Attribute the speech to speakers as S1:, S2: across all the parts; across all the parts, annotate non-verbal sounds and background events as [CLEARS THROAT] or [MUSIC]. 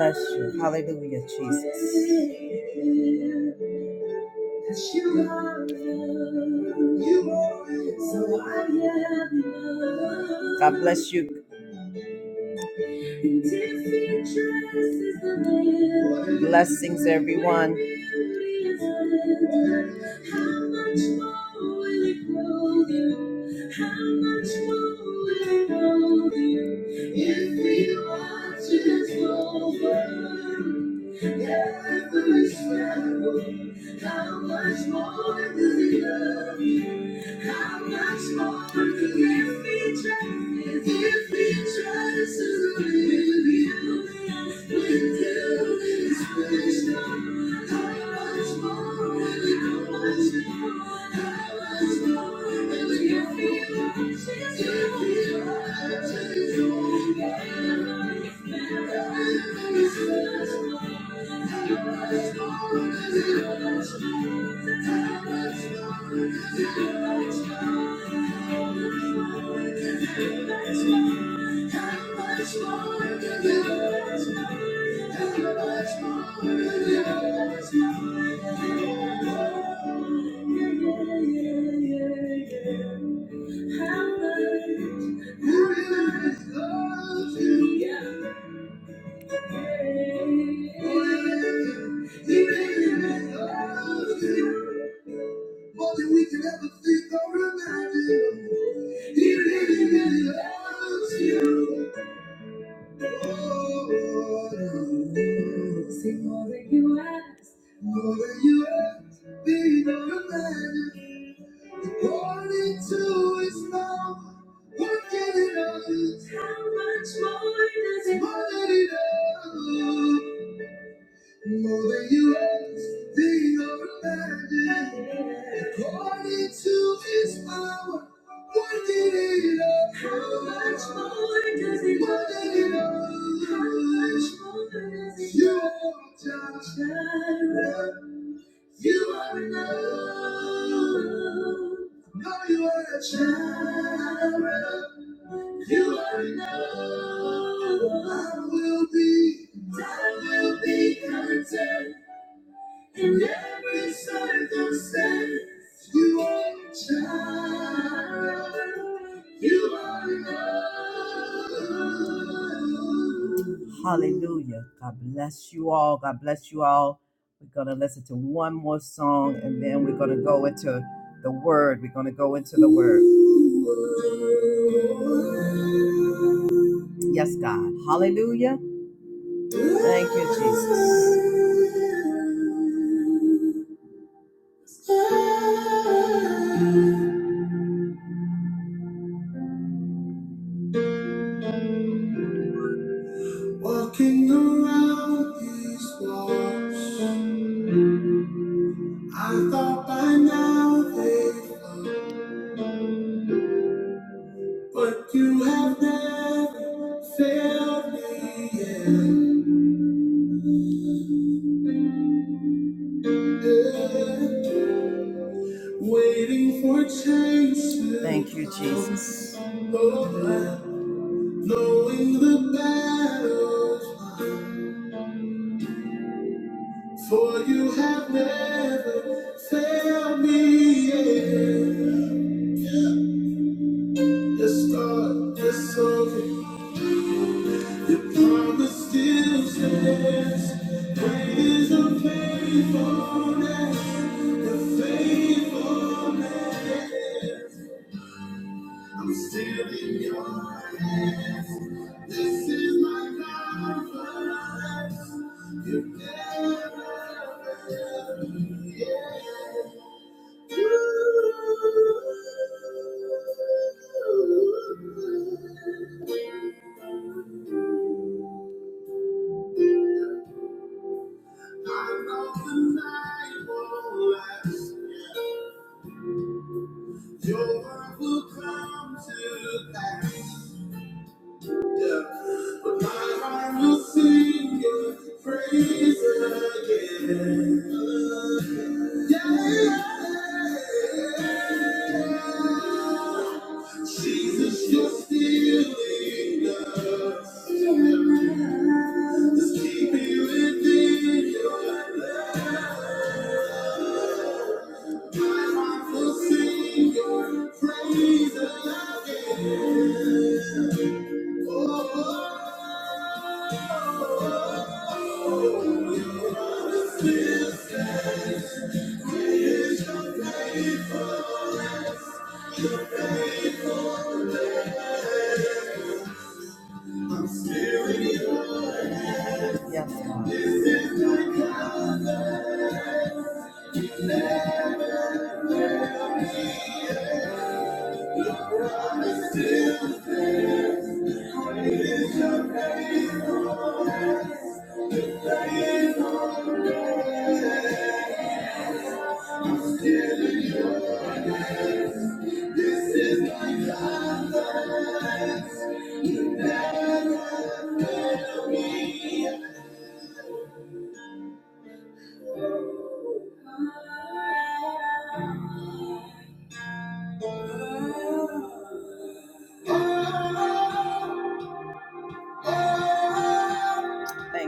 S1: Bless you. Hallelujah, Jesus. you are So love. God bless you. Blessings, everyone. How much more does he love you? How much more if we trust, if we trust in you, we do. It's much more, how much more, how much more, how much more if we trust, if we trust in you. It's much how much, how much love you got? More than we can ever think or imagine. He really, really loves you. Oh, see more than you ask, more than you ask, think or imagine. According to his love, working in us. How much more does it? More than enough. More than you ever think or imagine. According to his power, working it out. How much more does it Working it out. How much more does it You are just Jireh. You are enough. No, you are a child. You are enough. I will be, I will be content. In every circumstance, you are a child. You are enough. Hallelujah. God bless you all. God bless you all. We're going to listen to one more song and then we're going to go into the word. We're going to go into the word. Yes, God. Hallelujah. Thank you, Jesus. Walking around these walls, I thought by now they, but you have never failed me yet. Yeah. Waiting for change. to Thank you, come. Jesus. Oh, knowing the battles, for you have never failed me yet. Yes, God, yes, okay. Your promise still stands. Great is the faithfulness, the faithfulness. I'm still in your hands. This is my confidence. You never fail. Yeah. You. I know the night won't last. Your word will come to pass. yeah. But my heart will sing your praise again. Yeah. Jesus, you're still enough. Just keep me within you. I will sing your praise again. Yes, God. Thank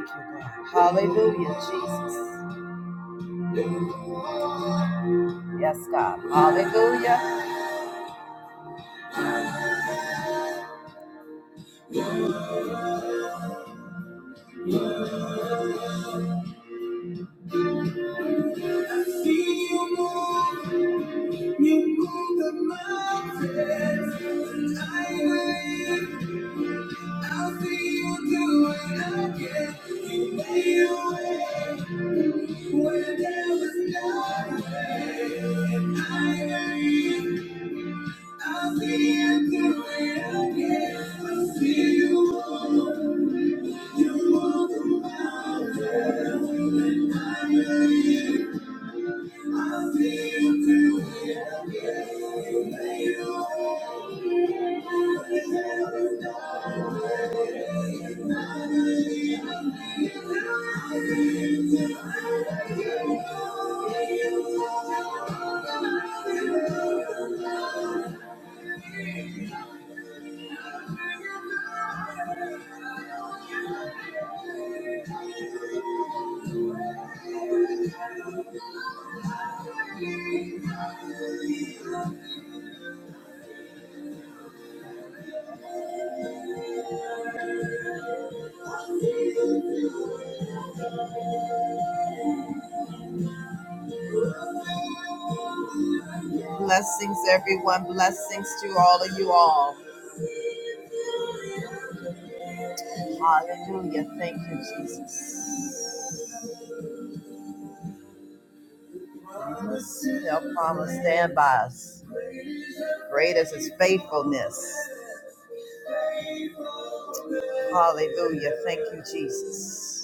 S1: you, God. Hallelujah, Jesus. Yes, God. Hallelujah. I See you move, you move the mountains. Tonight, I'll see you do it again. You made a way where there was no way. And I, I'll see you do it again. i see you move, you move the mountains. I'll see you do it again. Blessings, everyone. Blessings to all of you all. Hallelujah. Thank you, Jesus. Shall promise stand by us. Great is his faithfulness. Hallelujah. Thank you, Jesus.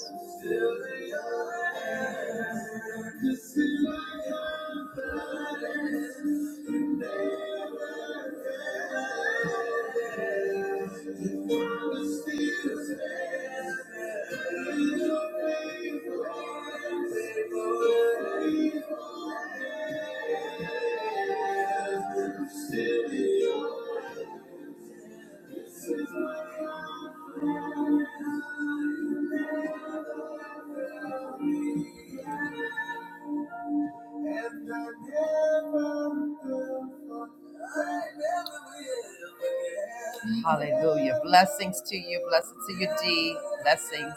S1: Hallelujah. Blessings to you. Blessings to you, D. Blessings.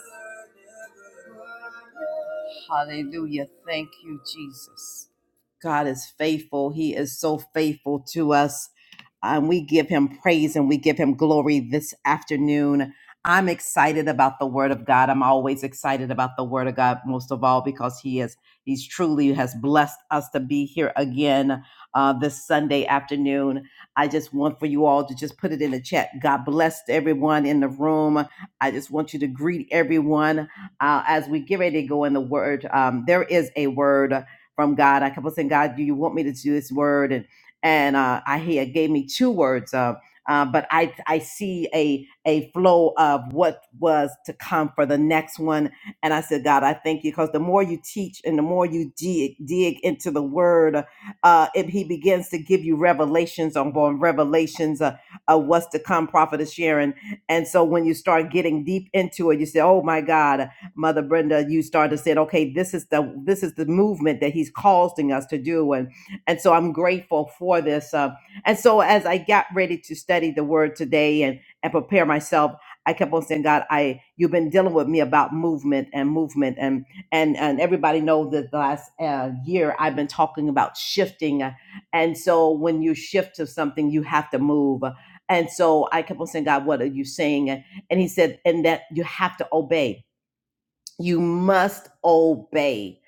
S1: Hallelujah. Thank you, Jesus. God is faithful. He is so faithful to us. And we give him praise and we give him glory this afternoon. I'm excited about the word of God. I'm always excited about the word of God, most of all, because he is, he's truly has blessed us to be here again uh, this Sunday afternoon. I just want for you all to just put it in the chat. God bless everyone in the room. I just want you to greet everyone uh, as we get ready to go in the word, um, there is a word from God. I kept on saying, God, do you want me to do this word? And and uh, I he gave me two words, uh, uh, but I I see a a flow of what was to come for the next one. And I said, God, I thank you because the more you teach and the more you dig dig into the word, uh, if He begins to give you revelations on, on revelations uh, of what's to come, prophetess Sharon. And so when you start getting deep into it, you say, Oh my God. Mother Brenda, you started said, okay, this is the this is the movement that he's causing us to do, and and so I'm grateful for this. Uh, and so as I got ready to study the Word today and and prepare myself, I kept on saying, God, I you've been dealing with me about movement and movement, and and and everybody knows that the last uh, year I've been talking about shifting, uh, and so when you shift to something, you have to move. And so I kept on saying, God, what are you saying? And He said, and that you have to obey you must obey.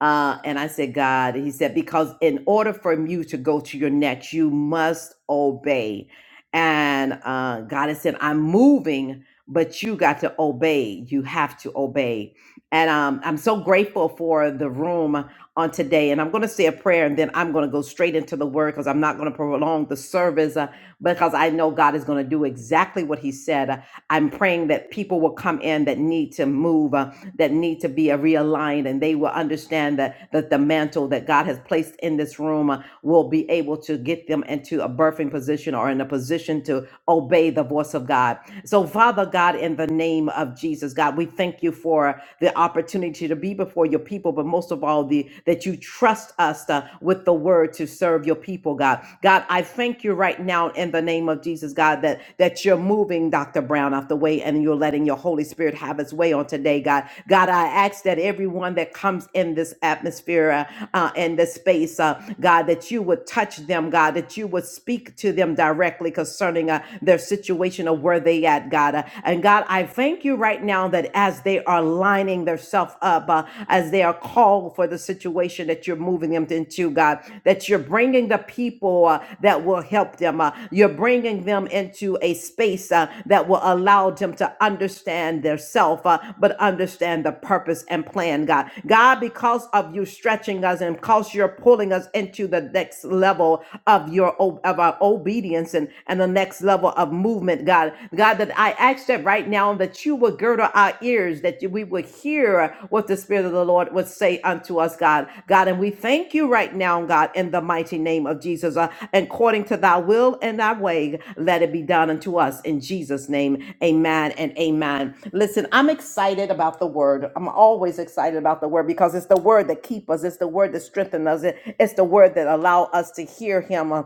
S1: Uh, and I said, God, he said, because in order for you to go to your next, you must obey. And uh, God has said, I'm moving, but you got to obey. You have to obey. And um, I'm so grateful for the room on today. And I'm going to say a prayer and then I'm going to go straight into the word because I'm not going to prolong the service uh, because I know God is going to do exactly what he said. Uh, I'm praying that people will come in that need to move. Uh, that need to be uh, realigned and they will understand that, that the mantle that God has placed in this room uh, will be able to get them into a birthing position or in a position to obey the voice of God. So, Father God, in the name of Jesus, God, we thank you for the opportunity to be before your people, but most of all, the that you trust us uh, with the word to serve your people, God. God, I thank you right now in the name of Jesus, God, that that you're moving Dr. Brown off the way and you're letting your Holy Spirit have its way on today, God. God, I ask that everyone that comes in this atmosphere, uh, uh, in this space, uh, God, that you would touch them, God, that you would speak to them directly concerning uh, their their situation of where they at, God. Uh, And God, I thank you right now that as they are lining themselves up, uh, as they are called for the situation that you're moving them into, God, that you're bringing the people uh, that will help them. uh, you're bringing them into a space uh, that will allow them to understand their self, uh, but understand the purpose and plan, God. God, because of you stretching us and because you're pulling us into the next level of your of our obedience obedience and, and the next level of movement, God. God, that I ask that right now that you would girdle our ears, that we would hear what the Spirit of the Lord would say unto us, God. God, and we thank you right now, God, in the mighty name of Jesus. Uh, according to thy will and thy way, let it be done unto us in Jesus' name. Amen and amen. Listen, I'm excited about the word. I'm always excited about the word because it's the word that keeps us, it's the word that strengthens us, It- it's the word that allows us to hear him. Uh,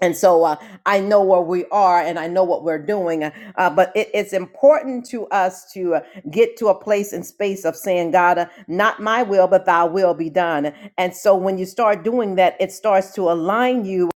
S1: and so uh, I know where we are and I know what we're doing. Uh, uh, but it, it's important to us to uh, get to a place and space of saying, God, uh, not my will, but thy will be done. And so when you start doing that, it starts to align you.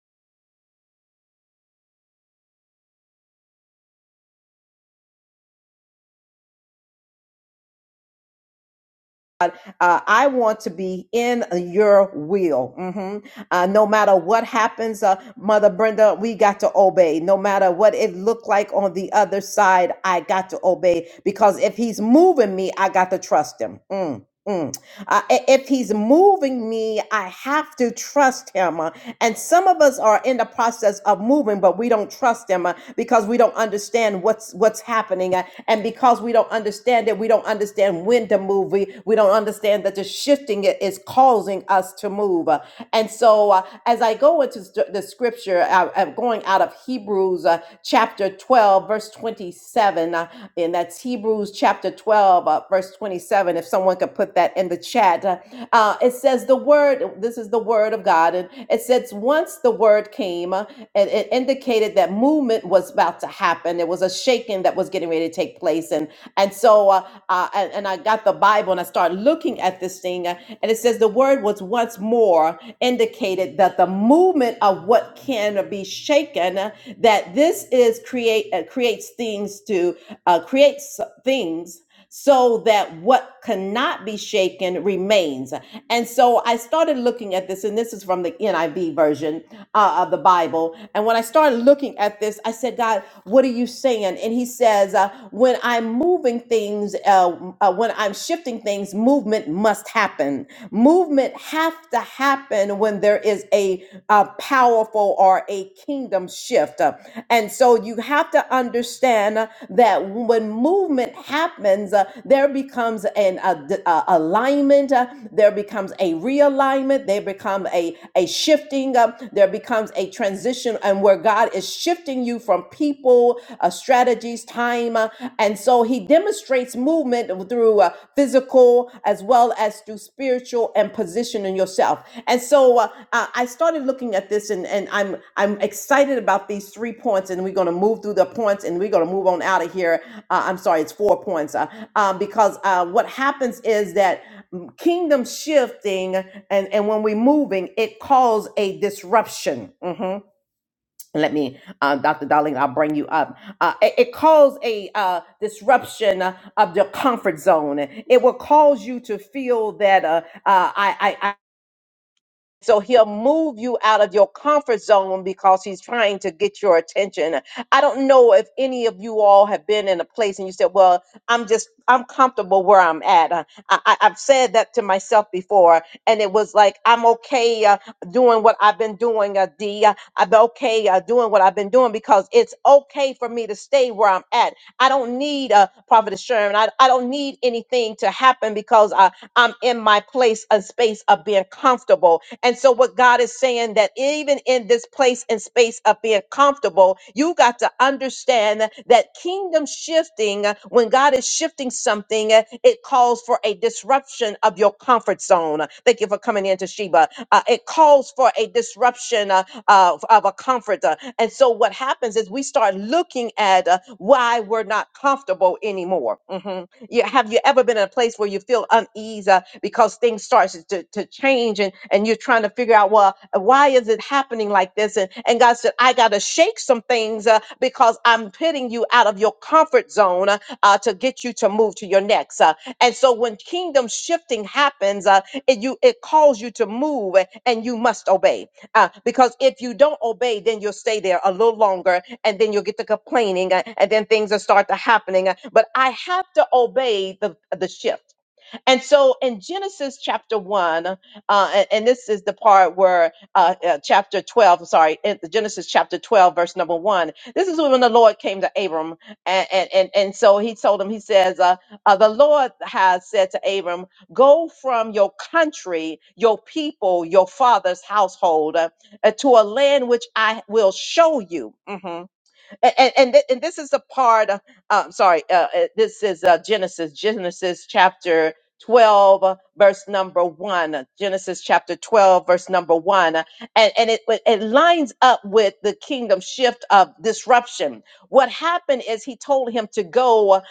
S1: Uh, I want to be in your will. Mhm. Uh, no matter what happens, uh, Mother Brenda, we got to obey. No matter what it looked like on the other side, I got to obey because if he's moving me, I got to trust him. Mm, mm. Uh, i- if he's moving me, I have to trust him. Uh, And some of us are in the process of moving, but we don't trust him uh, because we don't understand what's what's happening, uh, and because we don't understand it, we don't understand when to move. We we don't understand that the shifting i- is causing us to move. Uh, And so, uh, as I go into st- the scripture, I, am going out of Hebrews uh, chapter twelve, verse twenty-seven. 27, uh, and that's Hebrews chapter 12, uh, verse 27. If someone could put that in the chat, uh, uh, it says the word, this is the word of God, and it says, once the word came, uh, it, it indicated that movement was about to happen. It was a shaking that was getting ready to take place. And and so, uh, uh, and, and I got the Bible and I started looking at this thing, uh, and it says the word was once more indicated that the movement of what what can be shaken uh, that this is create uh, creates things to uh, create s- things so that what cannot be shaken remains and so i started looking at this and this is from the niv version uh, of the bible and when i started looking at this i said god what are you saying and he says uh, when i'm moving things uh, uh, when i'm shifting things movement must happen happen. Movement have to happen when there is a, a powerful or a kingdom shift. Uh, And so you have to understand uh, that when movement happens, uh, there becomes an a, d- a- alignment, uh, there becomes a realignment, there become a, a shifting, uh, there becomes a transition, and where God is shifting you from people, uh, strategies, time. uh, and so he demonstrates movement through uh, physical as well as through spiritual and positioning yourself. And so uh, I I started looking at this and, and I'm I'm excited about these three points and we're going to move through the points and we're going to move on out of here. Uh, I'm sorry, it's four points uh, um, because uh, what happens is that mm, kingdom shifting and, and when we're moving, it calls a disruption. Mhm let me uh, dr darling i'll bring you up uh, it, it caused a uh, disruption of your comfort zone it will cause you to feel that uh, uh, I, I so he'll move you out of your comfort zone because he's trying to get your attention. I don't know if any of you all have been in a place and you said, Well, I'm just, I'm comfortable where I'm at. Uh, I, I, I've said that to myself before, and it was like, I'm okay uh, doing what I've been doing, uh, D. Uh, I'm okay uh, doing what I've been doing because it's okay for me to stay where I'm at. I don't need a uh, prophet of Sherman. I, I don't need anything to happen because I. I'm in my place, a space of being comfortable. And so, what God is saying that even in this place and space of being comfortable, you got to understand that kingdom shifting, uh, when God is shifting something, uh, it calls for a disruption of your comfort zone. Thank you for coming in, Toshiba. Uh, it calls for a disruption uh, of, of a comfort. uh, And so, what happens is we start looking at uh, why we're not comfortable anymore. Mhm you have you ever been in a place where you feel unease uh, because things starts to, to change and and you're trying to figure out well uh, why is it happening like this and and god said i gotta shake some things uh, because i'm putting you out of your comfort zone uh, uh, to get you to move to your next uh, and so when kingdom shifting happens uh, it you it calls you to move uh, and you must obey uh, because if you don't obey then you'll stay there a little longer and then you'll get to complaining uh, and then things will start to happening uh, but i have to obey the the shift and so in genesis chapter 1 uh, and, and this is the part where uh, uh, chapter 12 I'm sorry in genesis chapter 12 verse number 1 this is when the lord came to abram and and and, and so he told him he says uh, uh, the lord has said to abram go from your country your people your father's household uh, to a land which i will show you Mhm and and, and thi- and this is the part uh, um, sorry uh, uh, this is uh, genesis genesis chapter 12 uh, verse number 1 uh, genesis chapter 12 verse number 1 uh, and, and it it it lines up with the kingdom shift of disruption what happened is he told him to go uh,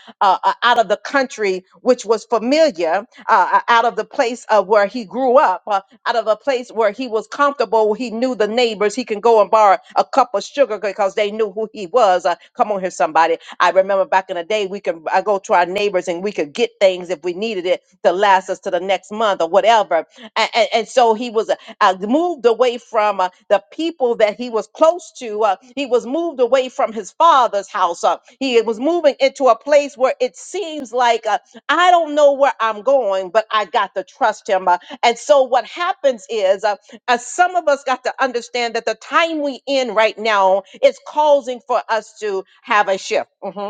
S1: uh, out of the country which was familiar uh, uh, out of the place of where he grew up uh, out of a place where he was comfortable. He knew the neighbors. He can go and borrow a cup of sugar because they knew who he was. Uh, come on here, somebody. I remember back in the day, we could I go to our neighbors and we could get things if we needed it to last us to the next month or whatever. And, and, and so he was uh, moved away from uh, the people that he was close to. Uh, he was moved away from his father's house. Uh, he was moving into a place where it seems like uh, I don't know where I'm going, but I got to trust him. Uh, and so what happens is, uh, as some of us got to understand that the time we in right now is causing for us to have a shift. Mhm.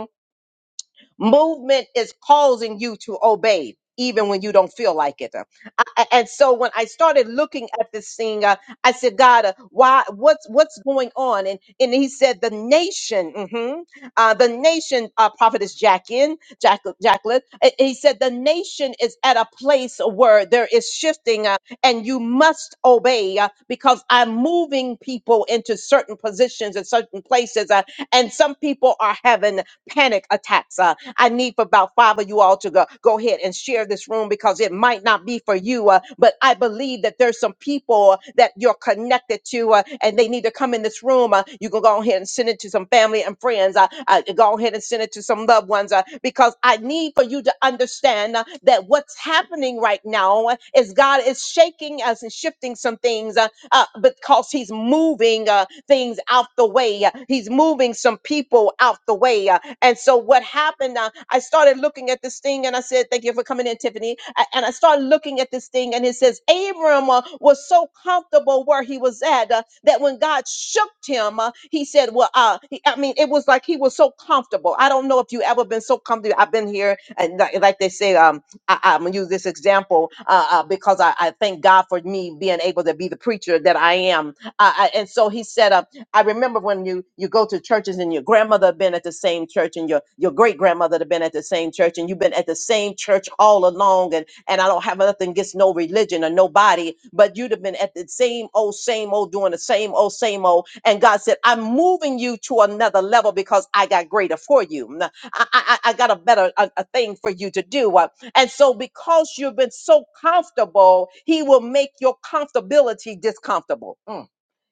S1: Movement is causing you to obey. Even when you don't feel like it, I, I- and so when I started looking at this thing, uh, I said, "God, uh, why? What's what's going on?" And and He said, "The nation, mhm, uh, the nation, uh, prophetess Jacqueline, Jack, Jacqueline." uh, He said, "The nation is at a place where there is shifting, uh, and you must obey uh, because I'm moving people into certain positions and certain places. uh, and some people are having panic attacks. uh, I need for about five of you all to go, go ahead and share this room because it might not be for you, uh, but I believe that there's some people that you're connected to uh, and they need to come in this room. Uh, you can go ahead and send it to some family and friends. Uh, uh, go ahead and send it to some loved ones uh, because I need for you to understand uh, that what's happening right now uh, is God is shaking us and shifting some things uh, uh, because He's moving. uh, things out the way. He's moving some people out the way. And so what happened, uh, I started looking at this thing and I said, Thank you for coming in, Tiffany. A- And I started looking at this thing and it says, Abram uh, was so comfortable where he was at uh, that when God shook him, uh, he said, Well, uh, he- I mean, it was like he was so comfortable. I don't know if you ever been so comfortable. I've been here, and like like they say, um, I, I'm gonna use this example uh, uh, because I, I thank God for me being able to be the preacher that I am uh, I- and so he said, uh, I remember when you you go to churches and your grandmother had been at the same church and your your great grandmother had been at the same church and you've been at the same church all along and and I don't have nothing against no religion or nobody, but you'd have been at the same old same old doing the same old same old. And God said, I'm moving you to another level because I got greater for you. N- I I, I I got a better a, a thing for you to do. Uh, and so because you've been so comfortable, He will make your comfortability discomfortable. Mm.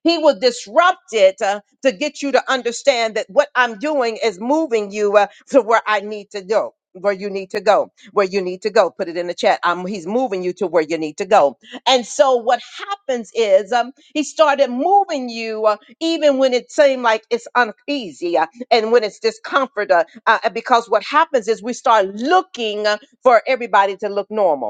S1: He will disrupt it uh, to get you to understand that what I'm doing is moving you uh, to where I need to go. Where you need to go, where you need to go. Put it in the chat. Um, he's moving you to where you need to go. And so what happens is um, he started moving you uh, even when it seemed like it's uneasy uh, and when it's discomfort. Uh, uh, because what happens is we start looking uh, for everybody to look normal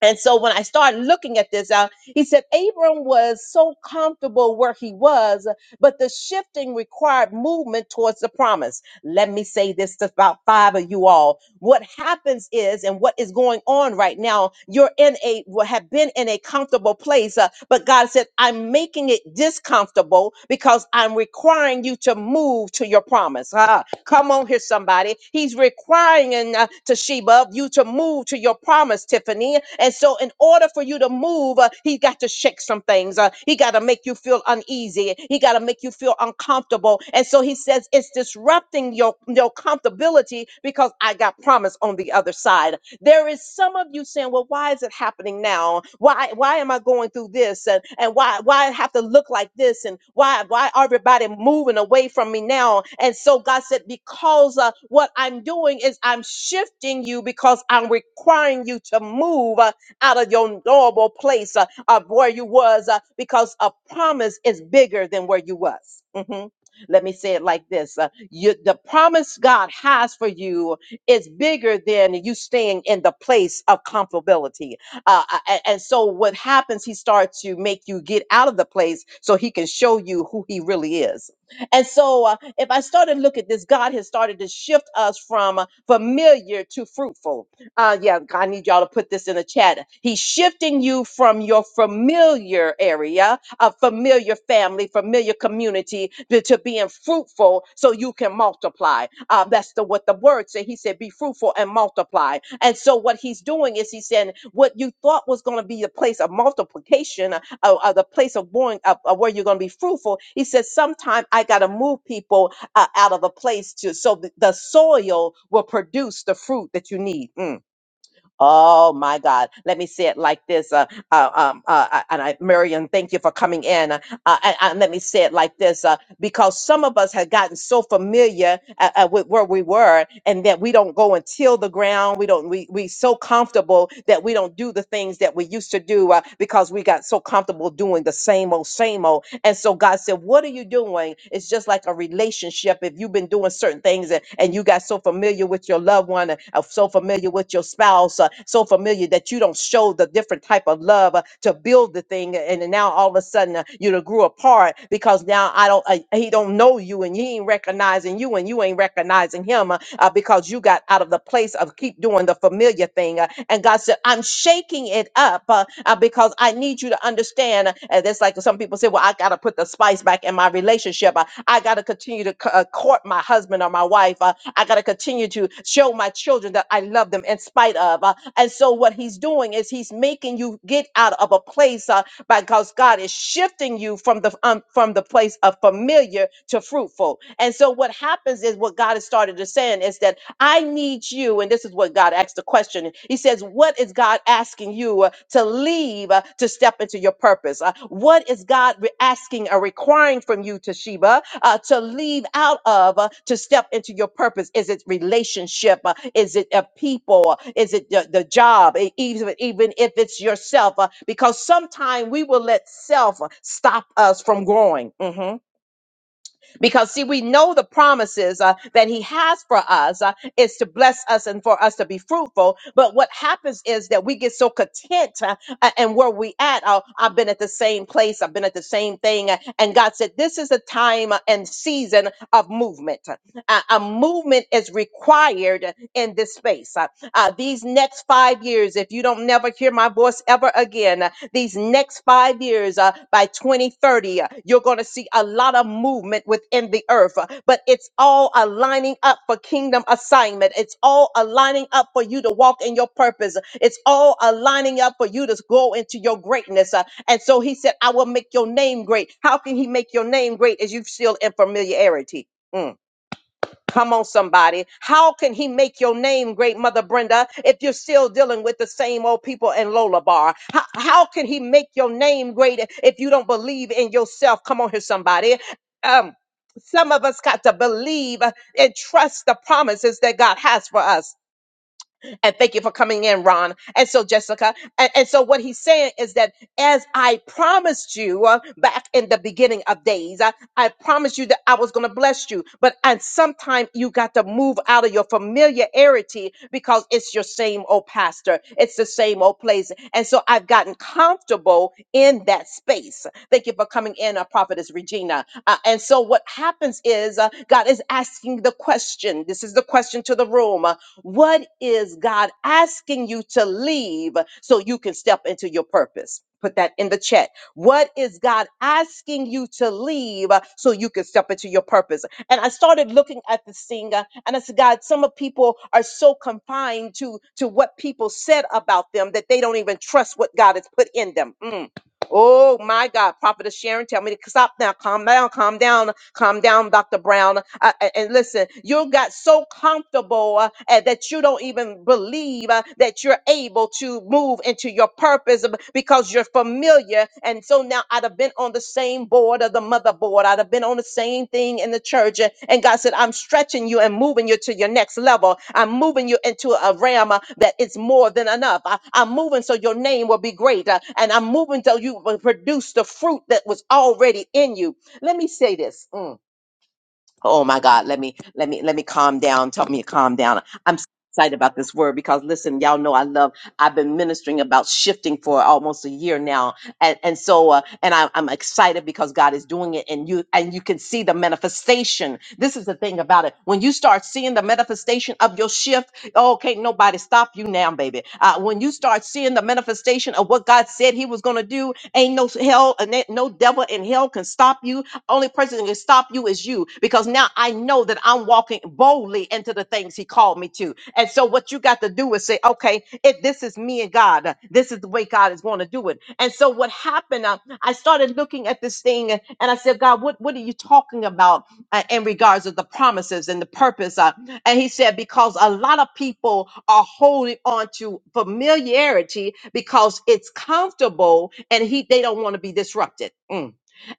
S1: and so when I started looking at this out, he said Abram was so comfortable where he was, but the shifting required movement towards the promise. Let me say this to about five of you all. What happens is, and what is going on right now, you're in a, well, have been in a comfortable place, uh, but God said, I'm making it discomfortable because I'm requiring you to move to your promise. Ah, come on here, somebody. He's requiring crying in uh, Toshiba of you to move to your promise, Tiffany. And so, in order for you to move, uh, he got to shake some things. Uh, he got to make you feel uneasy. He got to make you feel uncomfortable. And so, he says it's disrupting your, your comfortability because I got promise on the other side. There is some of you saying, well, why is it happening now? Why why am I going through this? And, and why why I have to look like this? And why why everybody moving away from me now? And so God said, because uh, what I'm doing is I'm shifting you because I'm requiring you to move uh, out of your normal place uh, of where you was uh, because a promise is bigger than where you was. Mhm. Let me say it like this. uh, you, the promise God has for you is bigger than you staying in the place of comfortability. Uh, a- a- and so what happens, he starts to make you get out of the place so he can show you who he really is. And so uh, if I started to look at this, God has started to shift us from uh, familiar to fruitful. Uh, yeah, I need y'all to put this in the chat. He's shifting you from your familiar area a familiar family, familiar community to, to being fruitful so you can multiply. Uh, that's the what the word said. He said, be fruitful and multiply. And so what he's doing is he's saying what you thought was going to be the place of multiplication, uh, uh, uh, the place of going of, of where you're going to be fruitful. He says, sometime I got to move people uh, out of a place to so th- the soil will produce the fruit that you need. Mm. Oh my God. Let me say it like this. Uh, uh, um, uh, uh, and I, Marion, thank you for coming in. Uh, and, and let me say it like this. uh, because some of us have gotten so familiar uh, uh, with where we were and that we don't go and till the ground we don't we we so comfortable that we don't do the things that we used to do uh, because we got so comfortable doing the same old same old and so god said what are you doing it's just like a relationship if you've been doing certain things and, and you got so familiar with your loved one uh, uh, so familiar with your spouse uh, so familiar that you don't show the different type of love uh, to build the thing and then now all of a sudden uh, you done grew apart because now i don't don't uh, he don't know you and he ain't recognizing you and you ain't recognizing him uh, uh, because you got out of the place of keep doing the familiar thing uh, and god said i'm shaking it up uh, uh, because i need you to understand uh, and that's like some people say well i gotta put the spice back in my relationship uh, i gotta continue to c- uh, court my husband or my wife uh, i gotta continue to show my children that i love them in spite of uh, and so what he's doing is he's making you get out of of. a place place because God is shifting you from the um, from the the familiar to fruitful. And so what happens is what God has started to saying is that I need you, and this is what God asked the question. He says, What is God asking you uh, to leave uh, to step into your purpose? Uh, what is God re- asking or requiring from you, Toshiba, uh, to leave out of uh, to step into your purpose? Is it relationship? Uh, is it uh, people? Is it the, the job? E- Even, even if it's yourself, uh, because sometimes we will let self uh, stop us from growing. Mm-hmm because see we know the promises uh, that he has for us uh, is to bless us and for us to be fruitful but what happens is that we get so content uh, a- and where we at uh, i've been at the same place i've been at the same thing uh, and god said this is a time uh, and season of movement Uh, a, movement is required in this space Uh, uh, these next five years, if you don't never hear my voice ever again, uh, these next five years uh, by 2030, uh, you're going to see a lot of movement within the earth. uh, but it's all aligning up for kingdom assignment. It's all aligning up for you to walk in your purpose. It's all aligning up for you to go into your greatness. uh, and so he said, I will make your name great. How can he make your name great as you still in familiarity? Mm. Come on, somebody. How can he make your name great, Mother Brenda, if you're still dealing with the same old people in Lola Bar? How, how can he make your name great if you don't believe in yourself? Come on here, somebody. Um, some of us got to believe and trust the promises that God has for us. And thank you for coming in, Ron. And so, Jessica. And, and so, what he's saying is that as I promised you uh, back in the beginning of days, I, I promised you that I was going to bless you. But and sometime you got to move out of your familiarity because it's your same old pastor, it's the same old place. And so, I've gotten comfortable in that space. Thank you for coming in, uh, Prophetess Regina. Uh, and so, what happens is uh, God is asking the question. This is the question to the room what is God asking you to leave so you can step into your purpose? Put that in the chat. What is God asking you to leave uh, so you can step into your purpose? And I started looking at the singer, and I said, God, some of people are so confined to to what people said about them that they don't even trust what God has put in them. Mm. Oh my God, Prophetess Sharon, tell me to stop now. Calm down, calm down, calm down, Dr. Brown. Uh, a- and listen, you got so comfortable uh, uh, that you don't even believe uh, that you're able to move into your purpose b- because you're familiar. And so now I'd have been been on the same board of the motherboard. I'd have been on the same thing in the church. And and God said, I'm stretching you and moving you to your next level. I'm moving you into a realm uh, that is more than enough. I, am moving so your name will be great. uh, and I'm moving so you will produce the fruit that was already in you. Let me say this. Mm oh my god let me let me let me calm down tell me to calm down i'm so excited about this word because listen y'all know i love i've been ministering about shifting for almost a year now and and so uh, and I, i'm excited because god is doing it and you and you can see the manifestation this is the thing about it when you start seeing the manifestation of your shift oh can't nobody stop you now baby uh, when you start seeing the manifestation of what god said he was going to do ain't no hell and ain't no devil in hell can stop you only person that can stop you is you because now I know that I'm walking boldly into the things He called me to. And so, what you got to do is say, okay, if this is me and God, uh, this is the way God is going to do it. And so, what happened, uh, I started looking at this thing and I said, God, what, what are you talking about uh, in regards to the promises and the purpose? Uh, and He said, because a lot of people are holding on to familiarity because it's comfortable and he, they don't want to be disrupted. Mm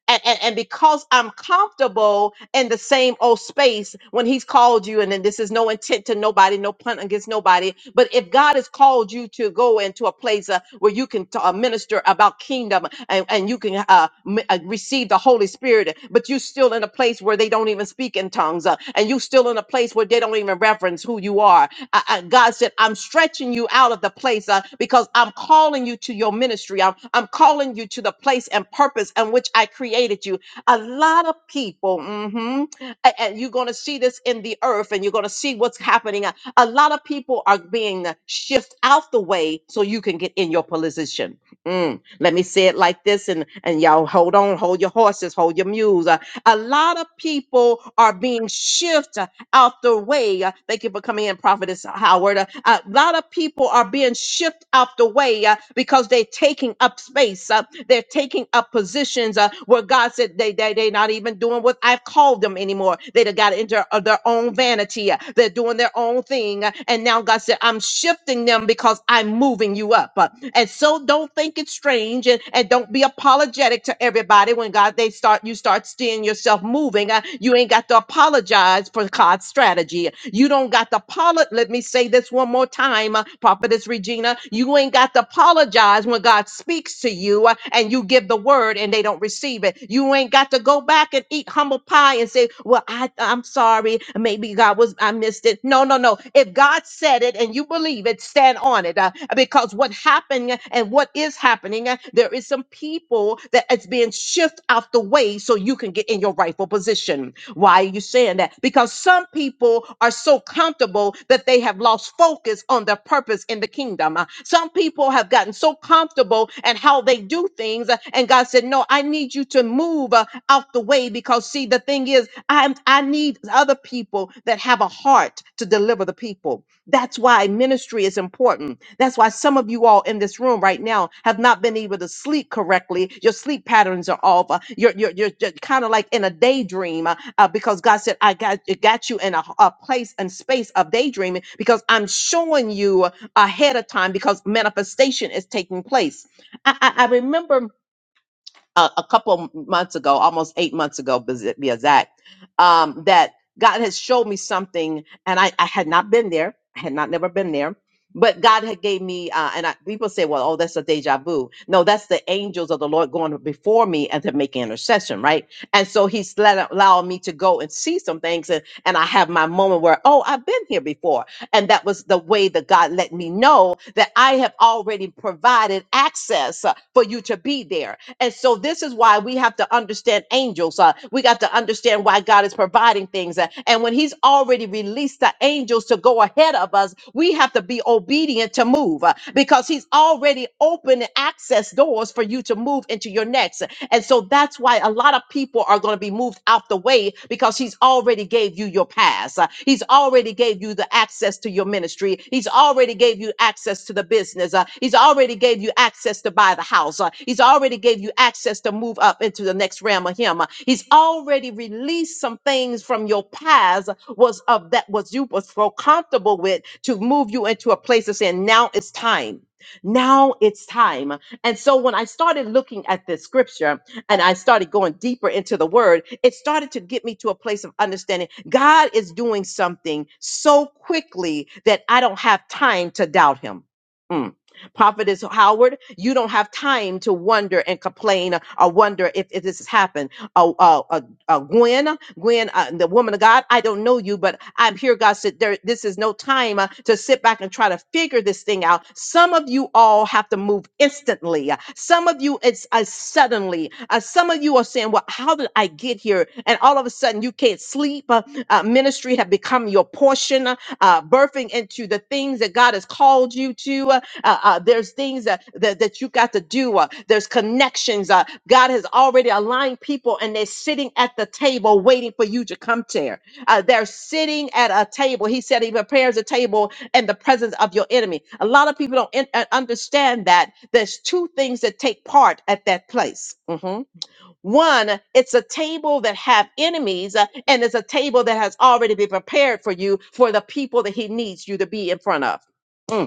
S1: and, and, and because I'm comfortable in the same old space when he's called you, and then this is no intent to nobody, no pun against nobody, but if God has called you to go into a place uh, where you can t- uh, minister about kingdom and, and you can uh, m- uh, receive the Holy Spirit, but you're still in a place where they don't even speak in tongues, uh, and you still in a place where they don't even reverence who you are, I- I- God said, I'm stretching you out of the place uh, because I'm calling you to your ministry. I'm, I'm calling you to the place and purpose in which I created you. A lot of people, mhm, a- and you're going to see this in the earth and you're going to see what's happening. A a lot of people are being uh, shift out the way so you can get in your position. Mm, let me say it like this and, and y'all hold on, hold your horses, hold your mules. Uh, a lot of people are being shifted out the way. Uh, Thank you for coming in, Prophetess Howard. Uh, A lot of people are being shipped out the way uh, because they're taking up space. uh, They're taking up positions uh, where God said they, they, they're not even doing what I've called them anymore. They done got into uh, their own vanity. uh, They're doing their own thing. uh, And now God said, I'm shifting them because I'm moving you up. Uh, and so don't think it's strange and, and don't be apologetic to everybody when God they start you start seeing yourself moving. Uh, you ain't got to apologize for God's strategy. You don't got to apologize. Let me say this one more time, uh, Prophetess Regina. You ain't got to apologize when God speaks to you uh, and you give the word and they don't receive it. You ain't got to go back and eat humble pie and say, Well, I I'm sorry. Maybe God was I missed it. No, no, no. If God said it and you believe it, stand stand on it uh, because what happened uh, and what is happening, uh, there is some people that it's being shifted out the way so you can get in your rightful position. Why are you saying that? Because some people are so comfortable that they have lost focus on their purpose in the kingdom. Uh, Some people have gotten so comfortable and how they do things, uh, and God said, "No, I need you to move uh, out the way because see, the thing is, I I need other people that have a heart to deliver the people." That's why ministry is important. That's why some of you all in this room right now have not been able to sleep correctly. Your sleep patterns are off. Uh, You're you're you're, kind of like in a daydream uh, uh, because God said I got it got you in a, a place and space of daydreaming because I'm showing you ahead of time because manifestation is taking place. I I, I remember a, a couple months ago, almost eight months ago, bes- be exact, um, that God has showed me something, and I, I had not been there, I had not never been there, but God had gave me, uh, and I, people say, well, oh, that's a deja vu. No, that's the angels of the Lord going before me and to make intercession, right? And so He's let allowing me to go and see some things, and, and I have my moment where, oh, I've been here before, and that was the way that God let me know that I have already provided access uh, for you to be there and so this is why we have to understand angels. Uh, we got to understand why God is providing things. Uh, and when he's already released the angels to go ahead of us, we have to be obedient to move uh, because he's already opened access doors for you to move into your next. And so that's why a lot of people are going to be moved out the way because he's already gave you your pass. Uh, He's already gave you the access to your ministry. He's already gave you access to the business. Uh, He's already gave you access to buy the house. Uh, He's already gave you access to move up into the next realm of him. Uh, He's already released some things from your past was of that was you was so comfortable with to move you into a place of saying now it's time. Now it's time. And so when I started looking at this scripture and I started going deeper into the word, it started to get me to a place of understanding God is doing something so quickly that I don't have time to doubt him. Mm. Prophetess Howard, you don't have time to wonder and complain or wonder if, if this has happened. Uh, uh, uh, uh, Gwen, Gwen, uh, the woman of God, I don't know you, but I'm here. God said, there, this is no time uh, to sit back and try to figure this thing out. Some of you all have to move instantly. Uh, Some of you, it's uh, suddenly. Uh, some of you are saying, well, how did I get here? And all of a sudden, you can't sleep. Uh, uh, ministry have become your portion, uh, uh, birthing into the things that God has called you to. uh, uh, uh, there's things that, that, that you got to do. Uh, there's connections. Uh, God has already aligned people and they're sitting at the table waiting for you to come there. Uh, they're sitting at a table. He said he prepares a table in the presence of your enemy. A lot of people don't in- uh, understand that there's two things that take part at that place. Mhm. One, it's a table that have enemies, uh, and it's a table that has already been prepared for you for the people that he needs you to be in front of. Mm.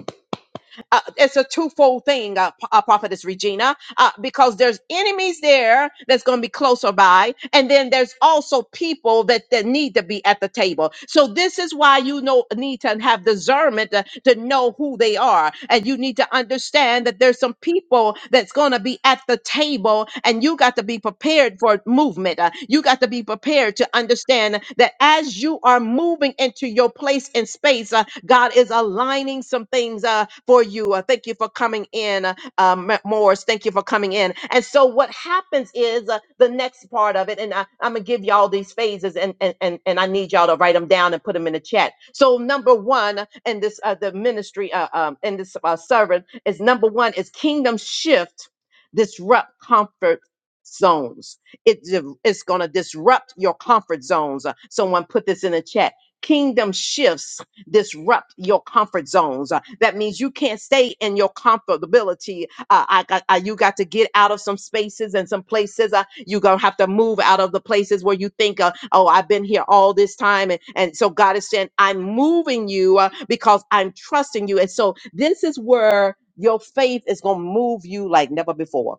S1: Uh, it's a twofold thing, uh, P- uh, Prophetess Regina uh, because there's enemies there that's going to be closer by. And then there's also people that, that need to be at the table. So this is why you know, need to have discernment to, to know who they are. And you need to understand that there's some people that's going to be at the table and you got to be prepared for movement. Uh, you got to be prepared to understand that as you are moving into your place in space, uh, God is aligning some things uh, for you. Uh, thank you for coming in. uh, um, Ma- Morris, thank you for coming in. And so what happens is uh, the next part of it, and I, I'm gonna give y'all these phases, and and and and I need y'all to write them down and put them in the chat. So number one, and this uh, the ministry, uh, um, in this uh, servant is number one is kingdom shift, disrupt comfort zones. It di- it's gonna disrupt your comfort zones. Uh, Someone put this in the chat. Kingdom shifts disrupt your comfort zones. Uh, that means you can't stay in your comfortability. Uh, I, got- I- you got to get out of some spaces and some places. Uh, you're going to have to move out of the places where you think, uh, oh, I've been here all this time. And, and so God is saying, I'm moving you uh, because I'm trusting you. And so this is where your faith is going to move you like never before.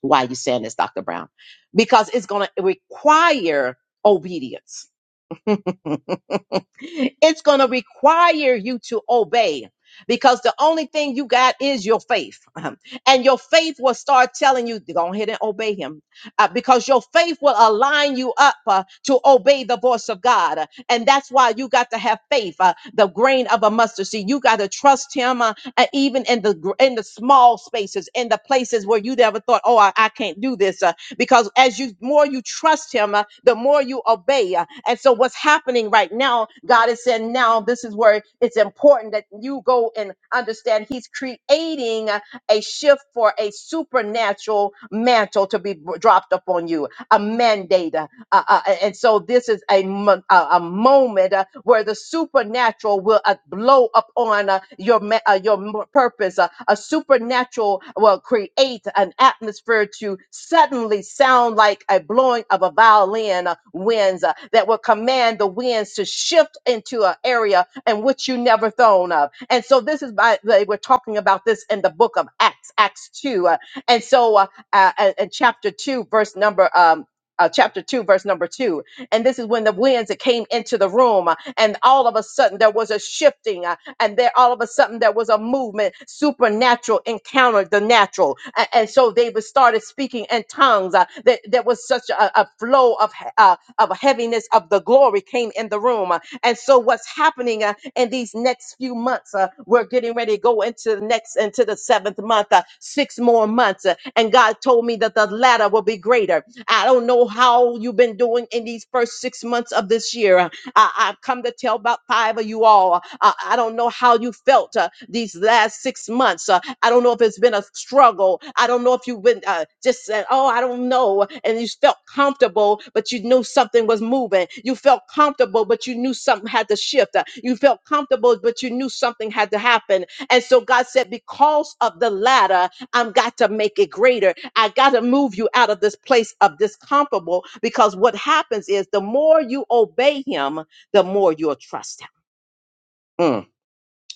S1: Why are you saying this, Dr. Brown? Because it's going to require obedience. [LAUGHS] It's going to require you to obey because the only thing you got is your faith. [LAUGHS] And your faith will start telling you, go ahead and obey him uh, because your faith will align you up uh, to obey the voice of God. Uh, And that's why you got to have faith, uh, the grain of a mustard seed. You got to trust him uh, uh, even in the gr- in the small spaces, in the places where you never thought, oh, I, I can't do this. Uh, because as you more you trust him uh, the more you obey uh, and so what's happening right now god is saying now this is where it's important that you go and understand he's creating uh, a shift for a supernatural mantle to be b- dropped upon you a mandate uh, uh, uh, and so this is a, mo- a, a moment uh, where the supernatural will uh, blow upon uh, your ma- uh, your m- purpose. Uh, a supernatural will create an atmosphere to suddenly sound like a blowing of a violin uh, winds uh, that will command the winds to shift into an area in which you never thrown of. And so this is by they were talking about this in the book of Acts, Acts two, uh, and so uh, uh, in chapter two, verse number um, uh, chapter 2, verse number 2. And this is when the winds that came into the room, uh, and all of a sudden there was a shifting, uh, and there all of a sudden there was a movement. Supernatural encountered the natural. A- And, so they was- started speaking in tongues. Uh, that there was such a, a flow of, he- uh, of heaviness of the glory came in the room. Uh, And so what's happening uh, in these next few months, uh, we're getting ready to go into the next, into the seventh month, uh, six more months. uh, and God told me that the latter will be greater. I don't know how you've been doing in these first six months of this year. Uh, I, I've come to tell about five of you all. Uh, I don't know how you felt uh, these last six months. Uh, I don't know if it's been a struggle. I don't know if you've been uh, just said, oh, I don't know. And you felt comfortable, but you knew something was moving. You felt comfortable, but you knew something had to shift. Uh, You felt comfortable, but you knew something had to happen. And so God said, because of the latter, I've got to make it greater. I got to move you out of this place of discomfortable because what happens is the more you obey him, the more you'll trust him. Mm.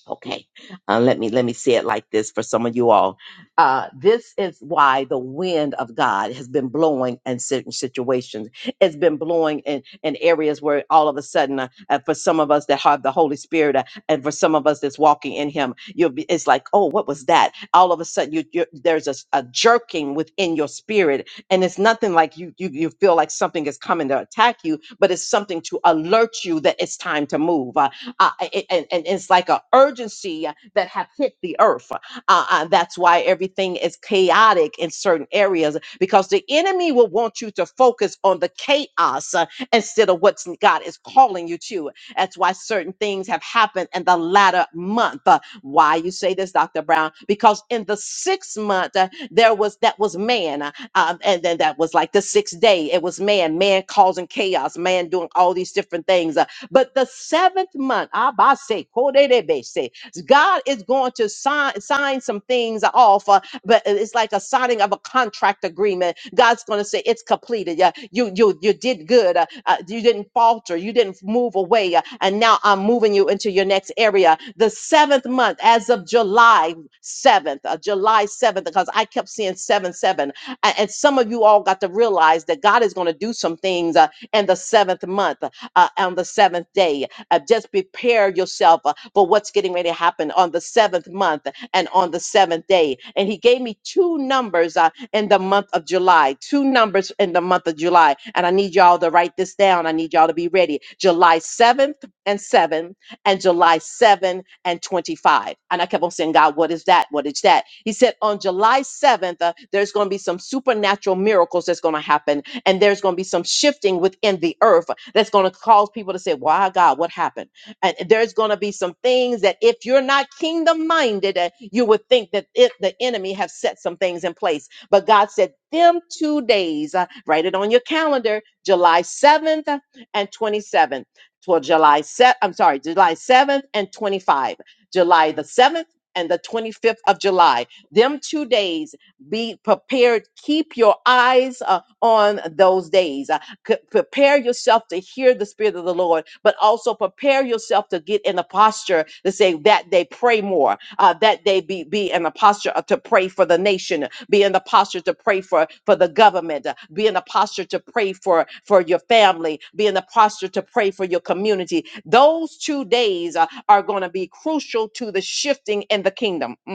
S1: Okay, uh, let me let me say it like this for some of you all. Uh, this is why the wind of God has been blowing in certain situations. It's been blowing in, in areas where all of a sudden, uh, uh, for some of us that have the Holy Spirit, uh, and for some of us that's walking in Him, you'll be. It's like, oh, what was that? All of a sudden, you, you there's a, s- a jerking within your spirit, and it's nothing like you, you you feel like something is coming to attack you, but it's something to alert you that it's time to move uh, it- and, and it's like an urgency that have hit the earth. Uh, uh, that's why everything is chaotic in certain areas because the enemy will want you to focus on the chaos uh, instead of what God is calling you to. That's why certain things have happened in the latter month. Uh, Why you say this, Dr. Brown? Because in the sixth month, uh, there was that was man, uh, um, and then that was like the sixth day. It was man, man causing chaos, man doing all these different things. uh, but the seventh month, Abase, Koderebese, God is going to sign, sign some things off, uh, but it's like a signing of a contract agreement. God's going to say it's completed. Yeah, you you you did good. Uh, uh, you didn't falter. You didn't move away. Uh, and now I'm moving you into your next area. The seventh month, as of July seventh, uh, July seventh, because I kept seeing seven seven, A- and some of you all got to realize that God is going to do some things uh, in the seventh month uh, on the seventh day. Uh, just prepare yourself uh, for what's getting ready to happen on the seventh month and on the seventh day. And he gave me two numbers uh, in the month of July, two numbers in the month of July. And I need y'all to write this down. I need y'all to be ready. July 7th and 7 and July seventh and 25. And I kept on saying, God, what is that? What is that? He said, on July 7th, uh, there's going to be some supernatural miracles that's going to happen and there's going to be some shifting within the earth that's going to cause people to say, Why, God, what happened? And there's going to be some things that if you're not kingdom minded, uh, you would think that it, the enemy have set some things in place. But God said, Them two days, uh, write it on your calendar, July 7th and 27th. Well, July 7th, I'm sorry, July 7th and 25, July the 7th and the 25th of July. Them two days be prepared. Keep your eyes uh, on those days. Uh, c- prepare yourself to hear the Spirit of the Lord, but also prepare yourself to get in a posture to say that they pray more, uh, that they be, be in a posture uh, to pray for the nation, be in the posture to pray for, for the government, uh, be in a posture to pray for, for your family, be in the posture to pray for your community. Those two days uh, are going to be crucial to the shifting in the kingdom. Mm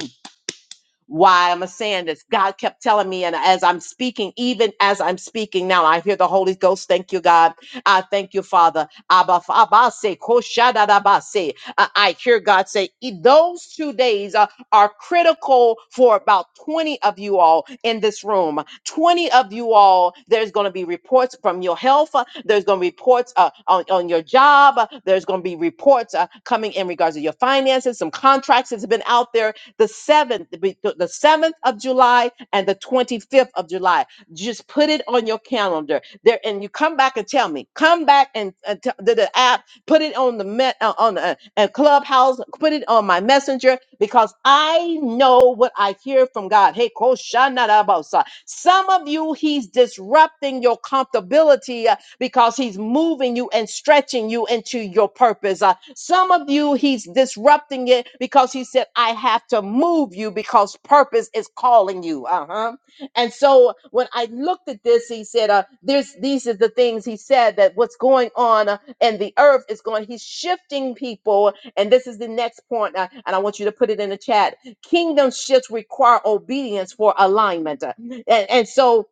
S1: why I'm saying this. God kept telling me, and as I'm speaking, even as I'm speaking now, I hear the Holy Ghost. Thank you, God. I thank you, Father. Abba, fa- Abba, say, ko shada da ba say. I I hear God say, "E- those two days are, are critical for about 20 of you all in this room. 20 of you all, there's going to be reports from your health. uh, There's going to be reports uh, on, on your job. uh, There's going to be reports uh, coming in regards to your finances. Some contracts that's been out there the 7th, the 7th of July and the 25th of July. Just put it on your calendar there and you come back and tell me, come back and, and t- the, the app, put it on the met uh, on the uh, clubhouse, put it on my messenger because I know what I hear from God. Hey, Koshanarabosa. some of you, he's disrupting your comfortability uh, because he's moving you and stretching you into your purpose. Uh, some of you, he's disrupting it because he said, I have to move you because purpose is calling you. Uh huh. And so when I looked at this, he said, uh, "There's these are the things he said that what's going on uh, and the earth is going. He's shifting people, and this is the next point, uh, and I want you to put it in the chat. Kingdom shifts require obedience for alignment, Uh, and, and so."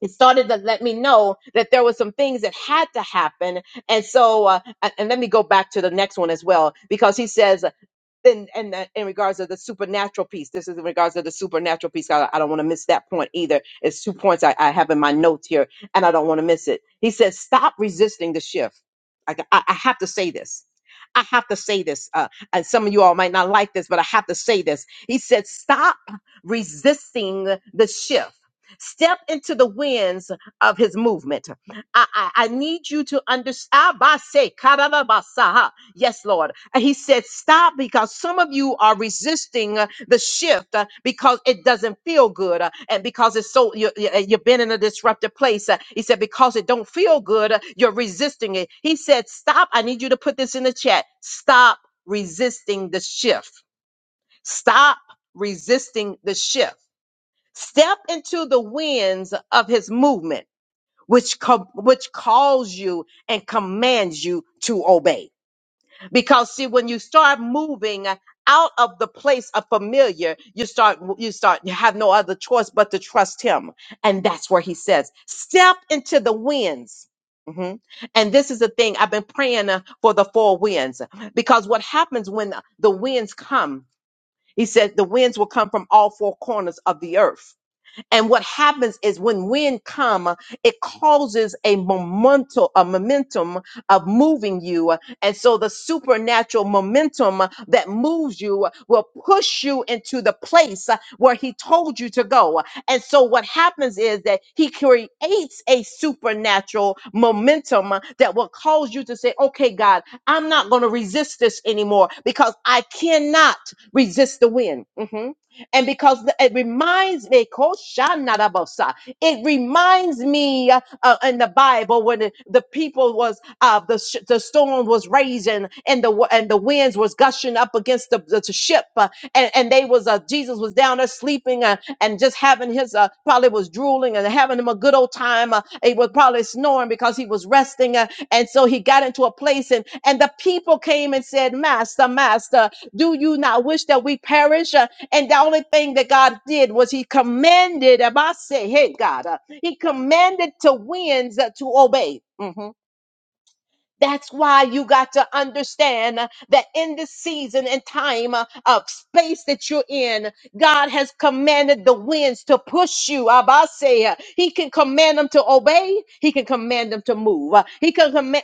S1: it started to let me know that there were some things that had to happen. And so, uh, and and let me go back to the next one as well, because he says then and that in regards of the supernatural piece this is in regards to the supernatural piece i, I don't want to miss that point either it's two points I, I have in my notes here and i don't want to miss it he says stop resisting the shift like i, I have to say this I have to say this, uh, and some of you all might not like this, but I have to say this. He said, Stop resisting the shift. Step into the winds of his movement. I, I, I need you to understand. Yes, Lord. And he said, Stop because some of you are resisting uh, the shift uh, because it doesn't feel good uh, and because it's so you, you, uh, you've been in a disruptive place. Uh, He said, Because it don't feel good, uh, you're resisting it. He said, Stop. I need you to put this in the chat. Stop resisting the shift. Stop resisting the shift. Step into the winds of his movement, which, com- which calls you and commands you to obey because see when you start moving out of the place of familiar you start you start you have no other choice but to trust him and that's where he says step into the winds Mhm. And this is the thing I've been praying uh, for the four winds because what happens when the winds come, he said the winds will come from all four corners of the earth and what happens is when wind comes, it causes a momentum, a momentum of moving you. And so the supernatural momentum that moves you will push you into the place where he told you to go. And so what happens is that he creates a supernatural momentum that will cause you to say, okay, God, I'm not going to resist this anymore because I cannot resist the wind. Mhm. And because the- it reminds me, Koshanarabosa, it reminds me uh, uh, in the Bible when the, the people was uh, the sh- the storm was raging and the wa- and the winds was gushing up against the, the ship uh, and and they was uh, Jesus was down there sleeping uh, and just having his uh, probably was drooling and having him a good old time. Uh, he was probably snoring because he was resting uh, and so he got into a place and and the people came and said, Master, Master, do you not wish that we perish? Uh, and the only thing that God did was He commanded, If I say, hey, God, uh, He commanded to winds uh, to obey. Mhm. That's why you got to understand uh, that in this season and time uh, of space that you're in, God has commanded the winds to push you. Abasea. He can command them to obey. He can command them to move. Uh, He can command.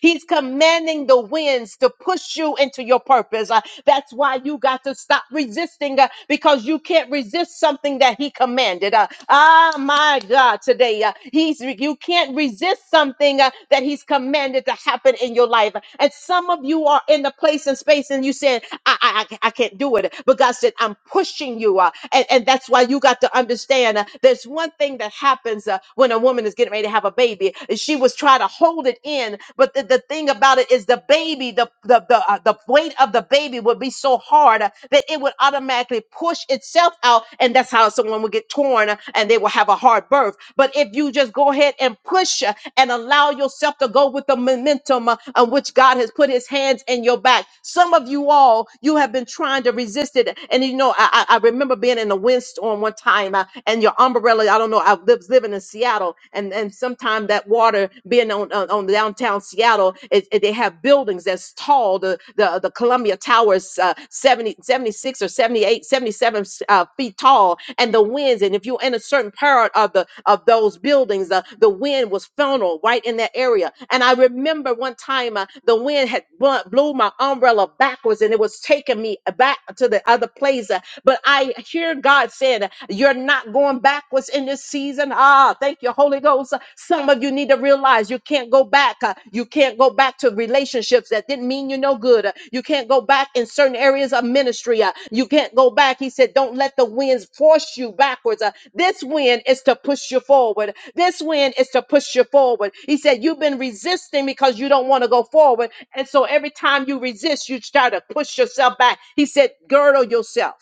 S1: He's commanding the winds to push you into your purpose. Uh, That's why you got to stop resisting uh, because you can't resist something that he commanded. Uh, Ah, my God, today uh, he's you can't resist something uh, that he he's commanded to happen in your life. And some of you are in the place and space and you saying, I, I, I I can't do it. But God said, I'm pushing you. Uh, and, and that's why you got to understand uh, there's one thing that happens uh, when a woman is getting ready to have a baby. She was trying to hold it in. But the, the thing about it is the baby, the, the, the, uh, the weight of the baby would be so hard uh, that it would automatically push itself out. And that's how someone one will get torn uh, and they will have a hard birth. But if you just go ahead and push uh, and allow yourself to go with the momentum uh, on which God has put his hands in your back, some of you all, you have been trying to resist it. And you know, I, I I remember being in a windstorm one time uh, and your umbrella, I don't know, I lived living in Seattle and, and sometimes that water being on, on, on downtown Seattle, it, it- they have buildings that's tall. to, the, the Columbia Towers, uh, 70, seventy-six or 78 77 uh, feet tall, and the winds. And if you're in a certain part of the of those buildings, uh, the wind was funneled right in that area. And I remember one time uh, the wind had bl- blew my umbrella backwards, and it was taking me back to the other place. uh, but I hear God saying, "You're not going backwards in this season." Ah, thank you, Holy Ghost some of you need to realize you can't go back. uh, You can't go back to relationships that didn't mean you no good. uh, You can't go back in certain areas of ministry. uh, You can't go back. He said, Don't let the winds force you backwards. uh, This wind is to push you forward. This wind is to push you forward. He said, You've been resisting because you don't want to go forward. And so every time you resist, you start to push yourself back. He said, Girdle yourself,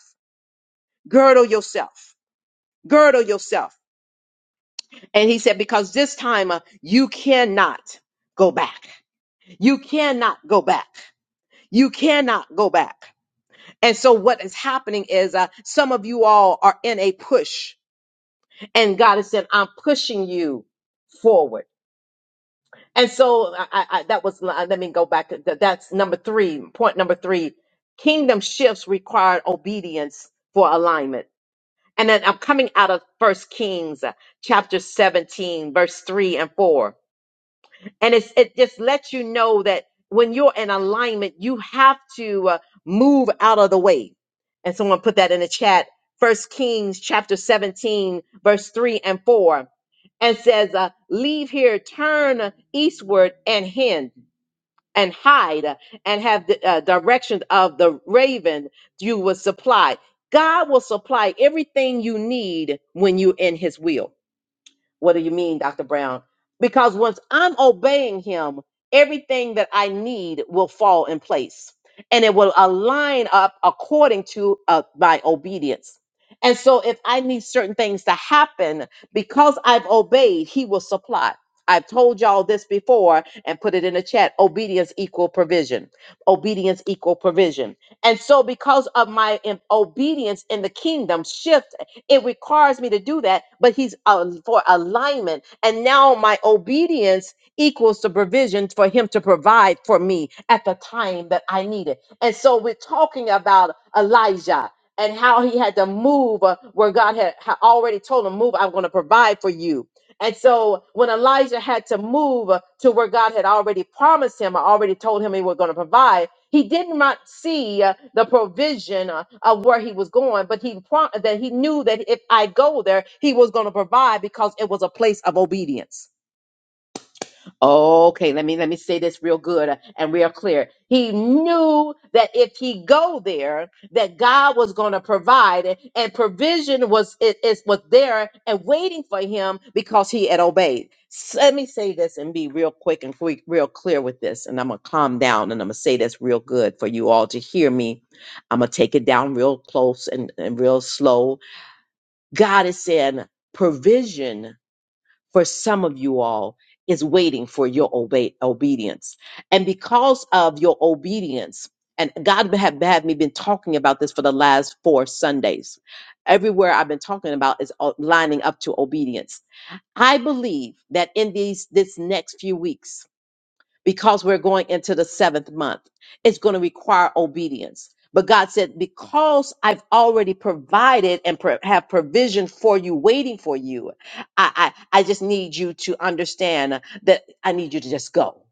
S1: girdle yourself, girdle yourself. And he said, because this time uh, you cannot go back. You cannot go back. You cannot go back. And so what is happening is uh, some of you all are in a push and God is saying, I'm pushing you forward. And so I, I, I- that was, uh, let me go back. That- That's number three, point number three. Kingdom shifts require obedience for alignment. And then I'm coming out of first Kings uh, chapter 17, verse three and four. and it's it just lets you know that when you're in alignment you have to uh, move out of the way and someone put that in the chat first kings chapter 17 verse 3 and 4 and says uh, leave here turn eastward and hend and hide uh, and have the uh, directions of the raven you will supply god will supply everything you need when you're in his will what do you mean, Dr. Brown? Because once I'm obeying him, everything that I need will fall in place and it will align up according to uh, my obedience. And so, if I need certain things to happen because I've obeyed, he will supply. I've told y'all this before and put it in the chat. Obedience equal provision. Obedience equal provision. And so, because of my im- obedience in the kingdom shift it requires me to do that, but He's uh, for alignment. And now my obedience equals the provision for Him to provide for me at the time that I need it. And so we're talking about Elijah and how he had to move uh, where God had, had already told him, Move, I'm going to provide for you. And so when Elijah had to move uh, to where God had already promised him, I already told him he was going to provide he did not see uh, the provision uh, of where he was going, but he pro- that he knew that if I go there, he was going to provide because it was a place of obedience. Okay, let me let me say this real good uh, and real clear. He knew that if he go there, that God was going to provide it, and provision was it is was there and waiting for him because he had obeyed. So let me say this and be real quick and quick, real clear with this, and I'm gonna calm down and I'm gonna say this real good for you all to hear me. I'm gonna take it down real close and, and real slow. God is saying provision for some of you all is waiting for your obe- obedience. And because of your obedience, and God have had me been talking about this for the last four Sundays. Everywhere I've been talking about is o- lining up to obedience. I believe that in these this next few weeks, because we're going into the seventh month. It's going to require obedience. But God said, because I've already provided and pro- have provision for you, waiting for you, I, I, I just need you to understand that I need you to just go.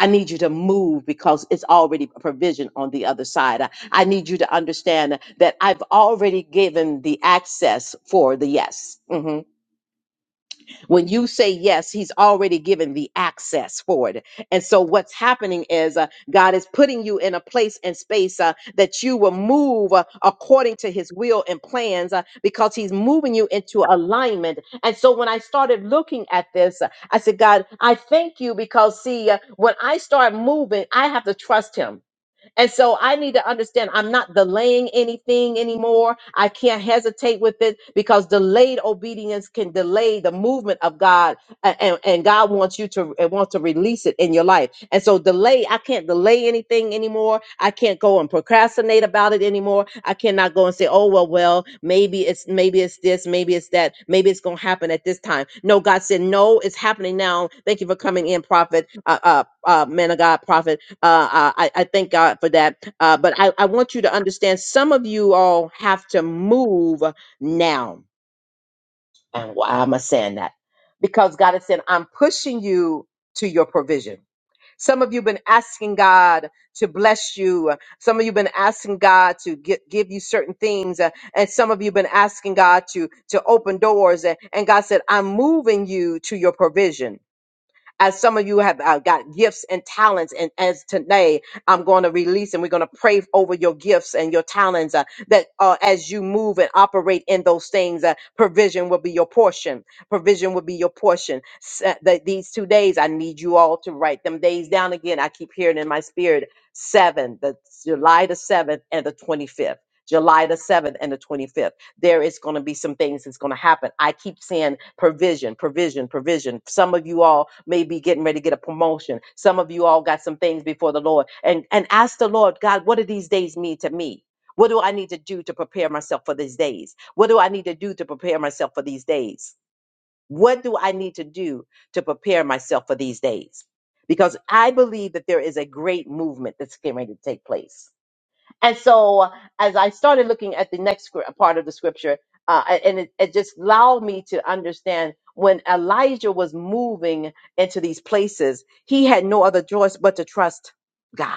S1: I need you to move because it's already a provision on the other side. I I need you to understand that I've already given the access for the yes. Mm-hmm. When you say yes, He's already given the access for it. And so what's happening is uh, God is putting you in a place and space uh, that you will move uh, according to His will and plans uh, because He's moving you into alignment. And so when I started looking at this, uh, I said, God, I thank you because, see, uh, when I start moving, I have to trust Him. And so I need to understand I'm not delaying anything anymore. I can't hesitate with it because delayed obedience can delay the movement of God a- and, and God wants you to and wants to release it in your life. And so delay, I can't delay anything anymore. I can't go and procrastinate about it anymore. I cannot go and say, oh well, well, maybe it's maybe it's this, maybe it's that, maybe it's gonna happen at this time. No, God said, No, it's happening now. Thank you for coming in, prophet. Uh, uh, uh, man of God, prophet. Uh, I, I thank God for that. Uh, but I, I want you to understand some of you all have to move now. And why am I saying that? Because God has said, I'm pushing you to your provision. Some of you been asking God to bless you. Some of you been asking God to get, give you certain things. uh, And some of you been asking God to, to open doors. And and God said, I'm moving you to your provision. As some of you have uh, got gifts and talents, and as today I'm going to release and we're going to pray over your gifts and your talents uh, that uh, as you move and operate in those things, uh, provision will be your portion. Provision will be your portion. Se- that these two days, I need you all to write them days down again. I keep hearing in my spirit seven, the July the 7th and the 25th. July the 7th and the 25th there is going to be some things that's going to happen. I keep saying provision, provision, provision. Some of you all may be getting ready to get a promotion. Some of you all got some things before the Lord. And and ask the Lord, God, what do these days mean to me? What do I need to do to prepare myself for these days? What do I need to do to prepare myself for these days? What do I need to do to prepare myself for these days? Because I believe that there is a great movement that's getting ready to take place and so, as I started looking at the next scr- part of the scripture, uh, and it, it just allowed me to understand when Elijah was moving into these places, he had no other choice but to trust God.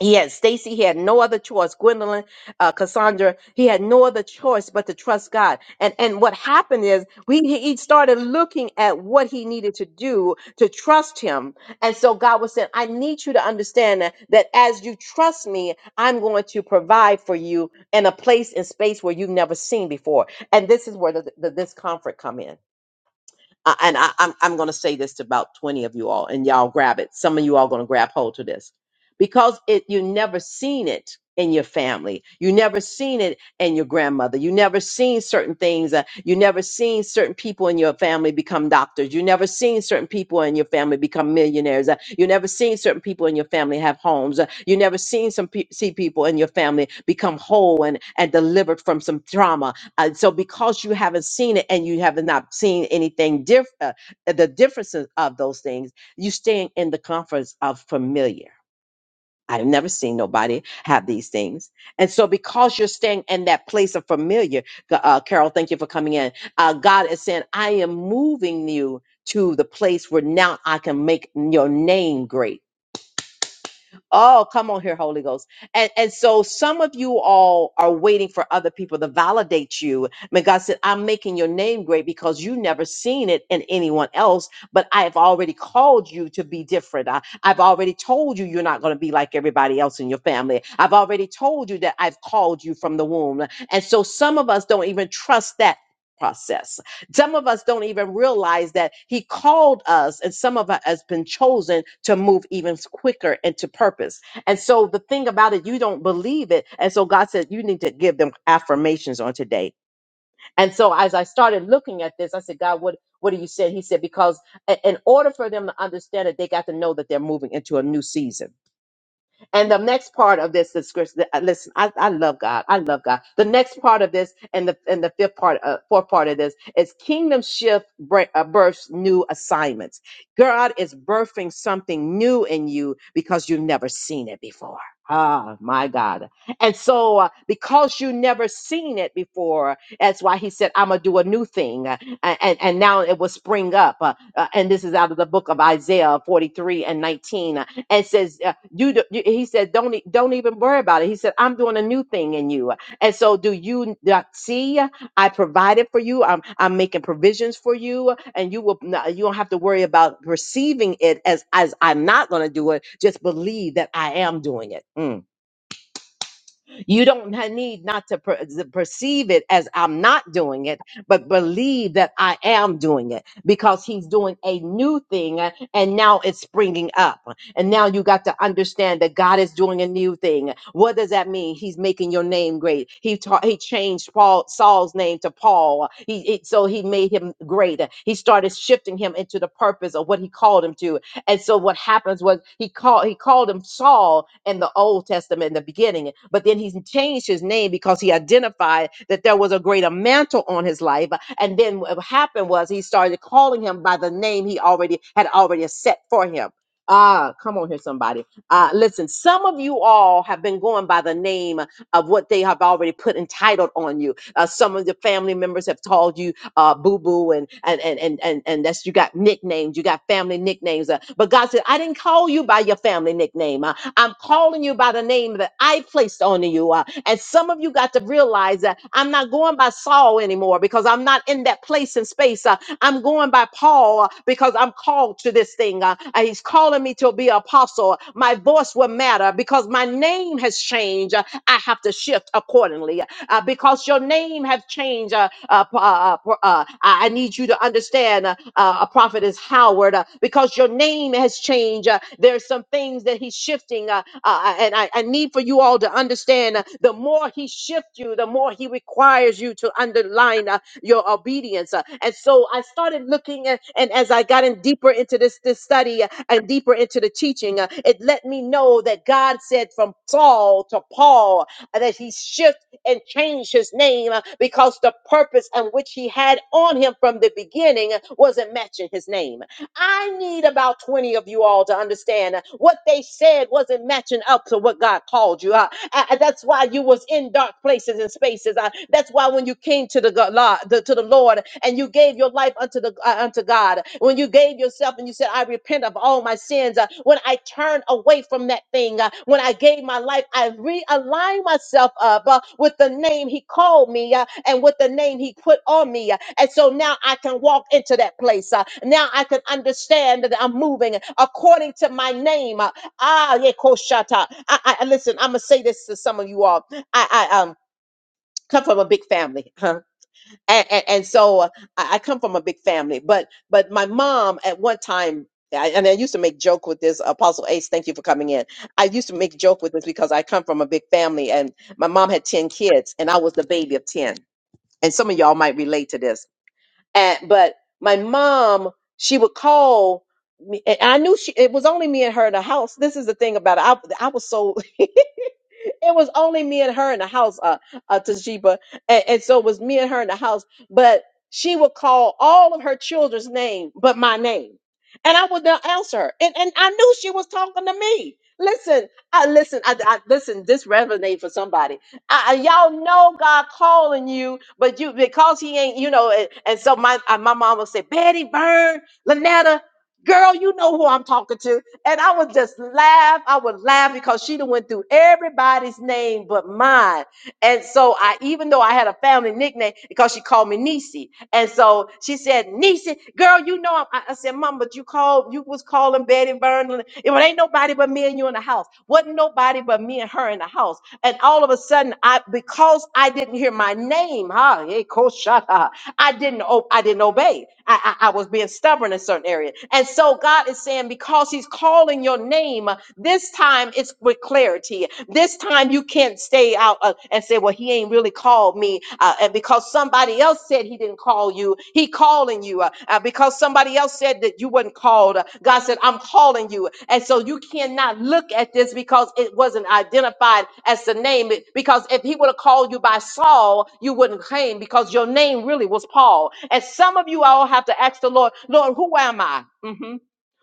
S1: Yes, Stacy, he had no other choice. Gwendolyn, uh, Cassandra, he had no other choice but to trust God. And and what happened is we he he started looking at what he needed to do to trust him. And so God was saying, I need you to understand that, that as you trust me, I'm going to provide for you in a place and space where you've never seen before. And this is where the, the discomfort come in uh, and I, I'm, I'm going to say this to about 20 of you all, and y'all grab it. Some of you all going to grab hold to this because it you never seen it in your family. You never seen it in your grandmother. You never seen certain things. Uh, you never seen certain people in your family become doctors. You never seen certain people in your family become millionaires. Uh, you never seen certain people in your family have homes. Uh, you never seen some pe- see people in your family become whole and, and delivered from some trauma uh, so because you haven't seen it and you have not seen anything different, uh, uh, the differences of those things, you staying in the comforts of familiar. I've never seen nobody have these things. And so because you're staying in that place of familiar, uh, Carol, thank you for coming in. Uh, God is saying, I am moving you to the place where now I can make your name great. Oh, come on here, Holy Ghost. And and so some of you all are waiting for other people to validate you. But God said, I'm making your name great because you never seen it in anyone else, but I have already called you to be different. I, I've already told you you're not going to be like everybody else in your family. I've already told you that I've called you from the womb. And so some of us don't even trust that process some of us don't even realize that He called us, and some of us has been chosen to move even quicker into purpose. And so the thing about it, you don't believe it. And so God said, you need to give them affirmations on today. And so as I started looking at this, I said, God, what what are you saying? He said, because i- in order for them to understand it, they got to know that they're moving into a new season. And the next part of this is scripture. uh, Listen, I, I love God. I love God. The next part of this and the and the fifth part, uh, fourth part of this is kingdom shift br- uh, births new assignments. God is birthing something new in you because you've never seen it before. Ah, my God. And so, uh, because you never seen it before, that's why he said, I'm going to do a new thing. uh, a- And, and now it will spring up. Uh, uh, and this is out of the book of Isaiah 43 and 19 and says, uh, "You." do- you- He said, "Don't e- don't even worry about it." He said, "I'm doing a new thing in you." And so, do you not see? I provided for you. I'm I'm making provisions for you, and you will not, you don't have to worry about receiving it as as I'm not going to do it. Just believe that I am doing it. Mm. You don't ha- need not to per- z- perceive it as I'm not doing it, but believe that I am doing it because he's doing a new thing uh, and now it's springing up. And now you got to understand that God is doing a new thing. What does that mean? He's making your name great. He taught, he changed Paul Saul's name to Paul. He, it- so he made him great. He started shifting him into the purpose of what he called him to and so what happens was he called he called him Saul in the Old Testament in the beginning, but then he changed his name because he identified that there was a greater mantle on his life. And then what happened was he started calling him by the name he already had already set for him. Ah, come on here, somebody. Uh, listen, some of you all have been going by the name of what they have already put entitled on you. Uh, some of the family members have called you uh, Boo Boo, and and and and and and that's you got nicknames, you got family nicknames. uh, but God said, I didn't call you by your family nickname. Uh, I'm calling you by the name that I placed on you. Uh, and some of you got to realize that I'm not going by Saul anymore because I'm not in that place and space. Uh, I'm going by Paul uh, because I'm called to this thing. Uh, and he's calling me to be an apostle. My voice will matter because my name has changed. Uh, I have to shift accordingly. uh, uh, because your name have changed. Uh, uh, uh, uh, uh, I I need you to understand, uh, uh, Prophet is Howard, uh, because your name has changed. Uh, there's some things that he's shifting, uh, uh, uh, and I, I need for you all to understand. Uh, the more he shifts you, the more he requires you to underline uh, your obedience. Uh, and so I started looking, at, and as I got in deeper into this this study uh, and deeper into the teaching, uh, it let me know that God said from Saul to Paul uh, that he shifted and changed his name uh, because the purpose and which he had on him from the beginning uh, wasn't matching his name. I need about 20 of you all to understand uh, what they said wasn't matching up to what God called you. uh, I- I- that's why you was in dark places and spaces. Uh, that's why when you came to the, God, Lo- the to the Lord and you gave your life unto the uh, unto God, when you gave yourself and you said, "I repent of all my sins," uh, when I turned away from that thing, uh, when I gave my life, I realigned myself up uh, with the name He called me uh, and with the name He put on me, uh, and so now I can walk into that place. uh, now I can understand that I'm moving according to my name. uh, Ah, yeah, Koshata. I, I I- listen. I'm gonna say this to some of you all. I, I um come from a big family, huh? And and, and so uh, I, I come from a big family. But but my mom at one time. I, and I used to make joke with this Apostle Ace. Thank you for coming in. I used to make joke with this because I come from a big family, and my mom had ten kids, and I was the baby of ten. And some of y'all might relate to this and but my mom, she would call me, and I knew she. It was only me and her in the house. This is the thing about it. I, I was so. [LAUGHS] it was only me and her in the house, uh, uh Tajiba. And, and so it was me and her in the house. But she would call all of her children's name but my name. And I would not answer her. And and I knew she was talking to me. Listen, I listen, I, I listen, this resonates for somebody. I, I- y'all know God calling you, but you because he ain't, you know, and, and so my uh, my mom would say, Betty Byrne, Lynetta, girl, you know who I'm talking to. And I would just laugh. I would laugh because she done went through everybody's name but mine. And so I, even though I had a family nickname, because she called me Niecy. And so she said, Niecy, girl, you know, I'm, I I said, Mom, but you called, you was calling Betty Vernon. It ain't nobody but me and you in the house. Wasn't nobody but me and her in the house. And all of a sudden, I because I didn't hear my name, huh? Hey, Coach, shut up. I didn't o- I didn't obey. I, I I was being stubborn in certain areas, And so God is saying, because He's calling your name, this time it's with clarity. This time you can't stay out uh, and say, well, He ain't really called me, uh, and because somebody else said He didn't call you, He calling you. Uh, uh, uh, because somebody else said that you weren't called. Uh, God said, I'm calling you. And so you cannot look at this because it wasn't identified as the name. It- Because if he would have called you by Saul, you wouldn't claim because your name really was Paul. And some of you all have to ask the Lord, Lord, who am I? Mhm.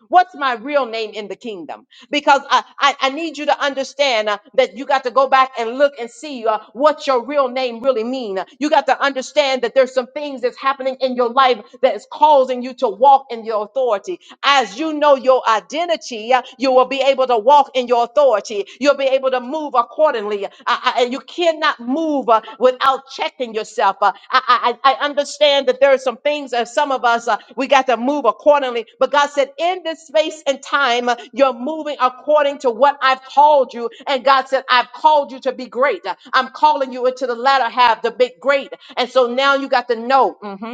S1: What's my real name in the kingdom? because I, I, I need you to understand uh, that you got to go back and look and see uh, what your real name really mean. You got to understand that there's some things that's happening in your life that is causing you to walk in your authority. As you know your identity, uh, you will be able to walk in your authority. You'll be able to move accordingly. I, I, and you cannot move uh, without checking yourself. Uh, I, I, I understand that there are some things that some of us, uh, we got to move accordingly. But God said, in this space and time, uh, you're moving according to what I've called you. And God said, I've called you to be great. I'm calling you into the latter half, the big great. And so now you got to know. mhm,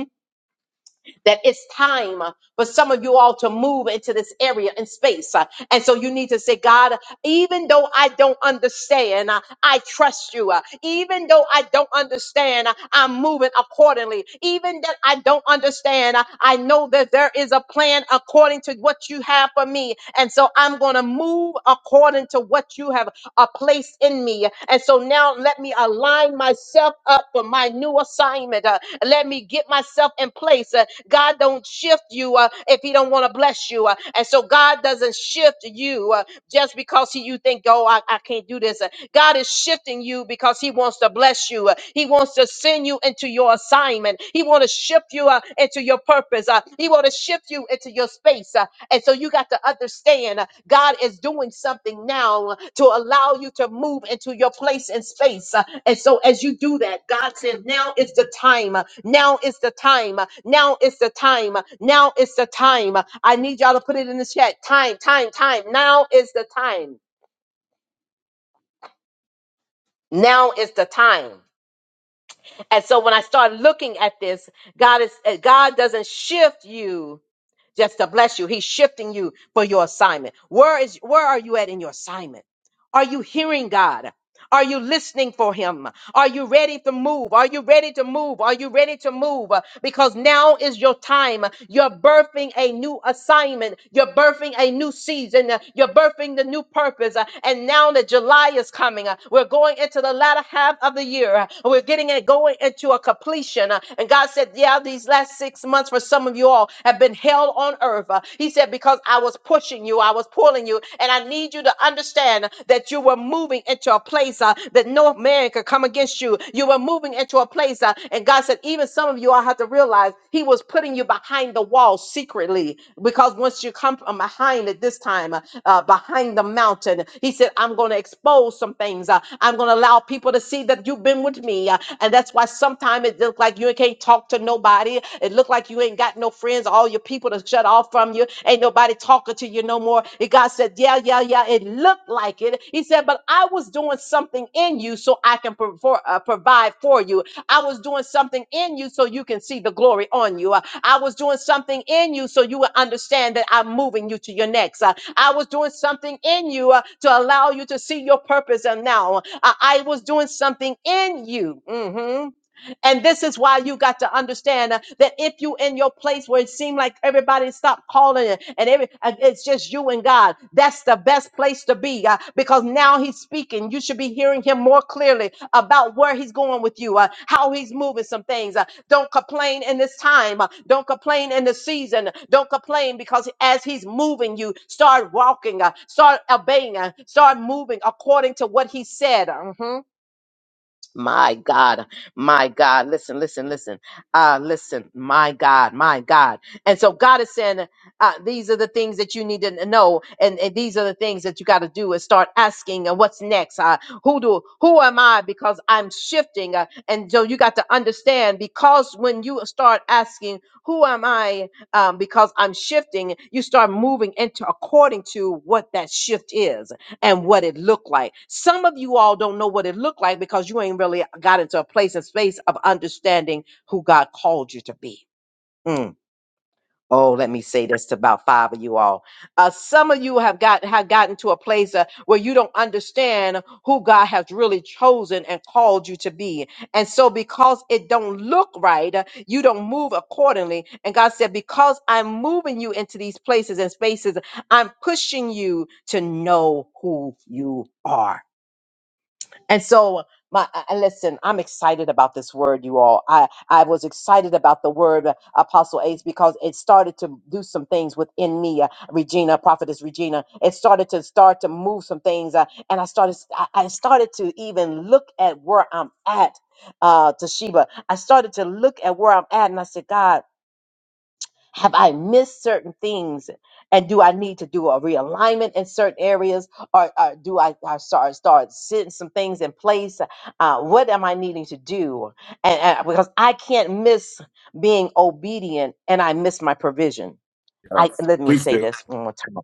S1: that it's time uh, for some of you all to move into this area and space. uh, And so you need to say, God, even though I don't understand, uh, I trust you. uh, Even though I don't understand, uh, I'm moving accordingly. Even that I don't understand, uh, I know that there is a plan according to what you have for me. And so I'm going to move according to what you have uh, placed in me. And so now let me let me align myself up for my new assignment. Uh, let me get myself in place. Uh, God don't shift you uh, if He don't want to bless you. Uh, and so God doesn't shift you uh, just because he, you think, oh, I, I can't do this. Uh, God is shifting you because He wants to bless you. Uh, He wants to send you into your assignment. He wants to shift you uh, into your purpose. Uh, He wants to shift you into your space. Uh, and so you got to understand uh, God is doing something now uh, to allow you to move into your place and space. Uh, And so as you do that, God says, now is the time. uh, Now is the time. uh, Now is the time. uh, Now is the time. Uh, I need y'all to put it in the chat. Time, time, time. Now is the time. Now is the time. And so when I started looking at this, God is uh, God doesn't shift you just to bless you. He's shifting you for your assignment. Where is where are you at in your assignment? Are you hearing God? Are you listening for him? Are you ready to move? Are you ready to move? Are you ready to move? Because now is your time. You're birthing a new assignment. You're birthing a new season. You're birthing the new purpose. And now that July is coming, we're going into the latter half of the year. We're getting it going into a completion. And God said, Yeah, these last six months for some of you all have been hell on earth. He said, Because I was pushing you, I was pushing pulling you. And I need you to understand that you were moving into a place uh, that no man could come against you. You were moving into a place, uh, and God said, even some of you all have to realize He was putting you behind the wall secretly because once you come from behind it this time, uh, uh, behind the mountain. He said, I'm going to expose some things. Uh, I'm going to allow people to see that you've been with me. Uh, and that's why sometimes it looks like you can't talk to nobody. It looked like you ain't got no friends, all your people to shut off from you. Ain't nobody talking to you no more. And God said, Yeah, yeah, yeah. It looked like it. He said, But I was doing something in you so I can provo- uh, provide for you. I was doing something in you so you can see the glory on you. Uh, I was doing something in you so you would understand that I'm moving you to your next. Uh, I was doing something in you uh, to allow you to see your purpose. And now uh, I was doing something in you. Mhm and this is why you got to understand uh, that if you in your place where it seemed like everybody stopped calling it and every, uh, it's just you and God, that's the best place to be uh, because now he's speaking. You should be hearing him more clearly about where he's going with you, uh, how he's moving some things. Uh, don't complain in this time. uh, Don't complain in the season. Don't complain because as he's moving you, start walking, uh, start obeying, uh, start moving according to what he said. Mhm. My God, my God. Listen, listen, listen. Uh, listen, my God, my God. And so God is saying, uh, these are the things that you need to know. And, and these are the things that you got to do is start asking uh, what's next. Uh, who do, who am I? Because I'm shifting. Uh, and so you got to understand because when you start asking, who am I? um, because I'm shifting, you start moving into according to what that shift is and what it looked like. Some of you all don't know what it looked like because you ain't really got into a place and space of understanding who God called you to be. Mm. Oh, let me say this to about five of you all. Uh, some of you have got have gotten to a place uh, where you don't understand who God has really chosen and called you to be, and so because it don't look right, uh, you don't move accordingly. And God said, because I'm moving you into these places and spaces, I'm pushing you to know who you are. And so my I- I- listen, I'm excited about this word, you all. I, I was excited about the word uh, Apostle Ace because it started to do some things within me, uh, Regina, Prophetess Regina. It started to start to move some things, uh, and I started I, I started to even look at where I'm at, uh, Toshiba. I started to look at where I'm at, and I said, God. Have I missed certain things? And do I need to do a realignment in certain areas? Or, or do I, I start, start setting some things in place? Uh, what am I needing to do? And, and because I can't miss being obedient and I miss my provision.
S2: Uh,
S1: I, let me
S2: please
S1: say
S2: do.
S1: this one more time.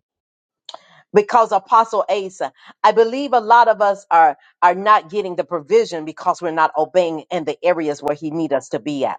S1: Because Apostle Asa, I believe a lot of us are are not getting the provision because we're not obeying in the areas where he need us to be at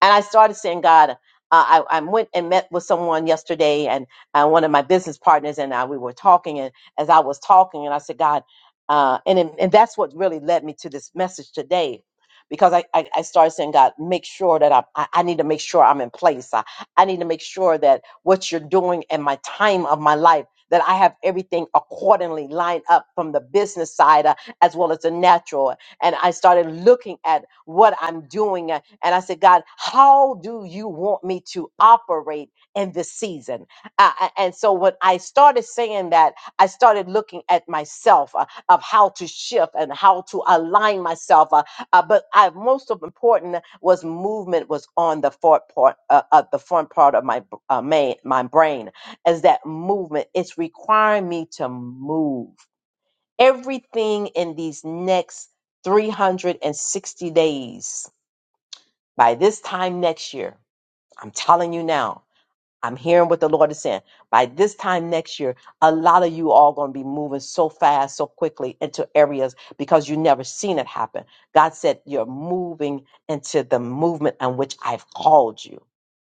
S1: and I started saying, God, uh, I, I went and met with someone yesterday and uh, one of my business partners and I, we were talking. And as I was talking, and I said, God, uh, and, it- and that's what really led me to this message today. Because I, I, I started saying, God, make sure that i I, I need to make sure I'm in place. I, I need to make sure that what you're doing in my time of my life, that I have everything accordingly lined up from the business side uh, as well as the natural. And I started looking at what I'm doing. uh, and I said, God, how do you want me to operate in this season? Uh, uh, and so when I started saying that, I started looking at myself uh, of how to shift and how to align myself. Uh, uh, but I, most of important was movement was on the front part uh, of the front part of my b- uh, main, my brain. As that movement, it's requiring me to move. Everything in these next 360 days by this time next year, I'm telling you now, I'm hearing what the Lord is saying. By this time next year, a lot of you all going to be moving so fast, so quickly into areas because you never seen it happen. God said you're moving into the movement on which I've called you.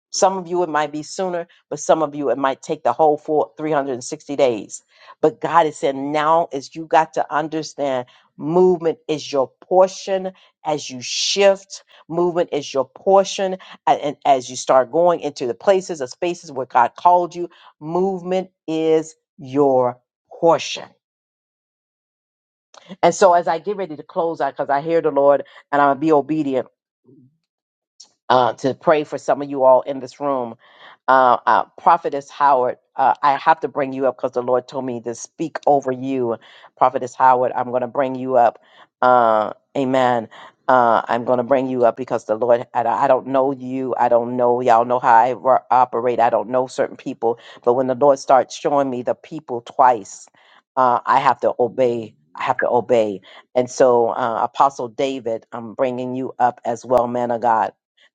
S1: Some of you it might be sooner, but some of you it might take the whole full 360 days. But God is saying now is you got to understand movement is your portion as you shift. Movement is your portion a- and as you start going into the places or spaces where God called you, movement is your portion. And so as I get ready to close out, because I hear the Lord and I'm gonna be obedient uh, to pray for some of you all in this room. Uh, uh, Prophetess Howard, uh, I have to bring you up because the Lord told me to speak over you. Prophetess Howard, I'm going to bring you up. Uh, amen. Uh, I'm going to bring you up because the Lord, I, I don't know you. I don't know. Y'all know how I ro- operate. I don't know certain people. But when the Lord starts showing me the people twice, uh, I have to obey. I have to obey. And so, uh, Apostle David, I'm bringing you up as well, man of God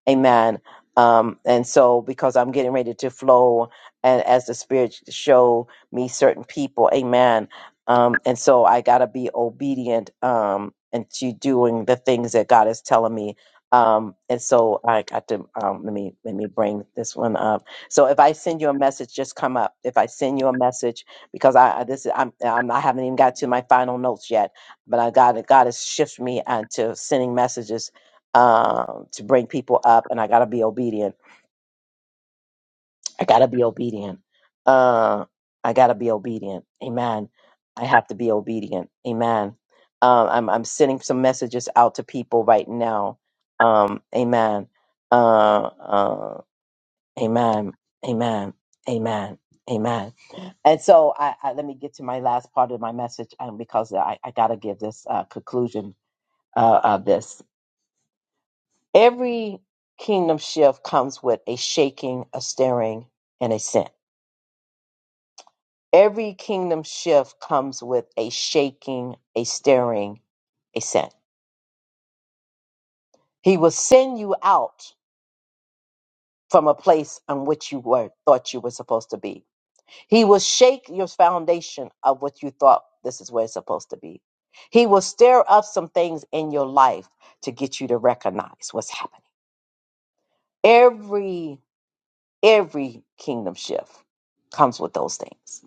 S1: Amen. Um, and so, because I'm getting ready to flow, and as the Spirit show me certain people, Amen. Um, and so, I gotta be obedient um, and to doing the things that God is telling me. Um, and so, I got to um, let me let me bring this one up. So, if I send you a message, just come up. If I send you a message, because I I- this is I'm, I'm I haven't even got to my final notes yet, but I got God God has shifted me onto sending messages um, to bring people up, and I gotta be obedient. I gotta be obedient. Uh, I gotta be obedient. Amen. I have to be obedient. Amen. Um, I'm I'm sending some messages out to people right now. Um, amen. Uh, uh, amen. Amen. Amen. Amen. And so I, I let me get to my last part of my message um, because I, I gotta give this uh, conclusion uh, of this. Every kingdom shift comes with a shaking, a stirring, and a scent. Every kingdom shift comes with a shaking, a stirring, a scent. He will send you out from a place on which you were thought you were supposed to be. He will shake your foundation of what you thought this is where it's supposed to be. He will stir up some things in your life to get you to recognize what's happening. Every every kingdom shift comes with those things.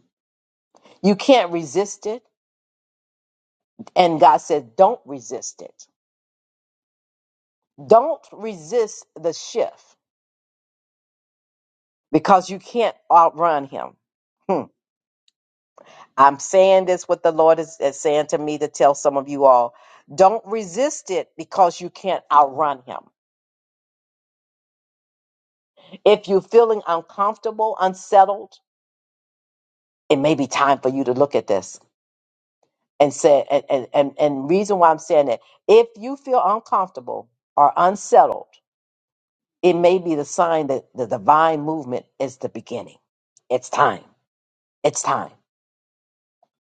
S1: You can't resist it. And God said, don't resist it. Don't resist the shift because you can't outrun him. Hmm. I'm saying this what the Lord is, is saying to me to tell some of you all. Don't resist it because you can't outrun him. If you're feeling uncomfortable, unsettled, it may be time for you to look at this and say and and and, and reason why I'm saying that if you feel uncomfortable or unsettled, It may be the sign that the divine movement is the beginning. It's time. It's time.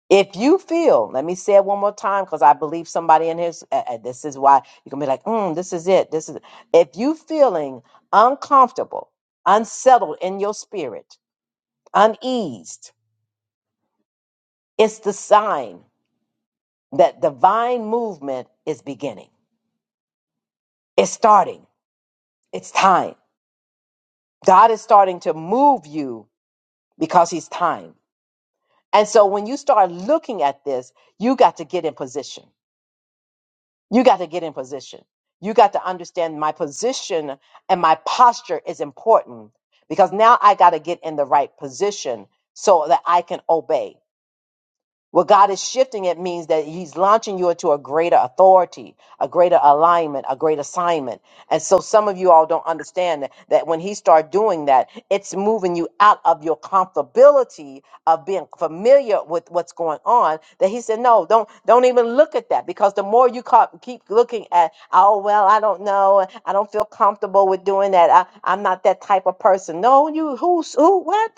S1: If you feel, let me say it one more time because I believe somebody in here, s- uh, uh, this is why you can be like, mm, this is it. This is it." If you feeling uncomfortable, unsettled in your spirit, uneased, it's the sign that divine movement is beginning. It's starting. It's time. God is starting to move you because he's time. And so when you start looking at this, you got to get in position. You got to get in position. You got to understand my position and my posture is important because now I got to get in the right position so that I can obey. What God is shifting it means that He's launching you into a greater authority, a greater alignment, a great assignment. And so some of you all don't understand that, that when He starts doing that, it's moving you out of your comfortability of being familiar with what's going on. That He said, no, don't don't even look at that because the more you ca- keep looking at, oh well, I don't know, I don't feel comfortable with doing that. I, I'm not that type of person. No, you who's who what?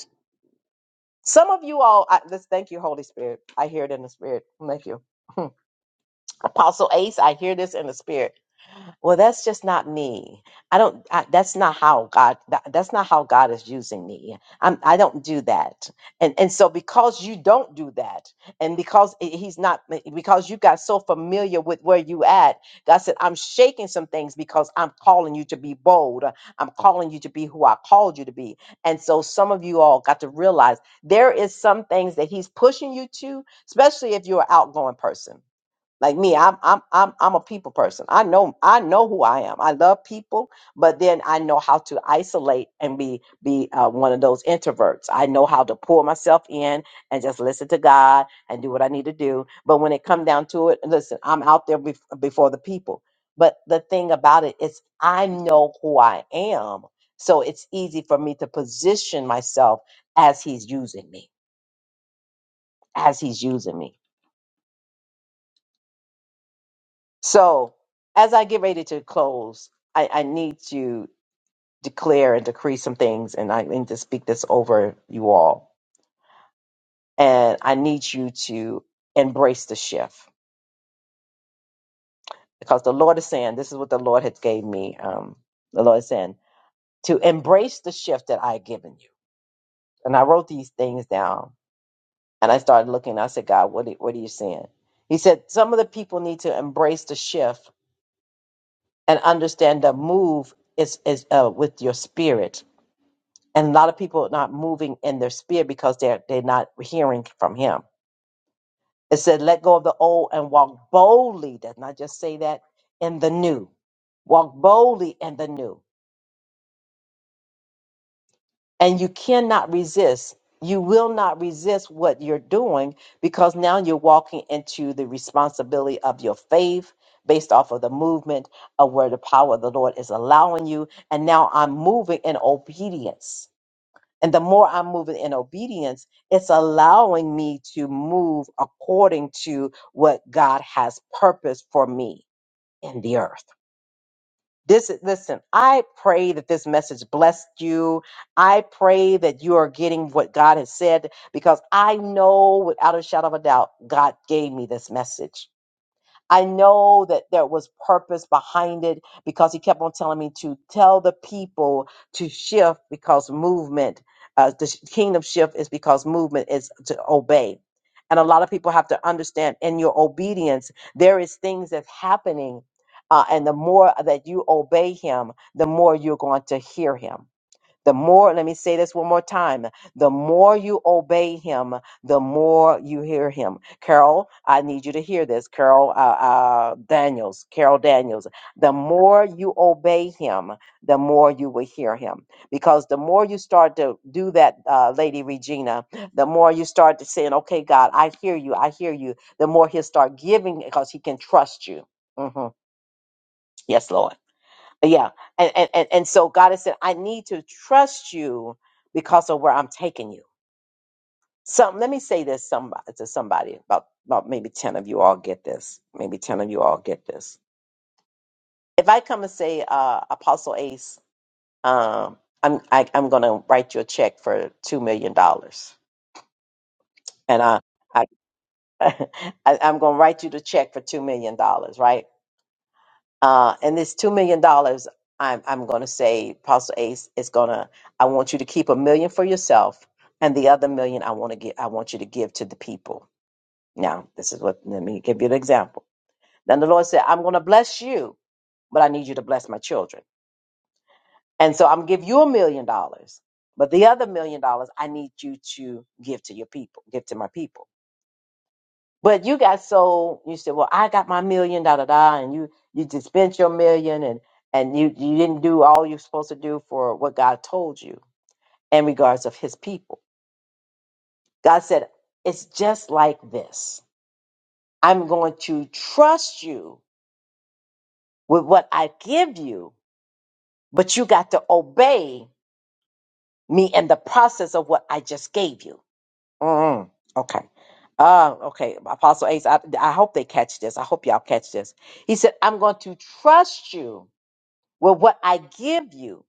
S1: Some of you all, I, this, thank you, Holy Spirit. I hear it in the spirit. Thank you. [LAUGHS] Apostle Ace, I hear this in the spirit well that's just not me i don't I, that's not how god that, that's not how god is using me i'm i don't do that and and so because you don't do that and because i- he's not because you got so familiar with where you at god said i'm shaking some things because i'm calling you to be bold i'm calling you to be who i called you to be and so some of you all got to realize there is some things that he's pushing you to especially if you're an outgoing person like me, I'm I'm I'm I'm a people person. I know I know who I am. I love people, but then I know how to isolate and be be uh, one of those introverts. I know how to pull myself in and just listen to God and do what I need to do. But when it come down to it, listen, I'm out there bef- before the people. But the thing about it is, I know who I am, so it's easy for me to position myself as He's using me, as He's using me. So, as I get ready to close, I, I need to declare and decree some things, and I need to speak this over you all. And I need you to embrace the shift because the Lord is saying, "This is what the Lord has gave me." Um, the Lord is saying to embrace the shift that I have given you. And I wrote these things down, and I started looking. I said, "God, what are, what are you saying?" He said, "Some of the people need to embrace the shift and understand the move is is uh, with your spirit." And a lot of people are not moving in their spirit because they're they're not hearing from him. It said, let go of the old and walk boldly. Does not just say that in the new. Walk boldly in the new. And you cannot resist. You will not resist what you're doing because now you're walking into the responsibility of your faith based off of the movement of where the power of the Lord is allowing you. And now I'm moving in obedience And the more I'm moving in obedience, it's allowing me to move according to what God has purposed for me in the earth. This is, listen, I pray that this message blessed you. I pray that you are getting what God has said because I know without a shadow of a doubt, God gave me this message. I know that there was purpose behind it because he kept on telling me to tell the people to shift because movement, uh, the sh- kingdom shift is because movement is to obey. And a lot of people have to understand in your obedience, there is things that's happening. Uh, and the more that you obey him, the more you're going to hear him. The more, let me say this one more time, the more you obey him, the more you hear him. Carol, I need you to hear this. Carol uh, uh, Daniels, Carol Daniels, the more you obey him, the more you will hear him. Because the more you start to do that, uh, Lady Regina, the more you start to saying, okay, God, I hear you, I hear you, the more he'll start giving because he can trust you. Mhm. Yes, Lord. Yeah. And, and and and so God has said, I need to trust you because of where I'm taking you. Some let me say this somebody to somebody, about about maybe ten of you all get this. Maybe ten of you all get this. If I come and say, uh, Apostle Ace, um, I'm I, I'm gonna write you a check for two million dollars. And I I, [LAUGHS] I I'm gonna write you the check for two million dollars, right? Uh, and this two million dollars, I'm I'm going to say, Apostle Ace is going to. I want you to keep a million for yourself, and the other million, I want to get. I want you to give to the people. Now, this is what. Let me give you an example. Then the Lord said, I'm going to bless you, but I need you to bless my children. And so I'm gonna give you a million dollars, but the other million dollars, I need you to give to your people, give to my people. But you got so you said, well, I got my million, da da da, and you you just spent your million, and and you you didn't do all you're supposed to do for what God told you in regards of His people. God said, it's just like this. I'm going to trust you with what I give you, but you got to obey me in the process of what I just gave you. Mm, okay. Uh, okay, Apostle Ace, I, I hope they catch this. I hope y'all catch this. He said, I'm going to trust you with what I give you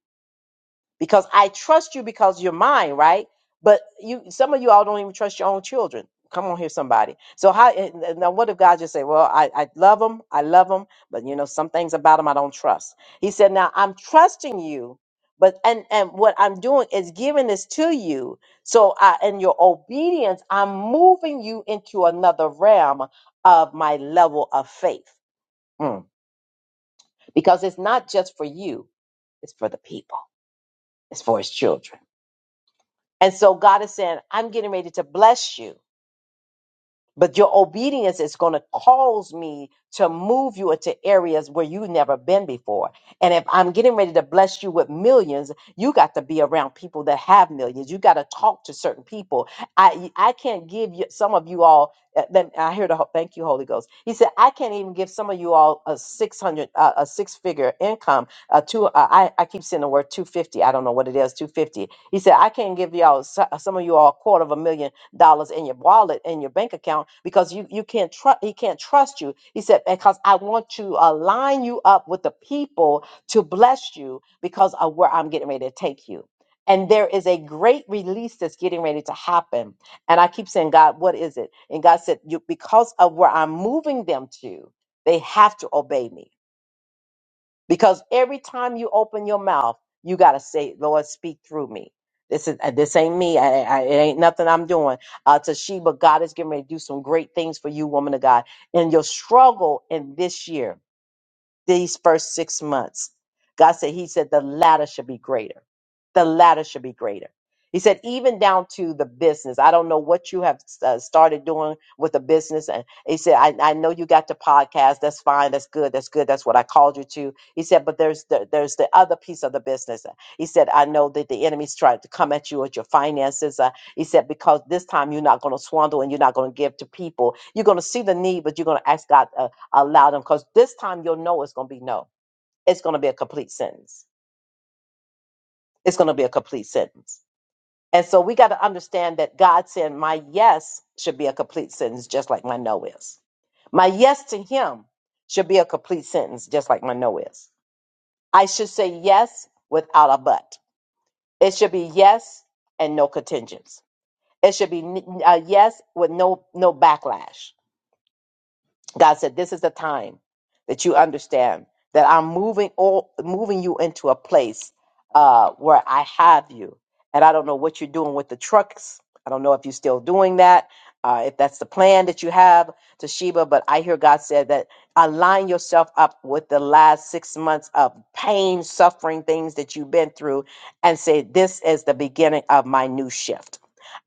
S1: because I trust you because you're mine, right? But you, some of you all don't even trust your own children. Come on here, somebody. So how and- and now? What if God just say, "Well, I, I love them, I love them, but you know some things about them I don't trust." He said, "Now I'm trusting you, but and and what I'm doing is giving this to you. So I, in your obedience, I'm moving you into another realm of my level of faith, Mm. because it's not just for you; it's for the people." It's for his children. And so God is saying, I'm getting ready to bless you. But your obedience is going to cause me to move you into areas where you've never been before. And if I'm getting ready to bless you with millions, you got to be around people that have millions. You got to talk to certain people. I I can't give you some of you all. uh, Let, I hear the ho- thank you, Holy Ghost. He said I can't even give some of you all a six hundred uh, a six figure income. Uh, two uh, I I keep saying the word two fifty. I don't know what it is two fifty. He said I can't give y'all so- some of you all a quarter of a million dollars in your wallet in your bank account because you you can't trust he can't trust you he said because i want to align you up with the people to bless you because of where i'm getting ready to take you and there is a great release that's getting ready to happen and i keep saying god what is it and god said you because of where i'm moving them to they have to obey me because every time you open your mouth, you gotta say, "Lord, speak through me." This is uh, this ain't me. I, I, it ain't nothing I'm doing. Uh, Toshiba, God is getting ready to do some great things for you, woman of God, in your struggle in this year these first six months. God said, He said, the latter should be greater. The latter should be greater. He said, even down to the business. I don't know what you have uh, started doing with the business. And he said, I, I know you got the podcast. That's fine. That's good. That's good. That's what I called you to. He said, but there's the, there's the other piece of the business. He said, I know that the enemy's trying to come at you at your finances. Uh, he said, because this time you're not going to swindle and you're not going to give to people. You're going to see the need, but you're going to ask God. uh, Allow them because this time you'll know it's going to be no. It's going to be a complete sentence. It's going to be a complete sentence. And so we got to understand that God said, My yes should be a complete sentence, just like my no is. My yes to Him should be a complete sentence, just like my no is. I should say yes without a but. It should be yes and no contingents. It should be n- a yes with no no backlash. God said, "This is the time that you understand that I'm moving all moving you into a place uh, where I have you, and I don't know what you're doing with the trucks. I don't know if you're still doing that, uh, if that's the plan that you have, Toshiba. But I hear God said that align yourself up with the last six months of pain, suffering, things that you've been through, and say this is the beginning of my new shift.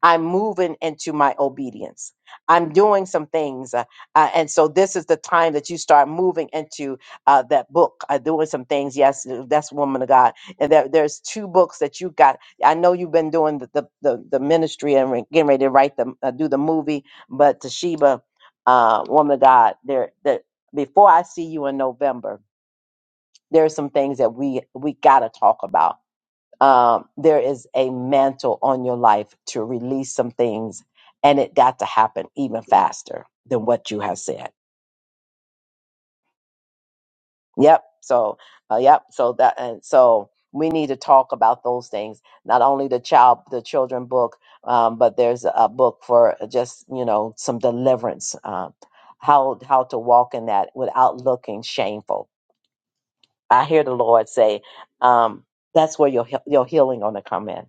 S1: I'm moving into my obedience. I'm doing some things. uh, uh, and so this is the time that you start moving into uh, that book, uh, doing some things. Yes, uh, that's Woman of God. And there, there's two books that you got. I know you've been doing the the, the, the ministry and re- getting ready to write the uh, do the movie, but Toshiba, uh, Woman of God, there that before I see you in November, there are some things that we we gotta talk about. Um, there is a mantle on your life to release some things, and it got to happen even faster than what you have said Yep. So, uh, yep. So that and so we need to talk about those things. Not only the child, the children book, um, but there's a book for just you know some deliverance. Uh, how how to walk in that without looking shameful. I hear the Lord say, um, that's where your he- your healing gonna come in.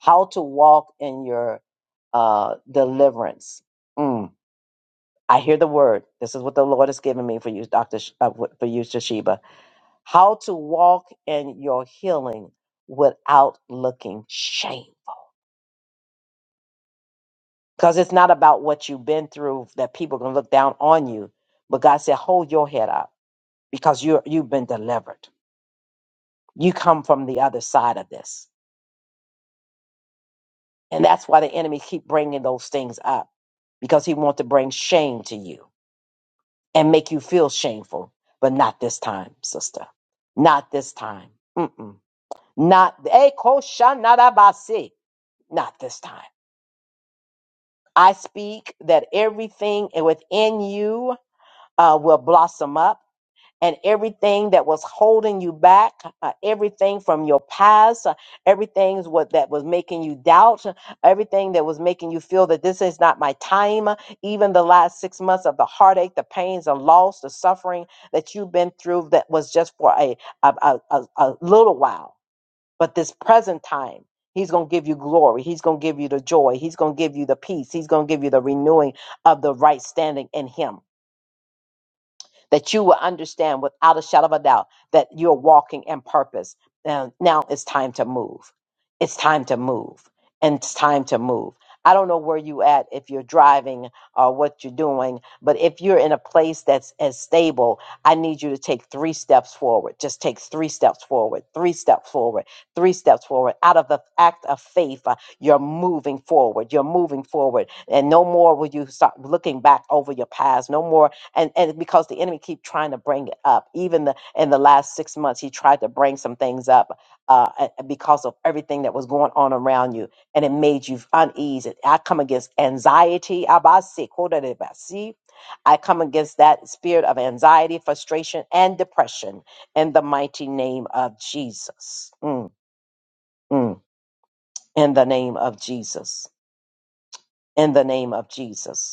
S1: How to walk in your uh, deliverance. Mm. I hear the word. This is what the Lord has given me for you, Doctor, Sh- uh, for you, Toshiba how to walk in your healing without looking shame. Because it's not about what you've been through that people can look down on you. But God said, hold your head up because you're, you've been delivered. You come from the other side of this. And that's why the enemy keep bringing those things up because he wants to bring shame to you and make you feel shameful. But not this time, sister. Not this time. Mm-mm. Not, Eh, koshanarabasi. not this time I speak that everything within you uh, will blossom up. And everything that was holding you back, uh, everything from your past, uh, everything is what that was making you doubt, uh, everything that was making you feel that this is not my time, uh, even the last six months of the heartache, the pains, the loss, the suffering that you've been through that was just for a, a, a, a a little while but this present time, He's going to give you glory. He's going to give you the joy. He's going to give you the peace. He's going to give you the renewing of the right standing in Him that you will understand without a shadow of a doubt that you're walking in purpose. And now it's time to move. It's time to move. And it's time to move. I don't know where you at if you're driving or what you're doing, but if you're in a place that's as stable, I need you to take three steps forward. Just take three steps forward, three steps forward, three steps forward. Out of the act of faith, uh, you're moving forward. You're moving forward. And no more will you start looking back over your past. No more and and because the enemy keep trying to bring it up even the in the last six months he tried to bring some things up uh a- a- because of everything that was going on around you and it made you uneasy i come against anxiety abasi, kodarebasi. i come against that spirit of anxiety frustration and depression in the mighty name of jesus Mm, mm. in the name of jesus in the name of jesus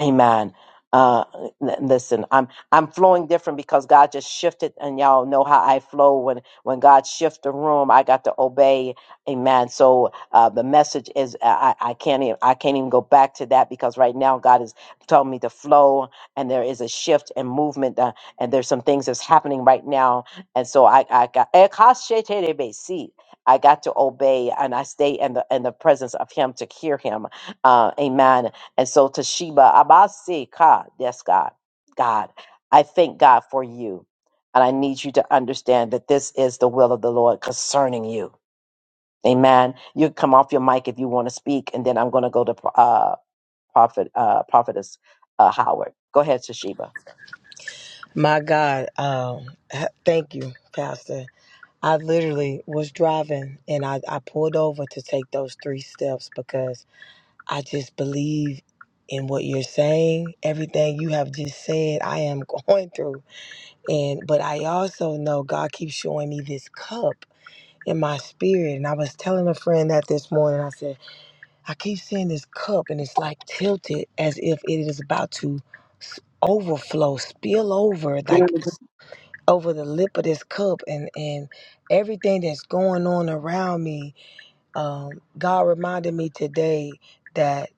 S1: Amen. Uh, n- listen, I'm I'm flowing different because God just shifted, and y'all know how I flow when when God shift the room. I got to obey. Amen. So uh, the message is I, I I can't even I can't even go back to that because right now God is telling me to flow, and there is a shift and movement, uh, and there's some things that's happening right now, and so I I got Ekasheterebesi. I got to obey, and I stay in the in the presence of Him to hear Him. Uh, amen and so Toshiba, Abasi, God, yes, God, God, I thank God for you. And I need you to understand that this is the will of the Lord concerning you. Amen. You can come off your mic if you want to speak, and then I'm going to go to uh, Prophet, uh, Prophetess uh, Howard. Go ahead, Toshiba.
S3: My God, um, h- thank you, Pastor. I literally was driving and I, I pulled over to take those three steps because I just believe in what you're saying, everything you have just said, I am [LAUGHS] going through. And but I also know God keeps showing me this cup in my spirit. And I was telling a friend that this morning, I said, I keep seeing this cup and it's like tilted as if it is about to s- overflow, spill over. Like over the lip of this cup and and everything that's going on around me um, God reminded me today that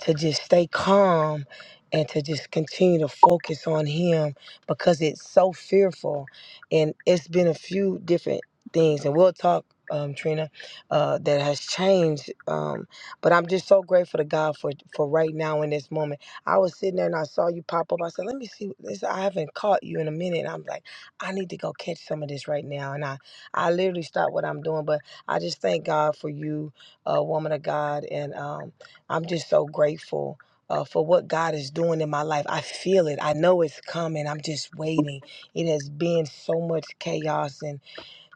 S3: to just stay calm and to just continue to focus on Him because it's so fearful. And it's been a few different things, and we'll talk, um, Trina, uh, that has changed. Um, but I'm just so grateful to God for for right now in this moment. I was sitting there and I saw you pop up. I said, "Let me see this. I haven't caught you in a minute." And I'm like, "I need to go catch some of this right now." And I I literally stopped what I'm doing, but I just thank God for you, uh, woman of God, and um, I'm just so grateful. Uh, for what God is doing in my life. I feel it. I know it's coming. I'm just waiting. It has been so much chaos and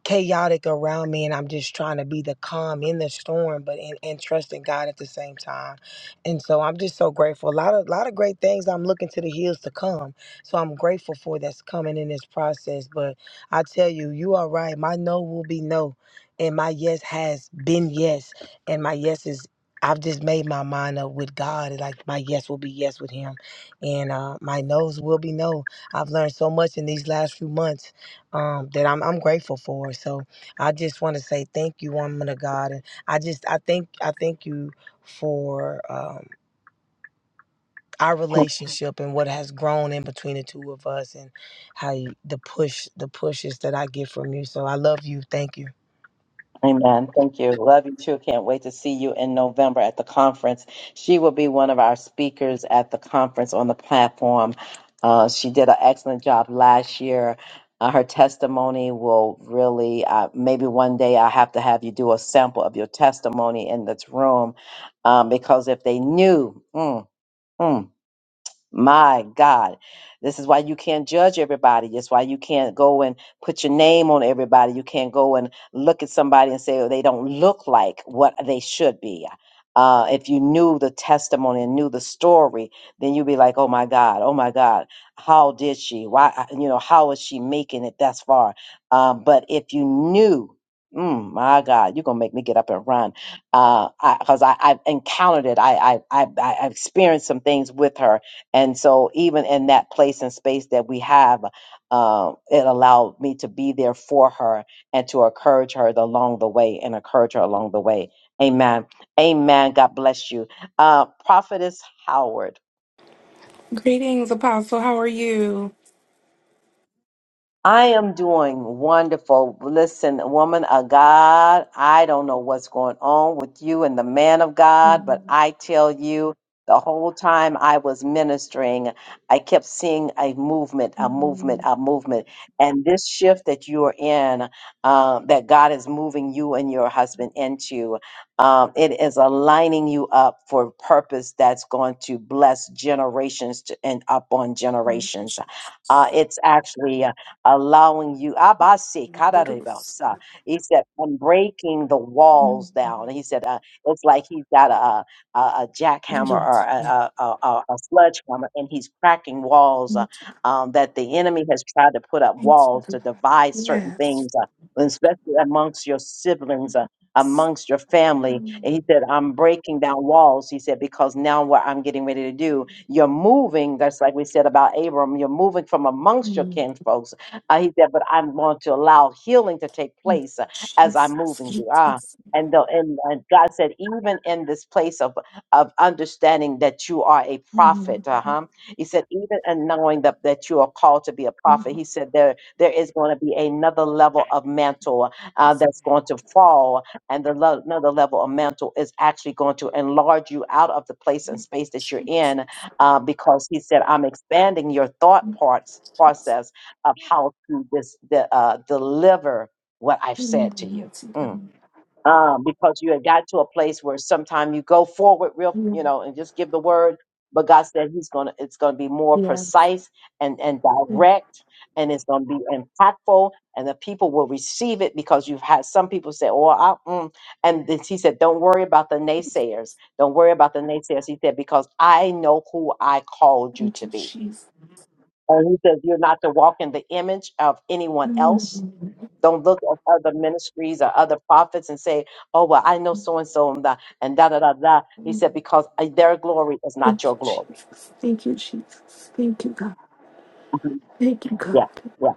S3: chaotic around me and I'm just trying to be the calm in the storm but in and trusting God at the same time. And so I'm just so grateful. A lot of lot of great things I'm looking to the hills to come. So I'm grateful for that's coming in this process. But I tell you, you are right. My no will be no. And my yes has been yes. And my yes is I've just made my mind up with God. Like my yes will be yes with him. And uh, my no's will be no. I've learned so much in these last few months um, that I'm, I'm grateful for. So I just want to say thank you, woman of God, and I just I thank I thank you for um, our relationship and what has grown in between the two of us, and how you, the push the pushes that I get from you. So I love you. Thank you.
S1: Amen. Thank you. Love you too. Can't wait to see you in November at the conference. She will be one of our speakers at the conference on the platform. Uh, she did an excellent job last year. Uh, her testimony will really, uh, maybe one day I'll have to have you do a sample of your testimony in this room um, because if they knew, mm, mm, my God. This is why you can't judge everybody. It's why you can't go and put your name on everybody. You can't go and look at somebody and say, oh, they don't look like what they should be. Uh, if you knew the testimony and knew the story, then you'd be like, oh my God, oh my God, how did she? Why, uh, you know, how is she making it thus far? Um, but if you knew, mm, my God, you're going to make me get up and run because I, 'cause I, I've encountered it. I, I, I, I I've experienced some things with her and so, even in that place and space that we have, um, it allowed me to be there for her and to encourage her along the way and encourage her along the way. Amen. Amen. God bless you. Uh, Prophetess Howard. I am doing wonderful. Listen, woman of God, I don't know what's going on with you and the man of God, but I tell you, the whole time I was ministering, I kept seeing a movement, a movement, a movement. And this shift that you are in, uh, that God is moving you and your husband into, um, it is aligning you up for purpose that's going to bless generations to, and up on generations. Uh, it's actually allowing you Abase, kadarebosa. he said i'm breaking the walls down he said uh, it's like he's got a, a, a jackhammer or a, a, a, a a sledgehammer and he's cracking walls uh, um, that the enemy has tried to put up walls to divide certain things uh, and especially amongst your siblings uh, amongst your family and he said i'm breaking down walls he said because now what i'm getting ready to do you're moving that's like we said about abram you're moving from amongst your kinfolks uh, he said, but I'm going to allow healing to take place uh, as I'm moving you. Ah, and, the, and and God said, even in this place of of understanding that you are a prophet, uh-huh. He said, even in knowing that, that you are called to be a prophet, he said there there is going to be another level of mantle uh, that's going to fall, and the lo- another level of mantle is actually going to enlarge you out of the place and space that you're in, uh, because he said, I'm expanding your thought parts process of how to this the, uh, deliver what I've said to you. Mm. Um, because you had got to a place where sometimes you go forward real, you know, and just give the word, but God said He's gonna it's gonna be more precise and and direct, and it's gonna be impactful, and the people will receive it because you've had some people say, "Oh, I," mm. and then He said, "Don't worry about the naysayers. Don't worry about the naysayers." He said, "Because I know who I called you to be." And he says, You're not to walk in the image of anyone else. Don't look at other ministries or other prophets and say, Oh, well, I know so and so and da and da da da da. He said, Because uh, their glory is not your glory. Mhm. Yeah, yeah.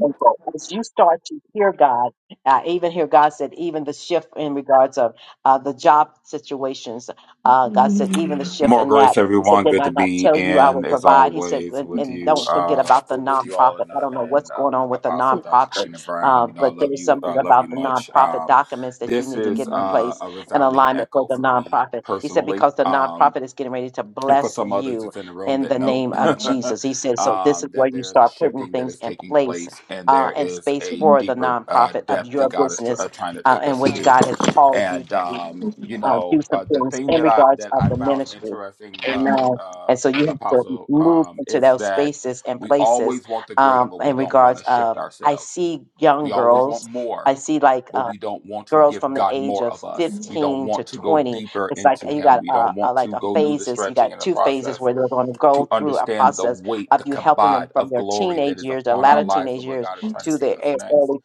S1: thankful. As you start to hear God, I even hear God said, even the shift in regards of uh, the job situations, uh, God said, even the shift
S2: More
S1: in that.
S2: grace,
S1: He said,
S2: everyone.
S1: Did
S2: Good
S1: I
S2: to
S1: not
S2: be
S1: tell you I will
S2: in, as
S1: provide? He said,
S2: always,
S1: and,
S2: with
S1: and
S2: you,
S1: don't forget
S2: uh,
S1: about the
S2: with you all,
S1: nonprofit.
S2: and
S1: I
S2: uh,
S1: don't know
S2: and
S1: what's
S2: uh,
S1: going on with the
S2: Apostle Dr.
S1: nonprofit,
S2: Trina Brown.
S1: uh,
S2: You know, I
S1: but
S2: love
S1: there's
S2: you. I
S1: something
S2: love you
S1: about the
S2: much.
S1: nonprofit
S2: Um,
S1: documents that you
S2: this
S1: need to
S2: is
S1: get in
S2: uh,
S1: place
S2: a
S1: and
S2: resounding
S1: alignment for
S2: echo
S1: the
S2: for me
S1: nonprofit. He said,
S2: personally.
S1: because the
S2: Um,
S1: nonprofit is getting ready to
S2: and for
S1: bless
S2: some others
S1: you
S2: it's in the room
S1: in
S2: that
S1: the
S2: know
S1: name
S2: [LAUGHS]
S1: of Jesus. He said, so this is
S2: um, that
S1: where you
S2: there is a
S1: start putting
S2: shifting that
S1: things
S2: is
S1: in
S2: taking
S1: place
S2: place and
S1: uh,
S2: there
S1: and
S2: is
S1: space
S2: a
S1: for the
S2: deeper uh,
S1: nonprofit of
S2: depth that
S1: your
S2: god is tr-
S1: business
S2: uh, trying to
S1: uh,
S2: take
S1: in
S2: us
S1: which
S2: to
S1: God has called you
S2: and
S1: to
S2: um, you
S1: uh, do
S2: know
S1: some
S2: uh, the
S1: things
S2: thing
S1: in
S2: that i
S1: regards
S2: that
S1: of
S2: i
S1: the
S2: found
S1: ministry.
S2: interesting uh,
S1: Amen.
S2: uh,
S1: And so you have to
S2: apostle
S1: move
S2: um,
S1: into
S2: is
S1: those
S2: that
S1: spaces and
S2: we
S1: places
S2: always want the greater
S1: um,
S2: but we
S1: in
S2: don't want
S1: regards
S2: to shift
S1: of I
S2: ourselves
S1: see young
S2: we always want
S1: girls. I
S2: more,
S1: see like
S2: but
S1: uh,
S2: we don't want to
S1: girls
S2: give
S1: from the
S2: God
S1: age
S2: more
S1: of
S2: of us. We don't
S1: 15 to
S2: want to go
S1: 20
S2: deeper
S1: it's like
S2: into
S1: you
S2: Him.
S1: got
S2: We
S1: uh,
S2: don't
S1: uh,
S2: want
S1: like
S2: to
S1: a
S2: go through the
S1: phases you
S2: stretching
S1: got
S2: and the
S1: two phases
S2: process
S1: where they're going to go
S2: to
S1: through a
S2: understand the
S1: process
S2: weight,
S1: of
S2: the
S1: you helping them
S2: kabod
S1: from
S2: of
S1: their
S2: glory that
S1: teenage
S2: is
S1: years their
S2: upon our
S1: latter
S2: lives
S1: teenage
S2: and where
S1: years
S2: God is trying to
S1: to
S2: take
S1: their
S2: us
S1: e-
S2: next.
S1: early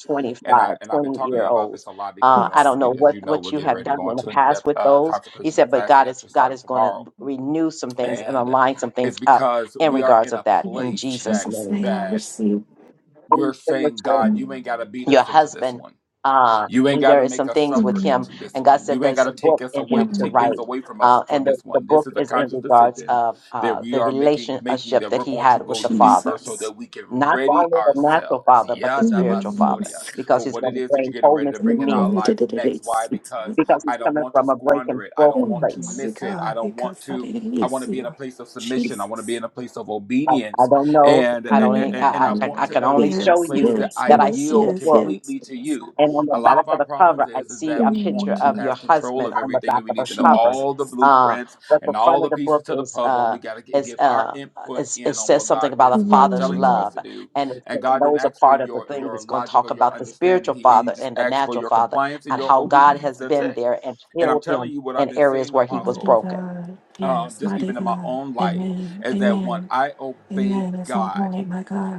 S2: And I and I've
S1: 2520
S2: been talking
S1: year
S2: about this
S1: olds
S2: a lot because,
S1: uh, i
S2: um,
S1: don't
S2: you,
S1: know
S2: as
S1: what
S2: you know,
S1: what
S2: we're
S1: you
S2: getting
S1: have
S2: ready to
S1: done
S2: go
S1: in the
S2: into an
S1: past
S2: in-depth
S1: with
S2: uh,
S1: those he
S2: consecration and
S1: said but
S2: fasting
S1: god is
S2: actually
S1: god
S2: starting
S1: is going to
S2: tomorrow,
S1: renew some things and
S2: and
S1: align some
S2: it's
S1: things up
S2: because
S1: in
S2: we are
S1: regards
S2: in
S1: of
S2: a
S1: that in
S2: place
S1: jesus
S2: that
S1: name
S2: that we're saying, God, you ain't got to beat
S1: your
S2: us into this
S1: husband.
S2: one
S1: Uh,
S2: you ain't got
S1: there
S2: to
S1: is
S2: make
S1: some
S2: us
S1: things with
S2: suffer
S1: him,
S2: into this
S1: and God
S2: one.
S1: said
S2: You ain't got
S1: there's a
S2: to take
S1: book
S2: us
S1: in
S2: away,
S1: him to
S2: take things
S1: write.
S2: away from us
S1: Uh,
S2: for
S1: and the,
S2: this
S1: the
S2: one.
S1: book
S2: This is a
S1: is in
S2: conscious
S1: regards
S2: decision
S1: of
S2: that
S1: uh,
S2: we
S1: the
S2: are making, making
S1: relationship
S2: that
S1: that
S2: we're
S1: he
S2: going to
S1: had with
S2: go
S1: the
S2: deeper
S1: Father,
S2: so that we can
S1: not
S2: ready
S1: only the natural
S2: ourselves.
S1: Father, but the spiritual Father,
S2: Yadabasoria.
S1: because
S2: For
S1: he's
S2: what
S1: going
S2: it
S1: to
S2: is that you're
S1: bring
S2: getting ready
S1: wholeness
S2: to
S1: to
S2: bring in our
S1: men,
S2: lives next. Why? Because
S1: because he's
S2: I don't
S1: coming
S2: want to
S1: from a broken,
S2: squander it. I don't
S1: broken
S2: want to
S1: place.
S2: miss it. I don't want to, I want to be in a place of submission. I want to be in a place of
S1: I, I
S2: obedience.
S1: don't know.
S2: And,
S1: I don't.
S2: and, and
S1: I,
S2: I
S1: I
S2: want
S1: I
S2: to
S1: can
S2: uh,
S1: only
S2: be in a
S1: show
S2: place
S1: you
S2: that I
S1: that I see the
S2: yield
S1: book
S2: completely to you
S1: And on the
S2: a lot
S1: back
S2: of
S1: of
S2: our
S1: the
S2: problems
S1: cover, I
S2: is is
S1: see
S2: that
S1: a
S2: we
S1: picture
S2: want to
S1: of your
S2: have control
S1: husband
S2: of
S1: on the
S2: everything
S1: back
S2: and we
S1: of the
S2: need to know
S1: cover.
S2: all the
S1: Uh,
S2: blueprints
S1: but the
S2: and all
S1: front of
S2: the
S1: the
S2: pieces
S1: book
S2: to the
S1: is
S2: puzzle and
S1: uh,
S2: we got to
S1: is,
S2: give our
S1: uh,
S2: input
S1: is it
S2: in on
S1: says
S2: what
S1: something
S2: god
S1: about a
S2: is uh,
S1: father's
S2: telling for us
S1: love,
S2: to do
S1: and it
S2: and
S1: says- and
S2: god didn't
S1: those are
S2: ask for
S1: part of the
S2: your
S1: things
S2: your
S1: that's going to
S2: logic or
S1: talk
S2: your
S1: about the
S2: understanding
S1: spiritual
S2: he, he
S1: father
S2: just
S1: and the
S2: asked for
S1: natural
S2: your
S1: father,
S2: compliance and
S1: and
S2: your
S1: how God
S2: obedience
S1: has
S2: that's
S1: been
S2: it
S1: there and
S2: and i'm
S1: healed
S2: telling
S1: him
S2: you what i've
S1: in
S2: been
S1: areas
S2: seeing
S1: where he was
S2: apostle
S1: broken.
S2: um, just even in my own life is that when i obey god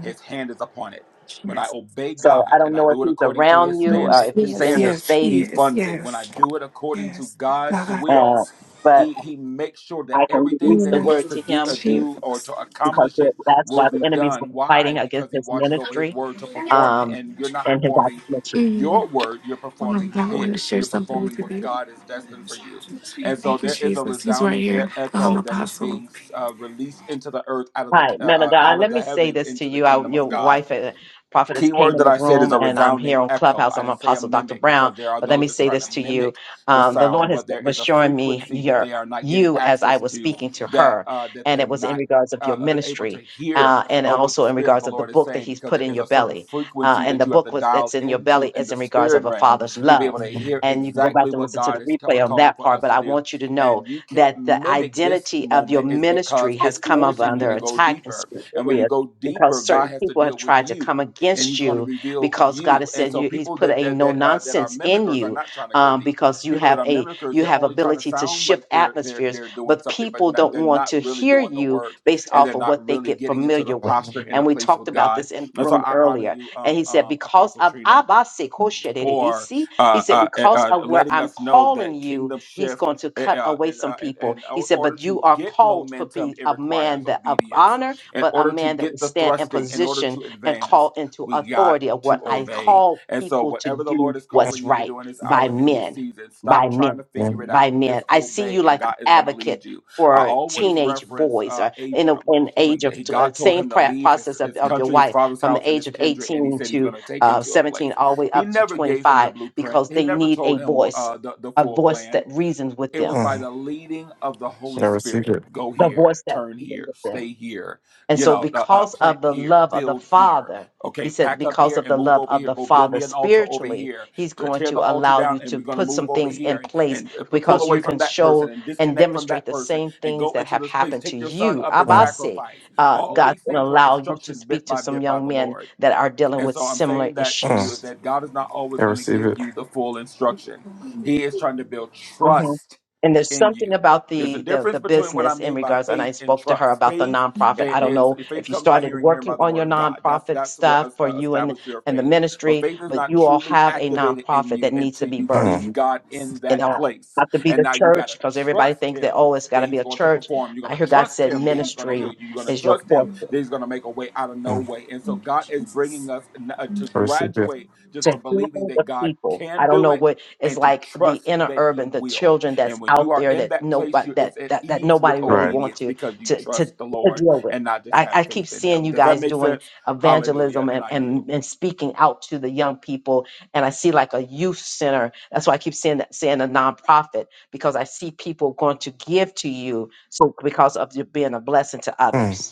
S2: his hand is upon it. When I obey
S1: So I
S2: God
S1: don't
S2: and I
S1: know if
S2: do it
S1: he's
S2: according to
S1: around
S2: his
S1: you, or
S2: standard,
S1: if he's in your
S2: standard,
S1: space,
S2: he funds it. When I do it according to God's
S1: uh,
S2: will,
S1: but
S2: he he makes sure that
S1: I can
S2: everything
S1: release
S2: that
S1: the
S2: needs
S1: word
S2: to
S1: to
S2: do,
S1: him
S2: uh, do or to
S1: because
S2: accomplish
S1: the-
S2: it
S1: that's
S2: will
S1: why the
S2: be
S1: enemies were
S2: done.
S1: fighting
S2: Why?
S1: against
S2: Because he
S1: his
S2: watches over his
S1: ministry
S2: word to perform it
S1: um,
S2: and you're not
S1: and his
S2: performing
S1: idolatry.
S2: your word, you're performing his. You're performing what God is destined for you. And so there is a resounding e- echo that is being uh, released into the earth out of the
S1: Hi,
S2: ki- uh,
S1: man of
S2: uh, out
S1: God.
S2: of
S1: Let
S2: the
S1: me say
S2: heavens
S1: this to
S2: into the
S1: you. I,
S2: kingdom
S1: your
S2: of God.
S1: wife and prophetess
S2: Key
S1: came
S2: word
S1: in
S2: that
S1: the
S2: I said is
S1: room,
S2: a
S1: and I'm
S2: resounding
S1: here on
S2: echo.
S1: Clubhouse.
S2: I
S1: I'm
S2: didn't say a
S1: Apostle Dr.
S2: mimic
S1: Brown.
S2: because there are
S1: But let
S2: those
S1: me
S2: that's
S1: say
S2: trying to
S1: this to you.
S2: mimic the
S1: Um, the Lord
S2: sound,
S1: has
S2: but there
S1: was
S2: is a
S1: showing me
S2: frequency that
S1: your
S2: they are not getting
S1: you as I
S2: access
S1: was
S2: to
S1: speaking to
S2: that
S1: her,
S2: uh, that
S1: and
S2: they're
S1: it was in
S2: not
S1: regards of your
S2: uh, able to
S1: ministry,
S2: hear
S1: uh, and
S2: uh, what the
S1: also in
S2: Spirit of
S1: regards
S2: the
S1: of the
S2: Lord is
S1: book that
S2: saying
S1: He's
S2: because
S1: put
S2: there
S1: in
S2: is
S1: your
S2: a certain
S1: belly. Uh,
S2: frequency
S1: and
S2: that
S1: the
S2: you have
S1: book
S2: to
S1: was
S2: dial
S1: that's in your belly
S2: into in
S1: is
S2: the
S1: in regards of
S2: spirit
S1: a
S2: realm
S1: father's
S2: to be
S1: love,
S2: able to hear
S1: and you can go back
S2: exactly
S1: and
S2: what
S1: listen to the
S2: God is ca-
S1: replay on
S2: calling
S1: that
S2: for
S1: part.
S2: us
S1: But
S2: to
S1: I
S2: do.
S1: want you to know
S2: And you can't
S1: that the
S2: mimic this
S1: identity of your
S2: moment is
S1: ministry
S2: because
S1: has
S2: it's
S1: come up
S2: forcing you
S1: under
S2: to go
S1: attack in
S2: deeper.
S1: certain
S2: And when you
S1: areas
S2: go deeper,
S1: because
S2: God
S1: certain
S2: has to
S1: people have
S2: deal with
S1: tried to
S2: you
S1: come
S2: and he's
S1: against
S2: going to
S1: you
S2: reveal
S1: because God
S2: you
S1: has
S2: and
S1: said
S2: so
S1: you, He's
S2: people
S1: put
S2: that
S1: a
S2: that
S1: no
S2: that, uh, that are
S1: nonsense in
S2: mimickers are
S1: you
S2: not trying to go
S1: um,
S2: deep
S1: because you
S2: people that
S1: have
S2: are
S1: a
S2: mimickers
S1: you
S2: they're
S1: have
S2: only trying to
S1: ability to
S2: sound like
S1: shift
S2: they're they're
S1: atmospheres,
S2: they're doing
S1: but
S2: something but
S1: people
S2: not,
S1: don't
S2: they're
S1: want
S2: not
S1: to
S2: really
S1: hear
S2: doing the
S1: you
S2: work
S1: based
S2: and they're
S1: off of
S2: not
S1: what they
S2: really
S1: get
S2: getting into the
S1: familiar with.
S2: posture and the
S1: And we
S2: place
S1: talked
S2: with
S1: about
S2: god
S1: this in the
S2: and so
S1: room
S2: i honor
S1: earlier.
S2: you
S1: And
S2: um
S1: he said,
S2: um
S1: because
S2: apostle
S1: of
S2: trina
S1: Abba Sekoshe
S2: for
S1: Derebisi, he
S2: uh,
S1: said,
S2: uh, eh,
S1: because
S2: uh,
S1: of where
S2: letting
S1: I'm
S2: us know
S1: calling
S2: that
S1: you,
S2: kingdom
S1: He's
S2: shift.
S1: going to
S2: eh, eh,
S1: cut
S2: Uh,
S1: away
S2: and,
S1: some
S2: uh, and,
S1: people.
S2: in
S1: He said,
S2: order
S1: But you
S2: to
S1: are
S2: get
S1: called to
S2: momentum,
S1: be
S2: it
S1: a man
S2: requires
S1: that of
S2: obedience.
S1: honor,
S2: In
S1: but a
S2: order to
S1: man that will
S2: get the
S1: stand in
S2: thrusting, in order
S1: position
S2: to
S1: and call
S2: advance,
S1: into
S2: we got
S1: authority of what
S2: to
S1: I
S2: obey.
S1: call
S2: And so,
S1: people to
S2: whatever the
S1: do
S2: Lord is
S1: what's
S2: calling you to
S1: right
S2: do in this
S1: by
S2: hour, in this
S1: men,
S2: season,
S1: by
S2: stop trying
S1: men,
S2: to figure it
S1: by
S2: out.
S1: men.
S2: Just
S1: I see
S2: obey,
S1: you
S2: and
S1: like an
S2: God is going to
S1: advocate
S2: lead you. I
S1: for
S2: always
S1: teenage
S2: reference
S1: boys
S2: uh,
S1: or in a,
S2: Abram
S1: in age
S2: when
S1: of
S2: he,
S1: uh,
S2: God told
S1: same
S2: him to
S1: pra-
S2: leave his,
S1: process of,
S2: his
S1: of your
S2: country, his
S1: wife
S2: father's
S1: from
S2: house,
S1: the
S2: and
S1: age
S2: his
S1: of
S2: kindred, and he
S1: 18
S2: said he's
S1: to
S2: going to take him
S1: uh,
S2: to a place.
S1: 17 all the way
S2: He
S1: up to
S2: never gave him the
S1: 25
S2: blueprint.
S1: because
S2: He
S1: they
S2: never
S1: need a
S2: told him
S1: voice
S2: uh, the, the
S1: a
S2: full
S1: voice that
S2: plan.
S1: reasons with
S2: It was
S1: them.
S2: by
S4: Uh,
S2: the leading of the Holy
S4: I receive
S2: Spirit
S4: it.
S2: go
S1: The
S2: here,
S1: voice that
S2: turn
S1: reasons
S2: here,
S1: with them.
S2: stay here,
S1: And
S2: you
S1: so,
S2: know, uh, uh,
S1: because
S2: plant
S1: of the
S2: here,
S1: love of the
S2: build here.
S1: Father, he
S2: Okay,
S1: said,
S2: pack up
S1: because
S2: here
S1: of
S2: and
S1: the
S2: move
S1: love
S2: over
S1: of
S2: here.
S1: the
S2: Go build
S1: Father
S2: me an altar over
S1: spiritually,
S2: here.
S1: he's
S2: T-
S1: going
S2: Tear
S1: to
S2: the altar
S1: allow you
S2: down and
S1: to
S2: we're going to
S1: put some
S2: move over
S1: things
S2: here
S1: in
S2: and,
S1: place
S2: and uh, p- pull
S1: because you
S2: away from
S1: can
S2: that person
S1: show
S2: and
S1: and
S2: disconnect from
S1: demonstrate
S2: that
S1: the
S2: person
S1: same
S2: and
S1: things
S2: go
S1: that
S2: into
S1: have
S2: this place.
S1: happened to
S2: Take your son
S1: you.
S2: up and
S4: Uh,
S1: Abase,
S2: sacrifice.
S1: uh,
S2: All
S1: God's
S2: these
S1: going to
S2: things were
S1: allow you to
S2: instructions
S1: speak
S2: bit
S1: to
S2: by
S1: some
S2: bit by
S1: young
S2: the
S1: men
S2: Lord
S1: that are dealing
S2: and
S1: with
S2: so I'm
S1: similar
S2: saying that to
S4: uh,
S2: you is
S1: issues.
S2: that God is not
S4: I
S2: always going to
S4: receive
S2: give
S4: it.
S2: you the full instruction. He is trying to build
S1: hmm
S2: trust
S1: And there's
S2: in
S1: something
S2: you.
S1: about
S2: There's a
S1: the, the
S2: difference
S1: the
S2: between what I
S1: business in
S2: mean by
S1: regards, and I
S2: faith and
S1: spoke to her
S2: trust.
S1: about the
S2: Faith
S1: nonprofit.
S2: i-
S1: I don't
S2: is
S1: know
S2: faith
S1: if you
S2: comes by
S1: started
S2: hearing, hearing
S1: working
S2: by the
S1: on your
S2: word of God. That's
S1: nonprofit
S2: that's what
S1: stuff
S2: es-
S1: for
S2: uh,
S1: you and
S2: establishes your
S1: and the
S2: faith. But
S1: ministry,
S2: faith is
S1: but
S2: not
S1: you all
S2: truly
S1: have a
S2: activated in
S1: nonprofit
S2: you
S1: that needs to
S2: until
S1: be
S2: you
S1: birthed.
S4: Uh,
S2: need God in
S1: And
S2: that
S1: it'll
S2: place.
S1: have to be
S2: And
S1: the
S2: now you got
S1: church
S2: to
S1: because everybody
S2: trust
S1: thinks that
S2: Him
S1: oh, it's got
S2: that
S1: to be
S2: he's
S1: a
S2: going to
S1: church.
S2: perform. You're
S1: I
S2: going
S1: hear
S2: to
S1: God
S2: trust
S1: said
S2: him that he's going to heal
S1: ministry
S2: you. You're going to
S1: is your
S2: trust him
S1: portion.
S2: that he's going to make a way out of no
S4: uh,
S2: way. And so God is bringing us n- uh, to
S4: I receive it.
S2: graduate just
S1: to
S2: from
S1: heal
S2: believing
S1: the
S2: that God
S1: people. I
S2: can
S1: don't
S2: do
S1: know
S2: it
S1: what it's
S2: and to
S1: like the
S2: trust
S1: inner
S2: that he
S1: urban, the
S2: will.
S1: children that's
S2: And when you
S1: out
S2: are
S1: there
S2: in
S1: that
S2: that place,
S1: nobody
S2: you it's
S1: that
S2: at
S1: that, that
S2: ease with
S1: nobody really
S4: Right.
S1: wants
S2: obedience
S1: to
S2: because you
S1: to to,
S2: trust the
S1: to
S2: Lord
S1: deal with.
S2: and not just
S1: I,
S2: have
S1: I keep
S2: faith in
S1: seeing
S2: him.
S1: you
S2: Does that
S1: guys
S2: make
S1: doing
S2: sense? Hallelujah.
S1: evangelism
S2: And
S1: and,
S2: I yield.
S1: and, and speaking out to the young people. And I see like a youth center. That's why I keep saying that saying a nonprofit, because I see people going to give to you so because of you being a blessing to
S4: Uh,
S1: others.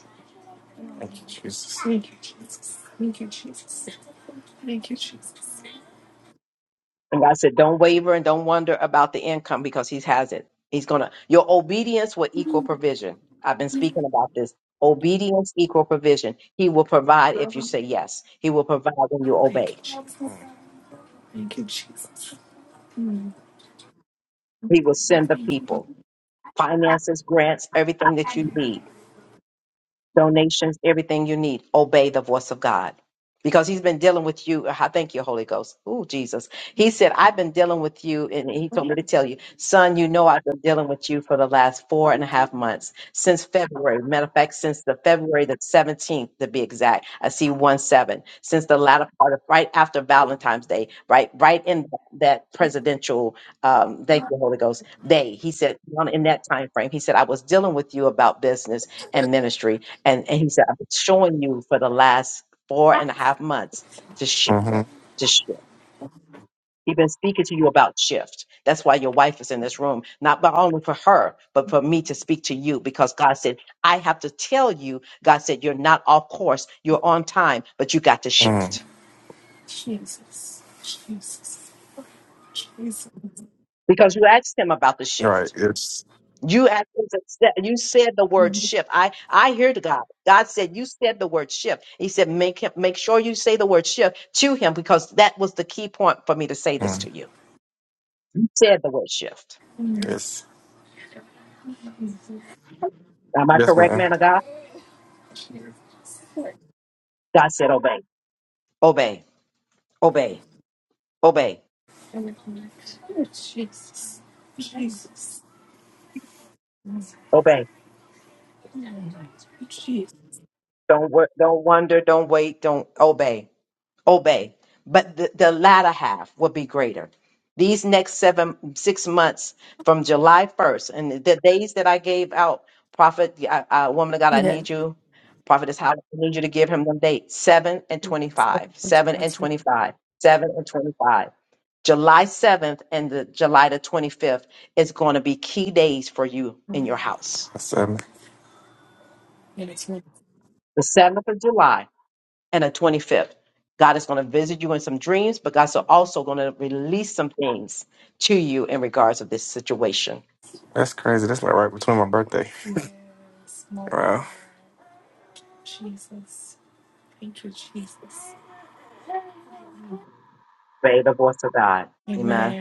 S1: And God said, don't waver and don't wonder about the income because he has it. He's going to, your obedience will equal provision. I've been speaking about this. Obedience equal provision. He will provide if you say yes. He will provide when you obey. He will send the people, finances, grants, everything that you need. donations, everything you need. Obey the voice of God. Because he's been dealing with you. I thank you, Holy Ghost. Oh, Jesus. He said, I've been dealing with you. And he told me to tell you, son, you know, I've been dealing with you for the last four and a half months since February. Matter of fact, since the February the 17th, to be exact. I see one seven since the latter part of right after Valentine's Day, right, right in that presidential, um, thank you, Holy Ghost day. He said, in that time frame, he said, I was dealing with you about business and ministry and, and he said, I've been showing you for the last four and a half months to shift,
S4: uh-huh.
S1: to shift. He's been speaking to you about shift. That's why your wife is in this room, not but only for her, but for me to speak to you because God said, I have to tell you, God said, you're not off course, you're on time, but you got to
S4: Uh,
S1: shift because you asked him about the
S4: right.
S1: shift.
S4: It's,
S1: You actually said- you said the word shift. I I hear to God. God said you said the word shift. He said make him make sure you say the word shift to him because that was the key point for me to say this
S4: uh,
S1: to you. You said the word shift.
S4: it's,
S1: Am I
S4: yes,
S1: correct,
S4: ma'am.
S1: man of God? God said obey, obey, obey, obey, obey. Don't wor- don't wonder, don't wait, don't obey. obey, but the, the latter half will be greater. These next seven, six months from July 1st, and the days that I gave out, Prophet, uh, uh, woman of God, I need you, Prophetess Howard, I need you to give him them dates 7 and 25, 7 and 25, 7 and 25. July 7th and the July the 25th is going to be key days for you in your house.
S4: I said,
S1: The 7th of July and a 25th. God is going to visit you in some dreams, but God's also going to release some things to you in regards of this situation.
S4: that's crazy. That's like right between my birthday. [LAUGHS] Wow.
S1: Obey the voice of God. Amen.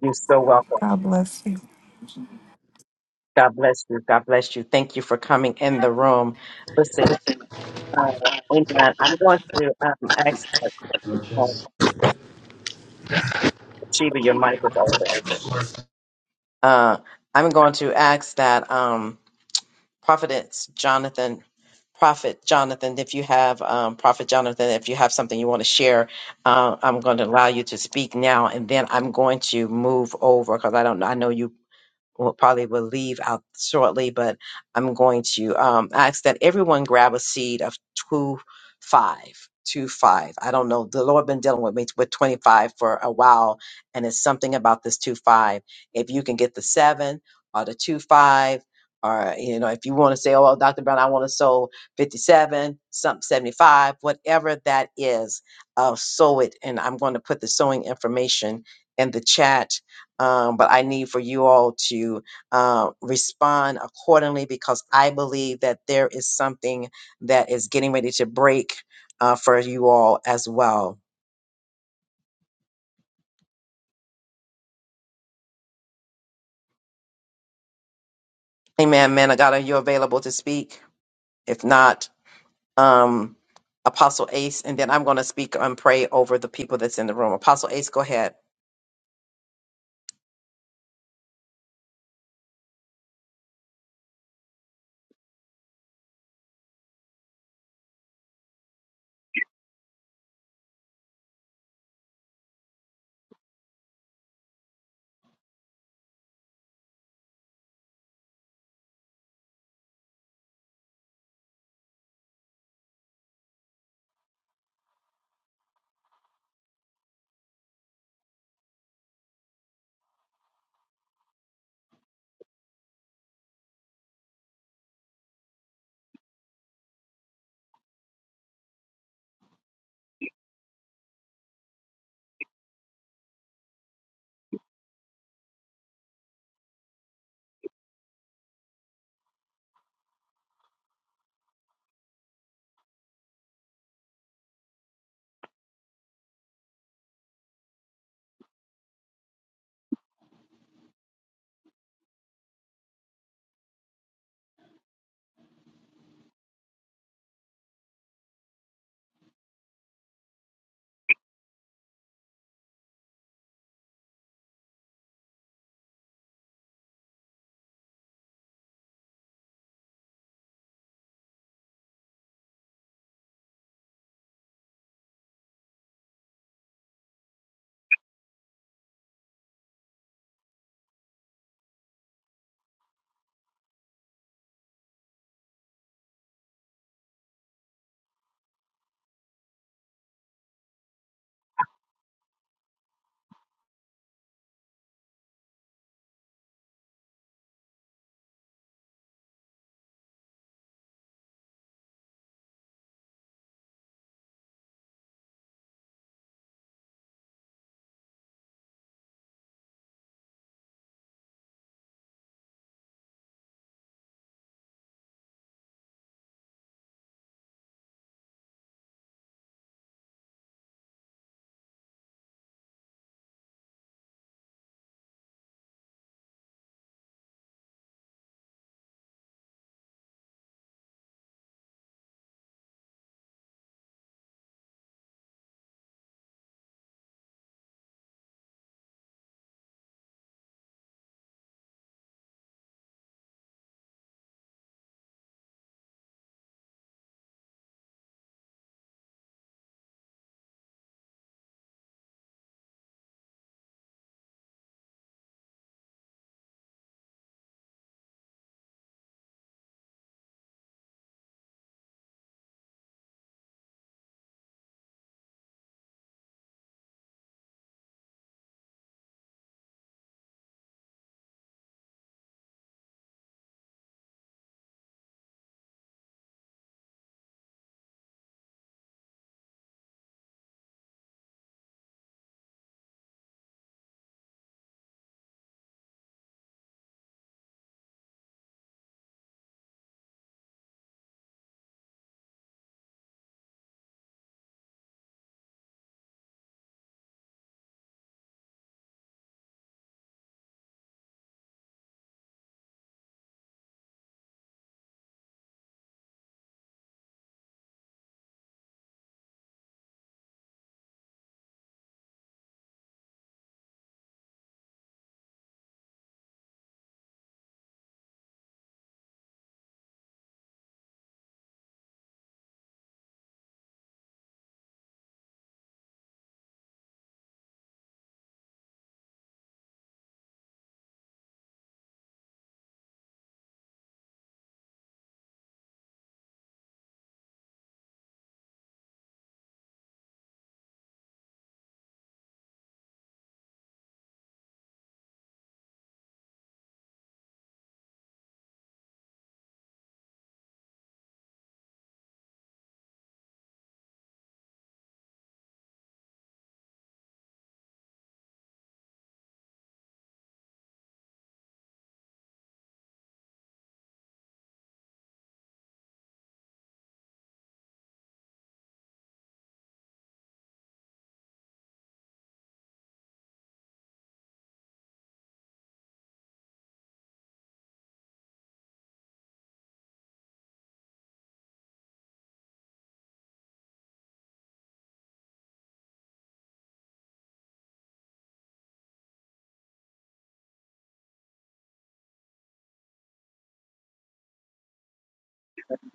S1: You're so welcome. God bless you. God bless you. Thank you for coming in the room. Listen, uh, amen. I'm going to um, ask uh, Sheba, your mic is open. Uh, I'm going to ask that. Um, Prophetess Jonathan, Prophet Jonathan, if you have um, Prophet Jonathan, if you have something you want to share, uh, I'm going to allow you to speak now, and then I'm going to move over because I don't. know. I know you will probably will leave out shortly, but I'm going to um, ask that everyone grab a seed of two five, two five. I don't know. The Lord been dealing with me with 25 for a while, and it's something about this two five. If you can get the seven or the two five, or you know, if you want to say, "Oh, Doctor Brown, I want to sow 57, something 75, whatever that is," uh, sow it. And I'm going to put the sowing information in the chat um, but I need for you all to uh, respond accordingly because I believe that there is something that is getting ready to break uh, for you all as well. Amen, man. of God, are you available to speak? If not, um, Apostle Ace, and then I'm going to speak and pray over the people that's in the room. Apostle Ace, go ahead.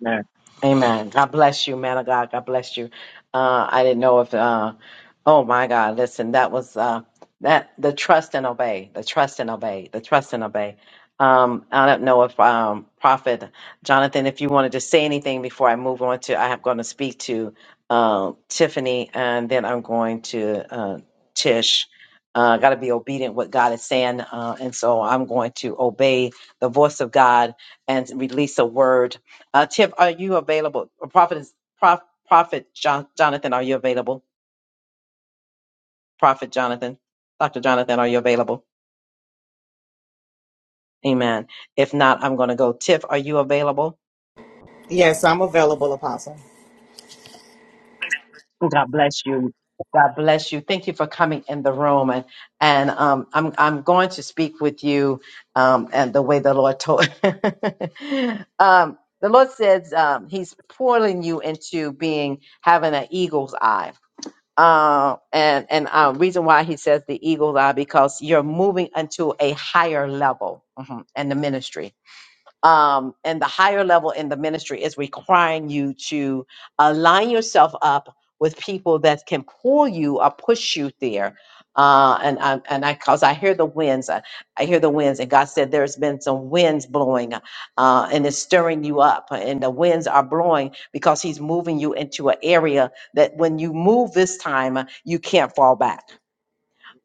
S1: Amen. Amen. God bless you, man of God. God bless you. Uh, I didn't know if, uh, oh my God, listen, that was, uh, that the trust and obey, the trust and obey, the trust and obey. Um, I don't know if, um, Prophet Jonathan, if you wanted to say anything before I move on to, I am going to speak to, uh, Tiffany and then I'm going to, uh, Tish. Uh, got to be obedient what God is saying. Uh, and so I'm going to obey the voice of God and release a word uh, Tiff, are you available? Or Prophet, is, Prof, Prophet John, Jonathan, are you available? Prophet Jonathan, Dr. Jonathan, are you available? Amen. If not, I'm going to go. Tiff, are you available?
S5: Yes, I'm available, Apostle.
S1: God bless you. God bless you. Thank you for coming in the room, and and um, I'm I'm going to speak with you, um, and the way the Lord told, [LAUGHS] um, the Lord says um, He's pulling you into being having an eagle's eye Uh, and and uh, reason why he says the eagle's eye because you're moving into a higher level mhm, in the ministry um, and the higher level in the ministry is requiring you to align yourself up with people that can pull you or push you there. Uh, and I, and I, cause I hear the winds, I, I hear the winds, and God said there's been some winds blowing, uh, and it's stirring you up, and the winds are blowing because He's moving you into an area that when you move this time, uh, you can't fall back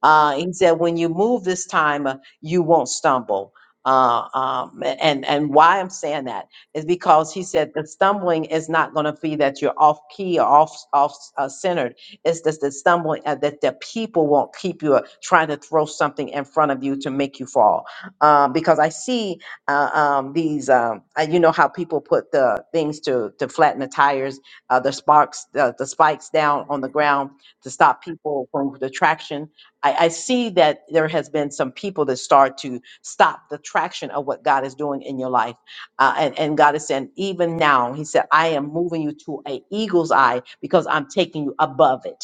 S1: uh, he said, when you move this time, uh, you won't stumble. Uh, um, and and why I'm saying that is because he said the stumbling is not going to be that you're off key or off off uh, centered. It's just the stumbling uh, that the people won't keep you uh, trying to throw something in front of you to make you fall. Um, because I see uh, um, these, um, uh, you know how people put the things to to flatten the tires, uh, the sparks, uh, the spikes down on the ground to stop people from the traction I, I see that there has been some people that start to stop the traction of what God is doing in your life. Uh, and, and God is saying, even now, He said, I am moving you to an eagle's eye because I'm taking you above it.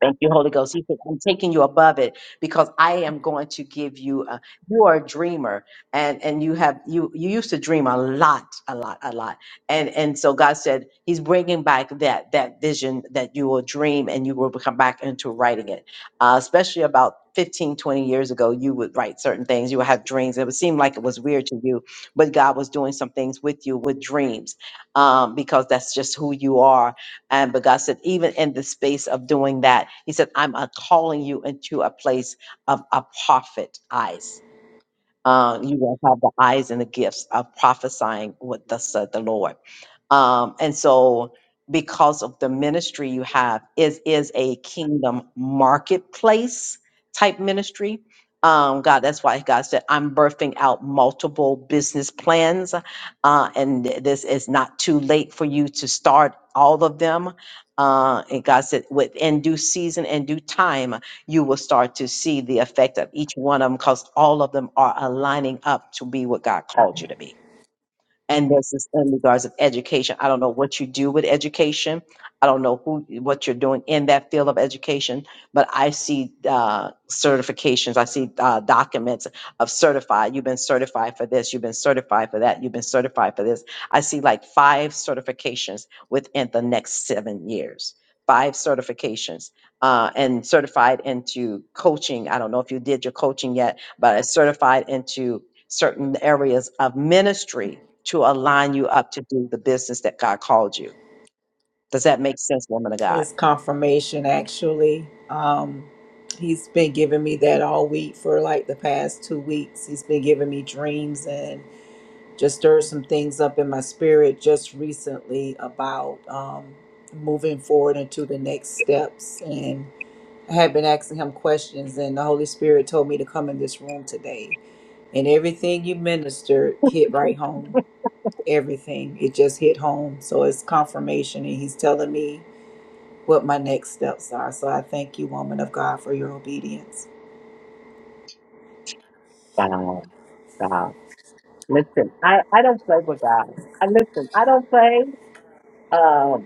S1: Thank you, Holy Ghost. He said, I'm taking you above it because I am going to give you a, you are a dreamer and, and you have, you, you used to dream a lot, a lot, a lot. And, and so God said, he's bringing back that, that vision that you will dream and you will come back into writing it. Uh, especially about 15 20 years ago, you would write certain things. You would have dreams. It would seem like it was weird to you, but God was doing some things with you with dreams, um, because that's just who you are and but God said, even in the space of doing that, He said, I'm uh, calling you into a place of a prophet eyes." Uh, you will have the eyes and the gifts of prophesying what thus said the Lord. Um, and so, because of the ministry you have, is is a kingdom marketplace type ministry. Um, God, that's why God said, "I'm birthing out multiple business plans, uh, and th- this is not too late for you to start all of them." Uh, and God said, "Within due season and due time." you will start to see the effect of each one of them because all of them are aligning up to be what God called you to be and this is in regards of education. I don't know what you do with education. I don't know who what you're doing in that field of education, but I see uh, certifications. I see uh, documents of certified. You've been certified for this. You've been certified for that. You've been certified for this. I see like five certifications within the next seven years. Five certifications uh, and certified into coaching. I don't know if you did your coaching yet, but it's certified into certain areas of ministry to align you up to do the business that God called you. Does that make sense, woman of God?
S5: It's confirmation, actually. Um, he's been giving me that all week for like the past two weeks. He's been giving me dreams and just stirred some things up in my spirit just recently about um, moving forward into the next steps. And I had been asking him questions, and the Holy Spirit told me to come in this room today. And everything you ministered hit right home
S1: [LAUGHS]
S5: everything. It just hit home. So it's confirmation, and He's telling me what my next steps are. So I thank you, woman of God, for your obedience.
S1: God, God. Listen, I, I don't play with God. I listen, I don't play. Um,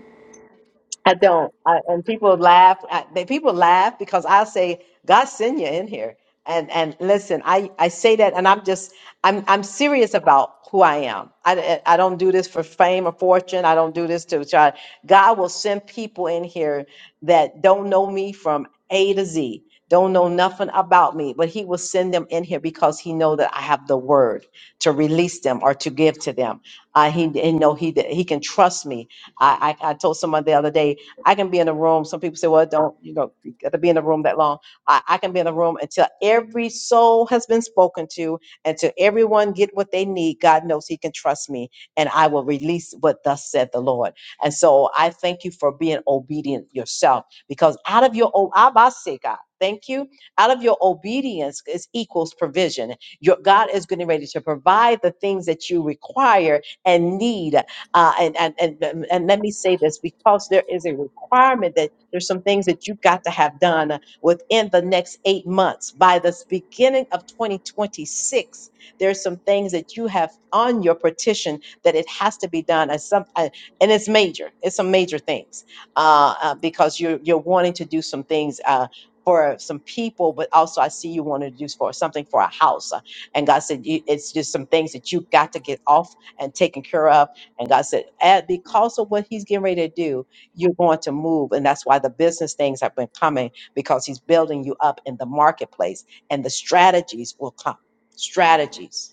S1: I don't. I, and people laugh. I, they, people laugh because I say, "God send you in here." And and listen, I I say that, and I'm just I'm I'm serious about who I am. I I I don't do this for fame or fortune. I don't do this to try. God will send people in here that don't know me from A to Z, don't know nothing about me, but He will send them in here because He know that I have the word to release them or to give to them. Uh, he, he know he that He can trust me. I, I I told someone the other day I can be in a room. Some people say, well, don't, you know, you got to be in a room that long. I, I can be in a room until every soul has been spoken to, until everyone get what they need. God knows he can trust me and I will release what thus said the Lord. And so I thank you for being obedient yourself because out of your, o- Abba, God, thank you. Out of your obedience is equals provision. Your God is getting ready to provide the things that you require and need uh, and, and, and, um, and let me say this because there is a requirement that there's some things that you've got to have done within the next eight months. By the beginning of 2026, there's some things that you have on your petition that it has to be done. As some, uh, and it's major, it's some major things uh, uh, because you're, you're wanting to do some things. Uh, for some people, but also I see you want to do for something for a house. Uh, And God said, you, it's just some things that you've got to get off and taken care of and God said, at because of what he's getting ready to do, you're going to move. And that's why the business things have been coming because he's building you up in the marketplace and the strategies will come. Strategies.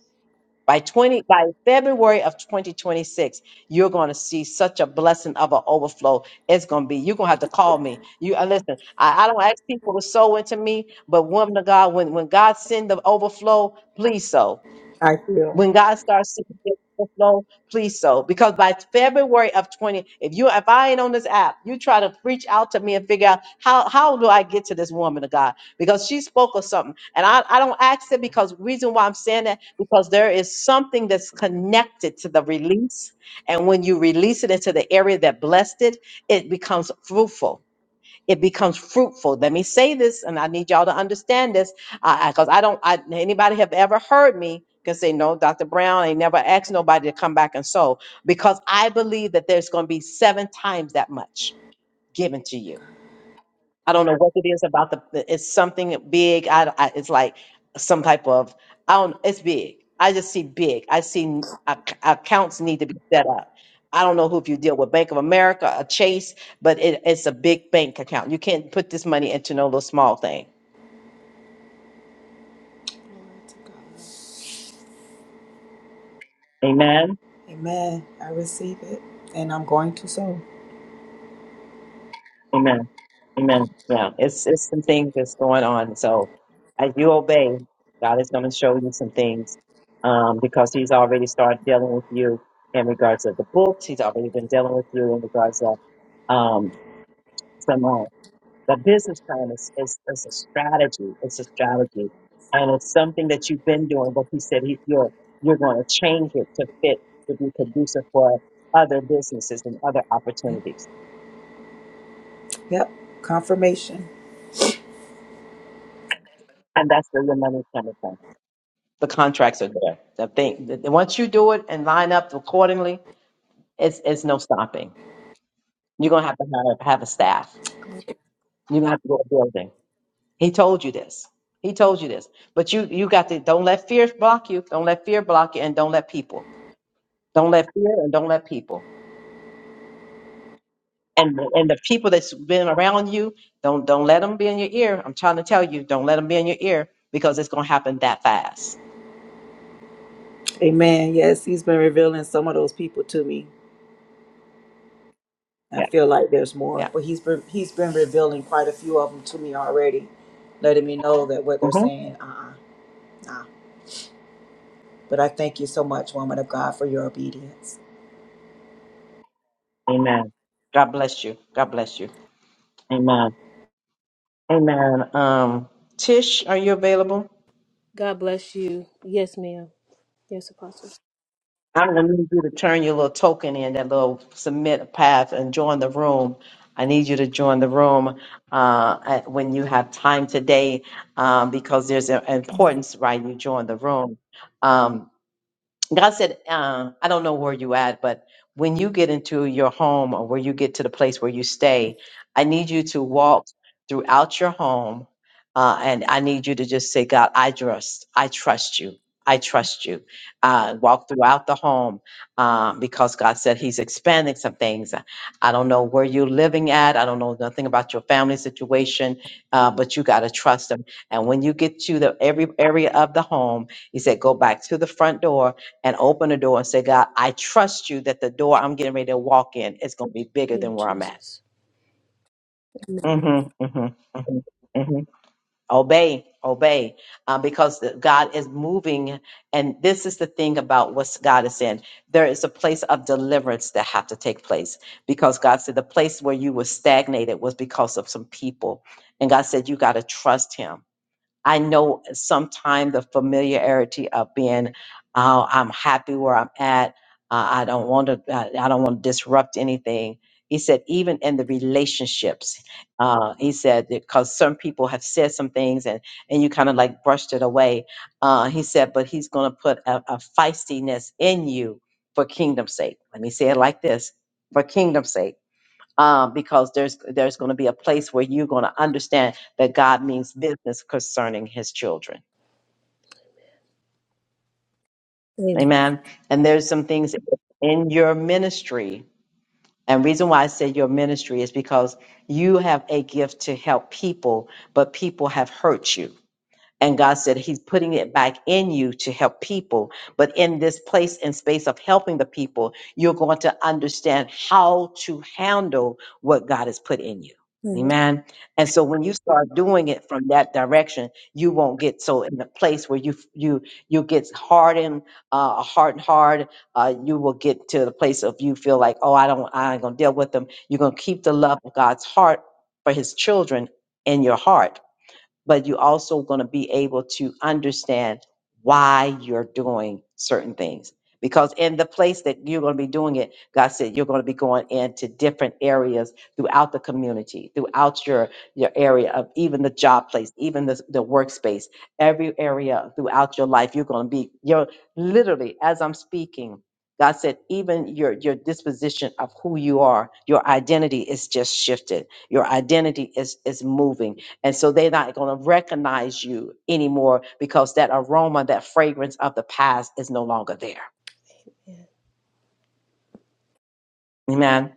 S1: By 20 by February of 2026, you're going to see such a blessing of an overflow. It's going to be, you're going to have to call me. You uh, listen, I, I don't ask people to sow into me, but woman of God, when, when God send the overflow, please sow
S5: I feel.
S1: when God starts to get the flow, please so. Because by February of 20, if you if I ain't on this app, you try to reach out to me and figure out how how do I get to this woman of God? Because she spoke of something. And I, I don't ask it because reason why I'm saying that, because there is something that's connected to the release. And when you release it into the area that blessed it, it becomes fruitful it becomes fruitful. Let me say this, and I need y'all to understand this, because i I 'cause I don't. I, anybody have ever heard me can say no, Dr. Brown ain't never asked nobody to come back and sow, because I believe that there's going to be seven times that much given to you. I don't know what it is about the. It's something big. I, I it's like some type of. I don't. It's big. I just see big. I see n- ac- accounts need to be set up. I don't know who if you deal with Bank of America or Chase, but it, it's a big bank account. You can't put this money into no little small thing.
S5: Glory to God.
S1: Amen.
S5: Amen. I receive it, and I'm going to sow.
S1: Amen. Amen. Yeah, it's it's some things that's going on. So as you obey, God is going to show you some things um, because He's already started dealing with you in regards to the books. He's already been dealing with you in regards to um, some uh, the business plan is, is is a strategy. It's a strategy, and it's something that you've been doing. But He said he, you're you're going to change it to fit to be conducive for other businesses and other
S5: Yep.
S1: opportunities,
S5: Yep. Confirmation.
S1: and that's where your money's coming from. The contracts are there. The thing, the- once you do it and line up accordingly, it's it's no stopping. You're gonna have to have, have a staff. You're gonna have to go to a building. He told you this. He told you this. But you you got to don't let fear block you. Don't let fear block you, and don't let people. Don't let fear and don't let people. And the- and the people that's been around you, don't don't let them be in your ear. I'm trying to tell you, don't let them be in your ear because it's gonna happen that fast.
S5: Amen. Yes, He's been revealing some of those people to me. I
S1: Yeah,
S5: feel like there's more,
S1: yeah.
S5: but He's been He's been revealing quite a few of them to me already, letting me know that what they're
S1: hmm
S5: saying. Uh-uh. Nah. But I thank you so much, woman of God, for your obedience.
S1: Amen. God bless you. God bless you. Amen. Amen. Um, Tish, are you available?
S6: God bless you. Yes, ma'am. Yes, Apostle.
S1: I'm going to need you to turn your little token in, that little submit path, and join the room. I need you to join the room uh, at- when you have time today um, because there's an importance, right? You join the room. Um, God said, uh, I don't know where you at, but when you get into your home or where you get to the place where you stay, I need you to walk throughout your home. Uh, and I need you to just say, God, I trust, I trust you. I trust you. Uh, walk throughout the home um, because God said He's expanding some things. I don't know where you're living at. I don't know nothing about your family situation, uh, but you got to trust Him. And when you get to the every area of the home, He said, go back to the front door and open the door and say, God, I trust you that the door I'm getting ready to walk in is going to be bigger
S6: In
S1: than where I'm at.
S6: Jesus. Amen.
S1: Mm-hmm, mm-hmm, hmm hmm Obey, obey, uh, because the- God is moving. And this is the thing about what God is saying. There is a place of deliverance that have to take place because God said the place where you were stagnated was because of some people. And God said, you got to trust him. I know sometimes the familiarity of being, uh, I'm happy where I'm at. Uh, I don't want to. I, I don't want to disrupt anything. He said, even in the relationships, uh, he said because some people have said some things and and you kind of like brushed it away. Uh, he said, but he's going to put a, a feistiness in you for kingdom's sake. Let me say it like this: for kingdom's sake um, because there's there's going to be a place where you're going to understand that God means business concerning His children.
S6: Amen.
S1: Amen. And there's some things in your ministry, and reason why I say your ministry is because you have a gift to help people, but people have hurt you And God said He's putting it back in you to help people. But in this place and space of helping the people, you're going to understand how to handle what God has put in you.
S6: Amen.
S1: Amen. And so when you start doing it from that direction, you won't get so in a place where you you you get hardened, uh, hardened hard. Uh, you will get to the place of you feel like, oh, I don't, I ain't gonna deal with them. You're gonna keep the love of God's heart for His children in your heart but you also going to be able to understand why you're doing certain things. Because in the place that you're going to be doing it, God said you're going to be going into different areas throughout the community, throughout your your area of even the job place, even the, the workspace, every area throughout your life. You're going to be you're literally as I'm speaking. God said even your your disposition of who you are, your identity is just shifted. Your identity is is moving and so they're not going to recognize you anymore because that aroma, that fragrance of the past is no longer there.
S6: Yeah.
S1: Amen.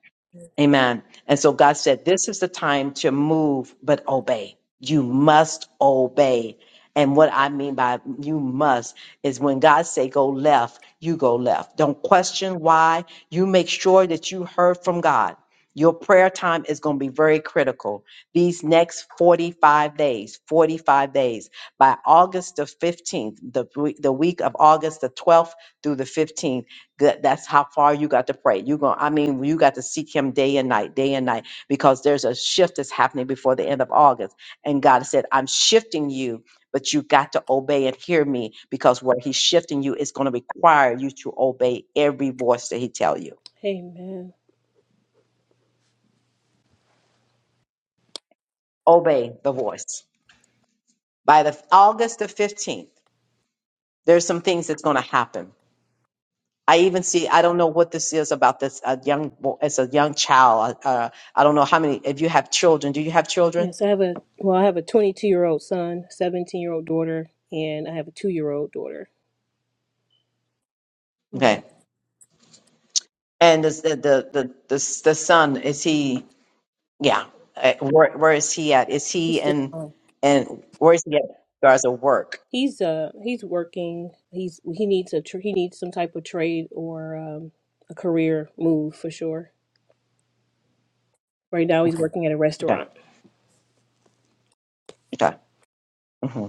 S1: Amen. And so God said, This is the time to move, but obey. You must obey. And what I mean by you must is when God say go left, you go left. Don't question why. You make sure that you heard from God. Your prayer time is going to be very critical. These next 45 days, 45 days, by August the 15th, the, we- the week of August the 12th through the 15th, that that's how far you got to pray. You going I mean, you got to seek him day and night, day and night, because there's a shift that's happening before the end of August. And God said, I'm shifting you, but you got to obey and hear me because where he's shifting you is going to require you to obey every voice that he tell you.
S6: Amen.
S1: Obey the voice. By the August the 15th, there's some things that's going to happen. I even see. I don't know what this is about this a young. bo- It's a young child. Uh, uh, I don't know how many. If you have children, do you have children?
S6: Yes, I have a well, I have a 22 year old son, 17 year old daughter, and I have a two year old daughter. hmm
S1: Okay And is the the the the, s- the son is he? Yeah. Uh, Where where is he at? Is he
S6: He's just
S1: in
S6: um,
S1: and where is he at? Regards of work.
S6: he's uh he's working. He's he needs a tr- he needs some type of trade or um, a career move for sure. Right now, he's working at a
S1: Okay.
S6: restaurant.
S1: Okay. hmm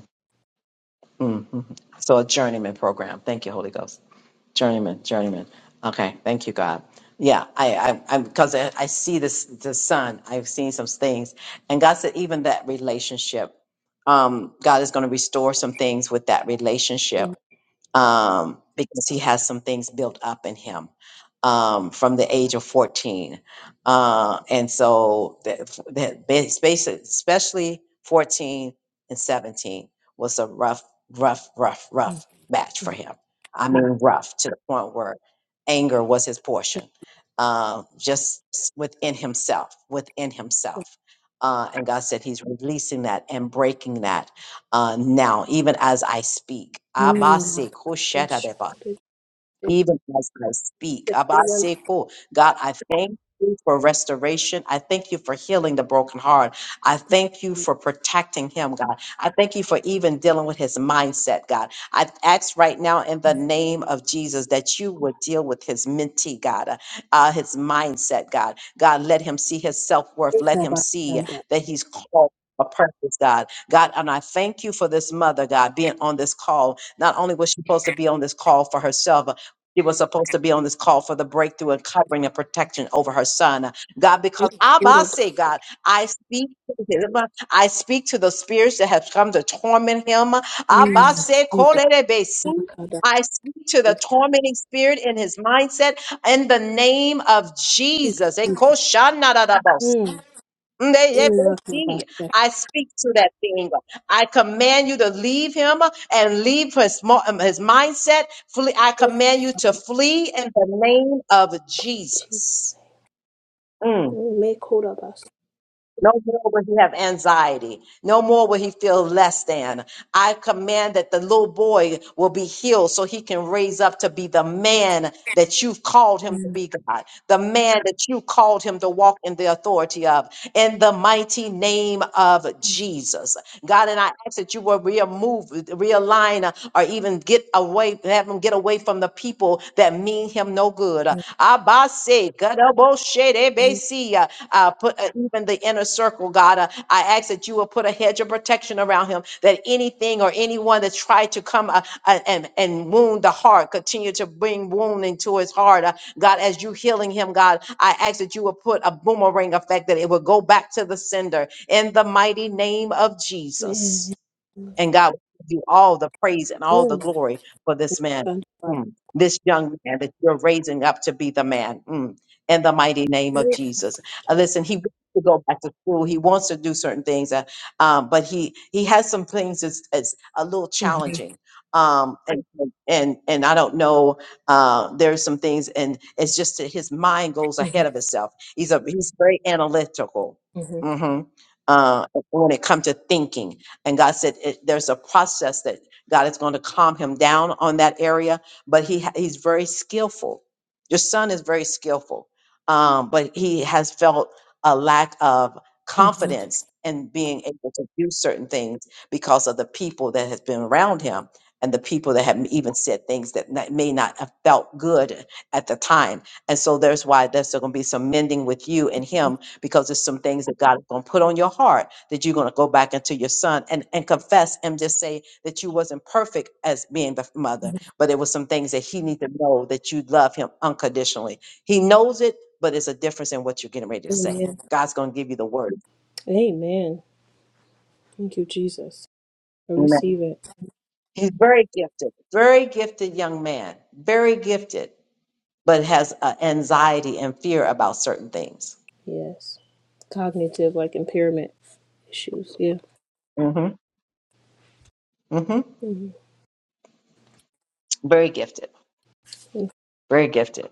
S1: hmm So a journeyman program. Thank you, Holy Ghost. Journeyman. Journeyman. Okay. Thank you, God. Yeah. I I I because I, I see this the son. I've seen some things, and God said even that relationship. Um, God is going to restore some things with that
S6: And-
S1: relationship um, because he has some things built up in him um, from the age of 14. Uh, and so that, that bas- basi- especially 14 and 17 was a rough, rough, rough, rough match for him. I mean, rough to the point where anger was his portion, uh, just s- within himself, within himself. Uh, and God said he's releasing that and breaking that uh, now, even as I speak. Abba se kosheta de ba even as I speak.
S6: Mm.
S1: Abaseko, God, I thank you for restoration. I thank you for healing the broken heart. I thank you for protecting him, God. I thank you for even dealing with his mindset, God. I ask right now in the name of Jesus that you would deal with his mentee, God, uh, uh, his mindset, God. God, let him see his self worth. Let him see that he's called. A purpose, God. God, and I thank you for this mother, God, being on this call. Not only was she supposed to be on this call for herself, she was supposed to be on this call for the breakthrough and covering and protection over her son. God, because Abba say, God, I speak to him. I speak to the spirits that have come to torment him.
S6: Mm,
S1: Abba say,
S6: Jesus,
S1: Korerebe,
S6: my
S1: see.
S6: God, I
S1: I speak to the
S6: praise
S1: tormenting spirit in his mindset in the name of Jesus.
S6: Mm, mm, my
S1: Ndeyebesi. I speak to that thing. I command you to leave him and leave his, mo- um, his mindset. Flee. I command you to flee in the name of
S6: Jesus.
S1: Jesus. Mm.
S6: Make hold of us.
S1: No more will he have anxiety. No more will he feel less than. I command that the little boy will be healed so he can raise up to be the man that you've called him to
S6: Mm,
S1: be, God. The man that you called him to walk in the authority of. In the mighty name of Jesus. God, and I ask that you will remove, realign uh, or even get away, have him get away from the people that mean him no good. Uh,
S6: mm,
S1: Abase, gadaboshe,
S6: mm,
S1: debesi, uh, uh, put uh, even the inner circle, God. Uh, I ask that you will put a hedge of protection around him, that anything or anyone that tried to come uh, uh, and, and wound the heart, continue to bring wounding to his heart. Uh, God, as you healing him, God, I ask that you will put a boomerang effect, that it will go back to the sender in the mighty name of Jesus.
S6: Man.
S1: And God will give you all the praise and all the
S6: mm,
S1: glory for this man,
S6: God, I
S1: mm, this young man that you're raising up to be the man mm, in the mighty name of
S6: thank you.
S1: Jesus. Uh, listen, he wants to go back to school. He wants to do certain things, uh, um, but he he has some things that's, that's a little
S6: Mhm,
S1: challenging. Um, and, and and I don't know. Uh, there's some things, and it's just that his mind goes
S6: mhm,
S1: ahead of itself. He's a he's very analytical.
S6: mhm,
S1: hmm uh, when it comes to thinking. And God said it, there's a process that God is going to calm him down on that area, but he ha- he's very skillful. Your son is very skillful, um, but he has felt a lack of
S6: mhm.
S1: confidence in being able to do certain things because of the people that has been around him and the people that have even said things that not- may not have felt good at the time. And so there's why there's going to be some mending with you and him because there's some things that God is going to put on your heart that you're going to go back into your son and, and confess and just say that you wasn't perfect as being the mother, but there was some things that he needs to know that you love him unconditionally. He knows it, but it's a difference in what you're getting ready to say.
S6: Amen.
S1: God's going to give you the word.
S6: Amen. Thank you, Jesus. I
S1: Amen.
S6: receive it.
S1: He's very gifted, very gifted young man, very gifted, but has uh, anxiety and fear about certain things.
S6: Yes. Cognitive, like impairment issues. Yeah.
S1: hmm hmm
S6: Mhm.
S1: Very gifted,
S6: Mm,
S1: very gifted.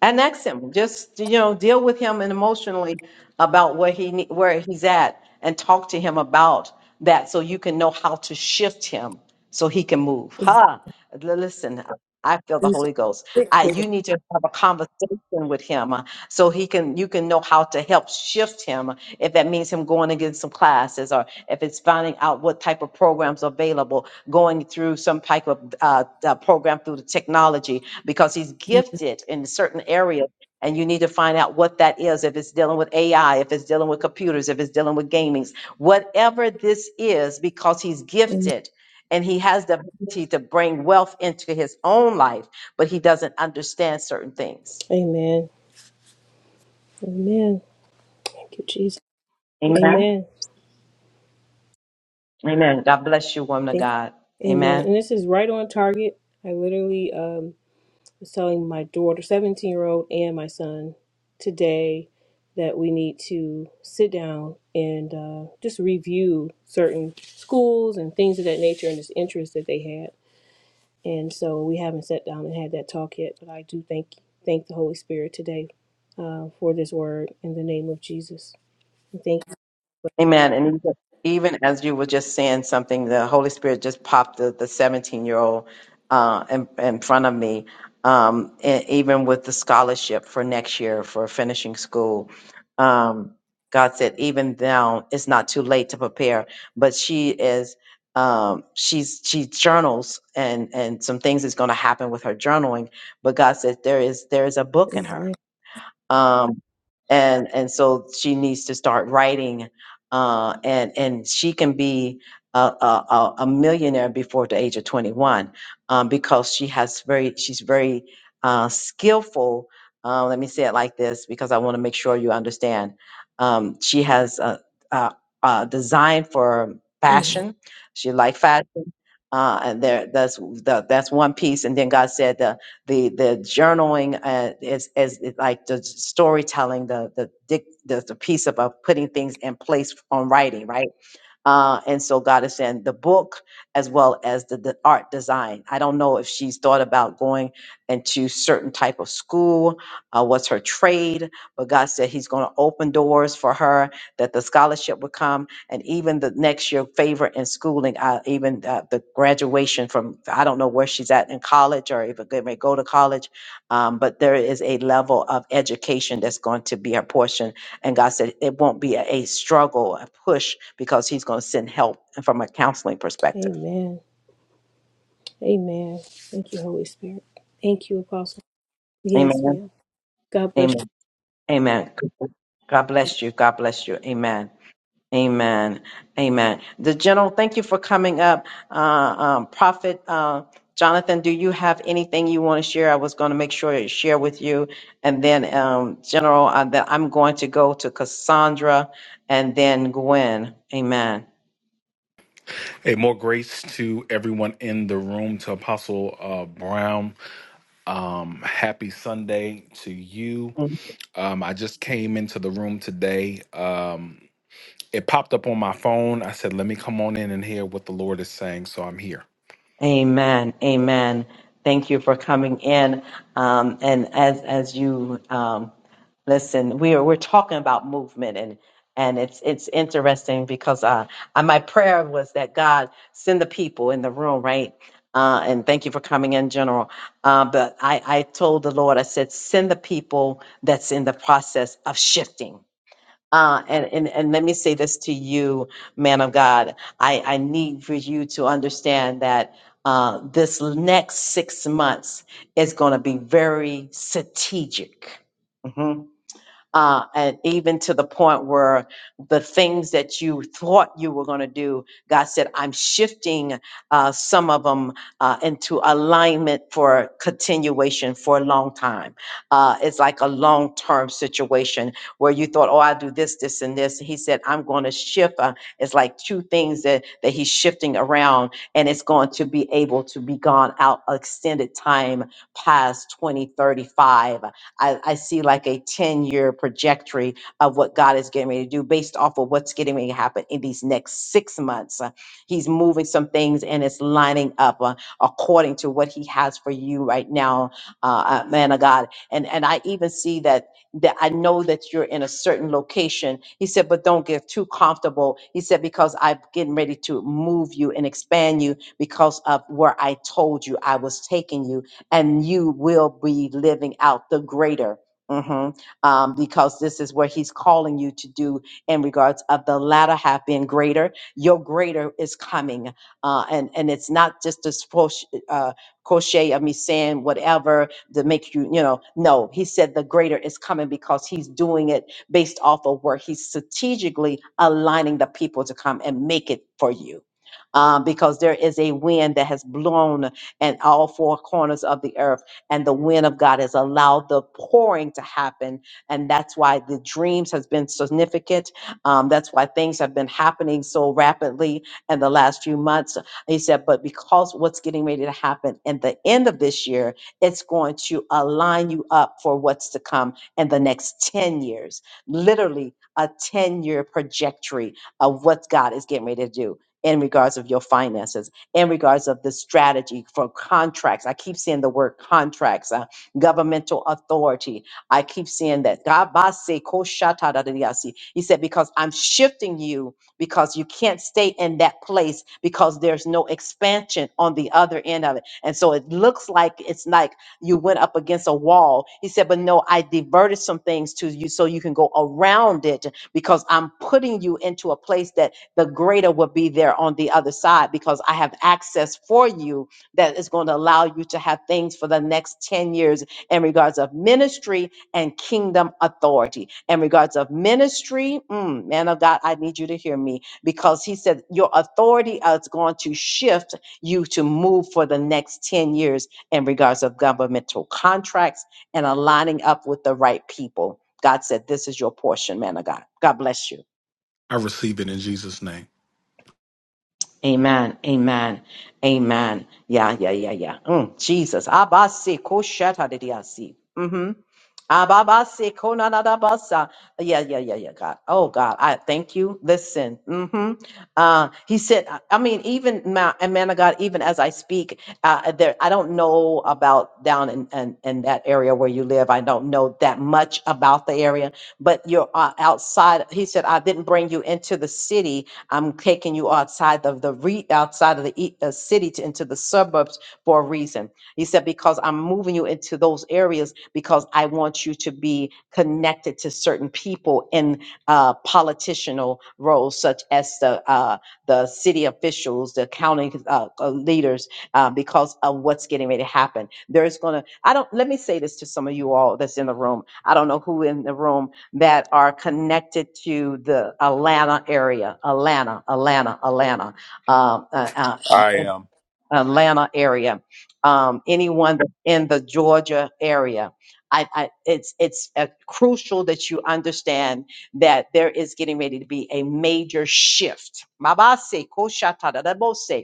S1: and ask him just you know deal with him and emotionally about where he ne- where he's at and talk to him about that so you can know how to shift him so he can move
S6: mm,
S1: ha l- listen i feel the
S6: Jesus,
S1: holy ghost
S6: take
S1: i
S6: hold. of
S1: you need to have a conversation with him uh, so he can you can know how to help shift him uh, if that means him going and getting some classes or if it's finding out what type of programs are available going through some type of uh, uh, program through the technology because he's gifted in certain areas and you need to find out what that is if it's dealing with ai if it's dealing with computers if it's dealing with gamings whatever this is because he's
S6: us.
S1: gifted and he has the ability to bring wealth into his own life but he doesn't understand certain things
S6: Amen. Amen. Amen. Thank you, Jesus.
S1: amen
S6: Amen.
S1: amen god bless you woman of god
S6: Amen.
S1: amen
S6: And this is right on target. I literally um, was telling my daughter, 17 year old, and my son today that we need to sit down and uh, just review certain schools and things of that nature and this interest that they had. And so we haven't sat down and had that talk yet, but I do thank thank the Holy Spirit today uh, for this word in the name of Jesus. And Thank you.
S1: Amen. And even even as you were just saying something, the Holy Spirit just popped the, the 17 year old uh, in, in front of me, um, and even with the scholarship for next year for finishing school. Um, God said, even now, it's not too late to prepare. But she is, um, she's she journals and and some things is going to happen with her journaling. But God said there is there is a book in her
S6: Amen.
S1: um, and and so she needs to start writing uh, and and she can be a, a, a a millionaire before the age of 21 um, because she has very she's very uh, skillful uh, let me say it like this because i want to make sure you understand um, she has a, a, a design for
S6: Mhm.
S1: fashion she like fashion uh, and there that's the, that's one piece and then god said uh, the the journaling uh, is is is like the storytelling, the the dic- the, the piece about putting things in place on writing, right? Uh, and so God is saying the book as well as the, the art design. I don't know if she's thought about going into certain type of school, uh, what's her trade, but God said He's going to open doors for her that the scholarship would come, and even the next year favor in schooling, uh, even uh, the graduation from I don't know where she's at in college or if it may go to college, um, but there is a level of education that's going to be her portion and God said it won't be a, a struggle, a push, because He's going to send help from a counseling perspective.
S6: Amen. Amen. Thank you, Holy Spirit. Thank you, Apostle. Yes,
S1: Amen.
S6: ma'am. God bless
S1: Amen. Amen. God bless you. God bless you. Amen. Amen. Amen. The general, thank you for coming up. Uh, um, Prophet uh, Jonathan, do you have anything you want to share? I was going to make sure to share with you. And then, um, General, uh, that I'm going to go to Cassandra and then Gwen. Amen.
S7: Hey, more grace to everyone in the room, to Apostle uh, Brown. Um, happy Sunday to you. Um, I just came into the room today. Um, it popped up on my phone. I said, let me come on in and hear what the Lord is saying. So I'm here.
S1: Amen. Amen. Thank you for coming in. Um, and as as you um, listen, we are we're talking about movement and and it's it's interesting because uh, I, my prayer was that God send the people in the room, right? Uh, and thank you for coming in, General. Uh, but I, I told the Lord, I said, send the people that's in the process of shifting uh, and, and, and let me say this to you, man of God. I, I need for you to understand that uh, this next six months is going to be very strategic. Mm-hmm uh, and even to the point where the things that you thought you were going to do, God said, I'm shifting uh, some of them uh, into alignment for continuation for a long time. Uh, it's like a long term situation where you thought, oh, I'll do this, this, and this. He said, I'm going to shift. Uh, it's like two things that, that he's shifting around, and it's going to be able to be gone out extended time past 2035 I, I see like a 10 year trajectory of what God is getting ready to do based off of what's getting ready to happen in these next six months. Uh, He's moving some things and it's lining up uh, according to what He has for you right now, uh, uh, man of God. And, and I even see that. That I know that you're in a certain location. He said, but don't get too comfortable. He said, because I'm getting ready to move you and expand you because of where I told you I was taking you and you will be living out the greater. mhm, um, because this is where he's calling you to do in regards of the latter half being greater. Your greater is coming, uh, and and it's not just this push, uh, crochet of me saying whatever to make you, you know. No, he said the greater is coming because he's doing it based off of where he's strategically aligning the people to come and make it for you. Um, because there is a wind that has blown and all four corners of the earth. And the wind of God has allowed the pouring to happen. And that's why the dreams has been significant. Um, that's why things have been happening so rapidly in the last few months. He said, but because what's getting ready to happen in the end of this year, it's going to align you up for what's to come in the next 10 years. Literally a 10 year trajectory of what God is getting ready to do in regards of your finances in regards of the strategy for contracts. I keep seeing the word contracts, uh, governmental authority. I keep seeing that. Gabase koshatadadiyasi. He said, because I'm shifting you because you can't stay in that place because there's no expansion on the other end of it. And so it looks like it's like you went up against a wall. He said, but no, I diverted some things to you so you can go around it because I'm putting you into a place that the greater will be there on the other side because I have access for you that is going to allow you to have things for the next 10 years in regards of ministry and kingdom authority. In regards of ministry, mm, man of God, I need you to hear me because he said your authority is going to shift you to move for the next 10 years in regards of governmental contracts and aligning up with the right people. God said, This is your portion, man of God. God bless you.
S7: I receive it in Jesus' name.
S1: Amen. Amen. Amen. Yeah, yeah, yeah, yeah. Mm, Jesus. Abasi koshata didiasi. Mm-hmm. Ababasi konanadabasa. Yeah, yeah, yeah, yeah, God. Oh, God, I thank you. Listen. hmm Uh, he said, I I mean, even, ma- and man of God, even as I speak, uh, there, I don't know about down in, in, in that area where you live. I don't know that much about the area, but you're uh, outside. He said, I didn't bring you into the city I'm taking you outside of the re- outside of the e- uh, city to into the suburbs for a reason. He said because I'm moving you into those areas because I want you to be connected to certain people in uh, politicianal roles, such as the uh, the city officials, the county uh, uh, leaders, uh, because of what's getting ready to happen. There's gonna I don't let me say this to some of you all that's in the room. I don't know who in the room that are connected to the Atlanta area, Atlanta, Atlanta, Atlanta. Um, uh, uh,
S2: I am.
S1: Atlanta area, um, anyone that's in the Georgia area. I, I, it's it's uh, crucial that you understand that there is getting ready to be a major shift Mabase, koshatadadabose,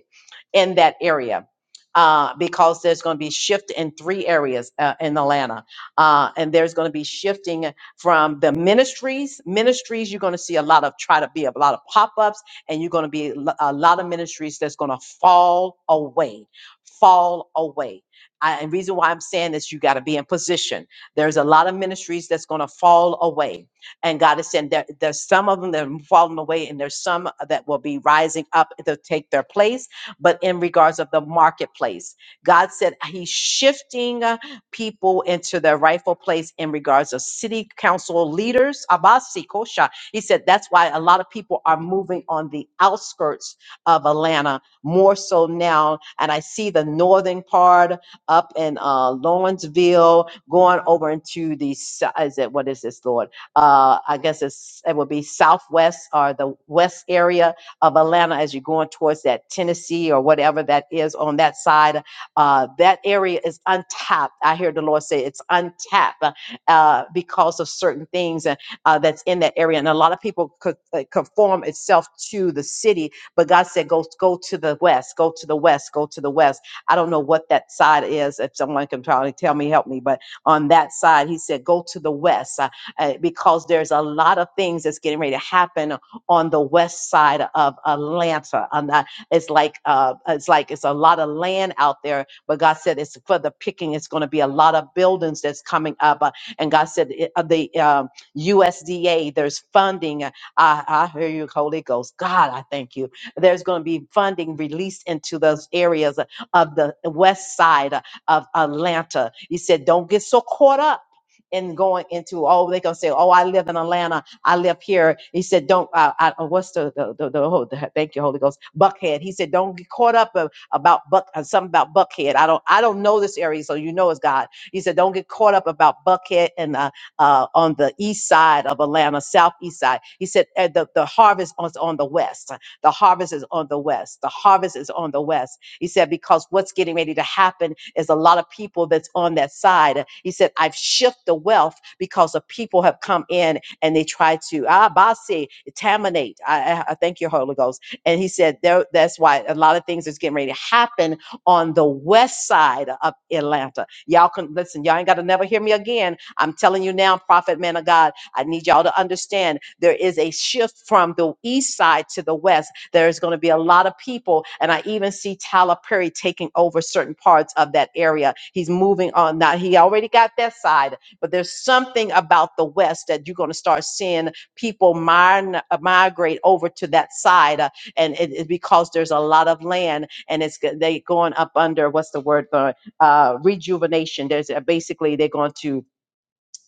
S1: in that area uh, because there's going to be shift in three areas uh, in Atlanta. Uh, and there's going to be shifting from the ministries. Ministries, you're going to see a lot of try to be a lot of pop ups and you're going to be a lot of ministries that's going to fall away fall away I, and reason why i'm saying this you got to be in position there's a lot of ministries that's going to fall away and god is saying that there's some of them that are falling away and there's some that will be rising up to take their place but in regards of the marketplace god said he's shifting uh, people into their rightful place in regards of city council leaders he said that's why a lot of people are moving on the outskirts of Atlanta more so now. And I see the northern part up in uh, Lawrenceville going over into the, so- is it, what is this, Lord? Uh, I guess it's, it would be southwest or the west area of Atlanta as you're going towards that Tennessee or whatever that is on that side. Uh, that area is untapped. I hear the Lord say it's untapped uh, because of certain things uh, that's in that area. And a lot of people could uh, conform itself to the city, but God said, go, go to the west, go to the west, go to the west. I don't know what that side is. If someone can try to tell me, help me. But on that side, he said, go to the west uh, uh, because there's a lot of things that's getting ready to happen on the west side of Atlanta. And I- it's like, uh, it's like, it's a lot of land out there, but God said it's for the picking. It's going to be a lot of buildings that's coming up. uh, and God said, it- uh, the, um, USDA, there's funding. I, I hear you, Holy Ghost. God, I thank you. There's going to be funding released into those areas of the west side of Atlanta. He said, don't get so caught up. in going into oh they gonna say oh I live in Atlanta I live here he said don't uh, I, uh, what's the the, the, the, oh, the thank you Holy Ghost Buckhead he said don't get caught up uh, about Buck uh, something about Buckhead I don't I don't know this area so you know it's God he said, Don't get caught up about Buckhead and uh, uh, on the east side of Atlanta, southeast side. He said uh, the, the harvest is on the west. The harvest is on the west. The harvest is on the west. He said, because what's getting ready to happen is a lot of people that's on that side. He said, I've shifted the wealth because the people have come in and they try to, ah, basi, contaminate. I, I I thank you, Holy Ghost. And he said, there, that's why a lot of things is getting ready to happen on the west side of Atlanta. Y'all can listen, y'all ain't got to never hear me again I'm telling you now, prophet man of God, I need y'all to understand there is a shift from the east side to the west. There's going to be a lot of people, and I even see Tyler Perry taking over certain parts of that area. He's moving on now. He already got that side, but there's something about the west that you're going to start seeing people min- uh, migrate over to that side, uh, and it, it- because there's a lot of land, and it's go- they going up under what's the word for it? uh, rejuvenation. There's uh, basically they're going to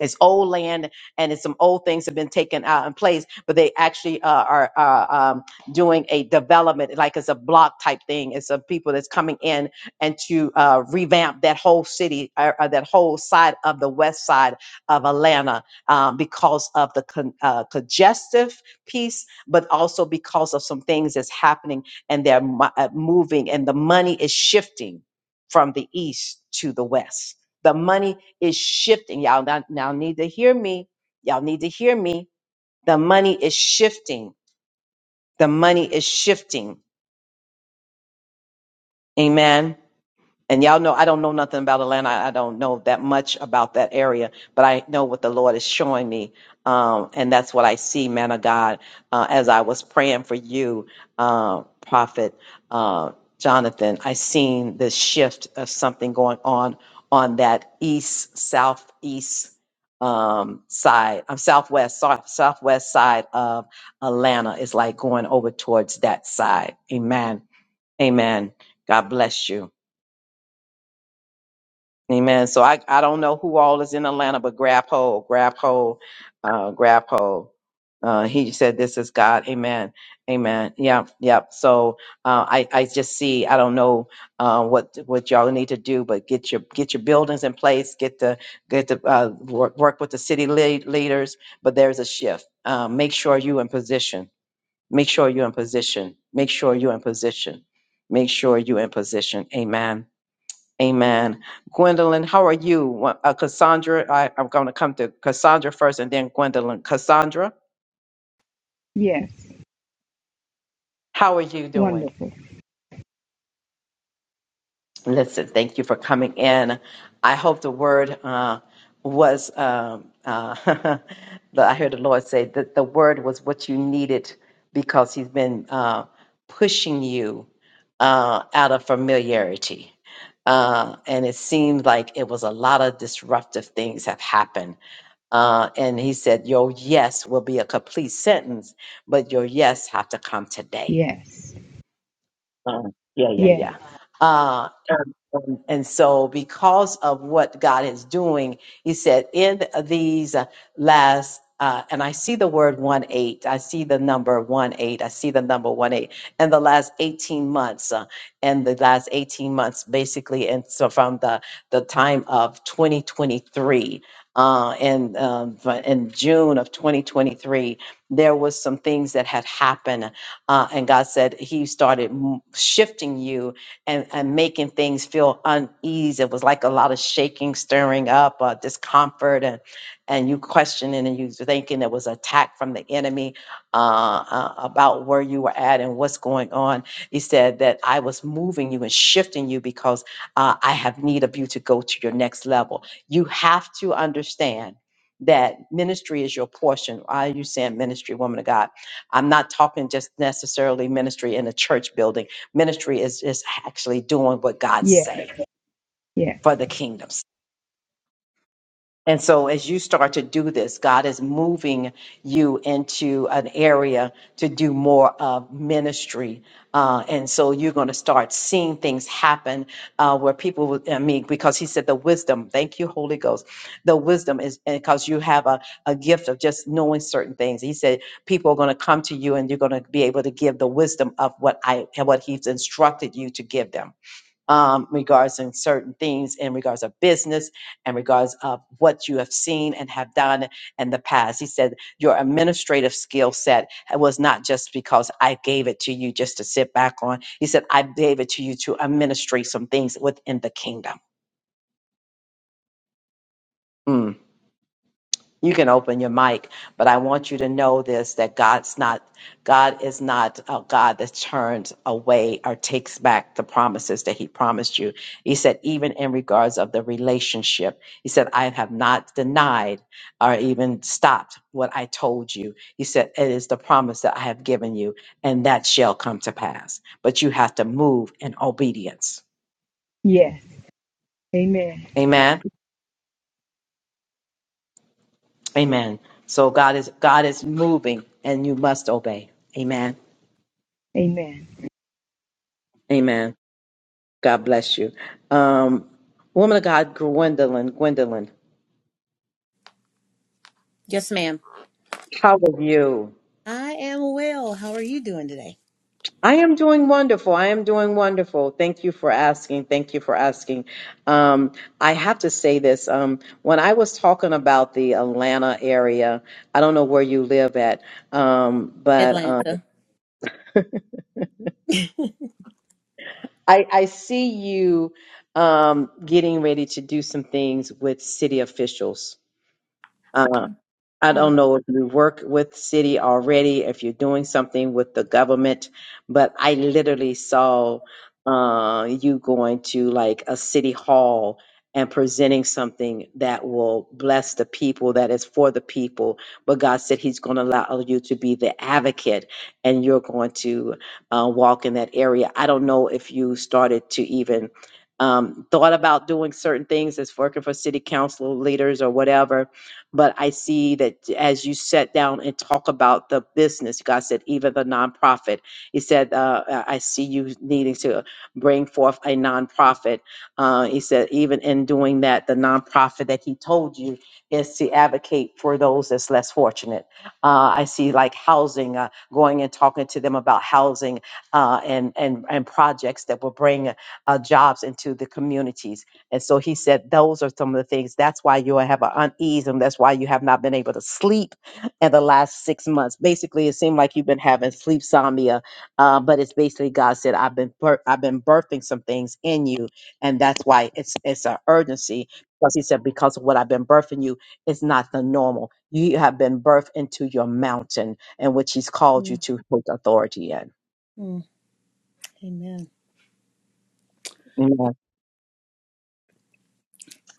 S1: it's old land and it's some old things have been taken out in place, but they actually uh, are, are um, doing a development like it's a block type thing. It's some people that's coming in and to uh, revamp that whole city or, or that whole side of the west side of Atlanta um, because of the con- uh, congestive piece, but also because of some things that's happening and they're mo- uh, moving and the money is shifting from the east to the west. The money is shifting. Y'all now, now need to hear me. Y'all need to hear me. The money is shifting. The money is shifting. Amen. And y'all know I don't know nothing about Atlanta. I I don't know that much about that area, but I know what the Lord is showing me. Um, and that's what I see, man of God, uh, as I was praying for you, uh, Prophet uh, Jonathan. I seen the shift of something going on on that east, southeast um, side, um, southwest, south, southwest side of Atlanta. It's like going over towards that side. Amen. Amen. God bless you. Amen. So I, I don't know who all is in Atlanta, but grab hold, grab hold, uh, grab hold. Uh, he said, "This is God." Amen. Amen. Yep. Yep. So uh, I I just see I don't know uh, what what y'all need to do, but get your get your buildings in place, get the get the uh, work, work with the city lead, leaders. But there's a shift. Uh, make sure you in position. Make sure you're in position. Make sure you're in position. Make sure you're in position. Amen. Amen. Gwendolyn, how are you? Wha- Uh, Cassandra, I, I'm going to come to Cassandra first and then Gwendolyn. Cassandra,
S8: Yes.
S1: how are you doing?
S8: Wonderful.
S1: Listen, thank you for coming in. I hope the word uh, was, um, uh, [LAUGHS] the- I heard the Lord say that the word was what you needed because He's been uh, pushing you uh, out of familiarity. Uh, and it seemed like it was a lot of disruptive things have happened Uh, and he said, Your yes will be a complete sentence, but your yes have to come today.
S8: Yes.
S1: Uh, yeah, yeah,
S8: Yes.
S1: yeah. Uh, and, and and so, because of what God is doing, He said, in these uh, last, uh, and I see the word one eight, I see the number one eight, I see the number one eight, and the last eighteen months, uh, and the last eighteen months, basically, and so from the the time of twenty twenty three. Uh, and um, but in June of 2023, there was some things that had happened uh, and God said He started m- shifting you and, and making things feel uneasy. It was like a lot of shaking, stirring up, uh, discomfort, and and you questioning and you thinking it was attack from the enemy uh, uh, about where you were at and what's going on. He said that I was moving you and shifting you because uh, I have need of you to go to your next level. You have to understand that ministry is your portion. Why are you saying ministry, woman of God? I'm not talking just necessarily ministry in a church building. Ministry is is actually doing what God
S8: Yes.
S1: say
S8: Yes.
S1: for the kingdom. And so, as you start to do this, God is moving you into an area to do more of ministry. Uh, and so, you're going to start seeing things happen uh, where people, will- I mean, because He said the wisdom, thank you, Holy Ghost. The wisdom is because you have a, a gift of just knowing certain things. He said people are going to come to you and you're going to be able to give the wisdom of what I and what He's instructed you to give them um, regards in certain things in regards of business and regards of what you have seen and have done in the past. He said your administrative skill set was not just because I gave it to you just to sit back on. He said I gave it to you to administrate some things within the kingdom. Mm. you can open your mic but i want you to know this that god's not god is not a god that turns away or takes back the promises that he promised you he said even in regards of the relationship he said i have not denied or even stopped what i told you he said it is the promise that i have given you and that shall come to pass but you have to move in obedience
S8: Yes. Amen.
S1: amen amen so god is god is moving and you must obey amen
S8: Amen.
S1: Amen. God bless you. Um, woman of God, Gwendolyn, Gwendolyn,
S9: Yes, ma'am.
S1: how are you?
S9: I am well. How are you doing today?
S1: I am doing wonderful. I am doing wonderful. Thank you for asking. Thank you for asking. Um, I have to say this. Um, when I was talking about the Atlanta area, I don't know where you live at, um, but um,
S9: Atlanta. [LAUGHS]
S1: I, I see you um, getting ready to do some things with city officials. Um, I
S9: Mm,
S1: don't know if you work with city already, if you're doing something with the government, but I literally saw uh, you going to like a city hall and presenting something that will bless the people, that is for the people. But God said He's going to allow you to be the advocate and you're going to uh, walk in that area. I don't know if you started to even. Um, thought about doing certain things as working for city council leaders or whatever, but I see that as you sat down and talk about the business, God said, even the nonprofit. He said, uh, I I see you needing to bring forth a nonprofit. Uh, he said, even in doing that, the nonprofit that he told you is to advocate for those that's less fortunate. Uh, I see like housing, uh, going and talking to them about housing uh, and, and, and projects that will bring uh, jobs into the communities and so he said, those are some of the things. That's why you have an unease, and that's why you have not been able to sleep in the last six months. Basically, it seemed like you've been having sleep somnia, uh, but it's basically God said, "I've been bir- I've been birthing some things in you, and that's why it's it's an urgency." Because He said, "Because of what I've been birthing you, it's not the normal. You have been birthed into your mountain, in which He's called you
S9: mm,
S1: to put authority
S9: mm. Amen.
S1: in."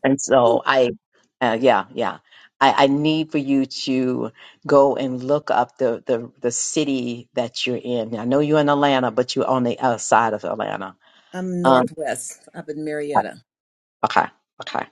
S1: And so
S9: Whew.
S1: I, uh, yeah, yeah. I, I need for you to go and look up the, the, the city that you're in. I know you're in Atlanta, but you're on the outside of Atlanta.
S9: I'm
S1: Um,
S9: Northwest, up in Marietta.
S1: okay, okay.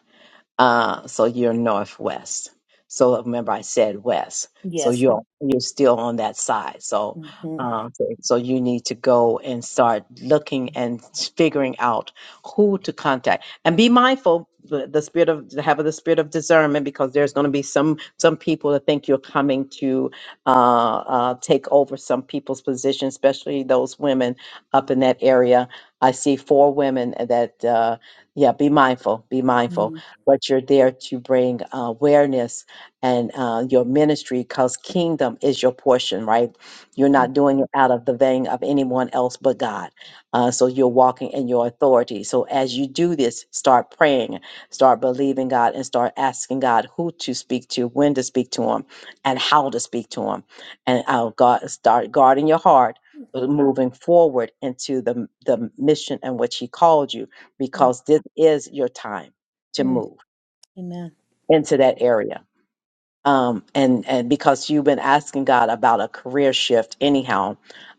S1: Uh, so you're northwest. So remember, I said west. So
S9: Yes.
S1: you're you're still on that side. So,
S9: Mm-hmm.
S1: um, so so you need to go and start looking and figuring out who to contact, and be mindful the, the spirit of have the spirit of discernment because there's going to be some some people that think you're coming to uh, uh, take over some people's position, especially those women up in that area. I see four women that uh, yeah, be mindful, be mindful
S9: Mm,
S1: but you're there to bring uh, awareness and uh, your ministry because kingdom is your portion, right? You're
S9: mm,
S1: not doing it out of the vein of anyone else but God. Uh, so you're walking in your authority. So as you do this, start praying, start believing God, and start asking God who to speak to, when to speak to Him, and how to speak to Him. And uh, God, start guarding your heart. but Moving forward into the, the mission and which he called you,
S9: mm,
S1: because this is your time to
S9: mm.
S1: move
S9: Amen.
S1: into that area um, and and because you've been asking God about a career shift, anyhow,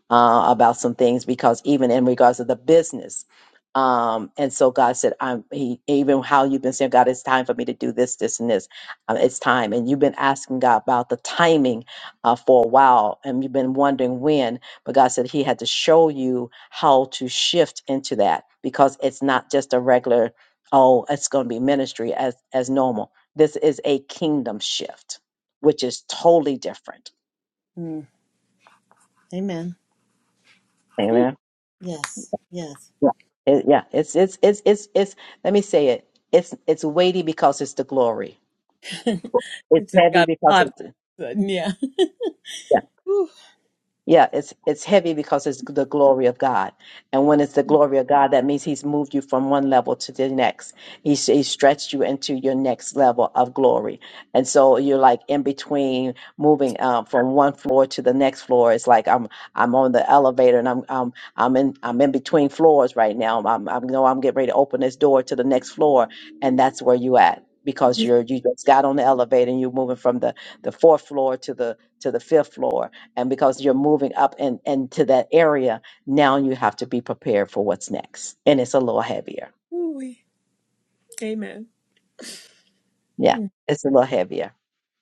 S1: uh, about some things, because even in regards to the business, um, and so God said, "I'm he, even how you've been saying, God, it's time for me to do this, this, and this. Um, it's time." And you've been asking God about the timing uh, for a while, and you've been wondering when. But God said He had to show you how to shift into that because it's not just a regular, oh, it's going to be ministry as as normal. This is a kingdom shift which is totally different.
S9: Mm, amen. Whew.
S1: Amen.
S9: Yes. Yes.
S1: Yeah. It, yeah. It's, it's, it's, it's, it's, let me say it. It's, it's weighty because it's the glory.
S9: [LAUGHS] it
S1: It's
S9: just
S1: heavy
S9: got
S1: because
S9: hot.
S1: it's,
S9: all of a sudden, Yeah. Whew,
S1: Yeah, it's it's heavy because it's the glory of God, and when it's the glory of God, that means He's moved you from one level to the next. He's He stretched you into your next level of glory, and so you're like in between moving um, from one floor to the next floor. It's like I'm I'm on the elevator and I'm I'm I'm in I'm in between floors right now. I'm I'm know I'm getting ready to open this door to the next floor, and that's where you at because you're you just got on the elevator and you're moving from the the fourth floor to the to the fifth floor and because you're moving up and into that area now you have to be prepared for what's next and it's a little heavier
S9: whew-wee. Amen.
S1: yeah
S9: Mm.
S1: it's a little heavier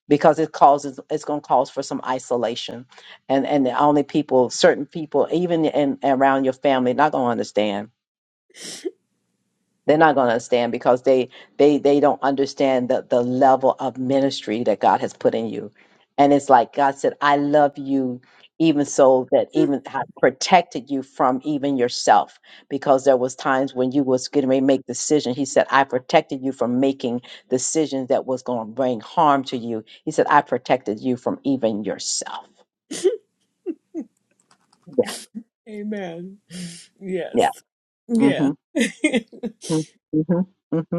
S1: because it causes it's going to cause for some isolation and and the only people certain people even in around your family not going to understand they're not going to understand because they they they don't understand the the level of ministry that God has put in you. And it's like God said, "I love you." Even so, that
S9: [LAUGHS]
S1: even have protected you from even yourself, because there was times when you was getting ready to make decisions. He said, "I protected you from making decisions that was going to bring harm to you." He said, "I protected you from even yourself." Yeah,
S9: Amen.
S1: yeah.
S9: Yes. Yeah.
S1: Mm-hmm. Mm-hmm. Mm-hmm.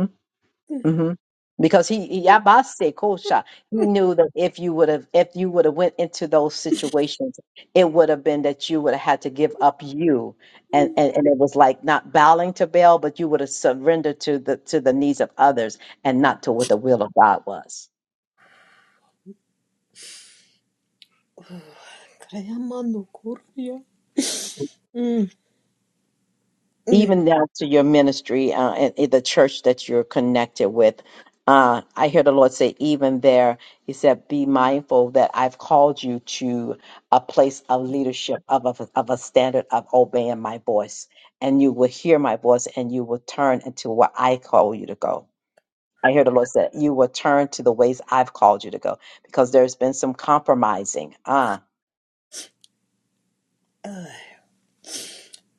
S1: hmm Because he, he
S9: [LAUGHS]
S1: Yabase Kosha, he knew that if you would have if you would have went into those situations, it would have been that you would have had to give up you, and, and and it was like not bowing to Baal, but you would have surrendered to the to the needs of others and not to what the will of God was.
S9: Krayamano Korea. Mm. Name-
S1: even now to your ministry uh, and, and the church that you're connected with. Uh, I hear the Lord say, even there, He said, be mindful that I've called you to a place of leadership, of a, of a standard of obeying my voice. And you will hear my voice and you will turn into what I call you to go. I hear the Lord said, you will turn to the ways I've called you to go because there's been some compromising. uh,
S9: uh,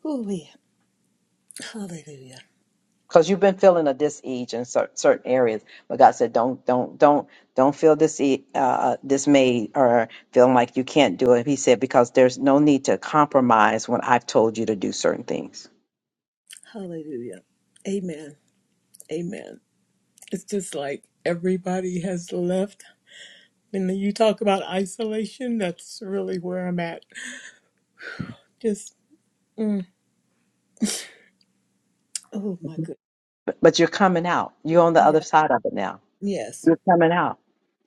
S9: ooh, yeah. Hallelujah.
S1: because you've been feeling a dis-ease in cer- certain areas but god said don't don't don't don't feel dis- uh, uh, dismayed or feeling like you can't do it he said because there's no need to compromise when i've told you to do certain things
S9: Hallelujah. Amen. Amen. It's just like everybody has left. When you talk about isolation, that's really where I'm at. Just, mm, oh my goodness.
S1: but, but you're coming out. You're on the other
S9: Yeah.
S1: side of it now.
S9: Yes.
S1: You're coming out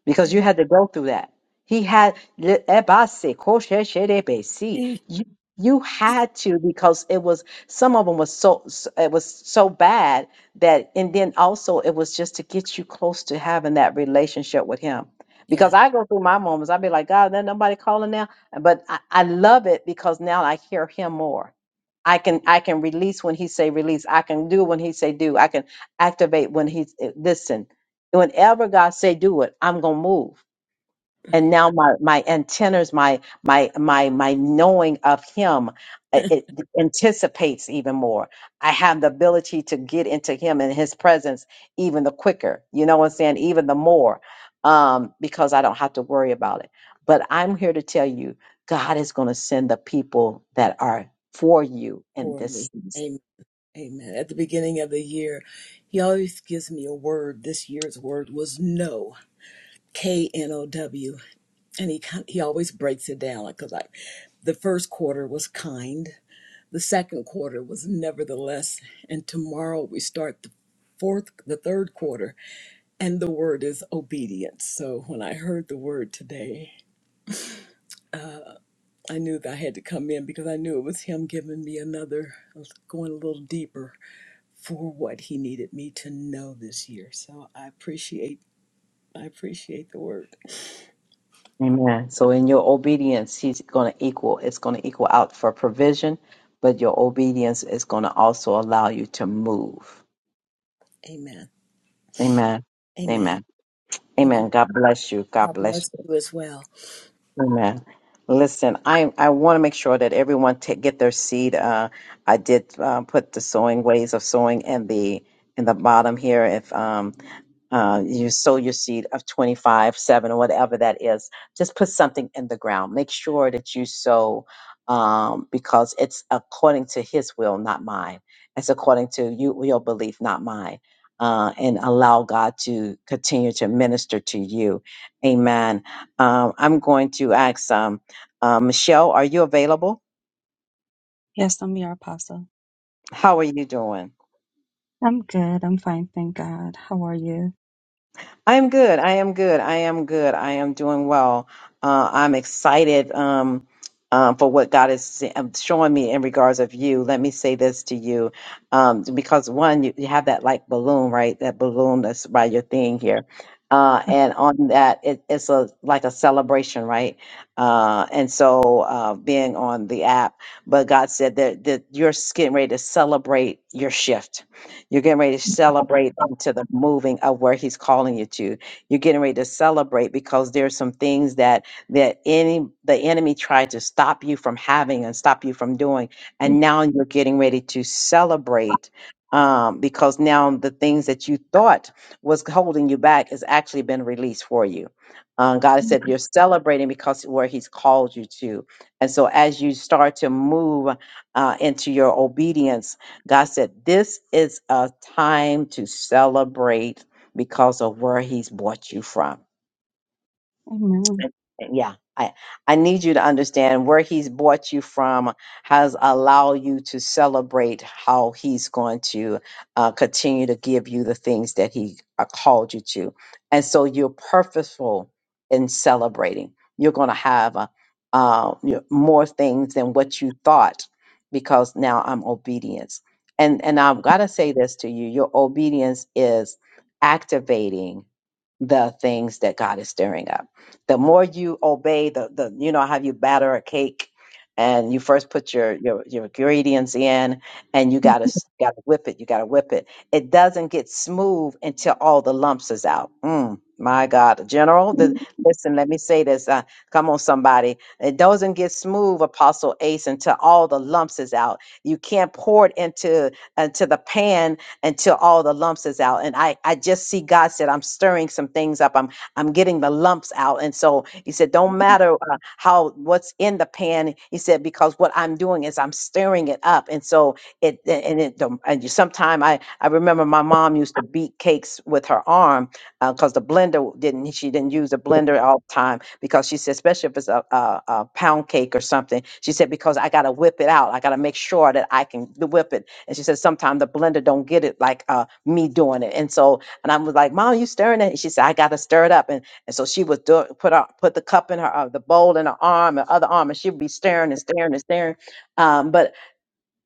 S1: because you had to go through that. He had le- ebase, koshe sherebesi.
S9: Eh,
S1: you, you had to because it was some of them was so so- it was so bad that and then also it was just to get you close to having that relationship with him. Because
S9: Yes.
S1: I go through my moments, I'd be like, God, there nobody calling now. But I, I love it because now I hear him more. I can I can release when he say release. I can do when he say do. I can activate when he listen and whenever God say do it, I'm gonna move. And now my my antennas, my my my my knowing of Him, uh,
S9: [LAUGHS]
S1: it anticipates even more. I have the ability to get into Him and His presence even the quicker. You know what I'm saying? Even the more, um, because I don't have to worry about it. But I'm here to tell you, God is gonna send the people that are for you in
S9: For
S1: this
S9: me.
S1: season
S9: Amen. Amen. At the beginning of the year, he always gives me a word. This year's word was no. K N O W. and he kind he always breaks it down like 'cause like the first quarter was kind the second quarter was nevertheless and tomorrow we start the fourth the third quarter and the word is obedience so when i heard the word today i knew that i had to come in because i knew it was him giving me another I was going a little deeper for what he needed me to know this year so i appreciate i appreciate the word
S1: Amen. So in your obedience, he's going to equal, it's going to equal out for provision, but your obedience is going to also allow you to move.
S9: amen
S1: Amen.
S9: amen
S1: Amen.
S9: thank you
S1: Amen. God bless you. God
S9: god
S1: bless
S9: bless
S1: you.
S9: you as well
S1: Amen. Listen, I I want to make sure that everyone ta get their seed. Uh, I did uh, put the sowing ways of sowing in the in the bottom here. If um, uh, you sow your seed of 25, 7, or whatever that is. Just put something in the ground. Make sure that you sow um, because it's according to his will, not mine. It's according to you, your belief, not mine. Uh, and allow God to continue to minister to you. Amen. Um, I'm going to ask um, uh, Michelle, are you available?
S10: Yes, I'm your apostle.
S1: How are you doing?
S10: I'm good. I'm fine. Thank God. How are you?
S1: I am good. I am good. I am good. I am doing well. Uh, I'm excited um, um, for what God is um, showing me in regards of you. Let me say this to you, um, because one, you, you have that like balloon, right? That balloon that's by your thing here, uh, and on that, it, it's a like a celebration, right? Uh, and so uh, being on the app, but God said that that you're getting ready to celebrate your shift you're getting ready to celebrate into the moving of where he's calling you to. You're getting ready to celebrate because there's some things that that any the enemy tried to stop you from having and stop you from doing. And now you're getting ready to celebrate um, because now the things that you thought was holding you back has actually been released for you. Um, God has said you're celebrating because where He's called you to. And so as you start to move uh, into your obedience, God said, This is a time to celebrate because of where He's brought you from
S10: Amen.
S1: yeah i i need you to understand where he's brought you from has allowed you to celebrate how he's going to uh, continue to give you the things that he uh, called you to and so you're purposeful in celebrating you're going to have uh, uh, you know, more things than what you thought because now i'm obedience and and i've got to say this to you your obedience is activating the things that God is stirring up. The more you obey the the you know how you batter a cake and you first put your your, your ingredients in and you gotta s- gotta whip it, you gotta whip it. It doesn't get smooth until all the lumps is out. Mm, my God, General, the, listen, let me say this. Uh, come on, somebody. It doesn't get smooth, Apostle Ace, until all the lumps is out. You can't pour it into into the pan until all the lumps is out. And I, I just see God said, I'm stirring some things up. I'm, I'm getting the lumps out. And so he said, don't matter uh, how, what's in the pan. He said, because what I'm doing is I'm stirring it up. And so it, and it, the- and sometime I, I remember my mom used to beat cakes with her arm because the blender didn't, she didn't use the blender all the time because she said, especially if it's a, a, a pound cake or something, she said, because I got to whip it out. I got to make sure that I can whip it and she said, sometimes the blender don't get it like uh, me doing it. And so, and I was like, Mom, you stirring it? And she said, I got to stir it up. And, and so she would do, it, put her, put the cup in her, uh, the bowl in her arm, and other arm, and she would be staring and staring and staring. Um, but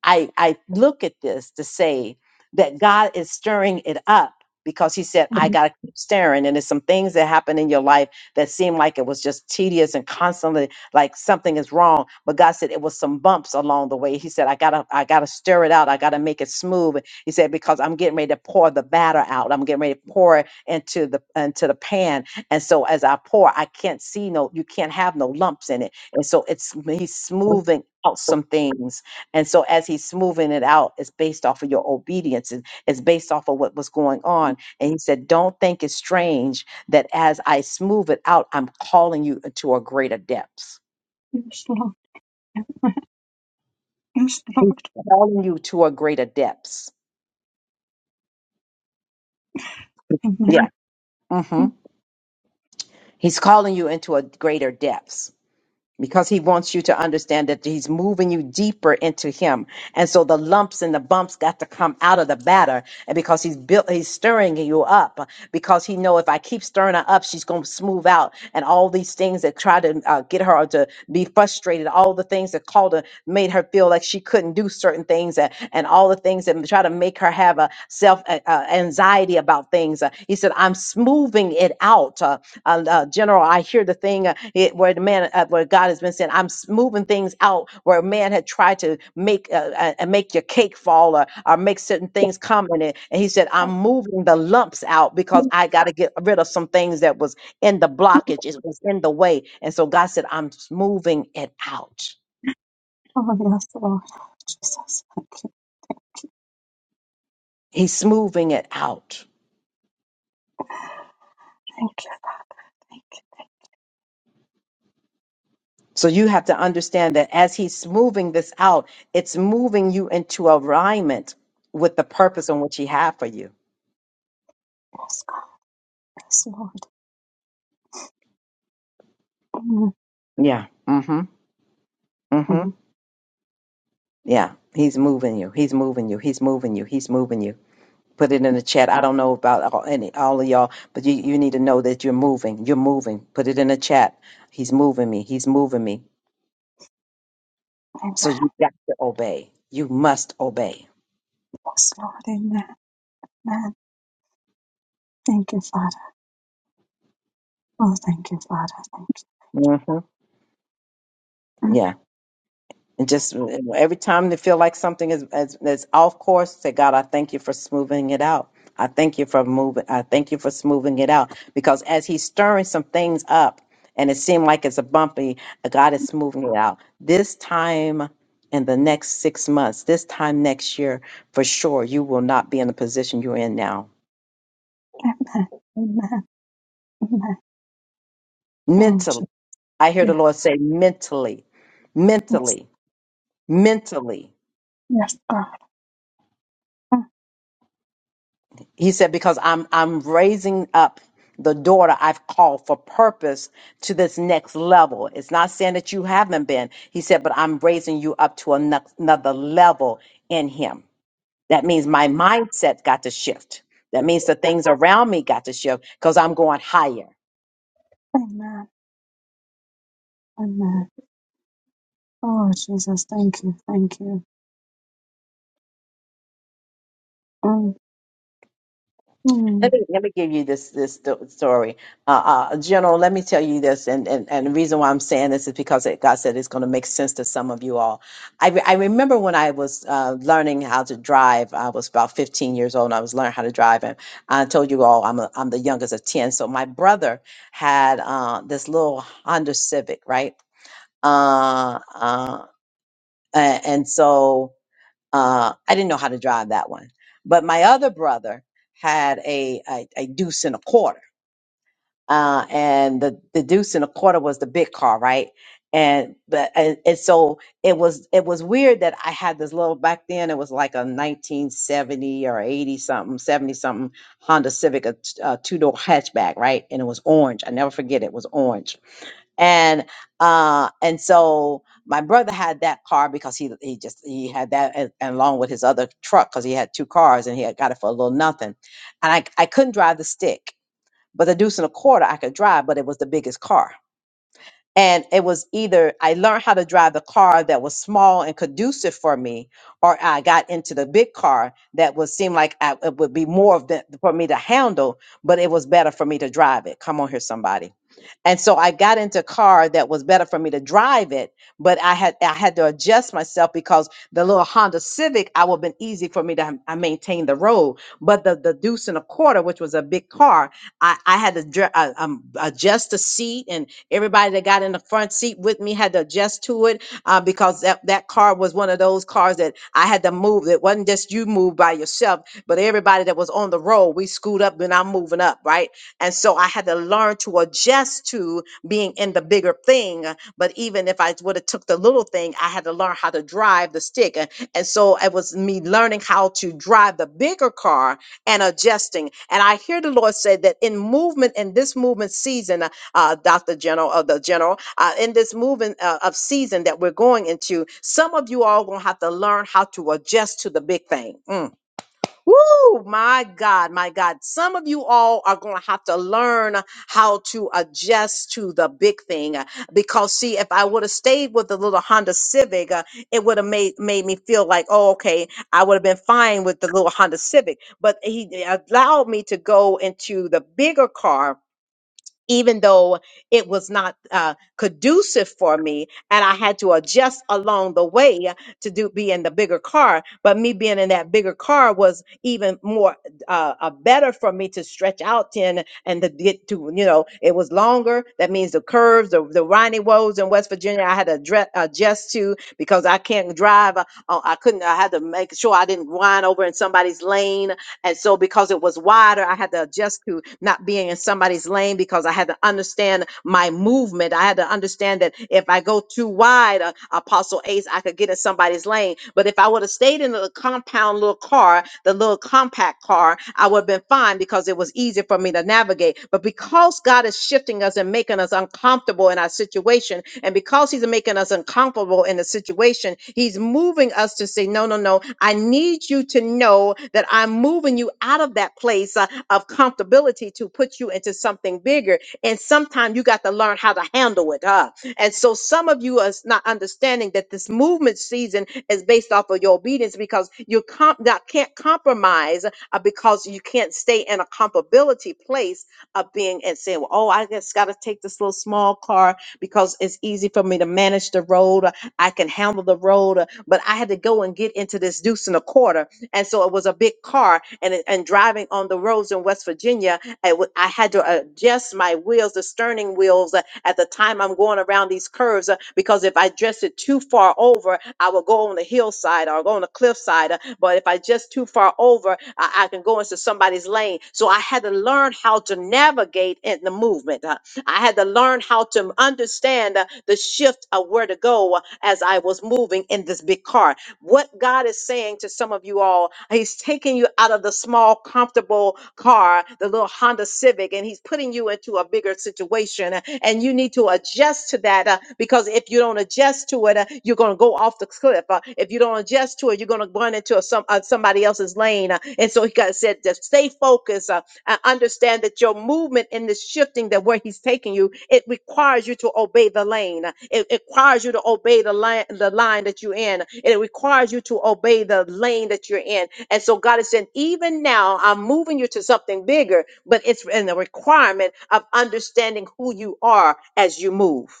S1: I, I look at this to say that God is stirring it up because he said, I got to keep stirring, And there's some things that happen in your life that seem like it was just tedious and constantly like something is wrong. But God said it was some bumps along the way. He said, I got to, I got to stir it out. I got to make it smooth. He said, because I'm getting ready to pour the batter out. I'm getting ready to pour it into the, into the pan. And so as I pour, I can't see no, you can't have no lumps in it. And so it's, he's smoothing out some things and so as he's smoothing it out, it's based off of your obedience. it- It's based off of what was going on. And he said, Don't think it's strange that as I smooth it out, I'm calling you to a greater depths.
S10: Yes, Lord. Yes,
S1: He's
S10: Lord.
S1: calling you to a greater depths.
S10: Amen.
S1: Yeah. hmm He's calling you into a greater depths. because he wants you to understand that he's moving you deeper into him. And so the lumps and the bumps got to come out of the batter. And because he's built, he's stirring you up because he know if I keep stirring her up, she's going to smooth out. And all these things that try to uh, get her to be frustrated, all the things that called her, made her feel like she couldn't do certain things and, and all the things that try to make her have a self uh, uh, anxiety about things. Uh, he said, I'm smoothing it out. uh, uh, uh, General, I hear the thing uh, it, where the man, uh, where God has been saying, I'm s- moving things out where man had tried to make uh, uh, uh, make your cake fall or, or make certain things come in it. And he said, I'm moving the lumps out because I got to get rid of some things that was in the blockage, it was in the way. And so God said, I'm s- moving it out.
S10: Oh, yes, Lord. Jesus. Thank you. Thank
S1: He's smoothing it out.
S10: you, Father. Thank you. Thank you.
S1: So you have to understand that as he's smoothing this out, it's moving you into alignment with the purpose on which he had for you
S10: Yes, God. Yes, Lord. mm
S1: Yeah. Mm-hmm. Mm-hmm.
S10: mm.
S1: Yeah. He's moving you. He's moving you. He's moving you. He's moving you. Put it in the chat. I don't know about all, any all of y'all, but you, you need to know that you're moving. You're moving. Put it in the chat. He's moving me. He's moving me. So
S10: Amen.
S1: you got to obey. You must obey.
S10: Yes, Lord. Amen. Amen. Thank you, Father. Oh, thank you, Father. Thank
S1: Mm-hmm.
S10: you. Mm.
S1: And just you know, every time they feel like something is, is, is off course, say, God, I thank you for smoothing it out. I thank you for moving. I thank you for smoothing it out. Because as he's stirring some things up and it seemed like it's a bumpy, uh, God is smoothing it out. This time in the next six months, this time next year, for sure, you will not be in the position you're in now.
S10: Amen. Amen. Amen. Oh, Jesus.
S1: Mentally, I hear the Lord say, mentally,
S10: Yes.
S1: mentally, mentally.
S10: Yes, God. Oh,
S1: He said, because I'm I'm raising up the daughter I've called for purpose to this next level. It's not saying that you haven't been. He said, but I'm raising you up to ano- another level in him. That means my mindset got to shift. That means the things around me got to shift because I'm going higher.
S10: Amen. Amen. Oh, Jesus, thank you. Thank you. Mm, mm.
S1: Let me let me give you this this sto- story, uh, uh, General. Let me tell you this, and, and and the reason why I'm saying this is because it, God said it's going to make sense to some of you all. I re- I remember when I was uh, learning how to drive. I was about 15 years old, and I was learning how to drive. And I told you all, I'm a, I'm the youngest of 10. So my brother had uh, this little Honda Civic, right? Uh, uh, a- and so. Uh, I didn't know how to drive that one. But my other brother had a a, a deuce and a quarter, uh, and the the deuce and a quarter was the big car, right? And but and, and so it was it was weird that I had this little back then. It was like a 1970 or 80 something, 70 something Honda Civic, a, t- a two door hatchback, right? And it was orange. I never forget it was orange and uh and so my brother had that car because he he just he had that and, and along with his other truck because he had two cars and he had got it for a little nothing and i i couldn't drive the stick but the deuce and a quarter i could drive but it was the biggest car and it was either I learned how to drive the car that was small and conducive for me, or I got into the big car that would seem like I, it would be more of the, for me to handle, but it was better for me to drive it. Come on here, somebody. And so I got into a car that was better for me to drive it, but I had I had to adjust myself because the little Honda Civic I would have been easy for me to ha- I maintain the road, but the the Deuce and a Quarter, which was a big car, I I had to dr- uh, um, adjust the seat and Everybody that got in the front seat with me had to adjust to it uh, because that, that car was one of those cars that I had to move. It wasn't just you move by yourself, but everybody that was on the road, we screwed up and I'm moving up, right? And so I had to learn to adjust to being in the bigger thing. But even if I would have took the little thing, I had to learn how to drive the stick. And and so it was me learning how to drive the bigger car and adjusting. And I hear the Lord say that in movement, in this movement season, uh, Dr. General of the General. Uh, in this movement uh, of season that we're going into, some of you all gonna have to learn how to adjust to the big thing. Mm. Woo, my God, my God. Some of you all are gonna have to learn how to adjust to the big thing. uh, Because see, if I would have stayed with the little Honda Civic, uh, it would have made made me feel like, oh, okay, I would have been fine with the little Honda Civic. But he allowed me to go into the bigger car even though it was not uh, conducive for me and I had to adjust along the way to do be in the bigger car. But me being in that bigger car was even more uh, uh, better for me to stretch out in and to get to, you know, it was longer. That means the curves, the, the windy roads in West Virginia, I had to adre- adjust to because I can't drive. Uh, uh, I couldn't, I had to make sure I didn't wind over in somebody's lane and so because it was wider, I had to adjust to not being in somebody's lane because I had to understand my movement. I had to understand that if I go too wide, uh, Apostle Ace, I could get in somebody's lane. But if I would have stayed in the compound little car, the little compact car, I would have been fine because it was easy easy for me to navigate. But because God is shifting us and making us uncomfortable in our situation, and because He's making us uncomfortable in the situation, He's moving us to say, No, no, no, I need you to know that I'm moving you out of that place uh, of comfortability to put you into something bigger. And sometimes you got to learn how to handle it. Huh? And so some of you are not understanding that this movement season is based off of your obedience because you comp- not, can't compromise uh, because you can't stay in a comparability place of being and saying, well, oh, I just got to take this little small car because it's easy for me to manage the road. uh, I can handle the road. uh, But I had to go and get into this deuce and a quarter and so it was a big car and it- and driving on the roads in West Virginia I w- I had to adjust my wheels the steering wheels uh, at the time I'm going around these curves uh, because if I dressed it too far over I would go on the hillside or go on the cliffside uh, but if I just too far over I, I can go into somebody's lane so I had to learn how to navigate in the movement uh, I had to learn how to understand uh, the shift of where to go uh, as I was moving in this big car what God is saying to some of you all, He's taking you out of the small, comfortable car, the little Honda Civic, and He's putting you into a bigger situation. uh, And you need to adjust to that uh, because if you don't adjust to it, uh, you're going to go off the cliff. Uh, if you don't adjust to it, you're going to run into a, some, uh, somebody else's lane. uh, and so He got said, just stay focused. uh, and understand that your movement in this shifting that where he's taking you, it requires you to obey the lane. It, it requires you to obey the line, the line that you're in. It requires you to obey the lane that you're in. And so God is saying, even now, I'm moving you to something bigger, but it's in the requirement of understanding who you are as you move.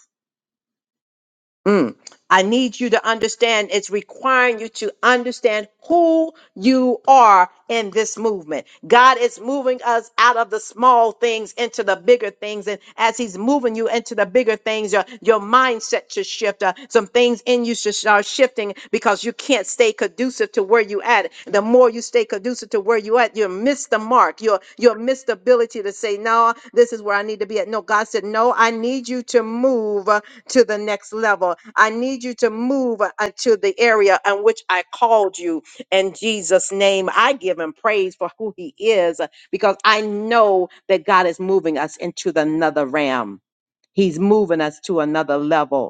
S1: Mm. I need you to understand it's requiring you to understand who you are in this movement. God is moving us out of the small things into the bigger things. And as He's moving you into the bigger things, your, your mindset should shift. Uh, some things in you should start shifting because you can't stay conducive to where you at. The more you stay conducive to where you at, you'll miss the mark. You'll you'll miss the ability to say, No, this is where I need to be at. No, God said, No, I need you to move uh, to the next level. I need you to move uh, to the area in which I called you. In Jesus' name, I give him praise for who he is uh, because I know that God is moving us into the another realm. He's moving us to another level.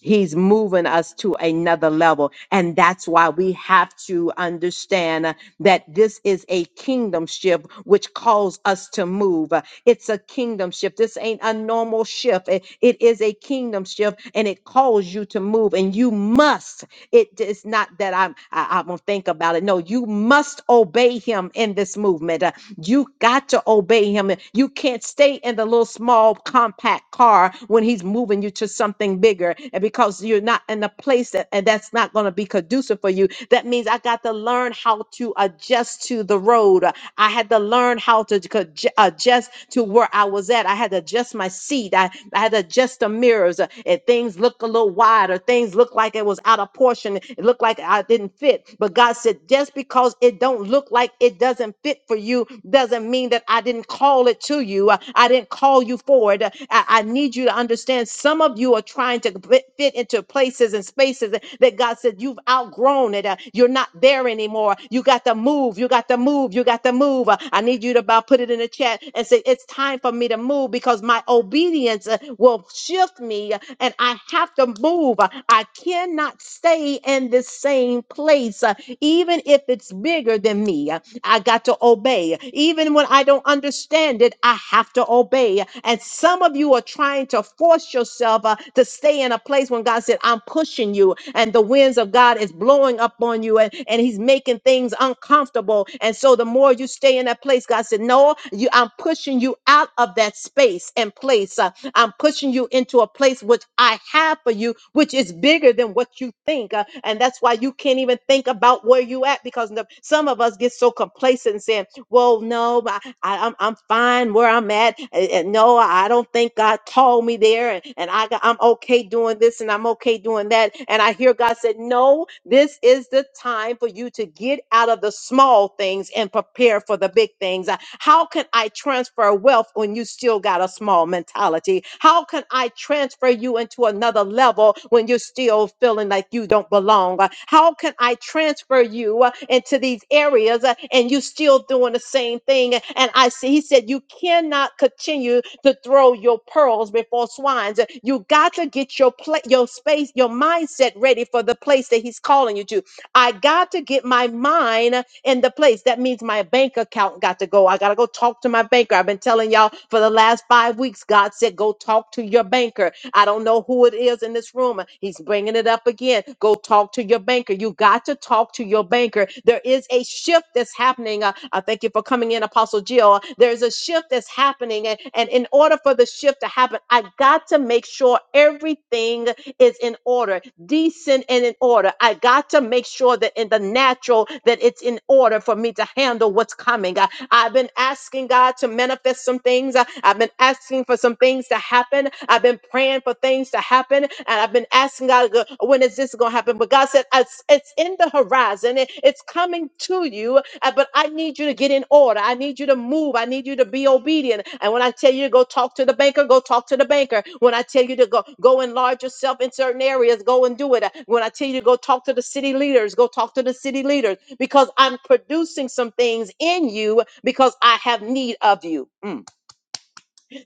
S1: He's moving us to another level. And that's why we have to understand uh, that this is a kingdom shift, which calls us to move. Uh, It's a kingdom shift. This ain't a normal shift. It, it is a kingdom shift and it calls you to move. And you must, it is not that I'm, I, I'm going to think about it. No, you must obey him in this movement. You got to obey him. You can't stay in the little small compact car when he's moving you to something bigger. And because you're not in a place that and that's not going to be conducive for you, that means I got to learn how to adjust to the road. I had to learn how to co- j- adjust to where I was at. I had to adjust my seat. I, I had to adjust the mirrors. Uh, If things looked a little wide or things looked like it was out of portion, it looked like I didn't fit. But God said, just because it don't look like it doesn't fit for you doesn't mean that I didn't call it to you. Uh, I didn't call you for it. Uh, I, I need you to understand understand some of you are trying to fit fit into places and spaces that that God said you've outgrown it. Uh, you're not there anymore. You got to move. You got to move. You got to move. Uh, I need you to about put it in the chat and say it's time for me to move because my obedience uh, will shift me uh, and I have to move. Uh, I cannot stay in the same place, uh, even if it's bigger than me. Uh, I got to obey. Even when I don't understand it, I have to obey. And some of you are trying to force yourself uh, to stay in a place when God said, I'm pushing you, and the winds of God is blowing up on you, and, and He's making things uncomfortable. And so the more you stay in that place, God said, No, you, I'm pushing you out of that space and place. Uh, I'm pushing you into a place which I have for you, which is bigger than what you think. Uh, and that's why you can't even think about where you at because the- some of us get so complacent and saying well, no, but I, I'm I'm fine where I'm at. And, and no, I don't think God called me there, and, and I got, I'm okay doing this, and I'm okay doing that. And I hear God said, no, this is the time for you to get out of the small things and prepare for the big things. Uh, How can I transfer wealth when you still got a small mentality? How can can I transfer you into another level when you're still feeling like you don't belong? Uh, How can I transfer you uh, into these areas uh, and you still doing the same thing? And I see, he said, you cannot continue to throw your pearls before swines. Uh, You got to get your pla- your space, your mindset ready for the place that he's calling you to. I got to get my mind in the place. That means my bank account got to go. I got to go talk to my banker. I've been telling y'all for the last five weeks, God said, go talk to your banker. I don't know who it is in this room. He's bringing it up again. Go talk to your banker. You got to talk to your banker. There is a shift that's happening. Uh, I thank you for coming in, Apostle Jill. There's a shift that's happening. And, and in order for the shift to happen, I got to make sure everything is in order decent and in order. I got to make sure that in the natural that it's in order for me to handle what's coming. I, have been asking God to manifest some things. I, have been asking for some things to happen. I've been praying for things to happen, and I've been asking God, "G- when is this going to happen? But God said, it's, it's in the horizon. It- it's coming to you uh, But I need you to get in order. I need you to move. I need you to be obedient. And when I tell you to go talk to the banker, go talk to the banker. When I tell you to go go enlarge yourself in certain areas, go and do it. Uh, When I tell you to go talk to the city leaders, go talk to the city leaders because I'm producing some things in you because I have need of you. Mm.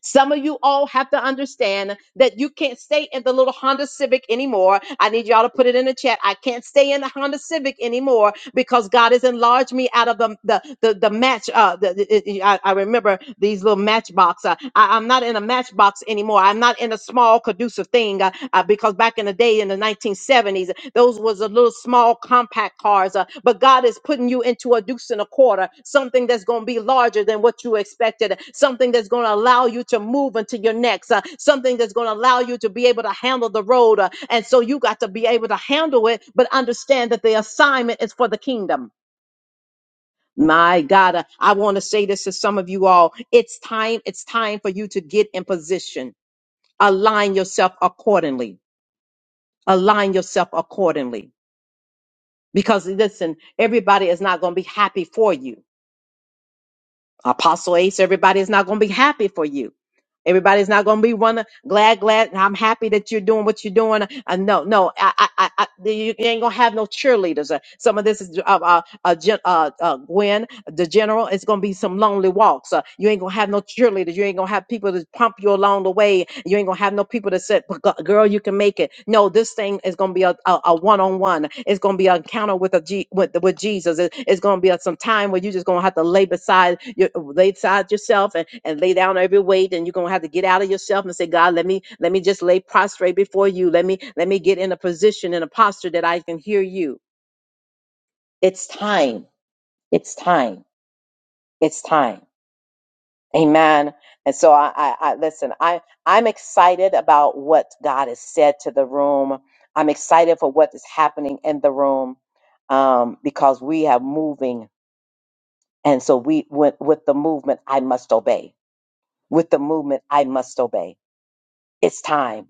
S1: Some of you all have to understand that you can't stay in the little Honda Civic anymore. I need y'all to put it in the chat. I can't stay in the Honda Civic anymore because God has enlarged me out of the the the, the match. Uh, the, the- I, I remember these little matchbox. Uh, I, I'm not in a matchbox anymore. I'm not in a small conducive thing uh, uh, because back in the day day in the 1970s. Those was a little small compact cars, uh, but God is putting you into a deuce and a quarter, something that's going to be larger than what you expected, something that's going to allow you to move into your next, uh, something that's going to allow you to be able to handle the road. uh, and so you got to be able to handle it, but understand that the assignment is for the kingdom. My God, uh, I want to say this to some of you all. It's time, it's time for you to get in position. Align yourself accordingly. Align yourself accordingly Because listen, everybody is not going to be happy for you. Apostle Ace, everybody is not going to be happy for you. Everybody's not going to be one glad, glad. and I'm happy that you're doing what you're doing. Uh, no, no, I, I, I, I- you ain't gonna have no cheerleaders. Uh, some of this is uh, uh, uh, Jen- uh, uh, Gwen the general it's going to be some lonely walks uh, you ain't going to have no cheerleaders you ain't going to have people to pump you along the way you ain't going to have no people to say "But gu- girl you can make it no this thing is going to be a, a, one-on-one it's going to be an encounter with a G, with, with jesus It- it's going to be a, some time where you just going to have to lay beside your lay beside yourself and, and lay down every weight and you're going to have to get out of yourself and say god let me let me just lay prostrate before you let me let me get in a position in a posture that i can hear you it's time it's time it's time Amen. And so I, I, I listen, I, I'm excited about what God has said to the room. I'm excited for what is happening in the room um, because we have moving. And so we with, with the movement, I must obey. With the movement, I must obey. It's time.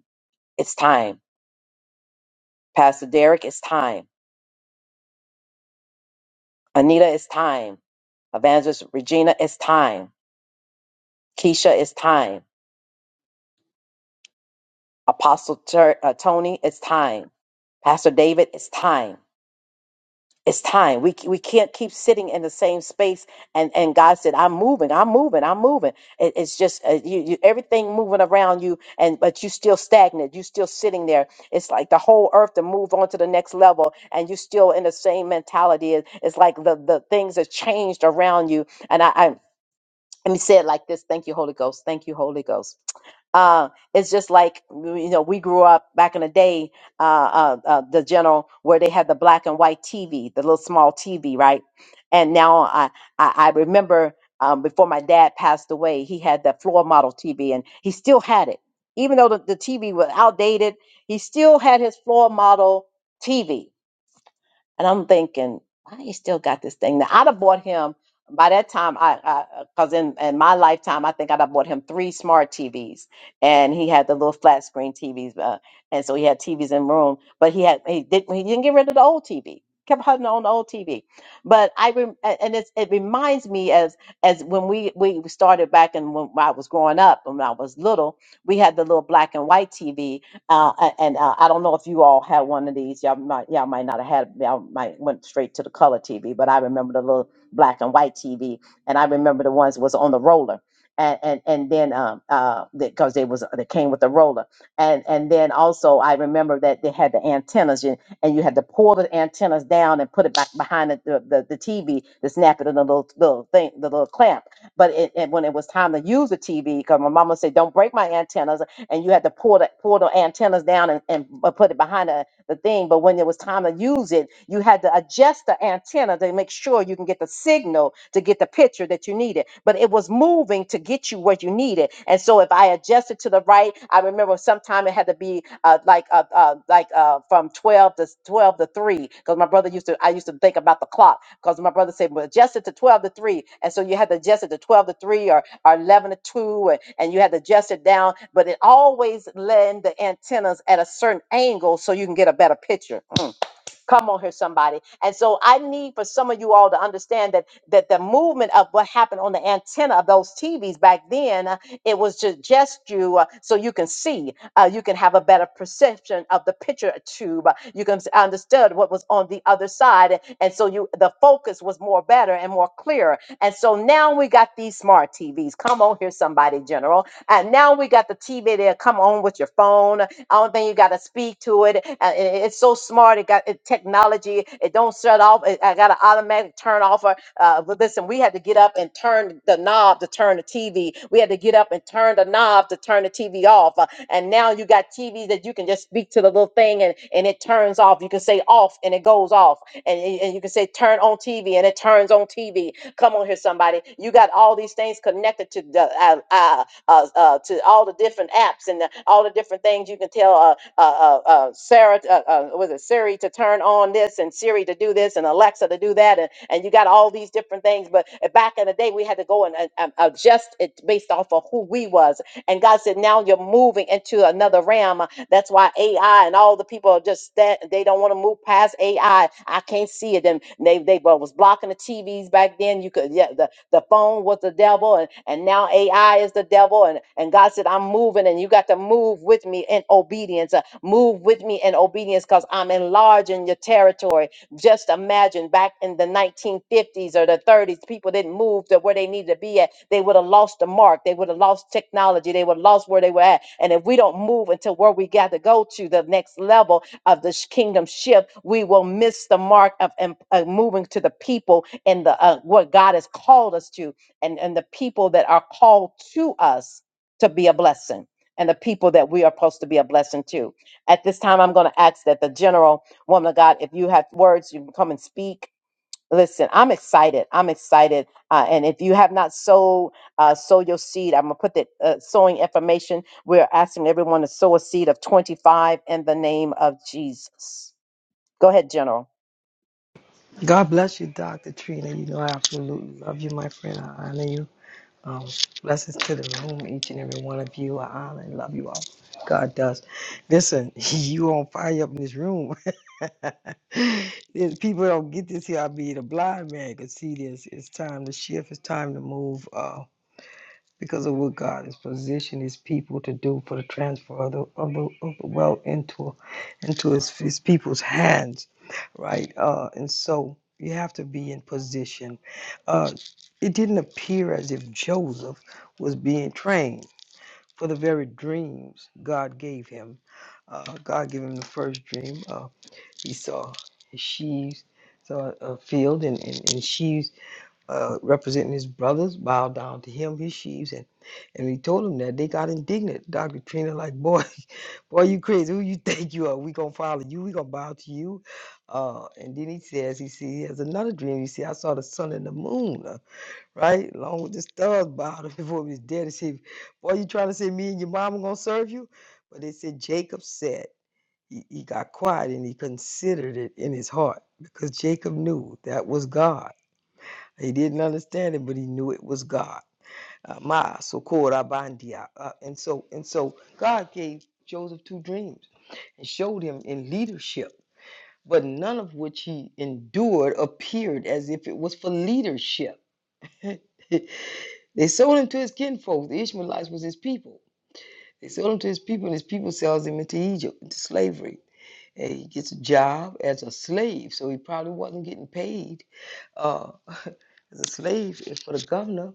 S1: It's time. Pastor Derek, it's time. Anita, it's time. Evangelist Regina, it's time. Keisha, it's time. Apostle Ter- uh, Tony, it's time. Pastor David, it's time. it's time we we can't keep sitting in the same space and and god said i'm moving i'm moving i'm moving it, it's just uh, you, you everything moving around you and but you still stagnant you still sitting there it's like the whole earth to move on to the next level and you still in the same mentality It- it's like the the things have changed around you and i I and he said like this thank you holy ghost thank you holy ghost uh, it's just like you know we grew up back in the day uh, uh, uh, the general where they had the black and white tv the little small tv right and now i i, I remember um, before my dad passed away he had that floor model tv and he still had it even though the, the tv was outdated he still had his floor model tv and I'm thinking, why he still got this thing? Now I'd have bought him by that time. I because in in my lifetime, I think I'd have bought him three smart TVs, and he had the little flat screen TVs, uh, and so he had TVs in room. But he had he didn't he didn't get rid of the old TV. Kept hunting on the old TV, but I rem- a- and it's, it reminds me as as when we we started back and when I was growing up when I was little, we had the little black and white TV uh, a- and uh, I don't know if you all had one of these. Y'all might, y'all might not have had. Y'all might went straight to the color TV, but I remember the little black and white TV, and I remember the ones was on the roller, and and and then um uh because they was they came with the roller, and and then also I remember that they had the antennas, and, and you had to pull the antennas down and put it back behind the the, the, the TV to snap it in the little little thing, the little clamp. But it, and when it was time to use the TV, because my mama said, "Don't break my antennas," and you had to pull the pull the antennas down and, and b- put it behind the, the thing. But when it was time to use it, you had to adjust the antenna to make sure you can get the signal to get the picture that you needed. But it was moving to get you where you needed. And so if I adjusted to the right, I remember sometime it had to be uh, like uh, uh, like uh, from twelve to twelve to three because my brother used to I used to think about the clock. Because my brother said, well, adjust it to 12 to 3. And so you had to adjust it to 12 to 3 or, or 11 to 2, and, and you had to adjust it down. But it always land the antennas at a certain angle so you can get a better picture. Mm. Come on here, somebody. And so I need for some of you all to understand that that the movement of what happened on the antenna of those TVs back then, uh, it was to just you, uh, so you can see, uh, you can have a better perception of the picture tube. uh, You can s- understand what was on the other side, a- and so you the focus was more better and more clearer. And so now we got these smart TVs. Come on here, somebody, General. And now we got the TV there. Come on with your phone I don't think you got to speak to it. Uh, i- It's so smart. It got it, technology. It don't shut off. It, I got an automatic turn off. Or, uh, but listen, we had to get up and turn the knob to turn the TV. We had to get up and turn the knob to turn the TV off. Uh, and now you got TVs that you can just speak to the little thing and, and it turns off. You can say off and it goes off. And, y- and you can say turn on TV and it turns on TV. Come on here, somebody. You got all these things connected to the uh, uh, uh, uh, to all the different apps and the, all the different things you can tell uh, uh, uh, uh, Sarah, uh, uh, was it Siri to turn on this and Siri to do this and Alexa to do that. And, and you got all these different things. But uh, back in the day, we had to go and, and and adjust it based off of who we was. And God said, now you're moving into another realm that's why AI and all the people are just that they don't want to move past AI. I I can't see it. And they they wa- was blocking the TVs back then. You could yeah, the, the phone was the devil and, and now AI is the devil. And, and God said, I'm moving and you got to move with me in obedience. Uh, move with me in obedience because I'm enlarging your territory. Just imagine back in the 1950s or the 30s, people didn't move to where they needed to be at. They would have lost the mark. They would have lost technology. They would have lost where they were at. And if we don't move until where we got to go to the next level of this kingdom shift, we will miss the mark of em- uh, moving to the people and the uh, what God has called us to, and and the people that are called to us to be a blessing, and the people that we are supposed to be a blessing to. At this time, I'm going to ask that the general woman of God, if you have words, you can come and speak. Listen, I'm excited. I'm excited. Uh, and if you have not sowed, uh, sow your seed. I'm gonna put the uh, sowing information. We're asking everyone to sow a seed of 25 in the name of Jesus. Go ahead, General.
S11: God bless you, Dr. Trina. You know, I absolutely love you, my friend. I honor you. Um, blessings to the room, each and every one of you. I honor and love you all. God does. Listen, [LAUGHS] you on fire up in this room. [LAUGHS] If People don't get this here. I will be the blind man could see this. It's time to shift. It's time to move. Uh, because of what God has positioned His people to do for the transfer of the, of the, of the wealth into into His, his people's hands, right? Uh, and so you have to be in position. Uh, it didn't appear as if Joseph was being trained for the very dreams God gave him. Uh, God gave him the first dream. Uh, he saw his sheaves, saw a field and, and, and sheaves uh, representing his brothers, bowed down to him, his sheaves, and and he told them that they got indignant. Dr. Trina, like, boy, [LAUGHS] boy, you crazy? Who you think you are? We gonna follow you? We gonna bow to you? Uh, and then he says, he see, he has another dream. He see, I saw the sun and the moon, uh, right, along with the stars bowed [LAUGHS] before he was dead. He said, boy, you trying to say me and your mama gonna serve you? But they said Jacob said. He, he got quiet and he considered it in his heart because Jacob knew that was God he didn't understand it, but he knew it was God. Uh, Ma sokora bandia. Uh, uh, and so and so God gave Joseph two dreams and showed him in leadership, but none of which he endured appeared as if it was for leadership. [LAUGHS] they sold him to his kinfolk. The Ishmaelites was his people. They sold him to his people, and his people sells him into Egypt, into slavery. And he gets a job as a slave, so he probably wasn't getting paid. uh, 'Cause a slave is for the governor,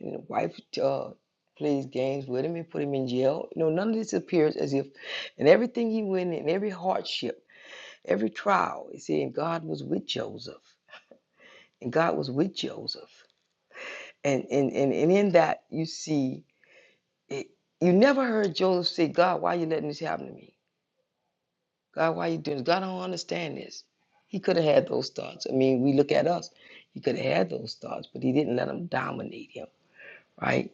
S11: and the wife uh, plays games with him and put him in jail. You know, none of this appears as if, and everything he went in, every hardship, every trial, it said God was with Joseph, and God was with Joseph, and and and, and in that you see it. You never heard Joseph say, "God, why are you letting this happen to me? God, why are you doing this? God, I don't understand this." He could have had those thoughts. I mean, we look at us. He could have had those thoughts, but he didn't let them dominate him, right?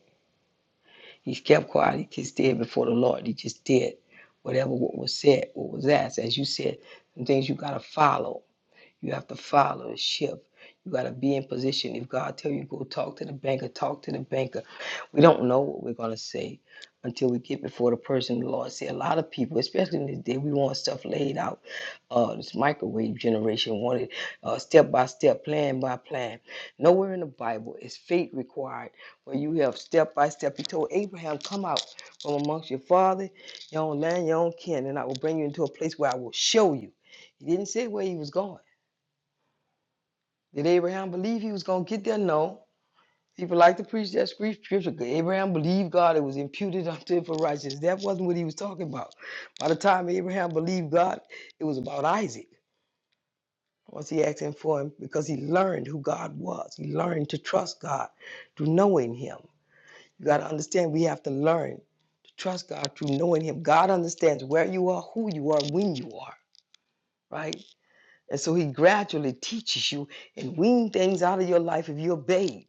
S11: He kept quiet. He just did before the Lord. He just did whatever what was said, what was asked. As you said, some things you gotta follow. You have to follow and shift. You gotta be in position. If God tell you go talk to the banker, talk to the banker. We don't know what we're gonna say until we get before the person. The Lord said a lot of people, especially in this day, we want stuff laid out uh, this microwave generation wanted uh, step by step, plan by plan. Nowhere in the Bible is faith required where you have step by step. He told Abraham, Come out from amongst your father, your own land, your own kin, and I will bring you into a place where I will show you. He didn't say where he was going. Did Abraham believe he was going to get there? No. People like to preach that scripture. Abraham believed God, it was imputed [LAUGHS] unto him for righteousness. That wasn't what he was talking about. By the time Abraham believed God, it was about Isaac. Was he asking for? Him? Because he learned who God was. He learned to trust God through knowing him. You got to understand we have to learn to trust God through knowing him. God understands where you are, who you are, when you are, right? And so he gradually teaches you and wean things out of your life if you obey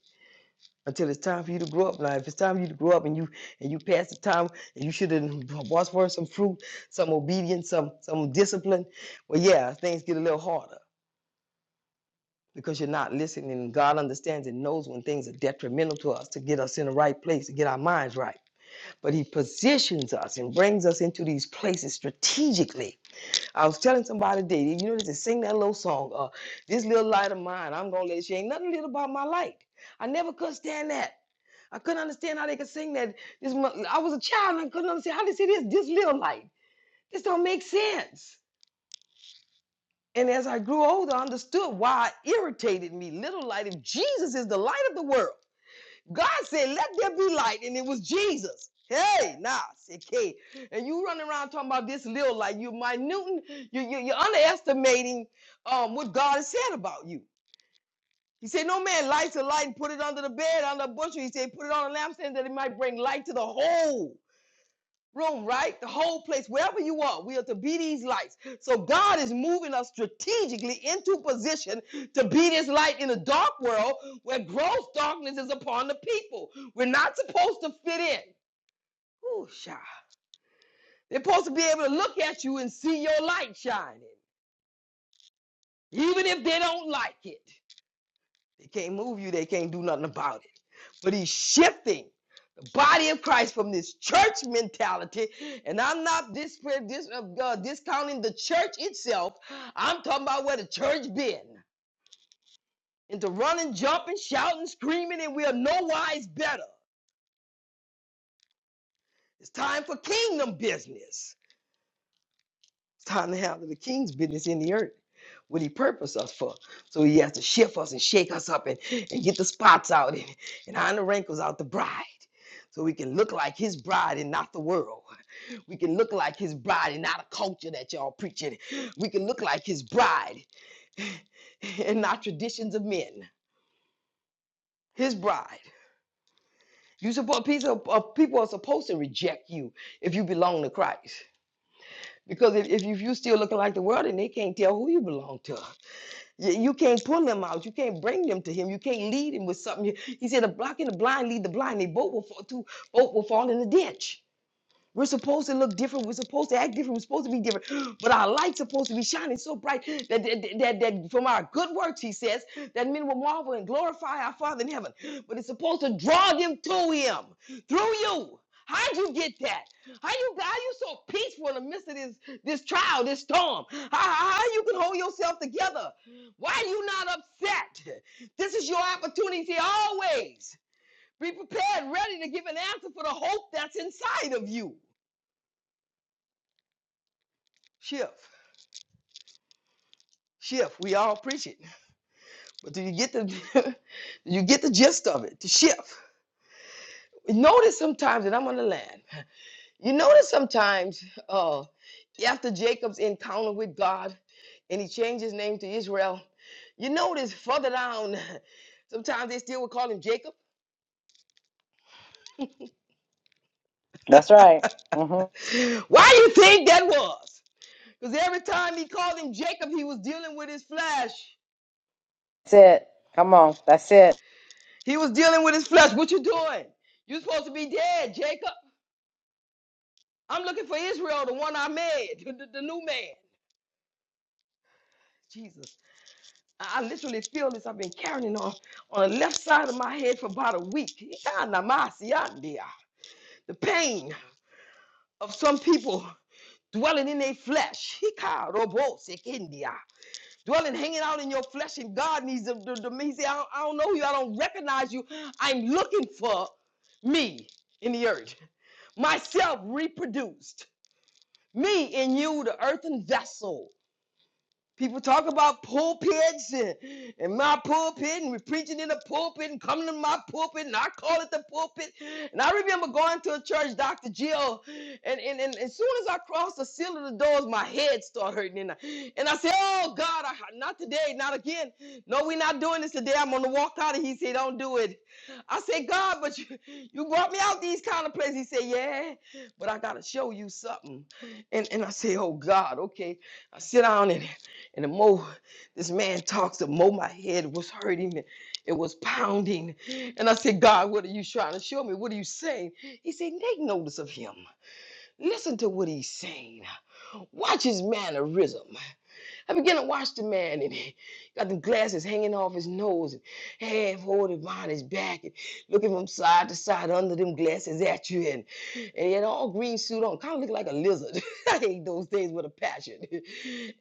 S11: until it's time for you to grow up. Now, if it's time for you to grow up and you and you pass the time and you should have was for some fruit, some obedience, some some discipline, well, yeah, things get a little harder because you're not listening. God understands and knows when things are detrimental to us to get us in the right place, to get our minds right. But He positions us and brings us into these places strategically. I was telling somebody today, you know, they just sing that little song, uh, This Little Light of Mine, I'm going to let you, ain't nothing little about my light. I never could stand that. I couldn't understand how they could sing that. This, I was a child and I couldn't understand how they say this, this little light. This don't make sense. And as I grew older, I understood why it irritated me. Little light, if Jesus is the light of the world, God said, let there be light, and it was Jesus. Hey, nah, okay. And you running around talking about this little light. You're minute, you, you, you're underestimating um, what God has said about you. He said, No man lights a light and put it under the bed, under a bushel. He said, Put it on a lampstand that it might bring light to the whole room, right? The whole place, wherever you are, we are to be these lights. So God is moving us strategically into position to be this light in a dark world where gross darkness is upon the people. We're not supposed to fit in. Ooh, shy. They're supposed to be able to look at you and see your light shining, even if they don't like it. They can't move you, they can't do nothing about it. but he's shifting the body of Christ from this church mentality. And I'm not dis- dis- uh, uh, discounting the church itself. I'm talking about where the church been into running, jumping, shouting, screaming, and we are no wise better. It's time for kingdom business. It's time to handle the king's business in the earth. What he purposed us for. So he has to shift us and shake us up and, and get the spots out and, and iron the wrinkles out the bride so we can look like his bride and not the world. We can look like his bride and not a culture that y'all preaching. We can look like his bride [LAUGHS] and not traditions of men. His bride. You support people, uh, people are supposed to reject you if you belong to Christ. Because if, if you if still looking like the world and they can't tell who you belong to, you, you can't pull them out. You can't bring them to him. You can't lead him with something. He said, "The block and the blind lead the blind. They both will fall, too, both will fall in the ditch." We're supposed to look different. We're supposed to act different. We're supposed to be different. [GASPS] But our light's supposed to be shining so bright that, that, that, that from our good works, he says, that men will marvel and glorify our Father in heaven. But it's supposed to draw them to him through you. How'd you get that? How you how you so peaceful in the midst of this this trial, this storm? How, how how you can hold yourself together? Why are you not upset? This is your opportunity always. Be prepared, ready to give an answer for the hope that's inside of you. Shift, shift. We all preach it, but do you get the [LAUGHS] you get the gist of it? To shift. Notice sometimes, and I'm on the land. You notice sometimes, uh, after Jacob's encounter with God, and he changed his name to Israel. You notice further down, [LAUGHS] sometimes they still would call him Jacob.
S1: That's right. hmm
S11: [LAUGHS] Why do you think that was? Because every time he called him Jacob, he was dealing with his flesh.
S1: That's it. Come on. That's it.
S11: He was dealing with his flesh. What you doing? You're supposed to be dead, Jacob. I'm looking for Israel, the one I made, [LAUGHS] the, the- the new man. Jesus. I I literally feel this. I've been carrying it on on the left side of my head for about a week. Ikanamasiandia. The pain of some people dwelling in their flesh. Hikarobosekindia. Dwelling, hanging out in your flesh, and God needs to, to, to He said, I don't, I don't know you. I don't recognize you. I'm looking for me in the earth, myself reproduced, me in you, the earthen vessel. People talk about pulpits and, and my pulpit, and we're preaching in the pulpit and coming to my pulpit, and I call it the pulpit. And I remember going to a church, Dr. Jill, and, and, and as soon as I crossed the seal of the doors, my head started hurting. And I, and I said, Oh God, I, not today, not again. No, we're not doing this today. I'm going to walk out. And he said, Don't do it. I said, God, but you, you brought me out these kind of places. He said, Yeah, but I got to show you something. And, and I said, Oh God, okay. I sit down and and the more this man talks, the more my head was hurting. and It was pounding. And I said, God, what are you trying to show me? What are you saying? He said, Take notice of him. Listen to what he's saying. Watch his mannerism. I began to watch the man, and he got the glasses hanging off his nose and half holding behind his back and looking from side to side under them glasses at you. And, and he had an all green suit on, kind of looking like a lizard. [LAUGHS] I hate those things with a passion. [LAUGHS]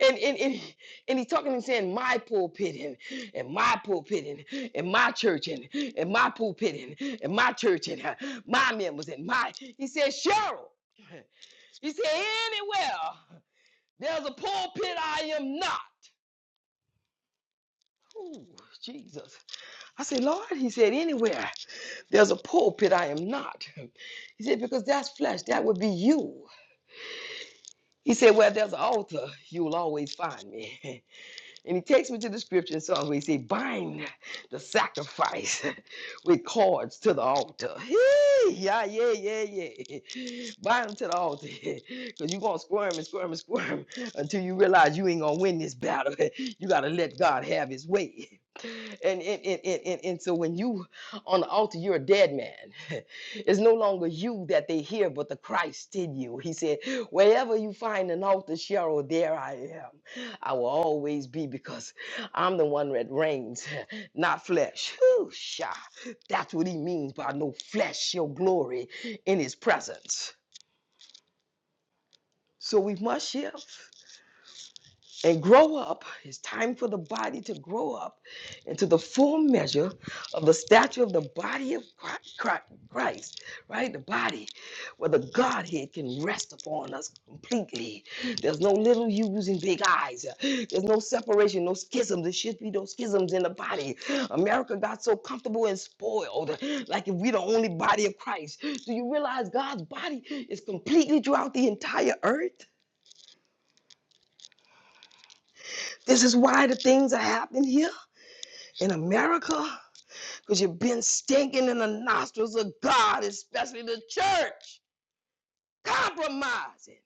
S11: And and and, he- and he's talking and saying, My pulpit and, and my pulpit and, and my church and, and my pulpit and, and my church and uh, my members and my. He said, Cheryl, [LAUGHS] he said, Anywhere there's a pulpit, I am not. Ooh, Jesus. I said, Lord, he said, anywhere there's a pulpit, I am not. He said, because that's flesh, that would be you. He said, where there's an altar, you'll always find me. And he takes me to the scripture and so he say, bind the sacrifice [LAUGHS] with cords to the altar. [LAUGHS] Hee, yeah, yeah, yeah, yeah. Bind them to the altar. [LAUGHS] Because you're going to squirm and squirm and squirm [LAUGHS] until you realize you ain't going to win this battle. [LAUGHS] You got to let God have his way. [LAUGHS] and, and, and, and, and so when you on the altar, you're a dead man. [LAUGHS] It's no longer you that they hear, but the Christ in you. He said, Wherever you find an altar, Cheryl, there I am. I will always be because I'm the one that reigns, [LAUGHS] not flesh. Whew, sha. That's what he means by no flesh, your glory in his presence. So we must shift. and grow up. It's time for the body to grow up into the full measure of the stature of the body of Christ, right? The body where the Godhead can rest upon us completely. There's no little U's and big eyes. There's no separation, no schisms. There should be no schisms in the body. America got so comfortable and spoiled, like if we're the only body of Christ. Do you realize God's body is completely throughout the entire earth? This is why the things are happening here in America because you've been stinking in the nostrils of God, especially the church, compromising.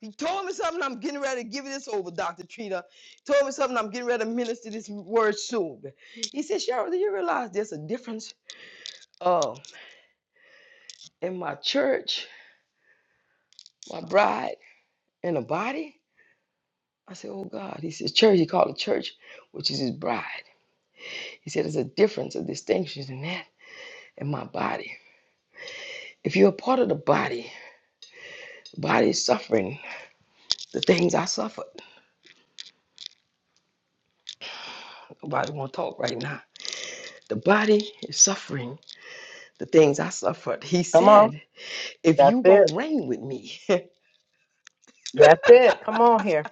S11: He told me something. I'm getting ready to give this over, Dr. Trina. He told me something. I'm getting ready to minister this word soon. He said, Cheryl, do you realize there's a difference uh, in my church, my bride, and the body? I said, Oh God. He said, Church, he called the church, which is his bride. He said, There's a difference, a distinction in that and my body. If you're a part of the body, the body is suffering the things I suffered. Nobody want to talk right now. The body is suffering the things I suffered. He
S1: Come on.
S11: said, if
S1: That's
S11: you
S1: it.
S11: gonna reign with me, [LAUGHS]
S1: That's it. Come on here.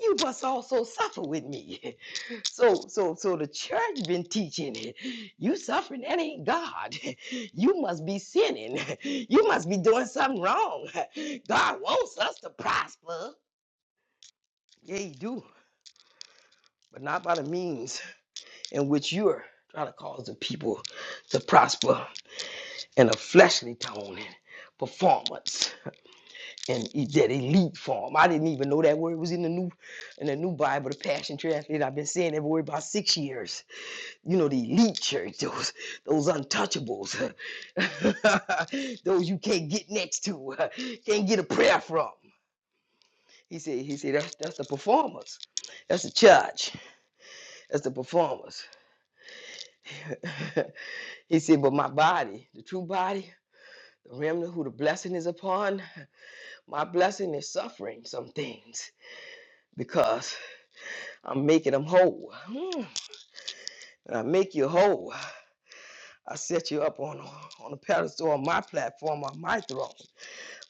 S11: you must also suffer with me. [LAUGHS] So, so, so the church been teaching it. You suffering that ain't God. [LAUGHS] You must be sinning. [LAUGHS] You must be doing something wrong. [LAUGHS] God wants us to prosper. Yeah, He do, but not by the means in which you're trying to cause the people to prosper. And a fleshly tone and performance and e- that elite form. I didn't even know that word was in the new in the new Bible, the Passion Translation. I've been saying that word about six years. You know, the elite church, those those untouchables, [LAUGHS] those you can't get next to, [LAUGHS] can't get a prayer from. He said, he said, that's that's the performers. That's the church. That's the performers. [LAUGHS] he said, but my body, the true body, the remnant who the blessing is upon. My blessing is suffering some things because I'm making them whole. Mm. And I make you whole. I set you up on, on a pedestal on my platform, on my throne.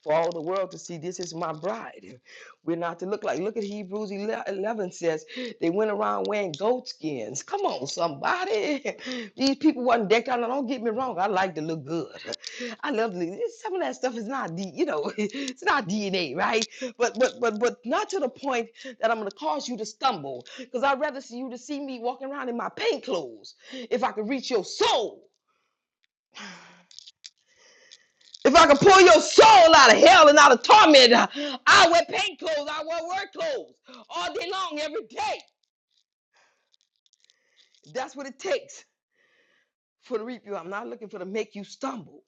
S11: for all the world to see this is my bride. We're not to look like, look at Hebrews 11 says, they went around wearing goat skins. Come on, somebody. [LAUGHS] These people wasn't decked out. Now, don't get me wrong. I like to look good. I love to look. Some of that stuff is not, D, you know, [LAUGHS] it's not DNA, right? But, but, but, but not to the point that I'm going to cause you to stumble because I'd rather see you to see me walking around in my paint clothes if I could reach your soul. If I can pull your soul out of hell and out of torment, I wear paint clothes, I wear work clothes all day long, every day. That's what it takes for the reap you. I'm not looking for to make you stumble.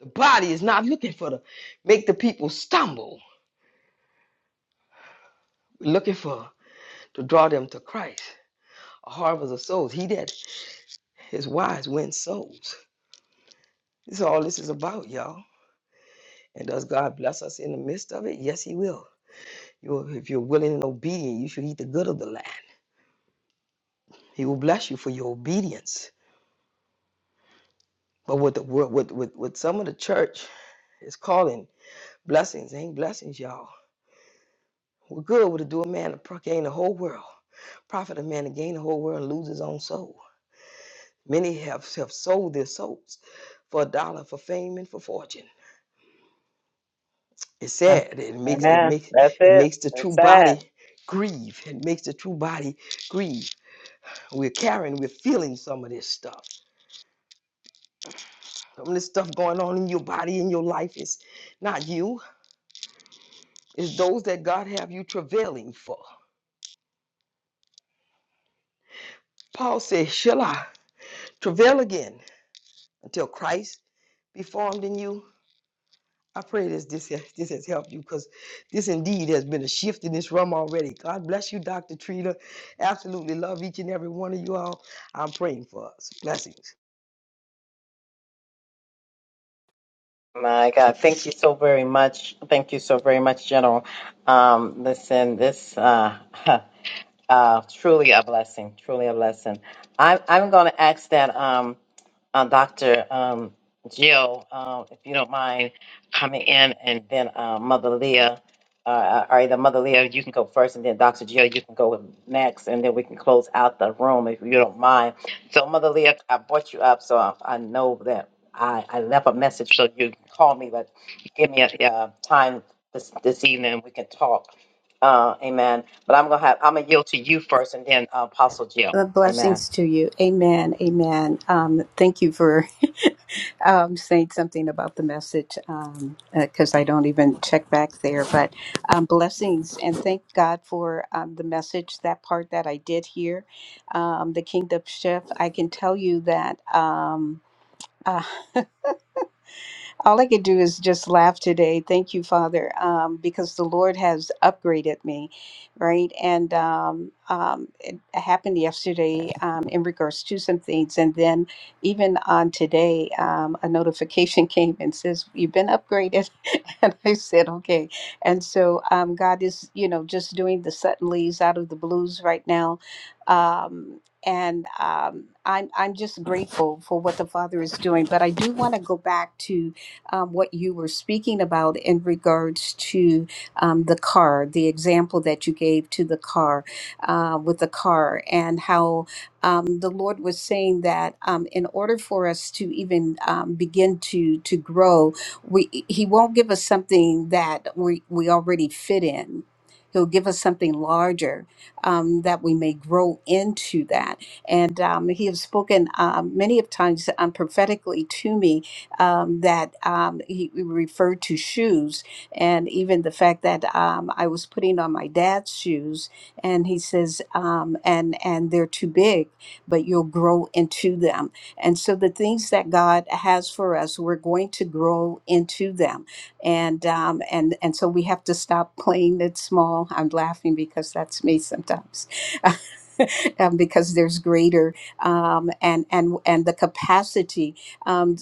S11: The body is not looking for to make the people stumble. We're looking for to draw them to Christ. A harvest of souls. He that is wise wins souls. This is all this is about, y'all. And does God bless us in the midst of it? Yes, He will. You, if you're willing and obedient, you should eat the good of the land. He will bless you for your obedience. But with the with with with some of the church is calling blessings ain't blessings, y'all. What good would it do a man to pro- gain the whole world? Profit a man to gain the whole world and lose his own soul. Many have, have sold their souls for a dollar, for fame, and for fortune. It's sad. It makes it
S1: Amen.
S11: makes
S1: That's
S11: it
S1: it.
S11: makes the
S1: That's
S11: true
S1: sad.
S11: body grieve. It makes the true body grieve. We're carrying, we're feeling some of this stuff. Some of this stuff going on in your body, in your life is not you. It's those that God have you travailing for. Paul said, Shall I travail again until Christ be formed in you? I pray this this, has- this has helped you because this indeed has been a shift in this room already. God bless you, Dr. Trina. Absolutely love each and every one of you all. I'm praying for us. Blessings.
S1: My God, thank you so very much. Thank you so very much, General. Um, listen, this uh, [LAUGHS] Uh, truly a blessing. Truly a blessing. I'm I'm going to ask that um, uh, Doctor um, Jill, um, if you don't mind coming in, and then uh, Mother Leah. Uh, uh, or either Mother Leah, you can go first, and then Dr. Jill, you can go next, and then we can close out the room if you don't mind. So, Mother Leah, I brought you up, so I, I know that I, I left a message, so you can call me, but give me a, uh time this, this evening, and we can talk. Uh, amen. But I'm gonna have I'm gonna yield to you first, and then uh, Apostle Jill.
S12: The
S1: Amen.
S12: blessings to you. Amen. Amen. Um, thank you for [LAUGHS] um, saying something about the message because I don't even check back there. But um, blessings and thank God for um, the message, that part that I did hear, um, the kingdom shift. I can tell you that. Um, uh, [LAUGHS] All I could do is just laugh today. Thank you, Father, um, because the Lord has upgraded me, right? And um, um, it happened yesterday um, in regards to some things. And then even on today, um, a notification [LAUGHS] came and says, You've been upgraded. [LAUGHS] and I said, Okay. And so um, God is, you know, just doing the suddenlies out of the blues right now. Um, and um, I'm I'm just grateful for what the Father is doing. But I do want to go back to um, what you were speaking about in regards to um, the car, the example that you gave to the car uh, with the car, and how um, the Lord was saying that um, in order for us to even um, begin to to grow, we He won't give us something that we we already fit in. He'll give us something larger um, that we may grow into that. And um, he has spoken um, many of times um, prophetically to me um, that um, he referred to shoes and even the fact that um, I was putting on my dad's shoes and he says um, and and they're too big but you'll grow into them and so the things that God has for us we're going to grow into them and um, and and so we have to stop playing it small I'm laughing because that's me sometimes [LAUGHS] um, because there's greater um, and and and the capacity Um,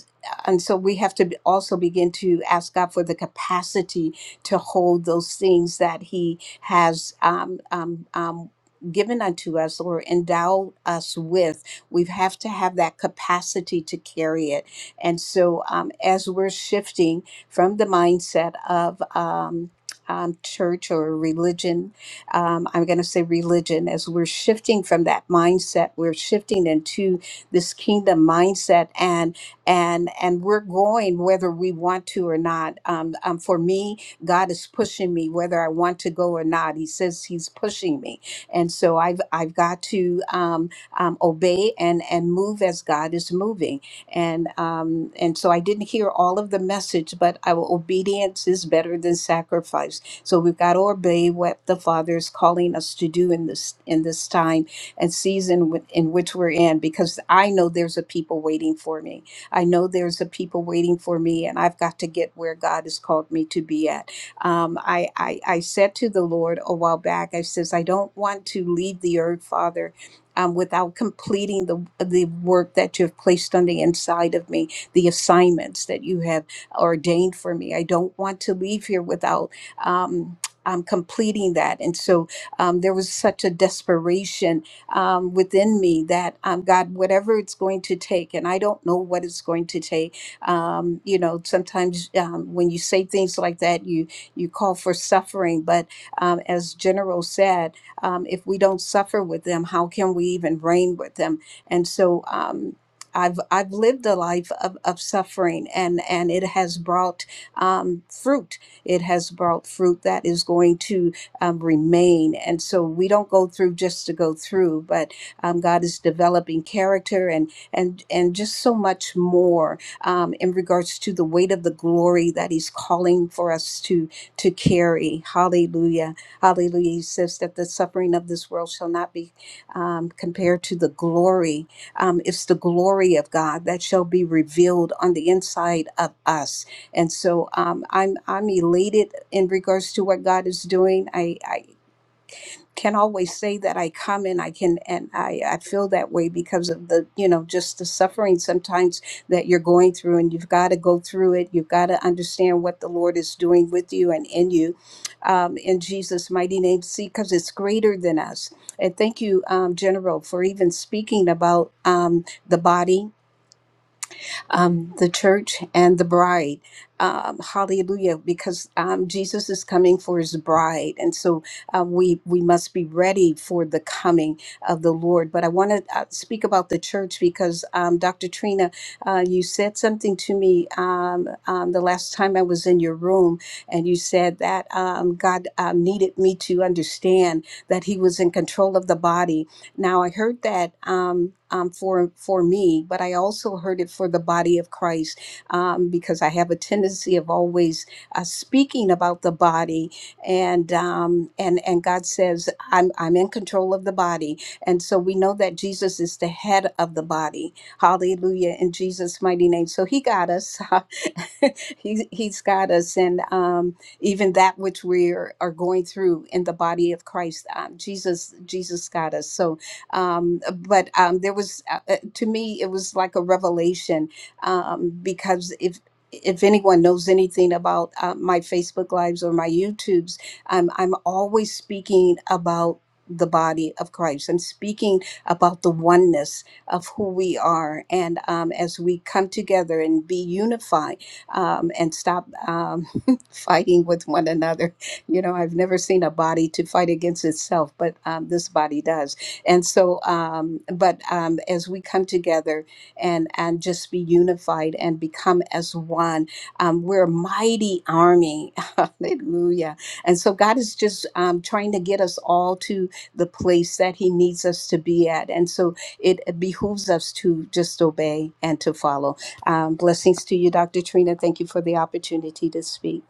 S12: and so we have to be- also begin to ask God for the capacity to hold those things that He has um, um, um, given unto us or endowed us with. We have to have that capacity to carry it. And so, um, as we're shifting from the mindset of um, um, church or religion, um, I'm going to say religion, as we're shifting from that mindset, we're shifting into this kingdom mindset and and and we're going whether we want to or not. Um, um, for me, God is pushing me whether I want to go or not. He says He's pushing me, and so I've I've got to um, um, obey and and move as God is moving. And um, and so I didn't hear all of the message, but our obedience is better than sacrifice. So we've got to obey what the Father is calling us to do in this in this time and season wi- in which we're in, because I know there's a people waiting for me. I know there's a people waiting for me, and I've got to get where God has called me to be at. Um, I, I I said to the Lord a while back, I says, I don't want to leave the earth, Father. Um, without completing the the work that you've placed on the inside of me, the assignments that you have ordained for me, I don't want to leave here without um, um, completing that. And so um, there was such a desperation um, within me that um, God, whatever it's going to take, and I don't know what it's going to take. Um, you know, sometimes um, when you say things like that, you you call for suffering. But um, as General said, um, if we don't suffer with them, how can we even reign with them? And so. Um, I've, I've lived a life of, of suffering and, and it has brought um, fruit. It has brought fruit that is going to um, remain. And so we don't go through just to go through, but um, God is developing character and and and just so much more um, in regards to the weight of the glory that He's calling for us to to carry. Hallelujah, Hallelujah. He says that the suffering of this world shall not be um, compared to the glory. Um, it's the glory of God that shall be revealed on the inside of us and so um, I'm I'm elated in regards to what God is doing. I, I can always say that I come and I can and I, I feel that way because of the you know just the suffering sometimes that you're going through and you've got to go through it. You've got to understand what the Lord is doing with you and in you, um, in Jesus' mighty name. See, because it's greater than us. And thank you, um, General, for even speaking about um, the body um, the church and the bride. Um, hallelujah! Because um, Jesus is coming for His bride, and so uh, we we must be ready for the coming of the Lord. But I want to uh, speak about the church because um, Dr. Trina, uh, you said something to me um, um, the last time I was in your room, and you said that um, God um, needed me to understand that He was in control of the body now, I heard that um, um, for for me, but I also heard it for the body of Christ um, because I have a tendency of always uh, speaking about the body, and um, and and God says I'm I'm in control of the body, and so we know that Jesus is the head of the body. Hallelujah! In Jesus' mighty name, so He got us. [LAUGHS] he, he's got us, and um, even that which we are, are going through in the body of Christ, um, Jesus Jesus got us. So um, but um, there was, uh, uh, to me, it was like a revelation um, because if if anyone knows anything about uh, my Facebook lives or my YouTubes, um, I'm always speaking about the body of Christ. I'm speaking about the oneness of who we are, and um, as we come together and be unified um, and stop um, [LAUGHS] fighting with one another. You know, I've never seen a body to fight against itself, but um, this body does and so um, but um, as we come together and and just be unified and become as one um, we're a mighty army [LAUGHS] hallelujah and so god is just um, trying to get us all to the place that he needs us to be at and so it behooves us to just obey and to follow um, blessings to you dr trina thank you for the opportunity to speak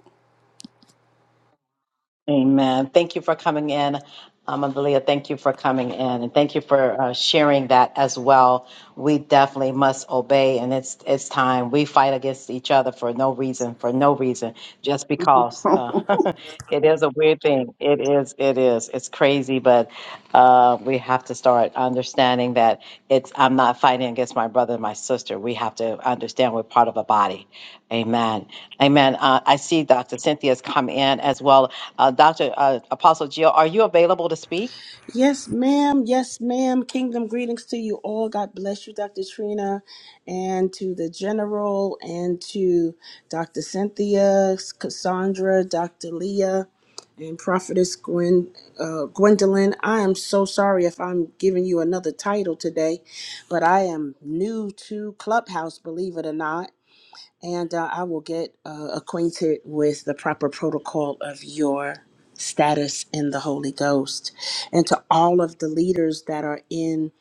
S1: Amen. Thank you for coming in. Um, Abilia, thank you for coming in and thank you for uh, sharing that as well. We definitely must obey and it's it's time. We fight against each other for no reason, for no reason, just
S12: [LAUGHS]
S1: because. Uh, [LAUGHS] it is a weird thing. It is. It is. It's crazy, but uh, we have to start understanding that it's. I'm not fighting against my brother and my sister. We have to understand we're part of a body. Amen. Amen. Uh, I see Dr. Cynthia's come in as well. Uh, Dr. Uh, Apostle Jill, are you available to speak?
S13: Yes, ma'am. Yes, ma'am. Kingdom greetings to you all. God bless you, Dr. Trina, and to the General, and to Dr. Cynthia, Cassandra, Dr. Leah, and Prophetess Gwen, uh, Gwendolyn. I am so sorry if I'm giving you another title today, but I am new to Clubhouse, believe it or not and uh, I will get uh, acquainted with the proper protocol of your status in the Holy Ghost. And to all of the leaders that are in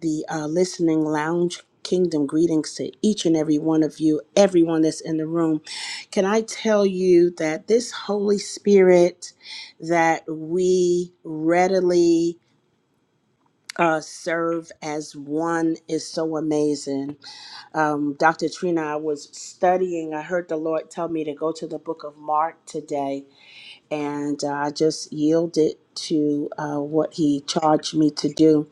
S13: the uh, listening lounge, kingdom greetings to each and every one of you, everyone that's in the room. Can I tell you that this Holy Spirit that we readily uh, serve as one is so amazing um, Dr. Trina, I was studying. I heard the Lord tell me to go to the book of Mark today, and uh, I just yielded to uh, what He charged me to do.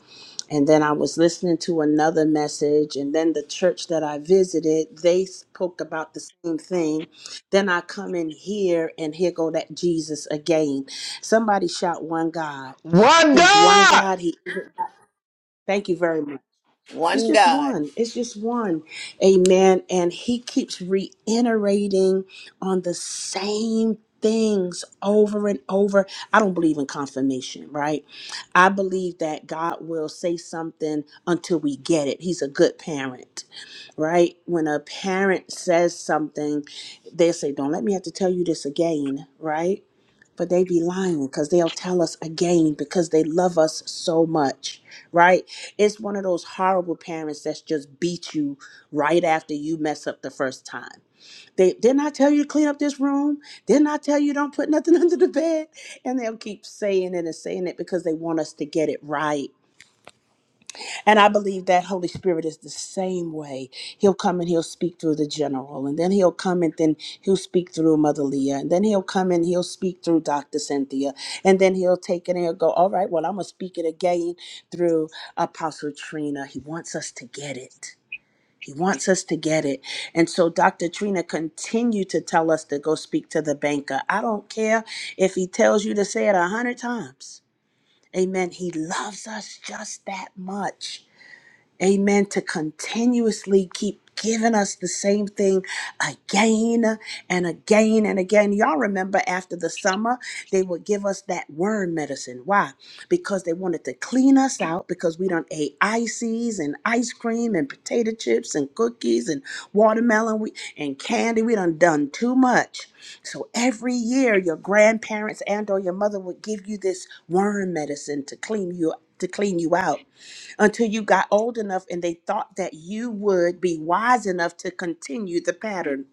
S13: And then I was listening to another message, and then the church that I visited, they spoke about the same thing. Then I come in here, and here go that Jesus again. Somebody shout, One God.
S11: One
S13: He's one
S11: God
S13: God. He. Thank you very much. It's
S9: One
S13: just
S9: God.
S13: one. It's just one. Amen. And he keeps reiterating on the same things over and over. I don't believe in confirmation, right? I believe that God will say something until we get it. He's a good parent right? When a parent says something, they say, Don't let me have to tell you this again, right? But they be lying because they'll tell us again because they love us so much, right? It's one of those horrible parents that's just beat you right after you mess up the first time. They didn't I tell you to clean up this room? Didn't I tell you don't put nothing [LAUGHS] under the bed? And they'll keep saying it and saying it because they want us to get it right and I believe that Holy Spirit is the same way. He'll come and he'll speak through the general, and then he'll come and then he'll speak through Mother Leah, and then he'll come and he'll speak through Dr. Cynthia, and then he'll take it and he'll go, All right, well, I'm going to speak it again through Apostle Trina. He wants us to get it. He wants us to get it. And so Dr. Trina continued to tell us to go speak to the banker. I don't care if he tells you to say it a hundred times. Amen. He loves us just that much. Amen. To continuously keep giving us the same thing again and again and again. Y'all remember after the summer, they would give us that worm medicine. Why? Because they wanted to clean us out because we done ate ices and ice cream and potato chips and cookies and watermelon we, and candy. We done done too much. So every year your grandparents and or your mother would give you this worm medicine to clean you to clean you out until you got old enough and they thought that you would be wise enough to continue the pattern.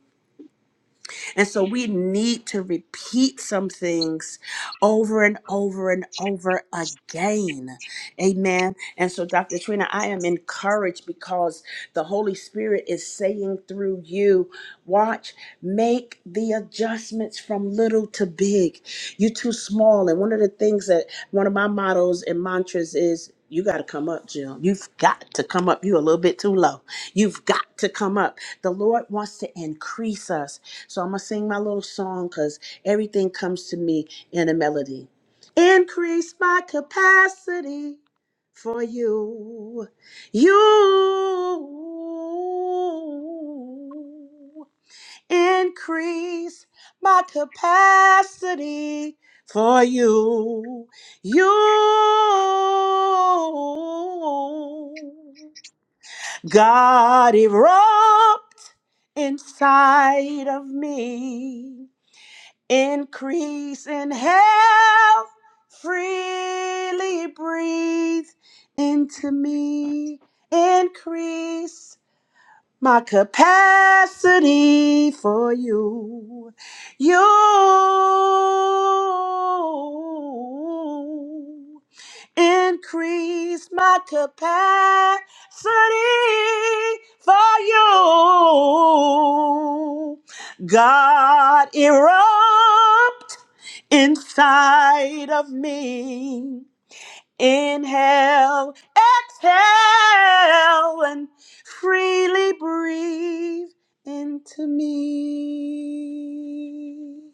S13: And so we need to repeat some things over and over and over again. Amen. And so, Dr. Trina, I am encouraged because the Holy Spirit is saying through you, watch, make the adjustments from little to big. You're too small. And one of the things that one of my mottos and mantras is, you got to come up, Jill. You've got to come up. You're a little bit too low. You've got to come up. The Lord wants to increase us. So I'm gonna sing my little song because everything comes to me in a melody. Increase my capacity for you. You increase my capacity for you. You God erupt inside of me. Increase in health, freely breathe into me. Increase my capacity for you. You. Increase my capacity for you. God erupt inside of me. Inhale, exhale, and freely breathe into me.